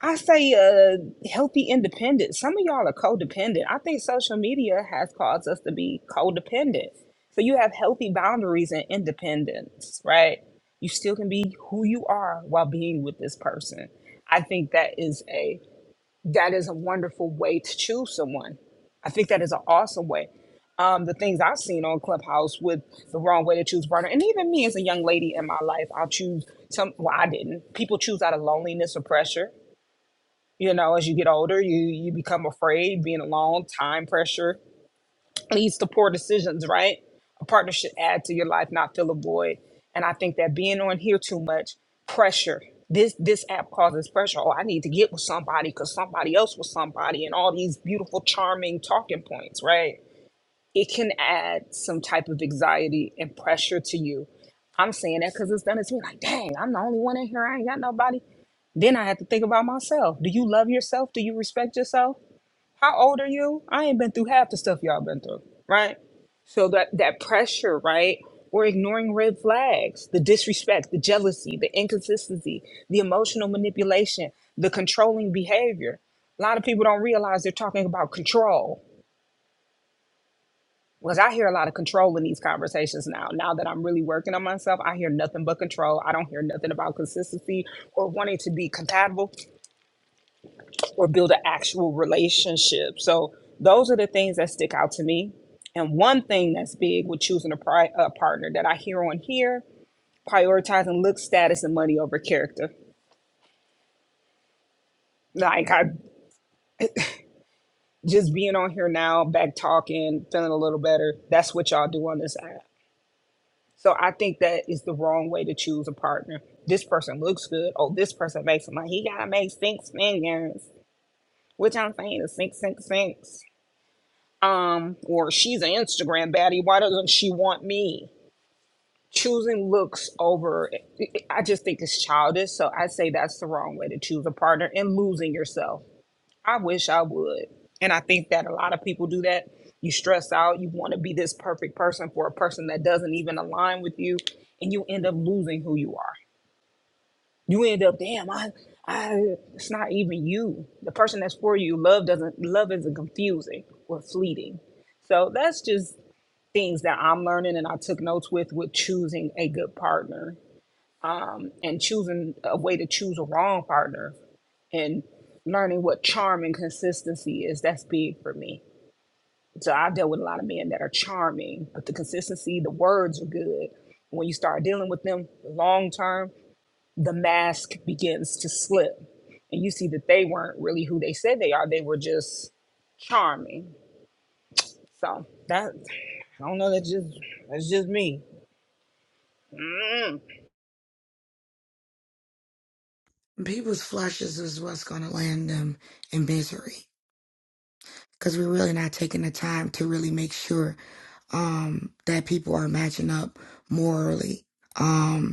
Speaker 25: I say, uh, healthy independence. Some of y'all are codependent. I think social media has caused us to be codependent. So you have healthy boundaries and independence, right? You still can be who you are while being with this person. I think that is a that is a wonderful way to choose someone. I think that is an awesome way. um, the things I've seen on Clubhouse with the wrong way to choose partner, and even me as a young lady in my life, I'll choose some. Well, I didn't. People choose out of loneliness or pressure. You know, as you get older, you you become afraid. Being alone, time pressure leads to poor decisions. Right? A partner should add to your life, not fill a void. And I think that being on here too much pressure. This this app causes pressure. Oh, I need to get with somebody because somebody else was somebody, and all these beautiful, charming talking points. Right? it can add some type of anxiety and pressure to you. I'm saying that because it's done it to me. Like, dang, I'm the only one in here. I ain't got nobody. Then I have to think about myself. Do you love yourself? Do you respect yourself? How old are you? I ain't been through half the stuff y'all been through, right? So that that pressure, right? We're ignoring red flags, the disrespect, the jealousy, the inconsistency, the emotional manipulation, the controlling behavior. A lot of people don't realize they're talking about control because I hear a lot of control in these conversations now. Now that I'm really working on myself, I hear nothing but control. I don't hear nothing about consistency or wanting to be compatible or build an actual relationship. So those are the things that stick out to me. And one thing that's big with choosing a, pri- a partner that I hear on here, prioritizing look, status, and money over character. Like I just being on here now, back talking, feeling a little better. That's what y'all do on this app. So I think that is the wrong way to choose a partner. This person looks good. Oh, this person makes money. He gotta make six figures, which I'm saying is six, six, six. Um, or she's an Instagram baddie. Why doesn't she want me? Choosing looks over, I just think it's childish. So I say that's the wrong way to choose a partner and losing yourself. I wish I would. And I think that a lot of people do that. You stress out. You want to be this perfect person for a person that doesn't even align with you, and you end up losing who you are. You end up, damn, I, I, it's not even you. The person that's for you, love doesn't, love isn't confusing or fleeting. So that's just things that I'm learning and I took notes with, with choosing a good partner and choosing a way to choose a wrong partner and learning what charm and consistency is. That's big for me. So I dealt with a lot of men that are charming, but the consistency, the words are good. When you start dealing with them long term, the mask begins to slip. And you see that they weren't really who they said they are. They were just charming. So that I don't know, that's just that's just me.
Speaker 23: People's flushes is what's going to land them in misery because we're really not taking the time to really make sure um, that people are matching up morally. Um,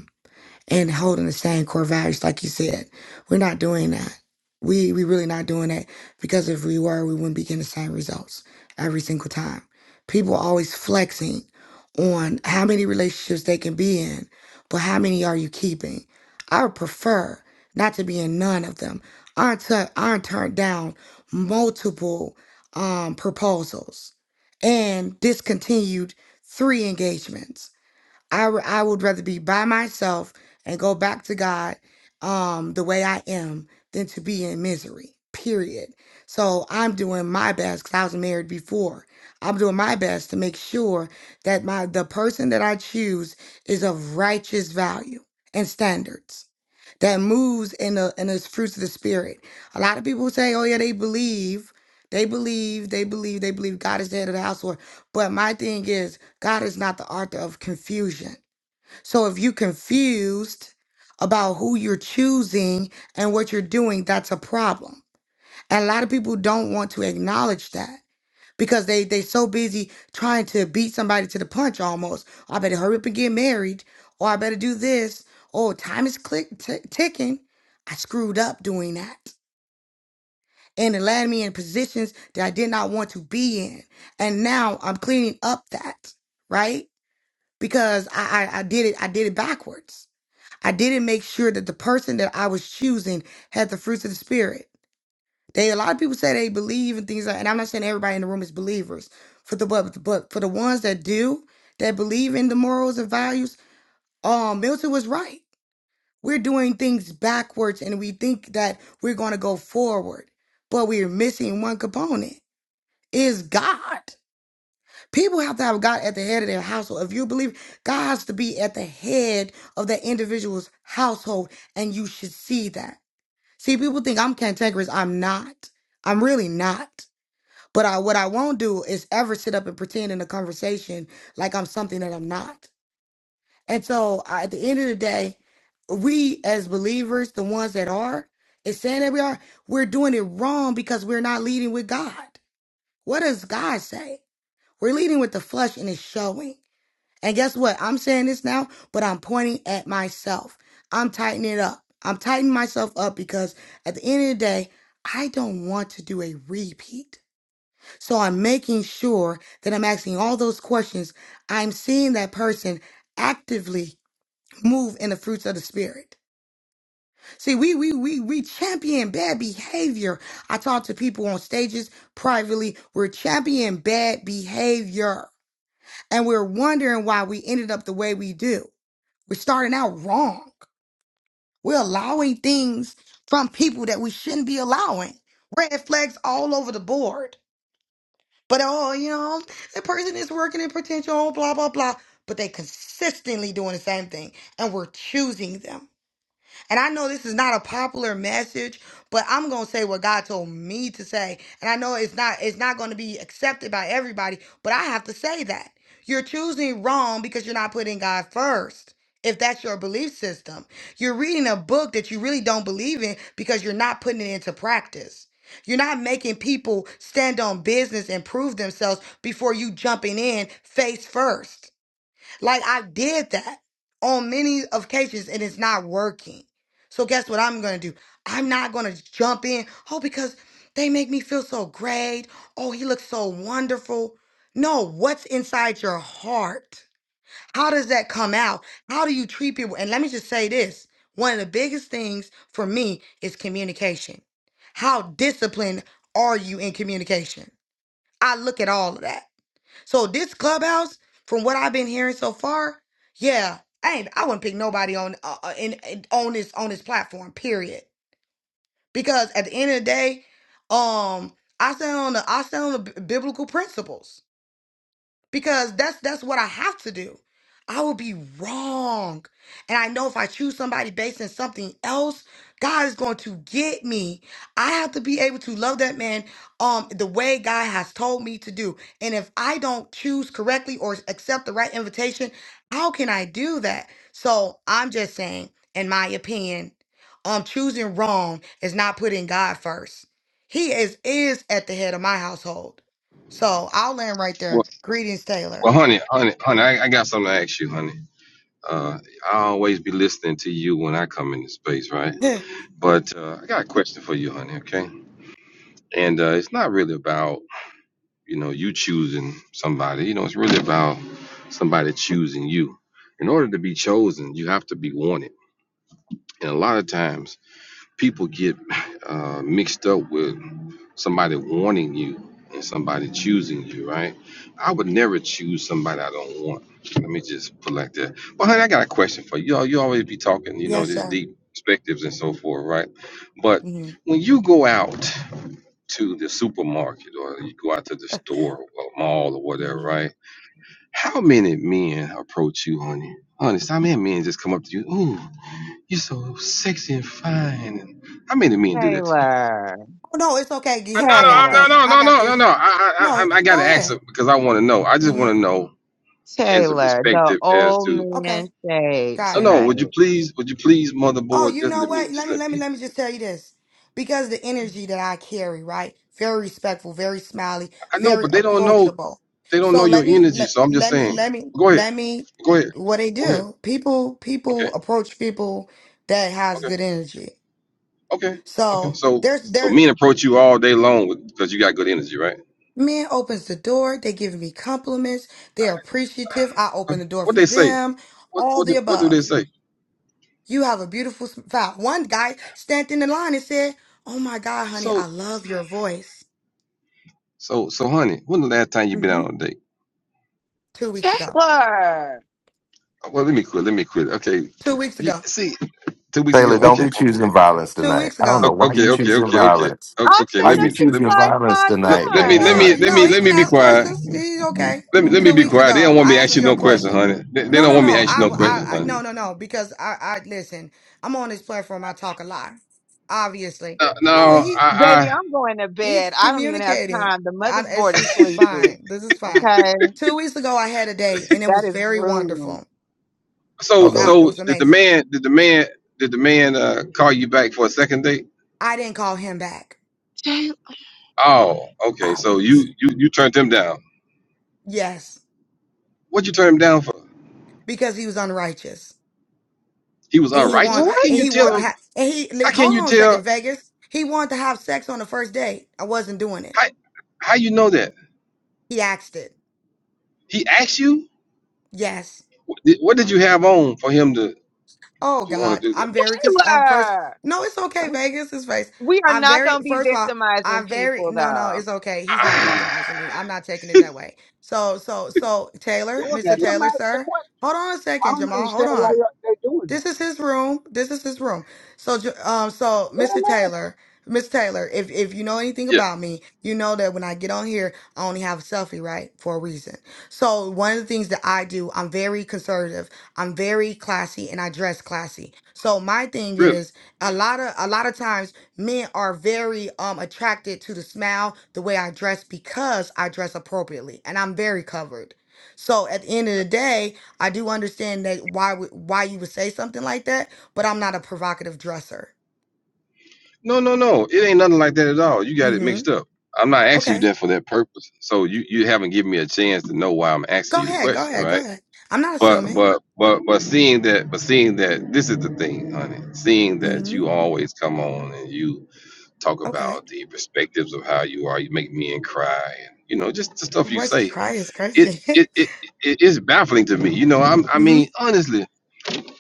Speaker 23: and holding the same core values, like you said. We're not doing that. We we really not doing that because if we were, we wouldn't be getting the same results every single time. People always flexing on how many relationships they can be in, but how many are you keeping? I would prefer not to be in none of them. I tu- I turned down multiple um, proposals and discontinued three engagements I, r- I would rather be by myself and go back to God um, the way I am than to be in misery, period. So I'm doing my best because I was married before. I'm doing my best to make sure that my the person that I choose is of righteous value and standards that moves in the in the fruits of the spirit. A lot of people say, "Oh yeah, they believe, they believe, they believe, they believe God is the head of the household." But my thing is, God is not the author of confusion. So if you're confused about who you're choosing and what you're doing, that's a problem. And a lot of people don't want to acknowledge that because they they so busy trying to beat somebody to the punch almost. "Oh, I better hurry up and get married, or I better do this. Oh, time is click t- ticking. I screwed up doing that. And it landed me in positions that I did not want to be in. And now I'm cleaning up that, right? Because I, I, I did it, I did it backwards. I didn't make sure that the person that I was choosing had the fruits of the spirit. They a lot of people say they believe in things like, and I'm not saying everybody in the room is believers. For the but, but for the ones that do, that believe in the morals and values, um, Milton was right. We're doing things backwards and we think that we're gonna go forward, but we're missing one component is God. People have to have God at the head of their household. If you believe God has to be at the head of that individual's household, and you should see that. See, people think I'm cantankerous. I'm not. I'm really not. But I, what I won't do is ever sit up and pretend in a conversation like I'm something that I'm not. And so I, at the end of the day, we as believers, the ones that are, is saying that we are, we're doing it wrong because we're not leading with God. What does God say? We're leading with the flesh and it's showing. And guess what? I'm saying this now, but I'm pointing at myself. I'm tightening it up. I'm tightening myself up because at the end of the day, I don't want to do a repeat. So I'm making sure that I'm asking all those questions. I'm seeing that person actively move in the fruits of the spirit. See, we we we we champion bad behavior. I talk to people on stages privately. We're championing bad behavior. And we're wondering why we ended up the way we do. We're starting out wrong. We're allowing things from people that we shouldn't be allowing. Red flags all over the board. But oh, you know, the person is working in potential, blah, blah, blah. But they consistently doing the same thing. And we're choosing them. And I know this is not a popular message, but I'm going to say what God told me to say. And I know it's not it's not going to be accepted by everybody, but I have to say that. You're choosing wrong because you're not putting God first. If that's your belief system, you're reading a book that you really don't believe in because you're not putting it into practice. You're not making people stand on business and prove themselves before you jumping in face first. Like I did that on many occasions and it's not working. So guess what I'm gonna do? I'm not gonna jump in, oh, because they make me feel so great. Oh, he looks so wonderful. No, what's inside your heart? How does that come out? How do you treat people? And let me just say this one of the biggest things for me is communication. How disciplined are you in communication? I look at all of that. So this clubhouse, from what I've been hearing so far, yeah, I ain't, I wouldn't pick nobody on uh, uh, in, in- on this on this platform. Period. Because at the end of the day, um, I stand on the I stand on the b- biblical principles because that's that's what I have to do. I will be wrong. And I know if I choose somebody based on something else, God is going to get me. I have to be able to love that man um the way God has told me to do. And if I don't choose correctly or accept the right invitation, how can I do that? So I'm just saying, in my opinion, um choosing wrong is not putting God first. He is is at the head of my household. So I'll land right there.
Speaker 2: Well,
Speaker 23: Greetings,
Speaker 2: well,
Speaker 23: Taylor.
Speaker 2: honey, honey, honey, I, I got something to ask you, honey. Uh, I always be listening to you when I come into space, right? But uh, I got a question for you, honey. Okay, and uh, it's not really about you know you choosing somebody you know it's really about somebody choosing you in order to be chosen you have to be wanted and a lot of times people get uh, mixed up with somebody wanting you and somebody choosing you right i would never choose somebody i don't want let me just put it like that but honey i got a question for you you always be talking you know
Speaker 23: yes,
Speaker 2: just
Speaker 23: sir.
Speaker 2: deep perspectives and so forth right but
Speaker 23: Mhm,
Speaker 2: when you go out to the supermarket or you go out to the store or mall or whatever,
Speaker 23: mhm.
Speaker 2: right? How many men approach you, honey? Honest, how many men just come up to you? Ooh, you're so sexy and fine. And how many men do that to you?
Speaker 26: Taylor,
Speaker 23: Oh, no, it's okay.
Speaker 2: Uh,
Speaker 23: He-
Speaker 2: No,
Speaker 23: I
Speaker 2: no,
Speaker 23: got
Speaker 2: I'm
Speaker 26: Taylor,
Speaker 23: this.
Speaker 2: no,
Speaker 23: I
Speaker 2: no,
Speaker 23: got
Speaker 2: no, no, no,
Speaker 23: this.
Speaker 2: no. I, I,
Speaker 23: No,
Speaker 2: I, I got to
Speaker 23: go
Speaker 2: ask
Speaker 23: ahead.
Speaker 2: it because I want to know. I just want
Speaker 23: hmm
Speaker 2: to know as a
Speaker 26: Taylor, the
Speaker 2: perspective as
Speaker 26: old
Speaker 2: to.
Speaker 23: Okay,
Speaker 26: man shade
Speaker 23: got
Speaker 2: No,
Speaker 23: it.
Speaker 2: no.
Speaker 26: tonight.
Speaker 2: Would you please, would you please,
Speaker 23: Oh,
Speaker 2: motherboard,
Speaker 23: you
Speaker 2: just
Speaker 23: know
Speaker 2: let me,
Speaker 23: what? Let
Speaker 2: just
Speaker 23: me
Speaker 2: let
Speaker 23: let me
Speaker 2: me.
Speaker 23: let me just tell you this. Because the energy that I carry, right? Very respectful, very smiley,
Speaker 2: I know,
Speaker 23: very
Speaker 2: but they don't know,
Speaker 23: approachable.
Speaker 2: they don't know
Speaker 23: So
Speaker 2: your
Speaker 23: let me
Speaker 2: energy.
Speaker 23: let
Speaker 2: So I'm just
Speaker 23: let me
Speaker 2: saying.
Speaker 23: let me
Speaker 2: Go ahead,
Speaker 23: let me
Speaker 2: go ahead,
Speaker 23: what they
Speaker 2: go ahead.
Speaker 23: do. People
Speaker 2: Okay,
Speaker 23: people approach people that has
Speaker 2: okay.
Speaker 23: good energy.
Speaker 2: Okay, okay.
Speaker 23: So
Speaker 2: So
Speaker 23: there's
Speaker 2: so
Speaker 23: there.
Speaker 2: men approach you all day long because you got good energy, right?
Speaker 23: Man opens the door. They giving me compliments. They're appreciative. I
Speaker 2: Huh?
Speaker 23: open the door
Speaker 2: What
Speaker 23: for
Speaker 2: they say?
Speaker 23: them.
Speaker 2: What
Speaker 23: All
Speaker 2: what
Speaker 23: the
Speaker 2: do- what do
Speaker 23: above.
Speaker 2: they say?
Speaker 23: You have a beautiful smile. One guy standing in the line and said, Oh my God, honey, I
Speaker 2: So
Speaker 23: love your voice.
Speaker 2: so so, honey, when the last time you been
Speaker 23: hmm
Speaker 2: out on a date?
Speaker 23: Two weeks ago.
Speaker 26: Taylor,
Speaker 2: Oh, Well, let me quit. Let me quit. Okay,
Speaker 23: Two weeks
Speaker 2: you,
Speaker 23: ago.
Speaker 2: see, two weeks ago.
Speaker 21: Taylor, don't
Speaker 2: Okay,
Speaker 21: be choosing violence
Speaker 23: Two
Speaker 21: tonight.
Speaker 23: weeks
Speaker 21: I don't
Speaker 23: ago.
Speaker 2: O-
Speaker 21: know why you
Speaker 2: okay, okay,
Speaker 21: choosing
Speaker 2: okay, okay,
Speaker 21: violence.
Speaker 2: O-
Speaker 26: I'm
Speaker 2: okay.
Speaker 26: sitting
Speaker 21: Why
Speaker 2: Let
Speaker 21: you
Speaker 26: up
Speaker 2: me
Speaker 26: here
Speaker 2: let
Speaker 21: choosing
Speaker 2: me.
Speaker 26: like,
Speaker 21: violence
Speaker 26: my
Speaker 2: Let,
Speaker 21: tonight,
Speaker 2: let me let
Speaker 26: God,
Speaker 21: man?
Speaker 23: No,
Speaker 2: me let
Speaker 23: no,
Speaker 2: me
Speaker 23: he
Speaker 2: let me
Speaker 23: can
Speaker 2: be
Speaker 23: ask
Speaker 2: quiet.
Speaker 23: questions. He's okay.
Speaker 2: Let me let me
Speaker 23: Two
Speaker 2: be
Speaker 23: weeks
Speaker 2: quiet. They don't
Speaker 23: ago,
Speaker 2: want me to
Speaker 23: I
Speaker 2: ask
Speaker 23: answered
Speaker 2: you
Speaker 23: your
Speaker 2: no question,
Speaker 23: question.
Speaker 2: honey. They, they
Speaker 23: No,
Speaker 2: don't
Speaker 23: no,
Speaker 2: want me to
Speaker 23: no.
Speaker 2: ask you
Speaker 23: I,
Speaker 2: no question,
Speaker 23: I, I no,
Speaker 2: honey.
Speaker 23: no, no. Because I, I, listen, I'm on this platform. I talk a lot, obviously.
Speaker 2: No, no
Speaker 23: No, he
Speaker 2: I,
Speaker 26: baby,
Speaker 2: I
Speaker 26: I'm going to
Speaker 23: he's
Speaker 26: bed. I don't even have
Speaker 23: communicating.
Speaker 26: time. The
Speaker 23: I,
Speaker 26: mother's
Speaker 23: it's,
Speaker 26: board is
Speaker 23: this is
Speaker 26: sleepy.
Speaker 23: fine. This is fine.
Speaker 26: Okay,
Speaker 23: Two weeks ago, I had a date and it
Speaker 26: that
Speaker 23: was
Speaker 26: is
Speaker 23: very
Speaker 26: rude.
Speaker 23: wonderful. It
Speaker 21: I don't
Speaker 2: So
Speaker 23: was
Speaker 21: know.
Speaker 23: out. It
Speaker 2: so
Speaker 23: was
Speaker 2: did the
Speaker 23: amazing.
Speaker 2: man did the man did the man uh call you back for a second date?
Speaker 23: I didn't call him back.
Speaker 26: Taylor,
Speaker 2: Oh, okay. So you
Speaker 21: Violence.
Speaker 2: you you turned him down.
Speaker 23: Yes,
Speaker 2: What'd you turn him down for?
Speaker 23: because he was unrighteous
Speaker 2: He was
Speaker 23: and he want
Speaker 2: unrighteous. How
Speaker 26: what?
Speaker 2: can
Speaker 23: and
Speaker 2: you
Speaker 23: he
Speaker 2: tell
Speaker 23: want to
Speaker 2: him?
Speaker 23: have and he li-
Speaker 2: How can
Speaker 23: hold
Speaker 2: you
Speaker 23: on a
Speaker 2: tell?
Speaker 23: second, Vegas. He wanted to have sex on the first date. I wasn't doing it.
Speaker 2: How how you know that?
Speaker 23: He asked it.
Speaker 2: He asked you.
Speaker 23: Yes.
Speaker 2: What did what did
Speaker 26: Oh,
Speaker 2: you
Speaker 26: gee.
Speaker 2: have on for him to
Speaker 23: Oh
Speaker 2: to want
Speaker 23: God,
Speaker 2: to do that?
Speaker 23: I'm very. Cause I'm first.
Speaker 26: Taylor,
Speaker 23: No, it's okay.
Speaker 26: we,
Speaker 23: Vegas is face.
Speaker 26: we are
Speaker 23: I'm
Speaker 26: not
Speaker 23: very.
Speaker 26: going to be
Speaker 23: First of all,
Speaker 26: victimizing
Speaker 23: I'm very.
Speaker 26: people
Speaker 23: No, no,
Speaker 26: though.
Speaker 23: it's okay. He's not victimizing me.
Speaker 2: Ah,
Speaker 23: I'm not taking it that way. So, so, so, Taylor,
Speaker 13: let
Speaker 23: Mr.
Speaker 13: them
Speaker 23: Taylor,
Speaker 13: ask the
Speaker 23: sir,
Speaker 13: question
Speaker 23: hold on a
Speaker 13: i
Speaker 23: second,
Speaker 13: don't
Speaker 23: Jamal. Hold
Speaker 13: understand why
Speaker 23: on.
Speaker 13: y'all, they're doing that
Speaker 23: This is his room. This is his room. So, Ju- um, so
Speaker 13: let them
Speaker 23: Mr.
Speaker 13: ask
Speaker 23: Taylor, Miss Taylor, if if you know anything
Speaker 2: yeah,
Speaker 23: about me, you know that when I get on here, I only have a selfie, right, for a reason. So, one of the things that I do, I'm very conservative. I'm very classy, and I dress classy. So, my thing
Speaker 2: really?
Speaker 23: is a lot of a lot of times men are very um attracted to the smile, the way I dress because I dress appropriately, and I'm very covered. So, at the end of the day, I do understand that why would why you would say something like that, but I'm not a provocative dresser.
Speaker 2: No, no, no. It ain't nothing like that at all. You got it
Speaker 23: Mm-hmm.
Speaker 2: mixed up. I'm not asking you
Speaker 23: Okay.
Speaker 2: that for that purpose. So you you haven't given me a chance to know why I'm asking
Speaker 23: Go
Speaker 2: you the
Speaker 23: ahead. Go
Speaker 2: question,
Speaker 23: ahead.
Speaker 2: right?
Speaker 23: Go ahead. I'm not
Speaker 2: But
Speaker 23: assuming.
Speaker 2: but but but seeing that but seeing that this is the thing, honey. Seeing that
Speaker 23: Mm-hmm.
Speaker 2: you always come on and you talk
Speaker 23: Okay.
Speaker 2: about the perspectives of how you are, you make men cry and you know, just the stuff you
Speaker 23: What's
Speaker 2: say.
Speaker 23: cry is
Speaker 2: It
Speaker 23: crazy.
Speaker 2: it it it is baffling to me. You know, I'm I
Speaker 23: mm-hmm.
Speaker 2: mean, honestly, it,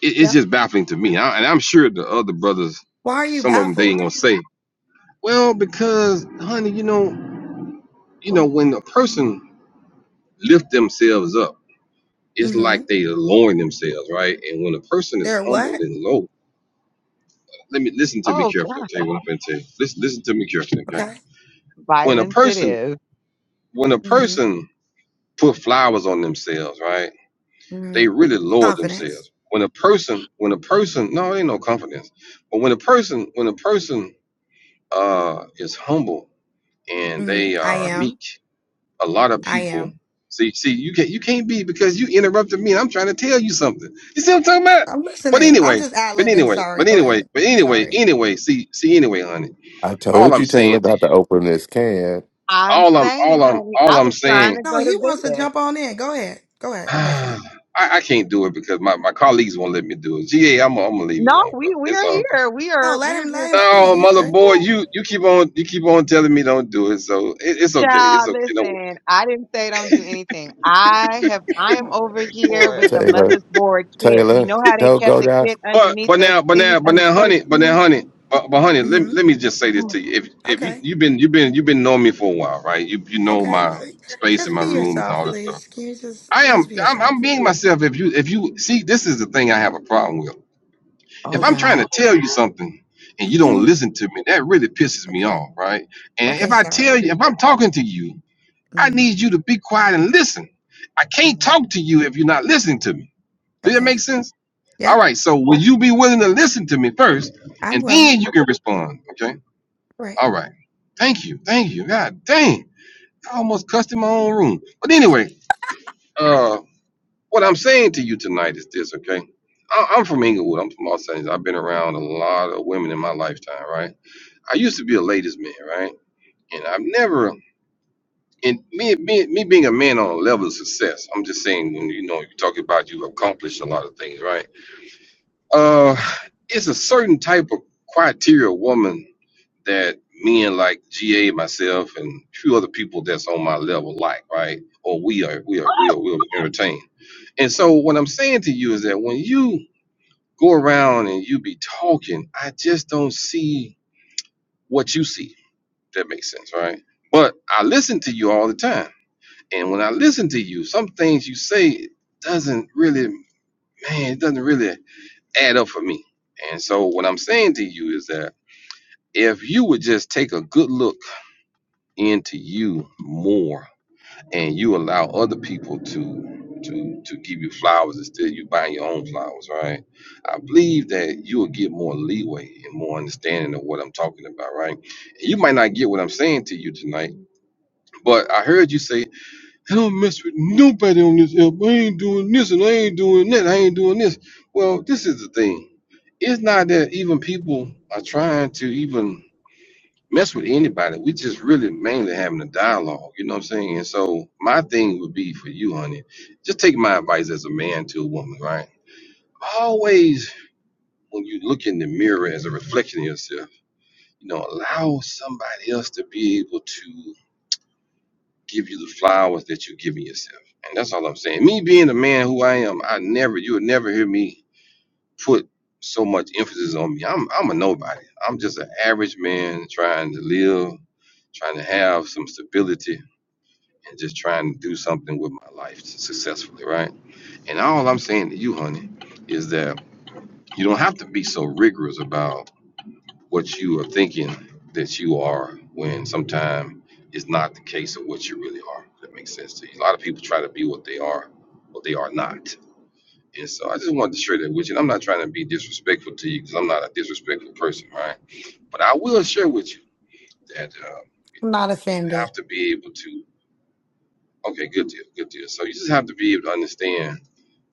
Speaker 2: it's
Speaker 23: Yeah.
Speaker 2: just baffling to me. I, and I'm sure the other brothers,
Speaker 23: Why are you
Speaker 2: some of them they ain't
Speaker 23: baffled?
Speaker 2: gonna say, Well, because honey, you know, you know,
Speaker 26: Oh,
Speaker 2: when a person lift themselves up, it's
Speaker 23: Mm-hmm.
Speaker 2: like they lowering themselves, right? And when a person is
Speaker 23: They're
Speaker 2: humble
Speaker 23: what?
Speaker 2: and low, let me listen to me
Speaker 26: oh God,
Speaker 2: carefully. Okay, what I'm gonna tell you. Listen, listen to me carefully. Okay,
Speaker 23: Okay.
Speaker 2: when a
Speaker 26: violence it
Speaker 2: person
Speaker 26: is.
Speaker 2: when a
Speaker 23: Mm-hmm.
Speaker 2: person put flowers on themselves, right?
Speaker 23: Mm-hmm.
Speaker 2: They really lower
Speaker 23: Confidence.
Speaker 2: themselves. When a person when a person no, it ain't no confidence. But when a person when a person uh is humble and
Speaker 23: Mm-hmm.
Speaker 2: they
Speaker 23: I
Speaker 2: are
Speaker 23: am.
Speaker 2: meek, a lot of
Speaker 23: I
Speaker 2: people
Speaker 23: am.
Speaker 2: see see you can't you can't be because you interrupted me. and I'm trying to tell you something. You see what I'm talking about?
Speaker 23: I'm
Speaker 2: But
Speaker 23: listening. I'm
Speaker 2: anyway.
Speaker 23: just ad
Speaker 2: But
Speaker 23: libbing.
Speaker 2: anyway,
Speaker 23: Sorry.
Speaker 2: but
Speaker 23: Go ahead.
Speaker 2: anyway, but anyway,
Speaker 23: Sorry.
Speaker 2: anyway, see, see, anyway, honey,
Speaker 21: I
Speaker 2: all
Speaker 21: told
Speaker 2: I'm
Speaker 21: you,
Speaker 2: saying
Speaker 21: Taylor,
Speaker 2: to
Speaker 21: about to
Speaker 2: you.
Speaker 21: open this can.
Speaker 26: I'm
Speaker 2: all I'm
Speaker 26: saying,
Speaker 2: all I'm
Speaker 26: honey,
Speaker 2: all
Speaker 26: I
Speaker 2: I'm
Speaker 26: was trying
Speaker 2: saying,
Speaker 26: to
Speaker 23: No,
Speaker 26: go to
Speaker 23: he wants to
Speaker 26: bed.
Speaker 23: jump on in. Go ahead. Go ahead. I'm listening.
Speaker 2: I, I can't do it because my, my colleagues won't let me do it. GA, I'm gonna- I'm gonna leave it
Speaker 26: No,
Speaker 2: alone,
Speaker 26: we
Speaker 2: brother.
Speaker 26: we
Speaker 2: It's
Speaker 26: are
Speaker 2: all good.
Speaker 26: here. We are
Speaker 23: No, let
Speaker 26: we're
Speaker 23: him let
Speaker 26: just
Speaker 23: him speak.
Speaker 2: No,
Speaker 23: He's
Speaker 2: mother
Speaker 23: good.
Speaker 2: boy, you you keep on you keep on telling me don't do it, so it, it's okay,
Speaker 26: child.
Speaker 2: it's okay. Don't worry.
Speaker 26: Listen, I didn't say don't do anything. I have I am over here
Speaker 25: Boy.
Speaker 26: with the
Speaker 21: Taylor,
Speaker 26: mother's board kit. You
Speaker 21: Taylor,
Speaker 26: know how they
Speaker 21: don't go
Speaker 26: kept the
Speaker 21: down.
Speaker 26: kit
Speaker 2: But
Speaker 26: underneath
Speaker 2: but
Speaker 26: the
Speaker 2: now but
Speaker 26: seat
Speaker 2: now but
Speaker 26: on the
Speaker 2: now,
Speaker 26: church
Speaker 2: honey, but now,
Speaker 26: seat?
Speaker 2: honey. But, but honey, let, me-
Speaker 23: Mm-hmm.
Speaker 2: let me just say this
Speaker 26: Mm.
Speaker 2: to you. If if you
Speaker 23: Okay.
Speaker 2: you've been you've been you've been knowing me for a while, right? You you know
Speaker 23: Okay. No,
Speaker 2: my space in
Speaker 23: Just
Speaker 2: my
Speaker 23: be
Speaker 2: room and
Speaker 23: yourself,
Speaker 2: all that stuff.
Speaker 23: please. Can you just
Speaker 2: I
Speaker 23: just
Speaker 2: am
Speaker 23: be
Speaker 2: I'm,
Speaker 23: yourself?
Speaker 2: I'm being myself. If you if you see, this is the thing I have a problem with if
Speaker 26: Oh
Speaker 2: I'm
Speaker 23: Okay.
Speaker 2: trying
Speaker 26: God.
Speaker 2: to tell you something and you don't listen to me, that really pisses me
Speaker 23: Okay.
Speaker 2: off, right? And if
Speaker 23: Okay,
Speaker 2: I tell
Speaker 23: sorry.
Speaker 2: you, if I'm talking to you, I
Speaker 23: hmm
Speaker 2: need you to be quiet and listen. I can't talk to you if you're not listening to me. Does that
Speaker 23: Okay.
Speaker 2: make sense?
Speaker 23: Yeah,
Speaker 2: All right. So will you be willing to listen to me first,
Speaker 23: I'm
Speaker 2: and
Speaker 23: willing.
Speaker 2: then you can respond? Okay.
Speaker 23: Right.
Speaker 2: All right. Thank you. Thank you. God dang. I almost cussed in my
Speaker 26: Mm.
Speaker 2: own room. But anyway, uh, what I'm saying to you tonight is this, okay? I- I'm from Inglewood. I'm from Los Angeles. I've been around a lot of women in my lifetime, right? I used to be a ladies' man, right? And I've never, and me, me, me being a man on a level of success, I'm just saying, when you know, you talk about you've accomplished a lot of things, right? Uh, it's a certain type of criteria woman that men like GA, myself, and a few other people that's on my level like, right? Or we are, we are, we are, we are entertained. And so what I'm saying to you is that when you go around and you be talking, I just don't see what you see. That makes sense, right? But I listen to you all the time. And when I listen to you, some things you say doesn't really, man, it doesn't really add up for me. And so what I'm saying to you is that if you would just take a good look into you more and you allow other people to to to give you flowers instead of you buying your own flowers, right? I believe that you will get more leeway and more understanding of what I'm talking about, right? You might not get what I'm saying to you tonight, but I heard you say I don't mess with nobody on this app. I ain't doing this and I ain't doing that. I ain't doing this. Well, this is the thing. It's not that even people are trying to even mess with anybody. We just really mainly having a dialogue. You know what I'm saying? And so my thing would be for you, honey, just take my advice as a man to a woman, right? Always when you look in the mirror as a reflection of yourself, you know, allow somebody else to be able to give you the flowers that you're giving yourself. And that's all I'm saying. Me being the man who I am, I never, you would never hear me put so much emphasis on me. I'm, I'm a nobody. I'm just an average man trying to live, trying to have some stability, and just trying to do something with my life successfully, right? And all I'm saying to you, honey, is that you don't have to be so rigorous about what you are thinking that you are when sometimes is not the case of what you really are. If that makes sense to you. A lot of people try to be what they are, what they are not. And so I just wanted to share that with you. And I'm not trying to be disrespectful to you because I'm not a disrespectful person, right? But I will share with you that uh,
Speaker 23: I'm not
Speaker 2: you
Speaker 23: offended.
Speaker 2: have to be able to. Okay, good deal, good deal. So you just have to be able to understand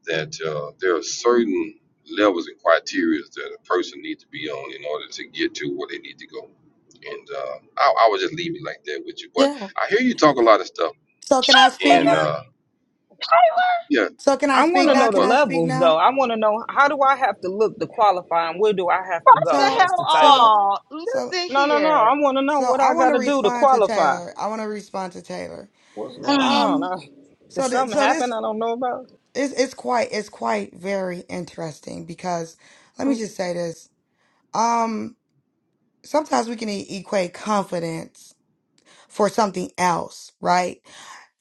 Speaker 2: that uh, there are certain levels and criteria that a person needs to be on in order to get to where they need to go. And uh, I, I would just leave it like that with you. But
Speaker 23: Yeah.
Speaker 2: I hear you talk a lot of stuff,
Speaker 23: So can I speak
Speaker 2: and
Speaker 23: now?
Speaker 2: uh, yeah,
Speaker 23: So can I
Speaker 25: I
Speaker 23: speak
Speaker 25: wanna
Speaker 2: uh,
Speaker 23: now?
Speaker 25: know the
Speaker 23: Can
Speaker 2: but
Speaker 23: I speak
Speaker 25: levels
Speaker 23: now?
Speaker 25: though. I wanna know how do I have to look to qualify and where do I have to
Speaker 26: The
Speaker 25: go,
Speaker 23: So
Speaker 26: hell
Speaker 25: Mr. Taylor?
Speaker 23: so
Speaker 26: all.
Speaker 23: so
Speaker 26: Listen
Speaker 25: No, no, no. I
Speaker 26: here.
Speaker 25: wanna know
Speaker 23: so
Speaker 25: what
Speaker 23: I
Speaker 25: I
Speaker 23: want to
Speaker 25: gotta do to
Speaker 23: respond to
Speaker 25: qualify.
Speaker 23: Taylor. I want to respond to Taylor.
Speaker 25: What's going on?
Speaker 23: Um
Speaker 25: I, did
Speaker 23: so th-
Speaker 25: something
Speaker 23: so this
Speaker 25: happen I don't know about?
Speaker 23: is it's quite it's quite very interesting because let
Speaker 26: Ah,
Speaker 23: me
Speaker 26: oh,
Speaker 23: just say this. Um sometimes we can e- equate confidence for something else, right?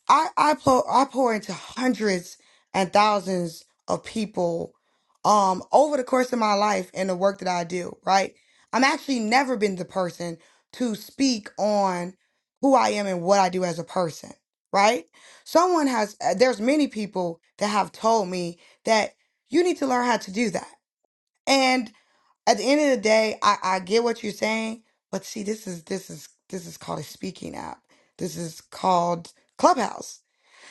Speaker 23: I I pour I pour into hundreds and thousands of people um over the course of my life and the work that I do, right? I'm actually never been the person to speak on who I am and what I do as a person, right? Someone has uh, there's many people that have told me that you need to learn how to do that at the end of the day, I, I get what you're saying, but see, this is this is this is called a speaking app. This is called Clubhouse.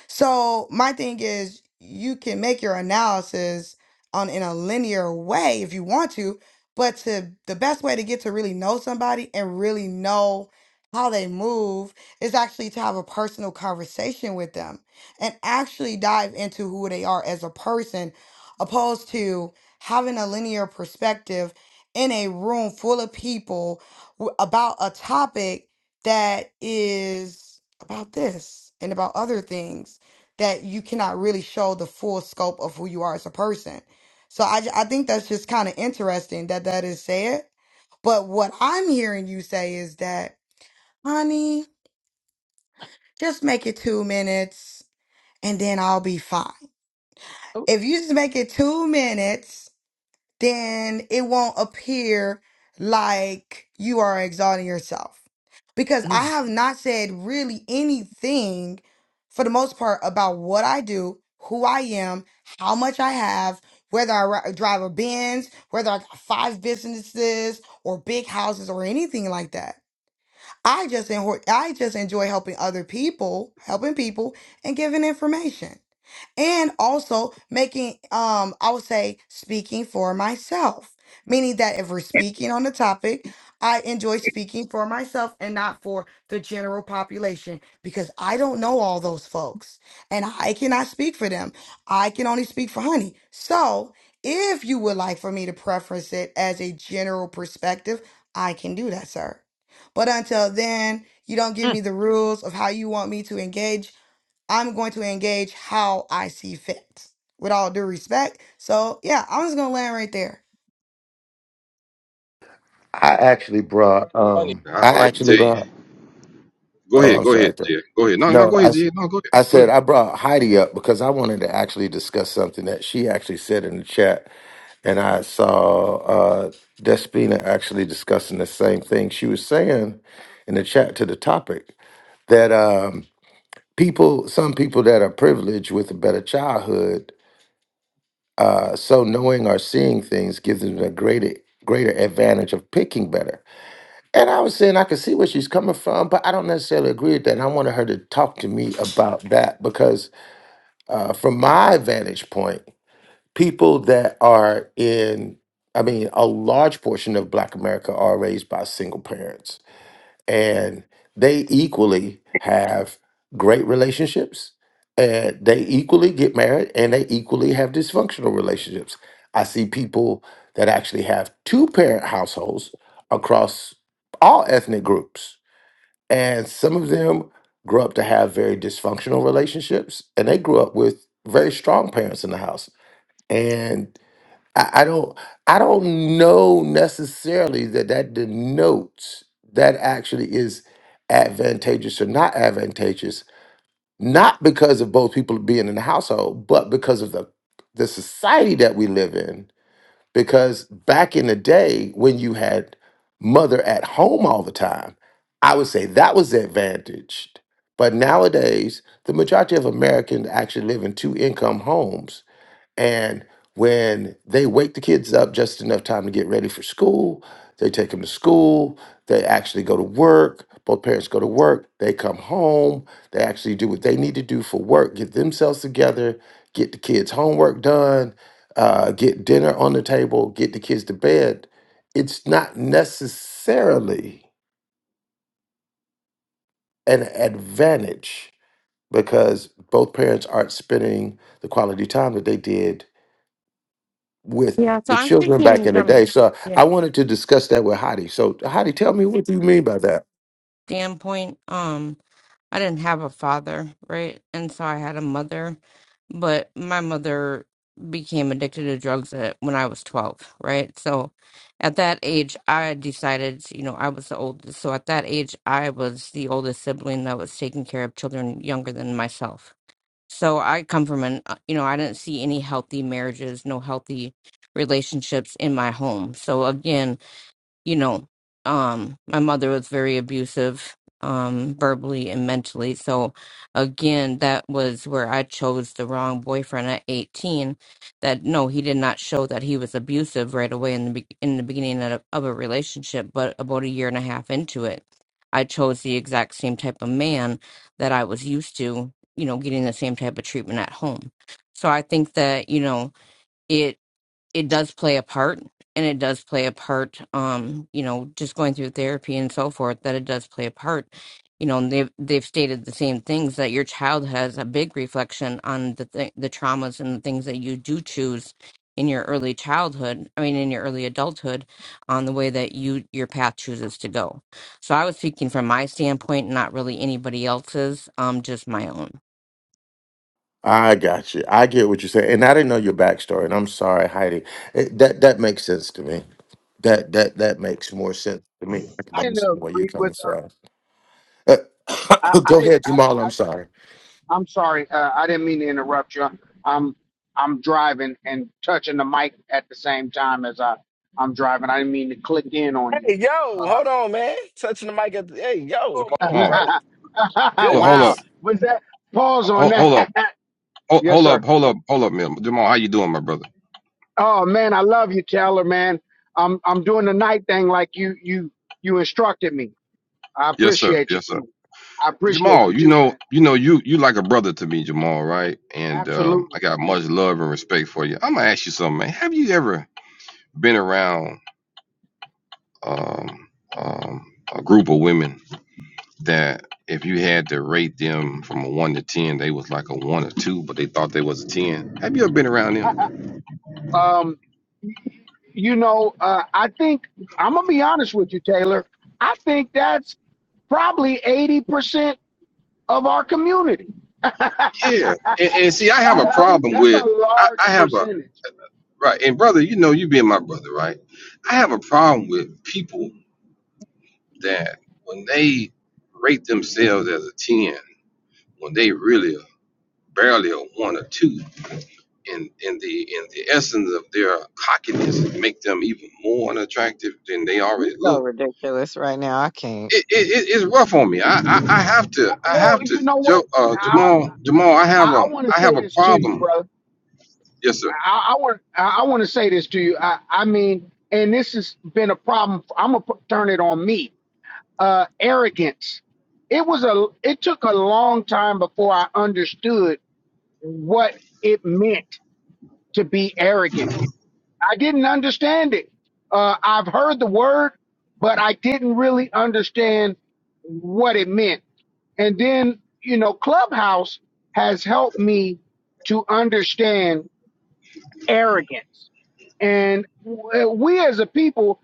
Speaker 23: So my thing is you can make your analysis on in a linear way if you want to, but to the best way to get to really know somebody and really know how they move is actually to have a personal conversation with them and actually dive into who they are as a person opposed to having a linear perspective in a room full of people w- about a topic that is about this and about other things that you cannot really show the full scope of who you are as a person. So I, ju- I think that's just kind of interesting that that is said. But what I'm hearing you say is that, honey, just make it two minutes and then I'll be fine.
Speaker 26: oh,
Speaker 23: If you just make it two minutes then it won't appear like you are exalting yourself. Because I
Speaker 26: mm,
Speaker 23: have not said really anything for the most part about what I do, who I am, how much I have, whether I ri- drive a Benz, whether I got five businesses or big houses or anything like that. I just enjoy, I just enjoy helping other people, helping people and giving information. And also making um I would say speaking for myself, meaning that if we're speaking on the topic, I enjoy speaking for myself and not for the general population because I don't know all those folks and I cannot speak for them. I can only speak for honey. So, if you would like for me to preference it as a general perspective, I can do that, sir. But until then, you don't give
Speaker 26: mm.
Speaker 23: me the rules of how you want me to engage. I'm going to engage how I see fit, with all due respect. So, yeah, I'm just going to land right there.
Speaker 21: I actually brought.
Speaker 2: Funny.
Speaker 21: Um,
Speaker 2: I,
Speaker 21: I
Speaker 2: all I can
Speaker 21: actually
Speaker 2: tell you,
Speaker 21: brought.
Speaker 2: go
Speaker 21: Oh,
Speaker 2: ahead,
Speaker 21: I'm
Speaker 2: go
Speaker 21: sorry.
Speaker 2: ahead,
Speaker 21: Taylor.
Speaker 2: Jay, go ahead. No,
Speaker 21: No,
Speaker 2: no, go
Speaker 21: I.
Speaker 2: ahead,
Speaker 21: s-
Speaker 2: Jay. No, go ahead,
Speaker 21: I
Speaker 2: go
Speaker 21: said
Speaker 2: ahead.
Speaker 21: I brought Heidi up because I wanted to actually discuss something that she actually said in the chat and I saw uh, Despina actually discussing the same thing. She was saying in the chat to the topic that um, people, some people that are privileged with a better childhood, uh, so knowing or seeing things gives them a greater greater advantage of picking better. And I was saying I could see where she's coming from, but I don't necessarily agree with that. And I wanted her to talk to me about that because uh, from my vantage point. people that are in i mean a large portion of black america are raised by single parents and they equally have great relationships and they equally get married and they equally have dysfunctional relationships i see people that actually have two parent households across all ethnic groups and some of them grew up to have very dysfunctional relationships and they grew up with very strong parents in the house and I, I don't I don't know necessarily that that denotes that actually is advantageous or not advantageous, not because of both people being in the household, but because of the the society that we live in. Because back in the day when you had mother at home all the time, I would say that was advantaged. But nowadays, the majority of Americans actually live in two income homes and when they wake the kids up just enough time to get ready for school, they take them to school, they actually go to work, both parents go to work, they come home, they actually do what they need to do for work, get themselves together, get the kids' homework done, uh, get dinner on the table, get the kids to bed. It's not necessarily an advantage because both parents aren't spending the quality time that they did with
Speaker 27: Yeah, so
Speaker 21: the
Speaker 27: I'm
Speaker 21: children back
Speaker 27: thinking
Speaker 21: in the
Speaker 27: from
Speaker 21: day. So
Speaker 27: the
Speaker 21: I wanted to discuss that with Hottie. So Hottie, tell me what you mean by that.
Speaker 27: standpoint, um, I didn't have a father, right? And so I had a mother, but my mother became addicted to drugs at, when I was 12, right? So at that age, I decided, you know, I was the oldest. So at that age, I was the oldest sibling that was taking care of children younger than myself. So I come from an, uh, you know, I didn't see any healthy marriages, no healthy relationships in my home. So again, you know, um, my mother was very abusive, um, verbally and mentally. So again, that was where I chose the wrong boyfriend at 18. That no, he did not show that he was abusive right away in the be- in the beginning of, of a relationship, but about a year and a half into it, I chose the exact same type of man that I was used to, you know, getting the same type of treatment at home. So I think that, you know, it it does play a part and it does play a part um you know just going through therapy and so forth that it does play a part you know and they've they've stated the same things that your child has a big reflection on the th- the traumas and the things that you do choose in your early childhood i mean in your early adulthood on the way that you your path chooses to go so i was speaking from my standpoint not really anybody else's um just my own
Speaker 21: I got you. I get what you're saying, and I didn't know your backstory. And I'm sorry, Heidi. It, that that makes sense to me. That that that makes more sense to me. I can
Speaker 13: I didn't
Speaker 21: understand where you're
Speaker 13: agree
Speaker 21: coming
Speaker 13: with
Speaker 21: from. Uh,
Speaker 13: her i
Speaker 21: go
Speaker 13: i,
Speaker 21: ahead, Jamal.
Speaker 13: I,
Speaker 21: I'm sorry,
Speaker 13: I'm sorry, uh, I didn't mean to interrupt you. I'm I'm driving and touching the mic at the same time as I I'm driving. I didn't mean to click in on you.
Speaker 22: Hey, yo,
Speaker 13: Uh,
Speaker 22: hold on, man. Touching the mic at the, hey, yo, come on,
Speaker 2: Jamal,
Speaker 22: bro.
Speaker 2: hold, hold up,
Speaker 13: wow,
Speaker 22: Goodness.
Speaker 13: was that pause on
Speaker 2: hold, hold up,
Speaker 13: that?
Speaker 2: hold,
Speaker 13: yes,
Speaker 2: hold
Speaker 13: sir.
Speaker 2: up, hold up, hold up, man. Jamal, how you doing, my brother?
Speaker 13: Oh man, I love you, Taylor. Man, I'm I'm doing the night thing like you you you instructed me. I
Speaker 2: Yes, sir.
Speaker 13: appreciate you
Speaker 2: Yes, sir.
Speaker 13: too. I appreciate
Speaker 2: Jamal,
Speaker 13: you
Speaker 2: you
Speaker 13: too,
Speaker 2: know,
Speaker 13: man.
Speaker 2: you know, you you like a brother to me, Jamal, right? And um, I
Speaker 13: Absolutely.
Speaker 2: got much love and respect for you. I'm gonna ask you something, man. Have you ever been around um, um, a group of women that, if you had to rate them from a one to ten, they was like a one or two, but they thought they was a ten? Have you ever been around them?
Speaker 13: um, you know, uh, I think I'm gonna be honest with you, Taylor. I think that's probably eighty percent of our community. I,
Speaker 2: Yeah, and, and see, I have a
Speaker 13: I was,
Speaker 2: problem
Speaker 13: that's a
Speaker 2: with, I,
Speaker 13: large
Speaker 2: I have a
Speaker 13: percentage.
Speaker 2: right, and brother, you know, you being my brother, right? I have a problem with people that when they rate themselves as a 10, when they really are barely a one or two, and in the in the essence of their cockiness make them even more unattractive than they
Speaker 26: You're
Speaker 2: already
Speaker 26: so
Speaker 2: look.
Speaker 26: ridiculous right now. I can't.
Speaker 2: It, it, it- it's rough on me. I, I, I have to I
Speaker 13: Well,
Speaker 2: have to
Speaker 13: you know
Speaker 2: Joe
Speaker 13: what?
Speaker 2: uh,
Speaker 13: I
Speaker 2: Jamal Jamal I
Speaker 13: I,
Speaker 2: have a
Speaker 13: I want to
Speaker 2: I have
Speaker 13: say
Speaker 2: a
Speaker 13: this to you,
Speaker 2: problem.
Speaker 13: brother.
Speaker 2: Yes sir.
Speaker 13: I, I want I, I want to say this to you. I, I mean, and this has been a problem. I'm gonna put, turn it on me. Uh, arrogance. It was a. It took a long time before I understood what it meant to be arrogant. I didn't understand it. Uh, I've heard the word, but I didn't really understand what it meant. And then, you know, Clubhouse has helped me to understand arrogance. And w- we as a people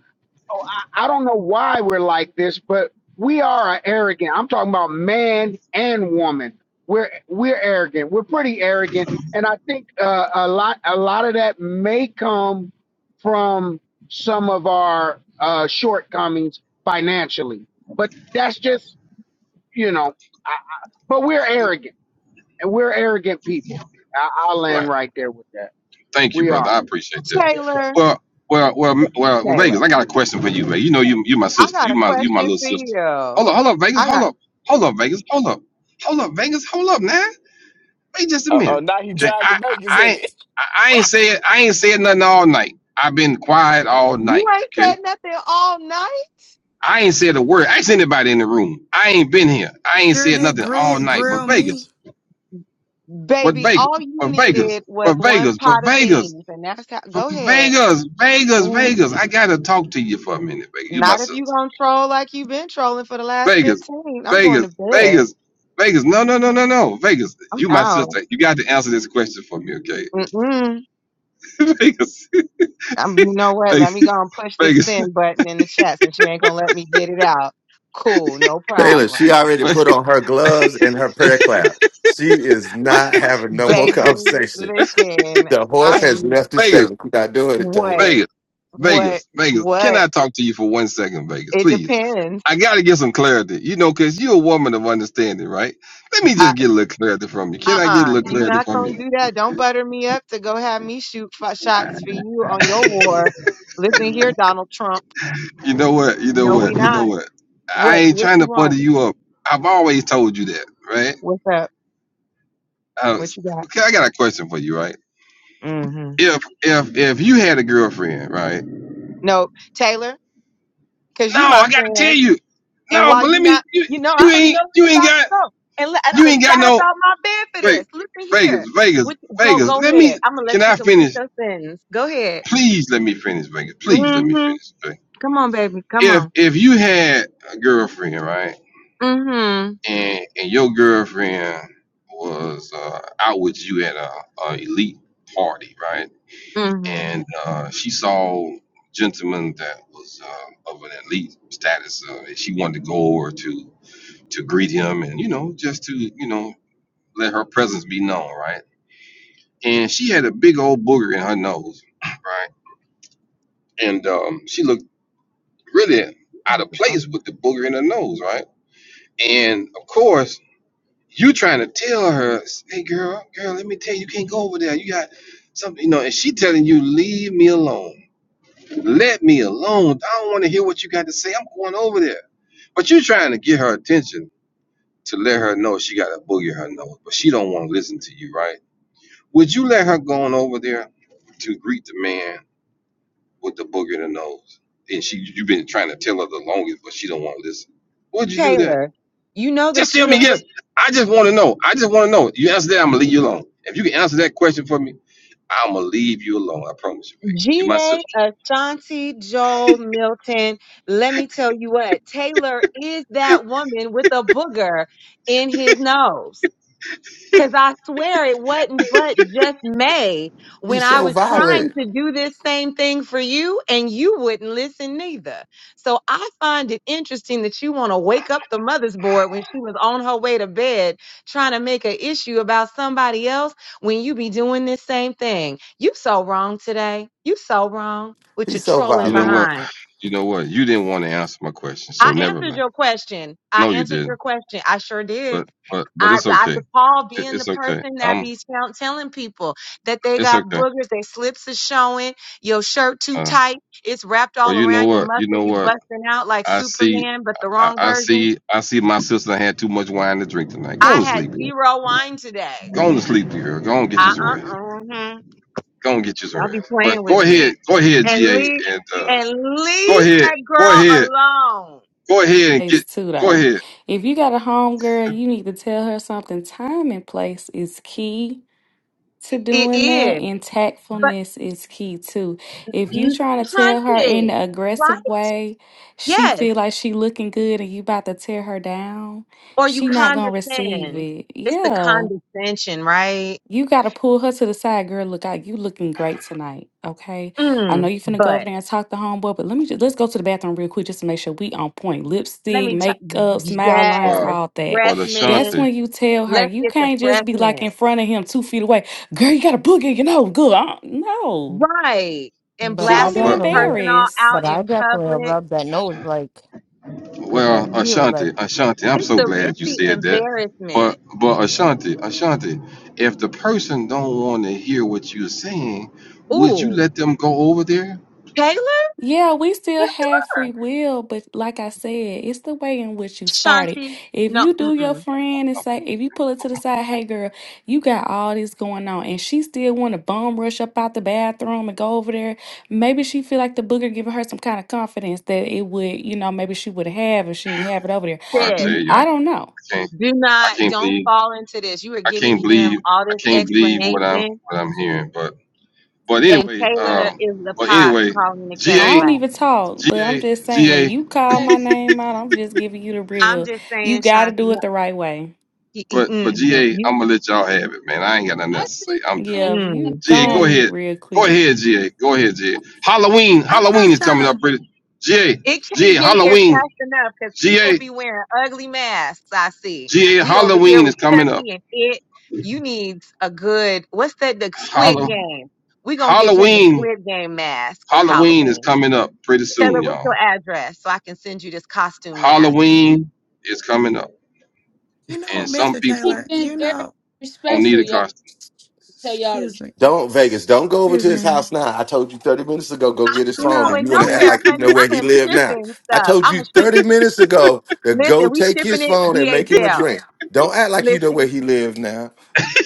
Speaker 13: oh, I, I don't know why we're like this, but we are arrogant. I'm talking about man and woman. We're we're arrogant. We're pretty arrogant, and I think uh, a lot a lot of that may come from some of our uh, shortcomings financially. But that's just you know. I, I, but we're arrogant, and we're arrogant people. I, I'll
Speaker 2: Right.
Speaker 13: land right there with that.
Speaker 2: Thank you,
Speaker 13: We
Speaker 2: brother.
Speaker 13: are.
Speaker 2: I appreciate that.
Speaker 13: Yes, sir.
Speaker 26: Taylor.
Speaker 2: Well, well, well, m- well, well
Speaker 26: Taylor.
Speaker 2: Vegas, I got a question for you, man. You know, you you my
Speaker 26: I
Speaker 2: sister.
Speaker 26: got
Speaker 2: You
Speaker 26: a
Speaker 2: my you my
Speaker 26: question
Speaker 2: little
Speaker 26: for you.
Speaker 2: sister. Hold up, hold up, Vegas.
Speaker 26: I
Speaker 2: Hold
Speaker 26: got
Speaker 2: up, hold up, Vegas. Hold up, hold up, Vegas. Hold up, now. Wait just a
Speaker 22: Uh oh,
Speaker 2: minute.
Speaker 22: now he
Speaker 2: Okay, I
Speaker 22: dragging
Speaker 2: I
Speaker 22: Vegas
Speaker 2: I
Speaker 22: in
Speaker 2: ain't,
Speaker 22: it.
Speaker 2: I I ain't said I ain't said nothing all night. I've been quiet all
Speaker 26: you
Speaker 2: night.
Speaker 26: ain't said
Speaker 2: Okay.
Speaker 26: nothing all night.
Speaker 2: I ain't said a word. Ask anybody in the room. I ain't been here. I ain't
Speaker 23: Sure
Speaker 2: said
Speaker 23: did
Speaker 2: nothing all
Speaker 23: gri-
Speaker 2: night. But
Speaker 23: grill me.
Speaker 2: Vegas, but
Speaker 26: Baby,
Speaker 2: Vegas,
Speaker 26: all you
Speaker 2: but Vegas,
Speaker 26: needed was
Speaker 2: but
Speaker 26: one
Speaker 2: Vegas, but
Speaker 26: pot of
Speaker 2: Vegas.
Speaker 26: beans, and that's how.
Speaker 2: V-
Speaker 26: Go ahead.
Speaker 2: Vegas, Vegas,
Speaker 26: Mm.
Speaker 2: Vegas. I gotta talk to you for a minute, Vegas. You my
Speaker 26: Not if you
Speaker 2: sister.
Speaker 26: gonna troll like you've been trolling for the last
Speaker 2: Vegas,
Speaker 26: fifteen. I'm going
Speaker 2: Vegas,
Speaker 26: to bed.
Speaker 2: Vegas, Vegas. No, no, no, no, no. Vegas,
Speaker 26: I'm
Speaker 2: you my
Speaker 26: out.
Speaker 2: sister. You got to answer this question for me, okay?
Speaker 26: Mm-mm.
Speaker 2: Vegas,
Speaker 26: Um, you know what? Let
Speaker 2: Vegas,
Speaker 26: me go and push this
Speaker 2: Vegas,
Speaker 26: send button in the chat since you ain't gonna let me get it out. Cool, no
Speaker 21: Taylor. She
Speaker 26: problem.
Speaker 21: already put on her gloves and her prayer cloth. She is not
Speaker 2: Vegas,
Speaker 21: having no more
Speaker 26: Baby,
Speaker 21: conversation.
Speaker 26: listen,
Speaker 21: The
Speaker 26: I
Speaker 21: horse has
Speaker 26: am
Speaker 21: left the
Speaker 2: Vegas,
Speaker 21: stable. We're not doing it, Taylor.
Speaker 26: what, what,
Speaker 2: Vegas, Vegas. Can
Speaker 26: what?
Speaker 2: I talk to you for one second, Vegas,
Speaker 26: It
Speaker 2: please?
Speaker 26: depends.
Speaker 2: I gotta get some clarity, you know, cause you're a woman of understanding, right? Let me just get a little clarity from you. Can I get
Speaker 26: uh-uh,
Speaker 2: a little
Speaker 26: you
Speaker 2: clarity
Speaker 26: not
Speaker 2: from
Speaker 26: gonna
Speaker 2: you?
Speaker 26: do that. Don't butter me up to go have me shoot f- shots for you on your war. Listen here, Donald Trump.
Speaker 2: You know what? You know
Speaker 26: No, we
Speaker 2: what? You know
Speaker 26: not.
Speaker 2: what? I
Speaker 26: What?
Speaker 2: ain't
Speaker 26: What
Speaker 2: trying
Speaker 26: you
Speaker 2: to butter
Speaker 26: want?
Speaker 2: you up. I've always told you that, right?
Speaker 26: What's up?
Speaker 2: I,
Speaker 26: What
Speaker 2: was-
Speaker 26: you got?
Speaker 2: okay, I got a question for you, right?
Speaker 26: Mm-hmm.
Speaker 2: If if if you had a girlfriend, right?
Speaker 26: No, Taylor, cause
Speaker 2: No,
Speaker 26: you my
Speaker 2: I got to tell
Speaker 26: friend,
Speaker 2: you.
Speaker 26: and
Speaker 2: No,
Speaker 26: while
Speaker 2: but
Speaker 26: you
Speaker 2: let me.
Speaker 26: not,
Speaker 2: You,
Speaker 26: you know, I
Speaker 2: you
Speaker 26: already know
Speaker 2: ain't
Speaker 26: where
Speaker 2: you
Speaker 26: you
Speaker 2: ain't
Speaker 26: about to
Speaker 2: got
Speaker 26: go, and li- and I
Speaker 2: you
Speaker 26: done
Speaker 2: ain't got
Speaker 26: sat up
Speaker 2: no.
Speaker 26: out my bed for this.
Speaker 2: Wait,
Speaker 26: Listen
Speaker 2: Vegas,
Speaker 26: here.
Speaker 2: Vegas,
Speaker 26: What, go
Speaker 2: Vegas.
Speaker 26: go
Speaker 2: Let me.
Speaker 26: ahead. I'm gonna
Speaker 2: Can
Speaker 26: let you
Speaker 2: I
Speaker 26: complete
Speaker 2: finish?
Speaker 26: your sentence. Go ahead.
Speaker 2: Please let me finish, Vegas. Please let me
Speaker 26: Mm-hmm.
Speaker 2: finish. Okay?
Speaker 26: Come on, baby. Come
Speaker 2: If
Speaker 26: on.
Speaker 2: if you had a girlfriend, right?
Speaker 26: Mm-hmm.
Speaker 2: and and your girlfriend was uh, out with you at a, a elite party, right? And uh, she saw gentleman that was uh, of an elite status, uh, and she wanted to go over to to greet him, and you know, just to you know, let her presence be known, right? And she had a big old booger in her nose, right? And um, she looked really out of
Speaker 26: Mm-hmm.
Speaker 2: place with the booger in her nose, right? And of course You trying to tell her, hey girl, girl, let me tell you, you can't go over there. You got something, you know, and she telling you, leave me alone. Let me alone. I don't want to hear what you got to say. I'm going over there. But you trying to get her attention to let her know she got a boogie in her nose, but she don't want to listen to you, right? Would you let her go on over there to greet the man with the boogie in her nose? And she you've been trying to tell her the longest, but she don't want to listen. Would you do that?
Speaker 26: Taylor, you know
Speaker 2: Just
Speaker 26: that you
Speaker 2: tell
Speaker 26: the
Speaker 2: me yes.
Speaker 26: bu-
Speaker 2: I just want to know. I just want to know. You answer that, I'm gonna leave you alone. If you can answer that question for me, I'm gonna leave you alone. I promise you, baby. You my
Speaker 26: GA
Speaker 2: sister.
Speaker 26: Ashanti Joel Milton. Let me tell you what, Taylor is that woman with a booger in his nose. Cause I swear it wasn't but just May when
Speaker 21: He's
Speaker 26: I
Speaker 21: so
Speaker 26: was trying
Speaker 21: violent.
Speaker 26: to do this same thing for you and you wouldn't listen neither. So I find it interesting that you want to wake up the mother's board when she was on her way to bed trying to make an issue about somebody else when you be doing this same thing. You so wrong today. You so wrong with your
Speaker 21: He's so
Speaker 26: trolling
Speaker 2: You know
Speaker 21: violent.
Speaker 2: what?
Speaker 26: behind.
Speaker 2: You know what? You didn't want to answer my question, so
Speaker 26: I
Speaker 2: never
Speaker 26: answered
Speaker 2: mind.
Speaker 26: your question. I
Speaker 2: No, you
Speaker 26: answered
Speaker 2: didn't.
Speaker 26: your question. I sure did.
Speaker 2: But but but
Speaker 26: I,
Speaker 2: it's
Speaker 26: I
Speaker 2: okay.
Speaker 26: recall
Speaker 2: It,
Speaker 26: being the
Speaker 2: it's okay.
Speaker 26: person that
Speaker 2: Um,
Speaker 26: be tell, telling people that they
Speaker 2: it's
Speaker 26: got
Speaker 2: okay.
Speaker 26: boogers, their slips are showing, your shirt too
Speaker 2: Uh,
Speaker 26: tight, it's wrapped
Speaker 2: well,
Speaker 26: all
Speaker 2: you know
Speaker 26: around your
Speaker 2: what? You
Speaker 26: muscles,
Speaker 2: know
Speaker 26: you
Speaker 2: what?
Speaker 26: busting out like
Speaker 2: I see.
Speaker 26: Superman, but the
Speaker 2: I,
Speaker 26: wrong
Speaker 2: I
Speaker 26: version.
Speaker 2: see. I see. My sister had too much wine to drink tonight. Go on
Speaker 26: I
Speaker 2: to
Speaker 26: had
Speaker 2: sleep. Girl.
Speaker 26: zero wine today.
Speaker 2: Go on to sleep, girl. Go on and
Speaker 26: Uh
Speaker 2: get you some
Speaker 26: uh
Speaker 2: rest.
Speaker 26: uh.
Speaker 2: Go on and get you some
Speaker 26: Y'all be
Speaker 2: rest. But
Speaker 26: playing with
Speaker 2: go
Speaker 26: me
Speaker 2: ahead. Go ahead,
Speaker 26: and
Speaker 2: GA,
Speaker 26: leave
Speaker 2: and. Uh,
Speaker 26: and
Speaker 2: Go
Speaker 26: leave
Speaker 2: ahead.
Speaker 26: that
Speaker 2: Go
Speaker 26: girl
Speaker 2: ahead.
Speaker 26: alone.
Speaker 2: Go ahead and
Speaker 10: Place
Speaker 2: get.
Speaker 10: too
Speaker 2: Go
Speaker 10: though.
Speaker 2: ahead.
Speaker 10: If you got a home girl, you need to tell her something. Time and place is key. to
Speaker 26: It
Speaker 10: doing that
Speaker 26: is,
Speaker 10: and
Speaker 26: but
Speaker 10: tactfulness is key too if you trying to tell her in
Speaker 26: hunting,
Speaker 10: an
Speaker 26: right?
Speaker 10: aggressive way she
Speaker 26: Yes
Speaker 10: feel like she looking good and you about to tear her down
Speaker 26: or you
Speaker 10: she not gonna receive
Speaker 26: condescend.
Speaker 10: it
Speaker 26: It's the
Speaker 10: yeah
Speaker 26: condescension, right?
Speaker 10: you gotta pull her to the side, girl. Look out, you looking great tonight. Okay. I know
Speaker 26: Mm,
Speaker 10: you finna go over
Speaker 26: but
Speaker 10: there and talk to homeboy, but let me just let's go to the bathroom real quick just to make sure we on point.
Speaker 26: let
Speaker 10: Lipstick,
Speaker 26: me tell.
Speaker 10: makeup, smile lines,
Speaker 2: But
Speaker 26: Yes,
Speaker 10: all that.
Speaker 26: breath
Speaker 2: but
Speaker 10: That's
Speaker 26: mint.
Speaker 2: Ashanti.
Speaker 10: when you tell her
Speaker 26: Let's
Speaker 10: you
Speaker 26: get the
Speaker 10: can't just
Speaker 26: breath
Speaker 10: be like
Speaker 26: mint
Speaker 10: in front of him two feet away. Girl, you got a boogie, you know, good. Uh, No.
Speaker 26: right. And
Speaker 27: but
Speaker 10: She
Speaker 27: i
Speaker 10: gonna
Speaker 26: blasting
Speaker 10: be
Speaker 2: Well
Speaker 26: this
Speaker 27: definitely
Speaker 26: person all
Speaker 10: embarrassed.
Speaker 27: but
Speaker 26: out
Speaker 27: i
Speaker 26: in
Speaker 27: definitely will
Speaker 26: public.
Speaker 27: rub that nose like never
Speaker 2: well
Speaker 27: feel like
Speaker 2: Ashanti Ashanti. I'm
Speaker 26: It's
Speaker 2: so
Speaker 26: the it's
Speaker 2: glad you
Speaker 26: the
Speaker 2: said that.
Speaker 26: embarrassment.
Speaker 2: But but Ashanti Ashanti. If the person don't want to hear what you're saying, would you
Speaker 26: Ooh,
Speaker 2: let them go over there?
Speaker 26: Taylor,
Speaker 10: Yeah, we still have
Speaker 26: Taylor,
Speaker 10: free will, but like I said, it's the way in which you started.
Speaker 26: Shanti.
Speaker 10: If
Speaker 26: No,
Speaker 10: you do your
Speaker 26: mm-mm.
Speaker 10: friend and say, if you pull it to the side, hey girl, you got all this going on, and she still want to bum rush up out the bathroom and go over there, maybe she feel like the booger giving her some kind of confidence that it would, you know, maybe she would have if she didn't have it over there.
Speaker 2: I
Speaker 26: sis,
Speaker 2: tell
Speaker 10: Mm,
Speaker 2: you, I
Speaker 10: I don't know.
Speaker 2: can't.
Speaker 26: do
Speaker 2: I
Speaker 26: not,
Speaker 2: can't
Speaker 26: don't
Speaker 2: believe.
Speaker 26: fall into this. You are
Speaker 2: I
Speaker 26: giving
Speaker 2: can't
Speaker 26: him
Speaker 2: believe.
Speaker 26: all
Speaker 2: I
Speaker 26: this
Speaker 2: can't believe what I'm
Speaker 26: explanation,
Speaker 2: what I'm hearing. But but
Speaker 24: I,
Speaker 26: and
Speaker 2: anyway.
Speaker 26: Taylor
Speaker 2: Uh.
Speaker 26: is the
Speaker 2: But
Speaker 26: pot
Speaker 2: anyway.
Speaker 26: calling the kettle
Speaker 10: I
Speaker 2: Ga.
Speaker 10: don't
Speaker 26: black.
Speaker 10: even talk, but I'm
Speaker 2: Ga.
Speaker 10: just
Speaker 2: Ga.
Speaker 10: saying, you call
Speaker 24: I,
Speaker 10: my name out, I'm just giving you the
Speaker 26: I'm
Speaker 10: real.
Speaker 26: just
Speaker 10: You
Speaker 26: saying,
Speaker 10: got to
Speaker 26: Shanti,
Speaker 10: do it
Speaker 26: no,
Speaker 10: the right way.
Speaker 26: y- y-
Speaker 2: But but
Speaker 26: mm-mm,
Speaker 2: GA,
Speaker 26: you,
Speaker 2: I'm gonna let y'all have it, man. I ain't got nothing
Speaker 24: I
Speaker 2: else to say.
Speaker 24: think
Speaker 2: I'm done.
Speaker 24: Taylor's
Speaker 10: Yeah, if
Speaker 24: been
Speaker 10: you
Speaker 26: mm.
Speaker 10: go
Speaker 2: GA, go
Speaker 10: on
Speaker 24: very.
Speaker 10: mute
Speaker 2: ahead.
Speaker 10: real
Speaker 2: Go
Speaker 10: quick.
Speaker 2: ahead, GA. Go ahead, GA. Halloween,
Speaker 23: I'm
Speaker 2: Halloween
Speaker 23: just
Speaker 2: is
Speaker 23: trying
Speaker 2: coming up,
Speaker 23: to,
Speaker 2: pretty. GA,
Speaker 26: it
Speaker 2: GA,
Speaker 26: can't get here
Speaker 2: Halloween,
Speaker 26: fast enough because people
Speaker 2: GA,
Speaker 26: be wearing ugly masks. I see.
Speaker 2: GA,
Speaker 26: We over here
Speaker 2: Halloween is
Speaker 26: with
Speaker 2: coming up.
Speaker 26: Chucky and it. You need a good, what's that, the squid
Speaker 2: Hallow,
Speaker 26: game? we going to get you in the
Speaker 2: Halloween,
Speaker 26: squid game mask for
Speaker 2: Halloween is
Speaker 26: Halloween.
Speaker 2: coming up pretty
Speaker 26: Tell her
Speaker 2: soon,
Speaker 26: what's
Speaker 2: y'all.
Speaker 26: your address so I can send you this costume mask.
Speaker 2: Halloween is coming up,
Speaker 23: you know,
Speaker 2: and
Speaker 24: I
Speaker 2: some
Speaker 23: Mr.
Speaker 24: think he's
Speaker 2: people
Speaker 23: Taylor,
Speaker 24: been
Speaker 23: you
Speaker 24: very
Speaker 23: know,
Speaker 2: don't need
Speaker 24: respectful,
Speaker 2: a
Speaker 24: y'all.
Speaker 2: costume.
Speaker 24: To tell y'all the
Speaker 23: excuse
Speaker 24: truth.
Speaker 23: me.
Speaker 21: Don't Vegas. Don't go over to
Speaker 23: Excuse
Speaker 21: his
Speaker 23: me.
Speaker 21: house now. I told you 30 minutes ago, go get his
Speaker 23: You
Speaker 26: I'm
Speaker 21: phone.
Speaker 23: know,
Speaker 21: And
Speaker 26: going
Speaker 21: you want to act
Speaker 26: nowhere,
Speaker 23: Miss,
Speaker 21: like you
Speaker 26: honey.
Speaker 21: know where
Speaker 26: I
Speaker 21: he
Speaker 26: am
Speaker 21: live now.
Speaker 26: shipping
Speaker 21: I
Speaker 26: stuff.
Speaker 21: told
Speaker 26: I'm
Speaker 21: you
Speaker 26: a ship.
Speaker 21: 30 minutes ago to go
Speaker 26: Listen, we
Speaker 21: take
Speaker 26: shipping
Speaker 21: his
Speaker 26: it
Speaker 21: phone and make him a
Speaker 26: DHL.
Speaker 21: drink. Don't act like you know
Speaker 26: Listen.
Speaker 21: where he live now.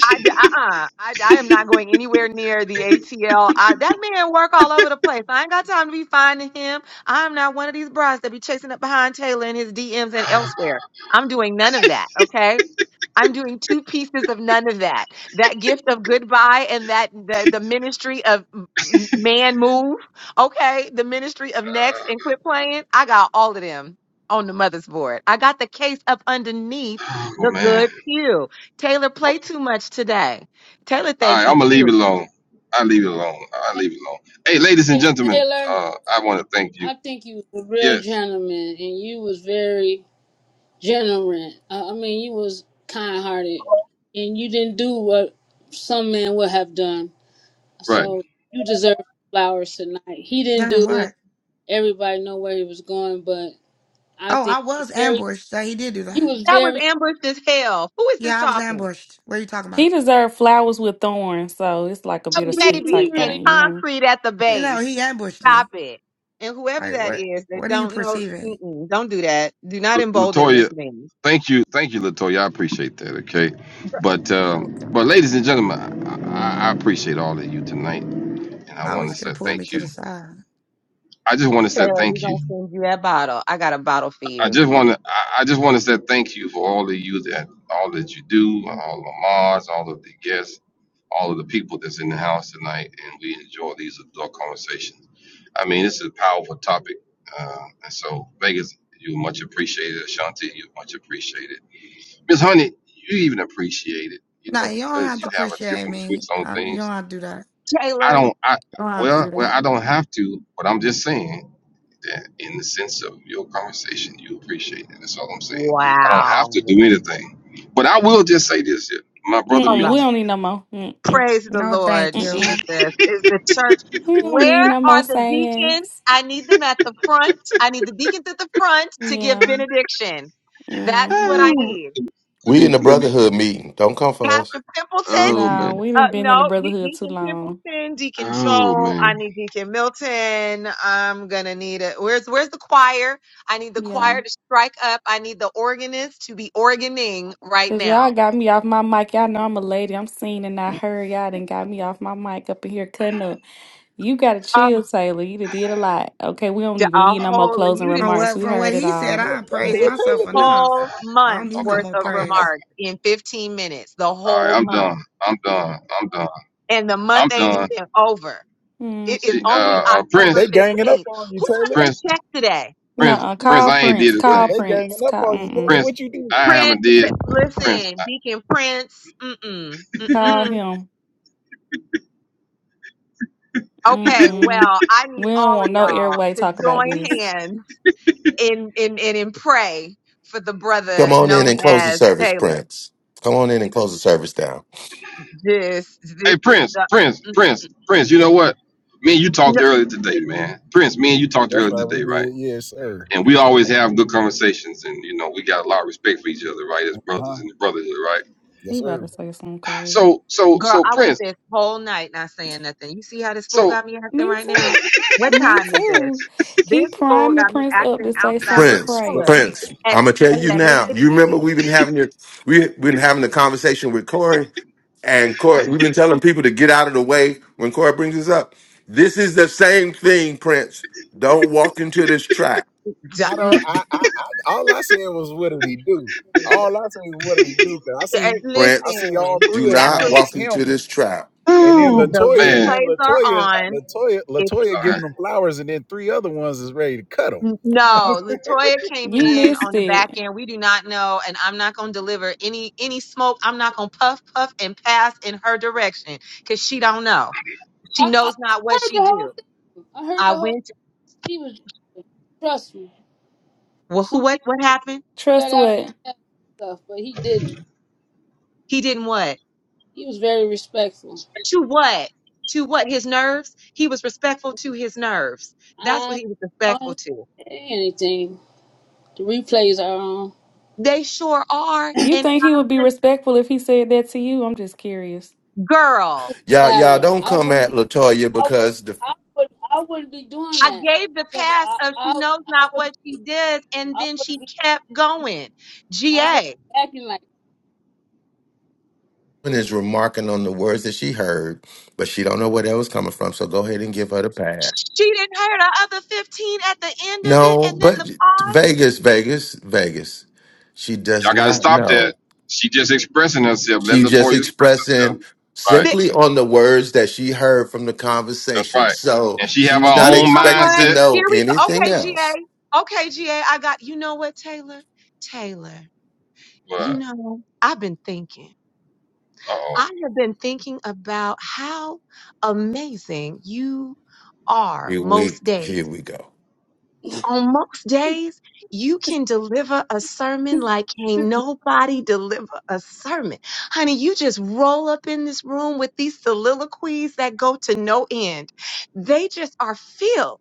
Speaker 26: I d- uh-uh. I, I am not going anywhere near the ATL. that man work all over the place. I ain't got time to be finding him. I'm not one of these brides that be chasing up behind Taylor in his DMs and elsewhere. I'm doing none of that. Okay. I'm doing two pieces of none of that. That gift of goodbye and that the, the ministry of m- man move. Okay, the ministry of next and quit playing. I got all of them on the mother's board. I got the case up underneath
Speaker 2: Oh
Speaker 26: the good
Speaker 2: man.
Speaker 26: pew. Taylor played too much today. Taylor
Speaker 2: All
Speaker 26: think
Speaker 2: right,
Speaker 26: he
Speaker 2: I'm gonna leave it
Speaker 26: cute.
Speaker 2: alone. I leave it alone. I
Speaker 24: Hey,
Speaker 2: leave it alone. Hey, ladies and
Speaker 24: hey,
Speaker 2: gentlemen,
Speaker 24: Taylor.
Speaker 2: uh, I want to thank you.
Speaker 24: I think you was a real
Speaker 2: Yes,
Speaker 24: gentleman, and you was very General, uh, I mean, you was kind hearted, and you didn't do what some men would have done.
Speaker 2: right,
Speaker 24: So you deserve flowers tonight. He didn't
Speaker 23: damn
Speaker 24: do it.
Speaker 23: what?
Speaker 24: Everybody know where he was going, but I
Speaker 23: Oh,
Speaker 24: think
Speaker 23: I
Speaker 24: he was
Speaker 23: was
Speaker 24: very,
Speaker 23: ambushed. So he did do
Speaker 24: you
Speaker 23: that.
Speaker 24: was
Speaker 26: That was
Speaker 24: very.
Speaker 26: ambushed as hell. Who is this
Speaker 23: Yeah, I was
Speaker 26: talking?
Speaker 23: ambushed. What are you talking
Speaker 10: He
Speaker 23: about?
Speaker 10: deserved flowers with thorns, so it's like a
Speaker 26: A
Speaker 24: He,
Speaker 10: bittersweet
Speaker 26: baby
Speaker 24: he
Speaker 10: type
Speaker 26: and
Speaker 24: really.
Speaker 10: thing, you know.
Speaker 26: concrete at the
Speaker 23: You know,
Speaker 26: base.
Speaker 23: he ambushed
Speaker 26: Stop
Speaker 23: me.
Speaker 26: it. And whoever
Speaker 23: Like,
Speaker 26: that
Speaker 23: what?
Speaker 26: is that
Speaker 23: What are you
Speaker 26: don't know,
Speaker 23: perceiving?
Speaker 26: mm-mm, don't do that. Do not
Speaker 2: La-
Speaker 26: embolden this
Speaker 2: Latoya.
Speaker 26: man.
Speaker 2: Thank you, thank you, Latoya. I appreciate that. Okay, but
Speaker 23: Oh
Speaker 2: um,
Speaker 23: God.
Speaker 2: but ladies and gentlemen, I, I I appreciate all of you tonight, and I
Speaker 23: I
Speaker 2: want to
Speaker 23: always could
Speaker 2: say
Speaker 23: have pulled me
Speaker 2: thank
Speaker 23: to
Speaker 2: you.
Speaker 23: the side.
Speaker 2: I just want to say
Speaker 26: Taylor, we're
Speaker 2: thank you
Speaker 26: going to send you that bottle. I got a bottle for
Speaker 2: I
Speaker 26: you.
Speaker 2: just want to. I I just want to say thank you for all of you that all that you do, all the mods, all of the guests, all of the people that's in the house tonight, and we enjoy these adult conversations. I mean, this is a powerful topic, uh, and so Vegas, you're much appreciated. Ashanti, you're much appreciated. Miss Honey, you even appreciate it, you
Speaker 23: Nah,
Speaker 2: know,
Speaker 23: you don't
Speaker 2: because
Speaker 23: have
Speaker 2: you
Speaker 23: to
Speaker 2: have a
Speaker 23: appreciate
Speaker 2: different
Speaker 23: me.
Speaker 2: twist on
Speaker 23: Um, you don't
Speaker 2: things.
Speaker 23: have to do that.
Speaker 2: I
Speaker 26: Taylor,
Speaker 2: don't. I
Speaker 23: You don't have to
Speaker 2: well,
Speaker 23: do
Speaker 2: well,
Speaker 23: that.
Speaker 2: I don't have to, but I'm just saying that in the sense of your conversation, you appreciate it. That's all I'm saying. I don't have to
Speaker 26: wow.
Speaker 2: do anything, but I will just say this here. My brother
Speaker 26: Oh,
Speaker 10: Mm-mm, we
Speaker 26: God.
Speaker 2: Milton.
Speaker 10: don't need no more. Mm-mm,
Speaker 26: Praise the
Speaker 23: No,
Speaker 26: Lord
Speaker 23: thank you.
Speaker 26: Jesus.
Speaker 10: mm-mm.
Speaker 26: Is the church.
Speaker 10: We don't need
Speaker 26: Where
Speaker 10: no more
Speaker 26: are the deacons?
Speaker 10: sayings.
Speaker 26: I need them at the front. I need the deacons at the front to give
Speaker 10: Yeah.
Speaker 26: benediction. That's what I
Speaker 10: Mm-hmm.
Speaker 26: need.
Speaker 2: Oh, let
Speaker 21: We in
Speaker 2: me,
Speaker 21: the
Speaker 2: let me.
Speaker 21: brotherhood meeting. Don't come for us.
Speaker 26: Pastor Pimpleton,
Speaker 2: Oh man,
Speaker 10: Nah, we
Speaker 26: Uh,
Speaker 10: didn't been in the
Speaker 26: no, De-
Speaker 10: brotherhood too
Speaker 26: Deacon
Speaker 10: long.
Speaker 26: Templeton, Deacon
Speaker 2: oh
Speaker 26: Joel.
Speaker 2: man.
Speaker 26: I need Deacon Milton. I'm gonna need it. Where's Where's the choir? I need the
Speaker 10: Yeah.
Speaker 26: choir to strike up. I need the organist to be organing right
Speaker 10: Cause y'all
Speaker 26: now.
Speaker 10: got me off my mic. Y'all know I'm a lady. I'm seen and I heard y'all done got me off my mic up in here cutting up. You gotta
Speaker 26: Oh,
Speaker 10: chill, Taylor. You done did a lot. Okay, we don't
Speaker 26: d-
Speaker 10: even
Speaker 26: a
Speaker 10: need no more
Speaker 26: whole
Speaker 10: closing
Speaker 26: you did
Speaker 23: From
Speaker 10: remarks.
Speaker 23: what
Speaker 10: We
Speaker 23: from what
Speaker 10: heard it
Speaker 23: he said,
Speaker 10: all.
Speaker 16: Well,
Speaker 23: I
Speaker 16: dang,
Speaker 23: praised
Speaker 16: what
Speaker 26: this
Speaker 23: myself
Speaker 16: Taylor do?
Speaker 23: enough.
Speaker 26: whole
Speaker 23: I don't
Speaker 26: month's
Speaker 23: need no
Speaker 2: Okay,
Speaker 26: worth
Speaker 23: more
Speaker 26: of
Speaker 2: okay,
Speaker 23: praise.
Speaker 2: okay.
Speaker 26: remarks in 15 minutes. The
Speaker 2: All right,
Speaker 26: whole
Speaker 2: I'm
Speaker 26: month,
Speaker 2: done. I'm done. I'm done.
Speaker 26: and the month
Speaker 2: I'm
Speaker 26: ain't
Speaker 2: done.
Speaker 26: even over. It is
Speaker 10: Hmm.
Speaker 2: Gee,
Speaker 26: only
Speaker 2: Uh, uh,
Speaker 26: October
Speaker 16: They
Speaker 2: Prince,
Speaker 16: ganging up
Speaker 26: 15th.
Speaker 16: on you,
Speaker 26: Who got
Speaker 16: Taylor.
Speaker 26: their
Speaker 2: Prince,
Speaker 26: check today?
Speaker 2: Prince,
Speaker 10: Nuh-uh.
Speaker 2: Prince.
Speaker 10: Call
Speaker 2: I ain't
Speaker 10: Prince.
Speaker 2: did a
Speaker 16: They,
Speaker 10: Call
Speaker 2: thing.
Speaker 16: they ganging
Speaker 10: Prince.
Speaker 16: up
Speaker 10: Call
Speaker 16: on you, Taylor.
Speaker 10: mm-mm.
Speaker 2: Prince,
Speaker 16: What you did?
Speaker 2: I
Speaker 26: Prince,
Speaker 2: haven't did.
Speaker 26: b-
Speaker 2: Prince,
Speaker 26: listen, Deacon Prince, mm-mm,
Speaker 10: Call
Speaker 26: mm-mm.
Speaker 10: him.
Speaker 26: Okay,
Speaker 10: Mm-mm.
Speaker 26: well, I need
Speaker 10: We don't
Speaker 26: all of
Speaker 10: want no
Speaker 26: y'all
Speaker 10: airway
Speaker 26: to
Speaker 10: talk about this.
Speaker 26: join hands in in in, in pray for the
Speaker 21: Come
Speaker 26: brother
Speaker 21: on in
Speaker 26: known
Speaker 21: and close the
Speaker 26: as
Speaker 21: service,
Speaker 26: Taylor.
Speaker 21: Prince. Come on in and close the service down.
Speaker 26: This this
Speaker 2: I- hey
Speaker 26: is
Speaker 2: Prince,
Speaker 26: the
Speaker 2: Prince,
Speaker 26: mm,
Speaker 2: Prince, Prince. You know what? Me and you talked
Speaker 26: no,
Speaker 2: earlier today, man. Prince, me and you talked
Speaker 16: That's
Speaker 2: earlier
Speaker 16: right, we
Speaker 2: today, right?
Speaker 16: did. Yes, sir.
Speaker 2: and we always have good conversations and you know we got a lot of respect for each other right as
Speaker 16: Huh?
Speaker 2: brothers in the brotherhood right
Speaker 16: Yes,
Speaker 10: He about
Speaker 16: sir.
Speaker 10: to say something crazy.
Speaker 2: so so
Speaker 26: girl.
Speaker 2: so
Speaker 26: I went
Speaker 2: prince
Speaker 26: this whole night not saying nothing. You see how this fool
Speaker 2: so
Speaker 26: got me acting
Speaker 10: Me
Speaker 26: right now?
Speaker 10: too.
Speaker 26: What
Speaker 10: Me
Speaker 26: time is this?
Speaker 10: too. He
Speaker 26: This fool
Speaker 10: priming
Speaker 26: got me
Speaker 10: Prince up
Speaker 26: acting
Speaker 10: to say
Speaker 26: outside my
Speaker 10: something
Speaker 16: So,
Speaker 21: Prince,
Speaker 16: so
Speaker 26: color
Speaker 10: crazy.
Speaker 21: Prince,
Speaker 26: at
Speaker 21: I'm gonna tell you
Speaker 26: eleven
Speaker 21: now. You remember
Speaker 26: fifteen.
Speaker 21: we've been having your we we've been having a conversation with Corey. And Corey, we've been telling people to get out of the way when Corey brings this up. This is the same thing, Prince. Don't walk into this trap,
Speaker 16: I don't. I, I, I all I said was, what did he do? All I said was, what did he do? Cause I see, I
Speaker 21: Prince.
Speaker 16: see all
Speaker 26: Listen,
Speaker 21: Do
Speaker 16: three of them
Speaker 26: that's
Speaker 21: not
Speaker 26: what
Speaker 16: on his
Speaker 21: walk into
Speaker 16: helmet,
Speaker 21: this trap.
Speaker 16: and then
Speaker 2: whew,
Speaker 26: The
Speaker 16: Latoya,
Speaker 2: man
Speaker 16: then
Speaker 26: replays are
Speaker 16: Latoya,
Speaker 26: on.
Speaker 16: Latoya,
Speaker 26: If
Speaker 16: Latoya
Speaker 2: all right.
Speaker 16: giving them flowers, and then three other ones is ready to cut 'em.
Speaker 26: no, Latoya came
Speaker 10: You
Speaker 26: in
Speaker 10: missed
Speaker 26: on the back
Speaker 10: it.
Speaker 26: end. We do not know, and I'm not gonna deliver any any smoke. I'm not gonna puff, puff, and pass in her direction because she don't know. She
Speaker 24: I, I
Speaker 26: knows
Speaker 24: I
Speaker 26: not what
Speaker 24: heard
Speaker 26: she
Speaker 24: the whole
Speaker 26: do.
Speaker 24: thing. I heard
Speaker 26: I
Speaker 24: the whole.
Speaker 26: went.
Speaker 24: He was. Trust me.
Speaker 26: Well, who?
Speaker 24: Some
Speaker 26: What?
Speaker 24: people
Speaker 26: What happened?
Speaker 24: flat
Speaker 10: Trust
Speaker 24: out
Speaker 10: what?
Speaker 24: said stuff, but he didn't.
Speaker 26: He didn't what?
Speaker 24: He was very respectful.
Speaker 26: To what? To what? His nerves. He was respectful to his nerves. That's what
Speaker 24: I
Speaker 26: he was respectful
Speaker 24: don't
Speaker 26: to.
Speaker 24: say anything. The replays are on.
Speaker 26: They sure are,
Speaker 10: You
Speaker 26: and
Speaker 10: think he
Speaker 26: I'm
Speaker 10: would be
Speaker 26: just
Speaker 10: respectful if he said that to you? I'm just curious.
Speaker 26: girl.
Speaker 21: Y'all, y'all
Speaker 24: matter.
Speaker 21: don't
Speaker 24: I
Speaker 21: come
Speaker 24: wouldn't
Speaker 21: at
Speaker 24: be.
Speaker 21: Latoya
Speaker 24: I would.
Speaker 21: because the
Speaker 24: I would. I wouldn't be doing
Speaker 26: I
Speaker 24: that.
Speaker 26: gave the
Speaker 24: 'Cause
Speaker 26: pass
Speaker 24: I.
Speaker 26: of she
Speaker 24: I.
Speaker 26: knows
Speaker 24: I
Speaker 26: not what
Speaker 24: wouldn't be.
Speaker 26: she did, and
Speaker 24: I
Speaker 26: then she
Speaker 24: wouldn't be.
Speaker 26: kept going.
Speaker 24: I wouldn't
Speaker 26: GA.
Speaker 24: be acting like.
Speaker 21: woman is remarking on the words that she heard, but she don't know where that was coming from. So go ahead and give her the pass.
Speaker 26: She didn't hear the other 15 at the end of it,
Speaker 21: No,
Speaker 26: and then the
Speaker 21: but
Speaker 26: pause.
Speaker 21: Vegas, Vegas, Vegas. She does
Speaker 2: y'all gotta
Speaker 21: not
Speaker 2: stop
Speaker 21: know.
Speaker 2: that she just expressing herself let
Speaker 21: She just
Speaker 2: latoya express herself
Speaker 21: expressing
Speaker 2: right
Speaker 26: The,
Speaker 21: simply on the words that she heard from the
Speaker 2: that's
Speaker 21: conversation.
Speaker 2: right
Speaker 21: So
Speaker 2: and she have her
Speaker 21: she's not
Speaker 26: you
Speaker 2: own
Speaker 26: know
Speaker 21: expected to
Speaker 26: what?
Speaker 2: mindset
Speaker 21: know
Speaker 26: Here we go.
Speaker 21: anything
Speaker 26: Okay, GA.
Speaker 21: else.
Speaker 26: Okay, GA. I got, you know what, Taylor? Taylor, you
Speaker 2: but
Speaker 26: know, I've been thinking. I
Speaker 2: oh
Speaker 26: have been thinking about how amazing you are
Speaker 21: Here we
Speaker 26: most days.
Speaker 21: here we go.
Speaker 26: on most days, you can deliver a sermon like ain't nobody deliver a sermon. Honey, you just roll up in this room with these soliloquies that go to no end. They just are filled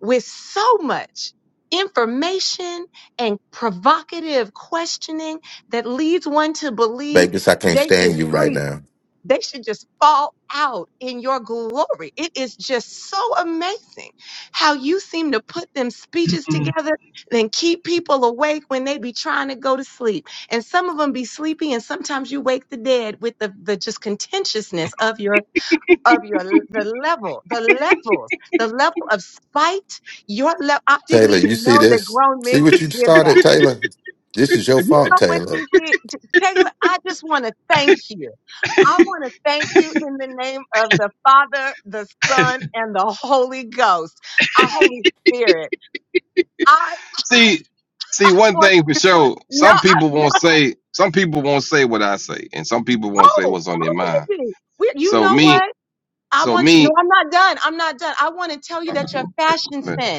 Speaker 26: with so much information and provocative questioning that leads one to believe
Speaker 21: Babies, I can't
Speaker 26: they just
Speaker 21: stand you right
Speaker 26: sleep.
Speaker 21: now.
Speaker 26: They should just fall out in your glory. It is just so amazing how you seem to put them speeches together and keep people awake when they be trying to go to sleep. And some of them be sleepy, and sometimes you wake the dead with the, the just contentiousness of your of your the level, the levels, the level of spite. Your level. I didn't
Speaker 21: Taylor, you
Speaker 26: even
Speaker 21: see
Speaker 26: know that
Speaker 21: this?
Speaker 26: grown men
Speaker 21: See what
Speaker 26: could
Speaker 21: you
Speaker 26: give that.
Speaker 21: started, Taylor? This is your
Speaker 26: You
Speaker 21: fault,
Speaker 26: know what you
Speaker 21: Taylor.
Speaker 26: did, J- Taylor? I just want to thank you. I want to thank you in the name of the Father, the Son, and the Holy Ghost, our Holy Spirit. I
Speaker 2: see see one
Speaker 26: want,
Speaker 2: thing for sure
Speaker 26: no,
Speaker 2: some
Speaker 26: I,
Speaker 2: people won't say some people won't say what i say and some people won't say
Speaker 26: oh,
Speaker 2: what's on
Speaker 26: oh,
Speaker 2: their mind
Speaker 26: baby. We, you
Speaker 2: so
Speaker 26: know
Speaker 2: me
Speaker 26: what? I
Speaker 2: so
Speaker 26: want to, no,
Speaker 2: me
Speaker 26: I'm not done. I'm not done. I want to tell you that your fashion
Speaker 2: but,
Speaker 26: sense.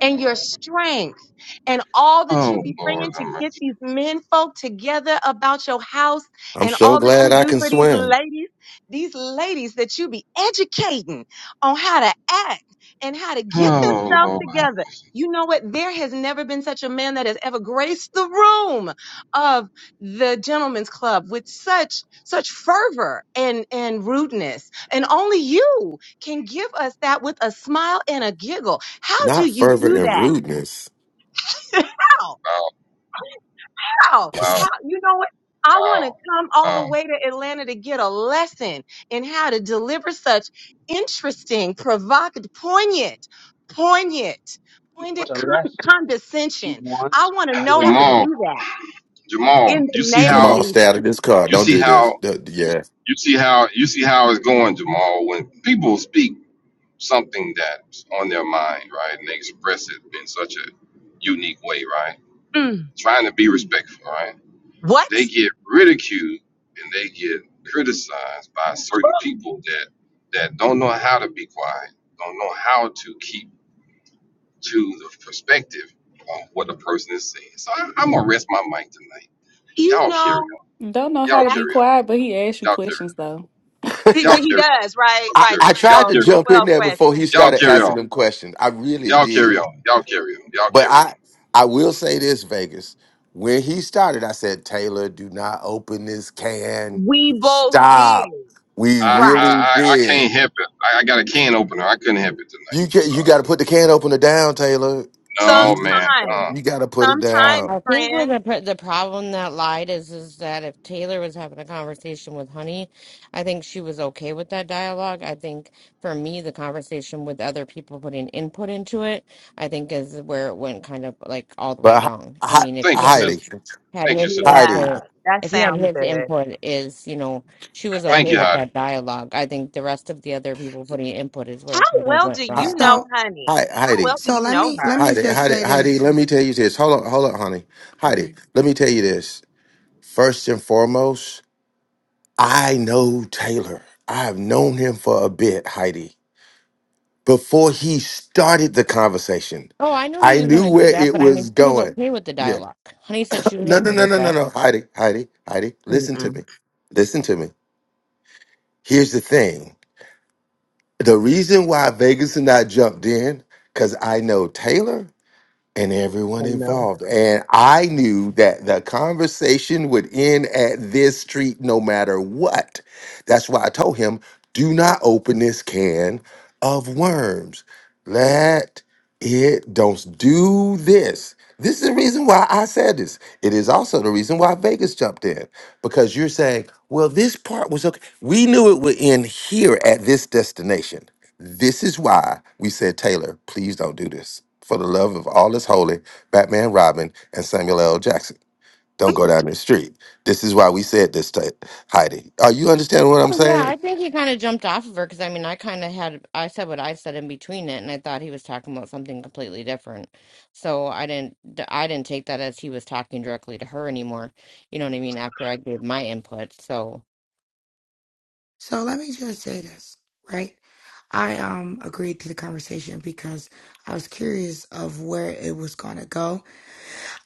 Speaker 26: and your strength and all that you
Speaker 2: oh
Speaker 26: be
Speaker 2: lord
Speaker 26: bringing to
Speaker 2: I'm
Speaker 26: get these men folk together about your house
Speaker 21: I'm
Speaker 26: and
Speaker 21: so
Speaker 26: all that
Speaker 21: glad
Speaker 26: you
Speaker 21: I
Speaker 26: do
Speaker 21: can
Speaker 26: for these
Speaker 21: swim.
Speaker 26: ladies, these ladies that you be educating on how to act and how to get
Speaker 2: Oh,
Speaker 26: themselves
Speaker 2: Lord.
Speaker 26: together. You know what? There has never been such a man that has ever graced the room of the gentlemen's club with such such fervor and and rudeness. And only you can give us that with a smile and a giggle. How do
Speaker 21: Not
Speaker 26: you
Speaker 21: fervor
Speaker 26: do
Speaker 21: and
Speaker 26: that?
Speaker 21: rudeness.
Speaker 26: How?
Speaker 2: wow,
Speaker 26: How?
Speaker 2: wow,
Speaker 26: How? You know what? I want to
Speaker 2: wow,
Speaker 26: come all the
Speaker 2: wow.
Speaker 26: way to Atlanta to get a lesson in how to deliver such interesting, provocative, poignant, poignant,
Speaker 13: It's
Speaker 26: poignant
Speaker 13: a
Speaker 26: con-
Speaker 13: lesson. She
Speaker 26: condescension. I
Speaker 13: wants
Speaker 26: want to
Speaker 13: a
Speaker 26: know how to
Speaker 13: lesson.
Speaker 2: Jamal,
Speaker 26: do that
Speaker 2: Jamal,
Speaker 26: in the
Speaker 2: you see
Speaker 26: name of
Speaker 2: how
Speaker 21: Jamal, stay out of
Speaker 26: Jesus.
Speaker 21: this car.
Speaker 2: you
Speaker 21: Don't
Speaker 2: see
Speaker 21: do this.
Speaker 2: how
Speaker 21: D- Yeah.
Speaker 2: you see how you see how it's going, Jamal. When people speak something that's on their mind, right, and they express it in such a unique way, right,
Speaker 26: Mm.
Speaker 2: trying to be respectful, right,
Speaker 26: What?
Speaker 2: they get ridiculed and they get criticized by certain people that that don't know how to be quiet, don't know how to keep to the perspective on what the person is saying. So I, I'm gonna rest my mic tonight.
Speaker 26: You
Speaker 2: Y'all
Speaker 26: know
Speaker 2: carry on.
Speaker 10: Don't know how
Speaker 2: Y'all
Speaker 10: to
Speaker 26: that
Speaker 10: be
Speaker 2: carry on.
Speaker 10: quiet, but he asked you
Speaker 2: Y'all carry
Speaker 10: questions
Speaker 2: on.
Speaker 26: he
Speaker 2: Y'all
Speaker 26: he
Speaker 2: carry
Speaker 26: does, right?
Speaker 21: I,
Speaker 26: Right. The
Speaker 21: I
Speaker 2: on. Y'all
Speaker 21: tried
Speaker 26: 12,
Speaker 21: to
Speaker 2: carry
Speaker 26: the
Speaker 2: on.
Speaker 21: jump in
Speaker 26: 12
Speaker 21: there before he
Speaker 26: question.
Speaker 2: Y'all
Speaker 21: started
Speaker 2: carry
Speaker 21: asking
Speaker 2: on.
Speaker 21: them questions. I really
Speaker 2: Y'all carry on. Y'all carry
Speaker 21: did.
Speaker 2: on. Y'all
Speaker 21: But
Speaker 2: carry on.
Speaker 21: I I will say this, Vegas. When he started, I said, Taylor, do not open this can.
Speaker 26: We both
Speaker 21: Stop.
Speaker 26: did.
Speaker 21: We
Speaker 2: I
Speaker 26: Right.
Speaker 21: really
Speaker 2: I I, I
Speaker 21: did.
Speaker 2: can't help it. I, I got a can opener. I couldn't help it tonight.
Speaker 21: You
Speaker 2: I'm
Speaker 21: can, you
Speaker 2: sorry.
Speaker 21: gotta put the can opener down, Taylor.
Speaker 2: No
Speaker 21: You
Speaker 2: man. Uh,
Speaker 26: Sometimes.
Speaker 21: you gotta put it
Speaker 2: uh,
Speaker 21: down.
Speaker 26: Sometimes,
Speaker 27: I think where
Speaker 26: friends.
Speaker 27: the pr- the problem that lied is is that if Taylor was having a conversation with Honey, I think she was okay with that dialogue. I think for me, the conversation with other people putting input into it, I think is where it went kind of like all the way
Speaker 21: But
Speaker 27: wrong. I
Speaker 21: Hei-
Speaker 27: mean, if
Speaker 2: thank
Speaker 27: he
Speaker 2: you,
Speaker 27: had his
Speaker 21: Heidi,
Speaker 2: sister.
Speaker 27: had
Speaker 2: Thank you,
Speaker 27: his
Speaker 2: sister.
Speaker 26: Yeah,
Speaker 21: Heidi,
Speaker 27: input,
Speaker 26: that
Speaker 27: if he had
Speaker 26: sounds
Speaker 27: his
Speaker 26: good.
Speaker 27: input, is you know she was
Speaker 26: That
Speaker 2: Thank
Speaker 27: okay
Speaker 2: you,
Speaker 27: with
Speaker 26: sounds.
Speaker 2: Heidi.
Speaker 27: that dialogue. I think the rest of the other people putting input is where
Speaker 26: How
Speaker 27: it kind of
Speaker 26: well
Speaker 27: went
Speaker 26: do
Speaker 27: wrong.
Speaker 26: you
Speaker 21: Hei-
Speaker 26: know,
Speaker 23: So
Speaker 26: honey?
Speaker 21: Hei-
Speaker 26: How well
Speaker 21: Heidi,
Speaker 26: do
Speaker 23: so
Speaker 26: you
Speaker 23: let
Speaker 26: know
Speaker 23: me let
Speaker 26: her?
Speaker 23: me
Speaker 21: Heidi,
Speaker 23: just
Speaker 21: Heidi,
Speaker 23: say
Speaker 21: Heidi,
Speaker 23: this.
Speaker 21: let me tell you this. Hold on, hold on, honey. Heidi,
Speaker 23: Okay.
Speaker 21: let me tell you this. First and foremost, I know Taylor. I have known him for a bit, Heidi. before he started the conversation.
Speaker 27: Oh, I knew he
Speaker 21: I
Speaker 27: was going
Speaker 21: knew
Speaker 27: to do
Speaker 21: where
Speaker 27: that,
Speaker 21: it
Speaker 27: but I mean,
Speaker 21: was
Speaker 27: she was
Speaker 21: going.
Speaker 27: okay with the
Speaker 21: Yeah.
Speaker 27: dialogue. Honey said she was
Speaker 21: No, no,
Speaker 27: okay
Speaker 21: no,
Speaker 27: with
Speaker 21: no, no,
Speaker 27: that.
Speaker 21: no. Heidi, Heidi, Heidi, listen to
Speaker 26: Mm-mm.
Speaker 21: me. Listen to me. Here's the thing. The reason why Vegas and I jumped in, because I know Taylor and
Speaker 26: I
Speaker 21: everyone
Speaker 26: know.
Speaker 21: involved. And I knew that the conversation would end at this street no matter what. That's why I told him, do not open this can of worms. Let it, don't do this. This is the reason why I said this. It is also the reason why Vegas jumped in because you're saying, well, this part was okay. We knew it would end here at this destination. This is why we said, Taylor, please don't do this. For the love of all that's holy, Batman Robin and Samuel L. Jackson. Don't go down the street. This is why we said this to Heidi. Are you understanding what I'm
Speaker 27: Oh, yeah,
Speaker 21: saying?
Speaker 27: I think he kind of jumped off of her because I mean, I kind of had, I said what I said in between it, and I thought he was talking about something completely different. So I didn't, th- I didn't take that as he was talking directly to her anymore. You know what I mean? After I gave my input. So,
Speaker 23: So let me just say this, right? I um agreed to the conversation because I was curious of where it was gonna go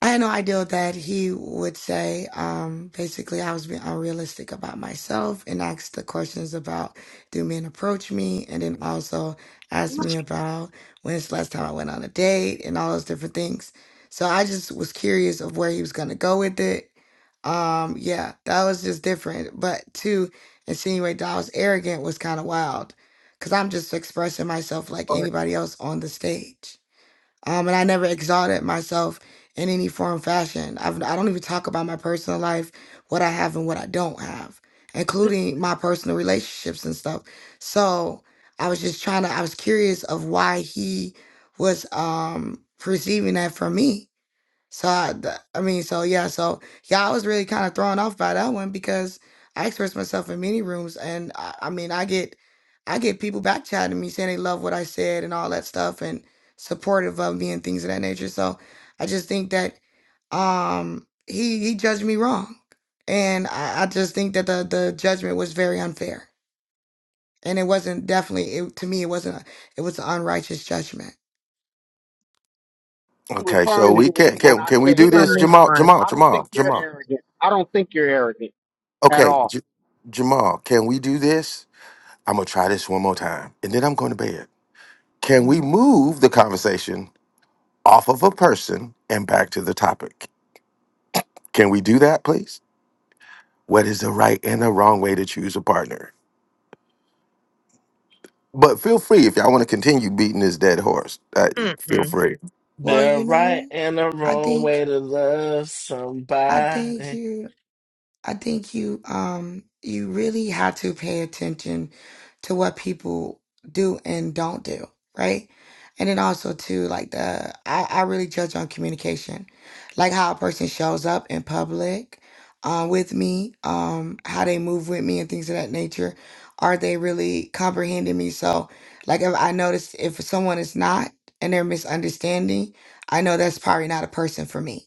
Speaker 23: I had no idea that he would say. Um, basically, I was being unrealistic about myself and asked the questions about do men approach me, and then also asked me about when's the last time I went on a date and all those different things. So I just was curious of where he was going to go with it. Um, yeah, that was just different. But to insinuate that I was arrogant was kind of wild because I'm just expressing myself like
Speaker 26: Or
Speaker 23: anybody else on the stage um, and I never exalted myself in any form, fashion. I've, I don't even talk about my personal life, what I have and what I don't have, including my personal relationships and stuff. So I was just trying to. I was curious of why he was um perceiving that from me so I, th- I mean, so yeah, so yeah, I was really kind of thrown off by that one because I express myself in many rooms, and I, I mean, I get, I get people back chatting me saying they love what I said and all that stuff, and supportive of me and things of that nature. So I just think that, um, he he judged me wrong, and I, I just think that the the judgment was very unfair, and it wasn't definitely it, to me it wasn't a, it was an unrighteous judgment.
Speaker 21: Okay, so
Speaker 13: referring to
Speaker 21: we
Speaker 13: you
Speaker 21: can
Speaker 13: when
Speaker 21: can
Speaker 13: I
Speaker 21: can we
Speaker 13: said
Speaker 26: we're
Speaker 21: do
Speaker 26: gonna
Speaker 21: this,
Speaker 26: move
Speaker 13: arrogant.
Speaker 21: Jamal?
Speaker 26: on.
Speaker 21: Jamal,
Speaker 13: I don't
Speaker 21: Jamal,
Speaker 13: think you're
Speaker 21: Jamal.
Speaker 13: arrogant. I don't think you're arrogant at
Speaker 21: Okay,
Speaker 13: all.
Speaker 21: J- Jamal, can we do this? I'm gonna try this one more time, and then I'm going to bed. Can we
Speaker 26: Mm.
Speaker 21: move the conversation off of a person and back to the topic. Can we do that, please? What is the right and the wrong way to choose a partner? But feel free if y'all want to continue beating this dead horse. Uh,
Speaker 26: Mm-mm.
Speaker 21: feel
Speaker 26: mm.
Speaker 21: free.
Speaker 23: Well,
Speaker 22: They're
Speaker 23: you
Speaker 22: right
Speaker 23: know,
Speaker 22: and the
Speaker 23: I
Speaker 22: wrong
Speaker 23: think
Speaker 22: way to love
Speaker 23: I think
Speaker 22: somebody.
Speaker 23: you. I think you um you really have to pay attention to what people do and don't do, right? And then also too, like the I, I really judge on communication. Like how a person shows up in public um with me, um, how they move with me and things of that nature. Are they really comprehending me? So like if I notice if someone is not and they're misunderstanding, I know that's probably not a person for me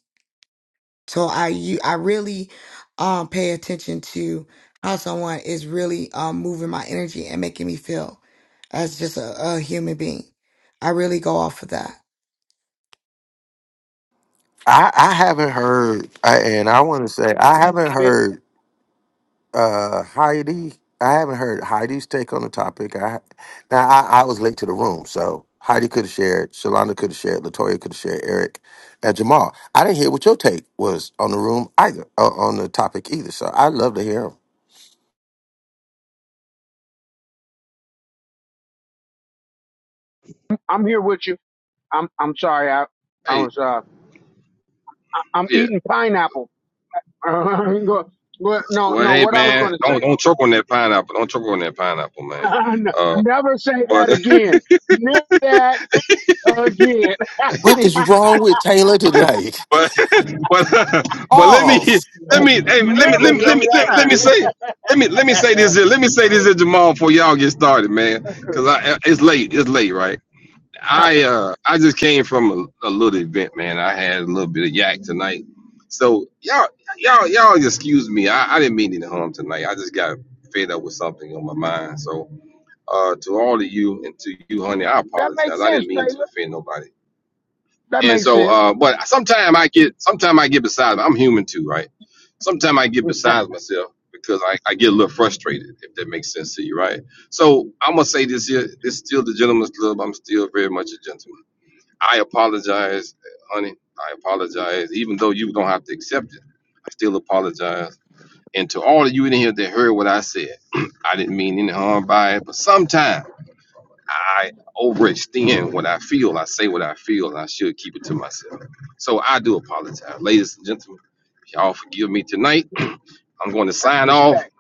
Speaker 23: so I you I really um pay attention to how someone is really um moving my energy and making me feel as just a, a human being. I really go off of that.
Speaker 21: I, I haven't heard, I, and I want to say I haven't
Speaker 13: I've been in,
Speaker 21: heard uh, Heidi. I haven't heard Heidi's take on the topic. I now I, I was late to the room, so Heidi could have shared, Shalonda could have shared, Latoya could have shared, Eric, and Jamal. I didn't hear what your take was on the room either, uh, on the topic either. So I'd love to hear 'em.
Speaker 13: I'm here with you. I'm I'm sorry. I I
Speaker 2: Hey,
Speaker 13: was uh I'm
Speaker 2: yeah.
Speaker 13: eating pineapple. Go- go- no
Speaker 2: Well,
Speaker 13: no.
Speaker 2: hey
Speaker 13: What I was
Speaker 2: man,
Speaker 13: going to say
Speaker 2: don't don't
Speaker 13: was
Speaker 2: choke on that pineapple. Don't choke on that pineapple, man.
Speaker 13: n-
Speaker 2: Uh,
Speaker 13: never say
Speaker 2: but
Speaker 13: that again. Never that again.
Speaker 21: What is wrong with Taylor tonight?
Speaker 2: But but but let me
Speaker 21: Pause.
Speaker 2: let me
Speaker 26: Mm.
Speaker 2: hey,
Speaker 26: Put
Speaker 2: let
Speaker 26: it
Speaker 2: me let
Speaker 13: Never
Speaker 26: in
Speaker 2: me
Speaker 26: your
Speaker 2: let
Speaker 13: say
Speaker 2: me let me,
Speaker 13: that
Speaker 2: let
Speaker 26: cup.
Speaker 2: me
Speaker 13: again.
Speaker 2: say. Let me let me say this here. Let me say this here, Jamal, before y'all get started, man. Cause I it's late. It's late, right? I uh I just came from a, a little event, man. I had a little bit of yak tonight, so y'all y'all y'all excuse me. I, I didn't mean any harm tonight. I just got fed up with something on my mind. So uh to all of you and to you, honey, I
Speaker 13: that
Speaker 2: apologize.
Speaker 13: makes
Speaker 2: I didn't
Speaker 13: sense,
Speaker 2: mean to
Speaker 13: Taylor.
Speaker 2: offend nobody.
Speaker 13: That
Speaker 2: And
Speaker 13: makes
Speaker 2: so,
Speaker 13: sense.
Speaker 2: uh, but sometimes I get, sometimes I get beside, I'm human too, right? Sometimes I get beside myself because I, I get a little frustrated, if that makes sense to you, right? So I'm gonna say this here, it's still the gentleman's club. I'm still very much a gentleman. I apologize, honey. I apologize, even though you don't have to accept it. I still apologize. And to all of you in here that heard what I said, I didn't mean any harm by it, but sometimes. I overextend what I feel. I say what I feel, and I should keep it to myself. So I do apologize, ladies and gentlemen. If y'all forgive me tonight, I'm going to
Speaker 13: That's
Speaker 2: sign off
Speaker 13: respect.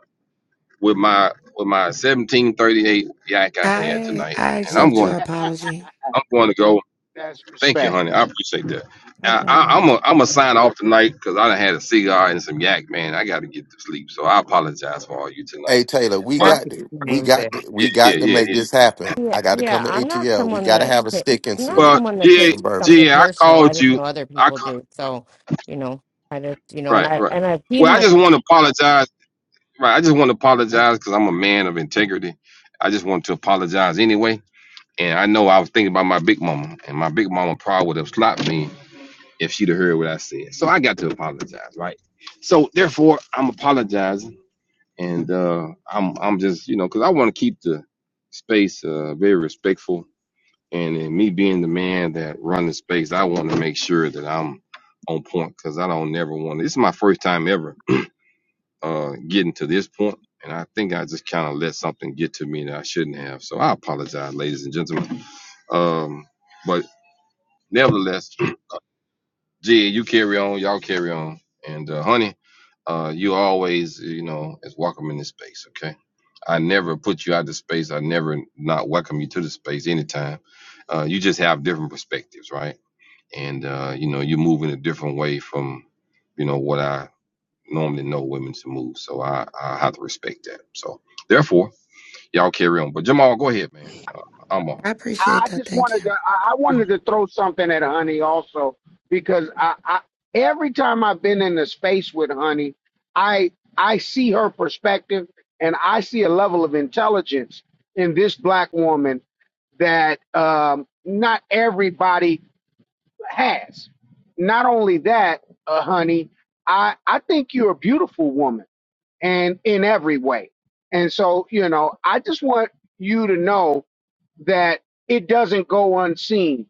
Speaker 2: with my with my 1738 yak I had
Speaker 23: I
Speaker 2: tonight,
Speaker 23: I
Speaker 2: and I'm
Speaker 23: accept your
Speaker 2: going.
Speaker 23: apology.
Speaker 2: I'm going to go.
Speaker 13: That's
Speaker 2: Thank you,
Speaker 13: respect.
Speaker 2: honey. I appreciate that.
Speaker 23: No
Speaker 2: I, I,
Speaker 23: problem.
Speaker 2: I'm a, I'm a sign off tonight because I done had a cigar and some yak, man. I got to get to sleep, so I apologize for all you tonight.
Speaker 21: Hey Taylor, we
Speaker 26: That
Speaker 2: But
Speaker 21: got to, we
Speaker 26: explains
Speaker 21: got
Speaker 26: it.
Speaker 21: to, we
Speaker 2: yeah, yeah,
Speaker 21: got to
Speaker 2: yeah,
Speaker 21: make
Speaker 2: yeah.
Speaker 21: this happen.
Speaker 27: yeah,
Speaker 21: I got to
Speaker 27: yeah,
Speaker 21: come to
Speaker 27: I'm not
Speaker 21: ATL. We
Speaker 27: someone
Speaker 21: got to
Speaker 27: that,
Speaker 21: have a
Speaker 27: ta-
Speaker 21: stick and
Speaker 27: I'm not
Speaker 21: some
Speaker 2: Well,
Speaker 27: someone that
Speaker 2: yeah,
Speaker 21: some
Speaker 27: takes
Speaker 21: bourbon.
Speaker 27: something
Speaker 2: yeah, I
Speaker 27: personal. I
Speaker 2: called
Speaker 27: just know
Speaker 2: you.
Speaker 27: other
Speaker 2: I
Speaker 27: people do. So, you know, I just, you know, and
Speaker 2: Right,
Speaker 27: I,
Speaker 2: right.
Speaker 27: and I've seen
Speaker 2: Well, I
Speaker 27: Honey.
Speaker 2: just want to apologize. Right, I just want to apologize because I'm a man of integrity. I just want to apologize anyway. And I know I was thinking about my big mama, and my big mama probably would have slapped me if she'd have heard what I said. So I got to apologize, right? So therefore, I'm apologizing, and uh, I'm I'm just you know because I want to keep the space uh, very respectful. And in me being the man that run the space, I want to make sure that I'm on point because I don't never want. to. This is my first time ever uh, getting to this point, and I think I just kind of let something get to me that I shouldn't have. So I apologize, ladies and gentlemen. Um, but nevertheless, G, you carry on, y'all carry on, and uh, honey, uh, you always, you know, is welcome in this space. Okay, I never put you out of space. I never not welcome you to the space anytime. Uh, you just have different perspectives, right? And uh, you know, you move in a different way from, you know, what I normally know women to move. So I, I have to respect that. So therefore, y'all carry on. But Jamal, go ahead, man. Uh, I'm off.
Speaker 23: I
Speaker 13: I
Speaker 23: appreciate that.
Speaker 13: just
Speaker 23: Thank
Speaker 13: wanted to
Speaker 23: you.
Speaker 13: I I wanted to throw something at Honey also because I, I every time I've been in the space with Honey, I I see her perspective and I see a level of intelligence in this black woman that um, not everybody has. Not only that, uh, honey, I, I think you're a beautiful woman and in every way. And so, you know, I just want you to know that it doesn't go unseen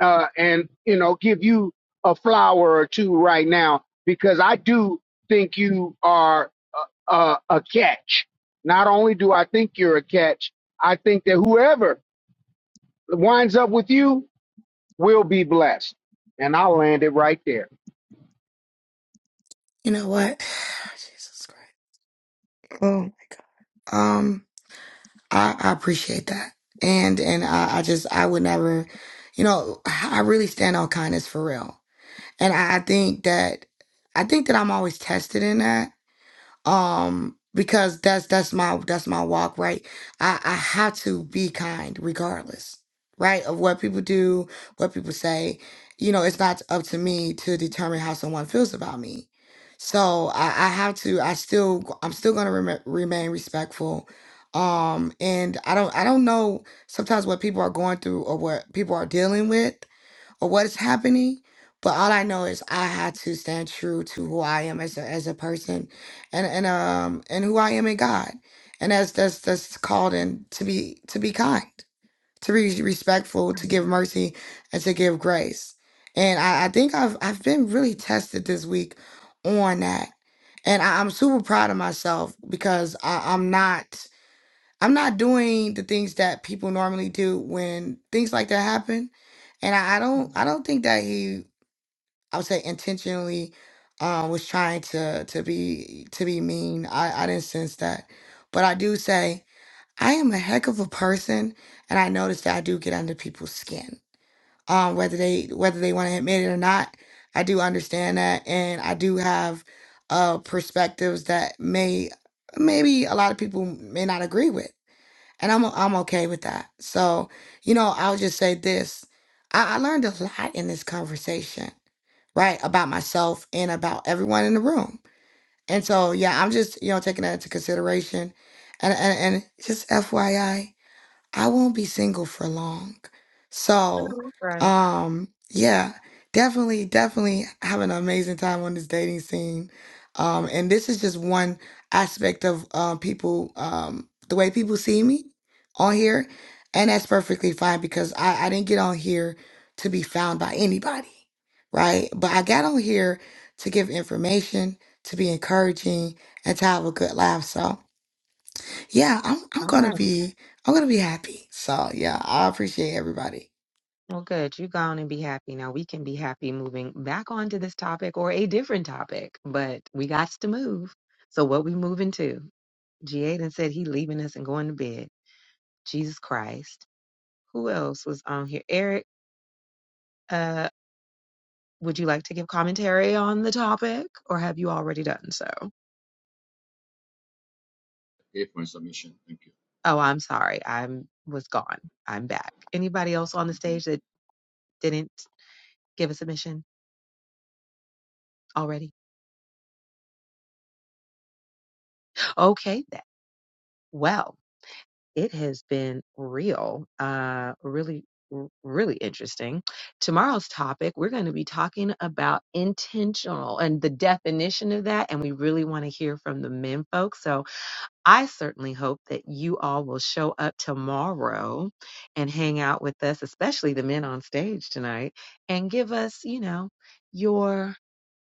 Speaker 13: uh, and you know give you a flower or two right now because i do think you are a, a, a catch not only do i think you're a catch i think that whoever winds up with you will be blessed and i'll land it right there
Speaker 23: You know what? Jesus Christ. Oh, um, I, I appreciate that. And and I, I just I would never, you know, I really stand on kindness for real. and I I think that I think that I'm always tested in that. Um, because that's that's my that's my walk, right? I, I have to be kind regardless, right? Of what people do, what people say. You know, it's not up to me to determine how someone feels about me. So I, I have to I still I'm still gonna rem- remain respectful. Um, and I don't I don't know sometimes what people are going through or what people are dealing with or what is happening. But all I know is I had to stand true to who I am as a as a person and and um and who I am in God. And that's that's that's called in to be to be kind, to be respectful, to give mercy and to give grace. And I, I think I've I've been really tested this week on that. And I, I'm super proud of myself because I, I'm not I'm not doing the things that people normally do when things like that happen. And I, I
Speaker 26: Mm.
Speaker 23: don't I don't think that he I would say intentionally uh, was trying to to be to be mean. I, I didn't sense that. But I do say I am a heck of a person and I notice that I do get under people's skin. Um whether they whether they want to admit it or not, I do understand that and I do have uh perspectives that may maybe a lot of people may not agree with and I'm I'm okay with that. So, you know, I'll just say this: I, I learned a lot in this conversation, right, about myself and about everyone in the room. And so, yeah, I'm just you know taking that into consideration, and and, and just FYI. I won't be single for long. So,
Speaker 26: Right.
Speaker 23: um, yeah, definitely, definitely having an amazing time on this dating scene. Um, and this is just one aspect of uh people, um, the way people see me on here. And that's perfectly fine because I, I didn't get on here to be found by anybody, right? But I got on here to give information, to be encouraging, and to have a good laugh. So, yeah, I'm I'm
Speaker 26: All
Speaker 23: gonna
Speaker 26: right.
Speaker 23: be I'm gonna be happy. So yeah, I appreciate everybody.
Speaker 26: Well, good. You go on and be happy. Now we can be happy moving back onto this topic or a different topic, but we got to move. So what we moving to? G8 said he leaving us and going to bed. Jesus Christ. Who else was on here? Eric, uh, would you like to give commentary on the topic or have you already done so?
Speaker 15: Give my submission. Thank
Speaker 26: Oh, I'm sorry. I'm was gone. I'm back. Anybody else on the
Speaker 15: you.
Speaker 26: stage that didn't give a submission already? Okay then. Well. it has been real, uh, really, r- really interesting. Tomorrow's topic, we're going to be talking about intentional and the definition of that. And we really want to hear from the men folks. So I certainly hope that you all will show up tomorrow and hang out with us, especially the men on stage tonight, and give us, you know, your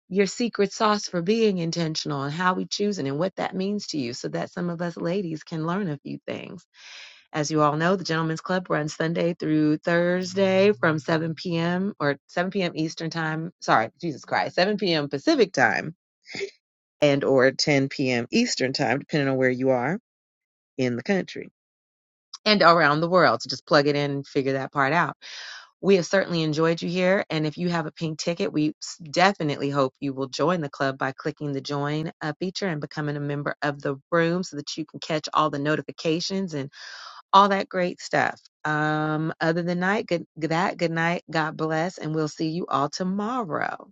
Speaker 26: your secret sauce for being intentional and how we choose it and what that means to you so that some of us ladies can learn a few things. As you all know, the Gentlemen's Club runs Sunday through Thursday from 7 p.m. or 7 p.m. Eastern Time. Sorry, Jesus Christ, 7 p.m. Pacific Time and or 10 p.m. Eastern Time, depending on where you are in the country and around the world. So just plug it in and figure that part out. We have certainly enjoyed you here. And if you have a pink ticket, we definitely hope you will join the club by clicking the join uh, feature and becoming a member of the room so that you can catch all the notifications and all that great stuff. Um, other than night, good, that, good night. God bless. And we'll see you all tomorrow.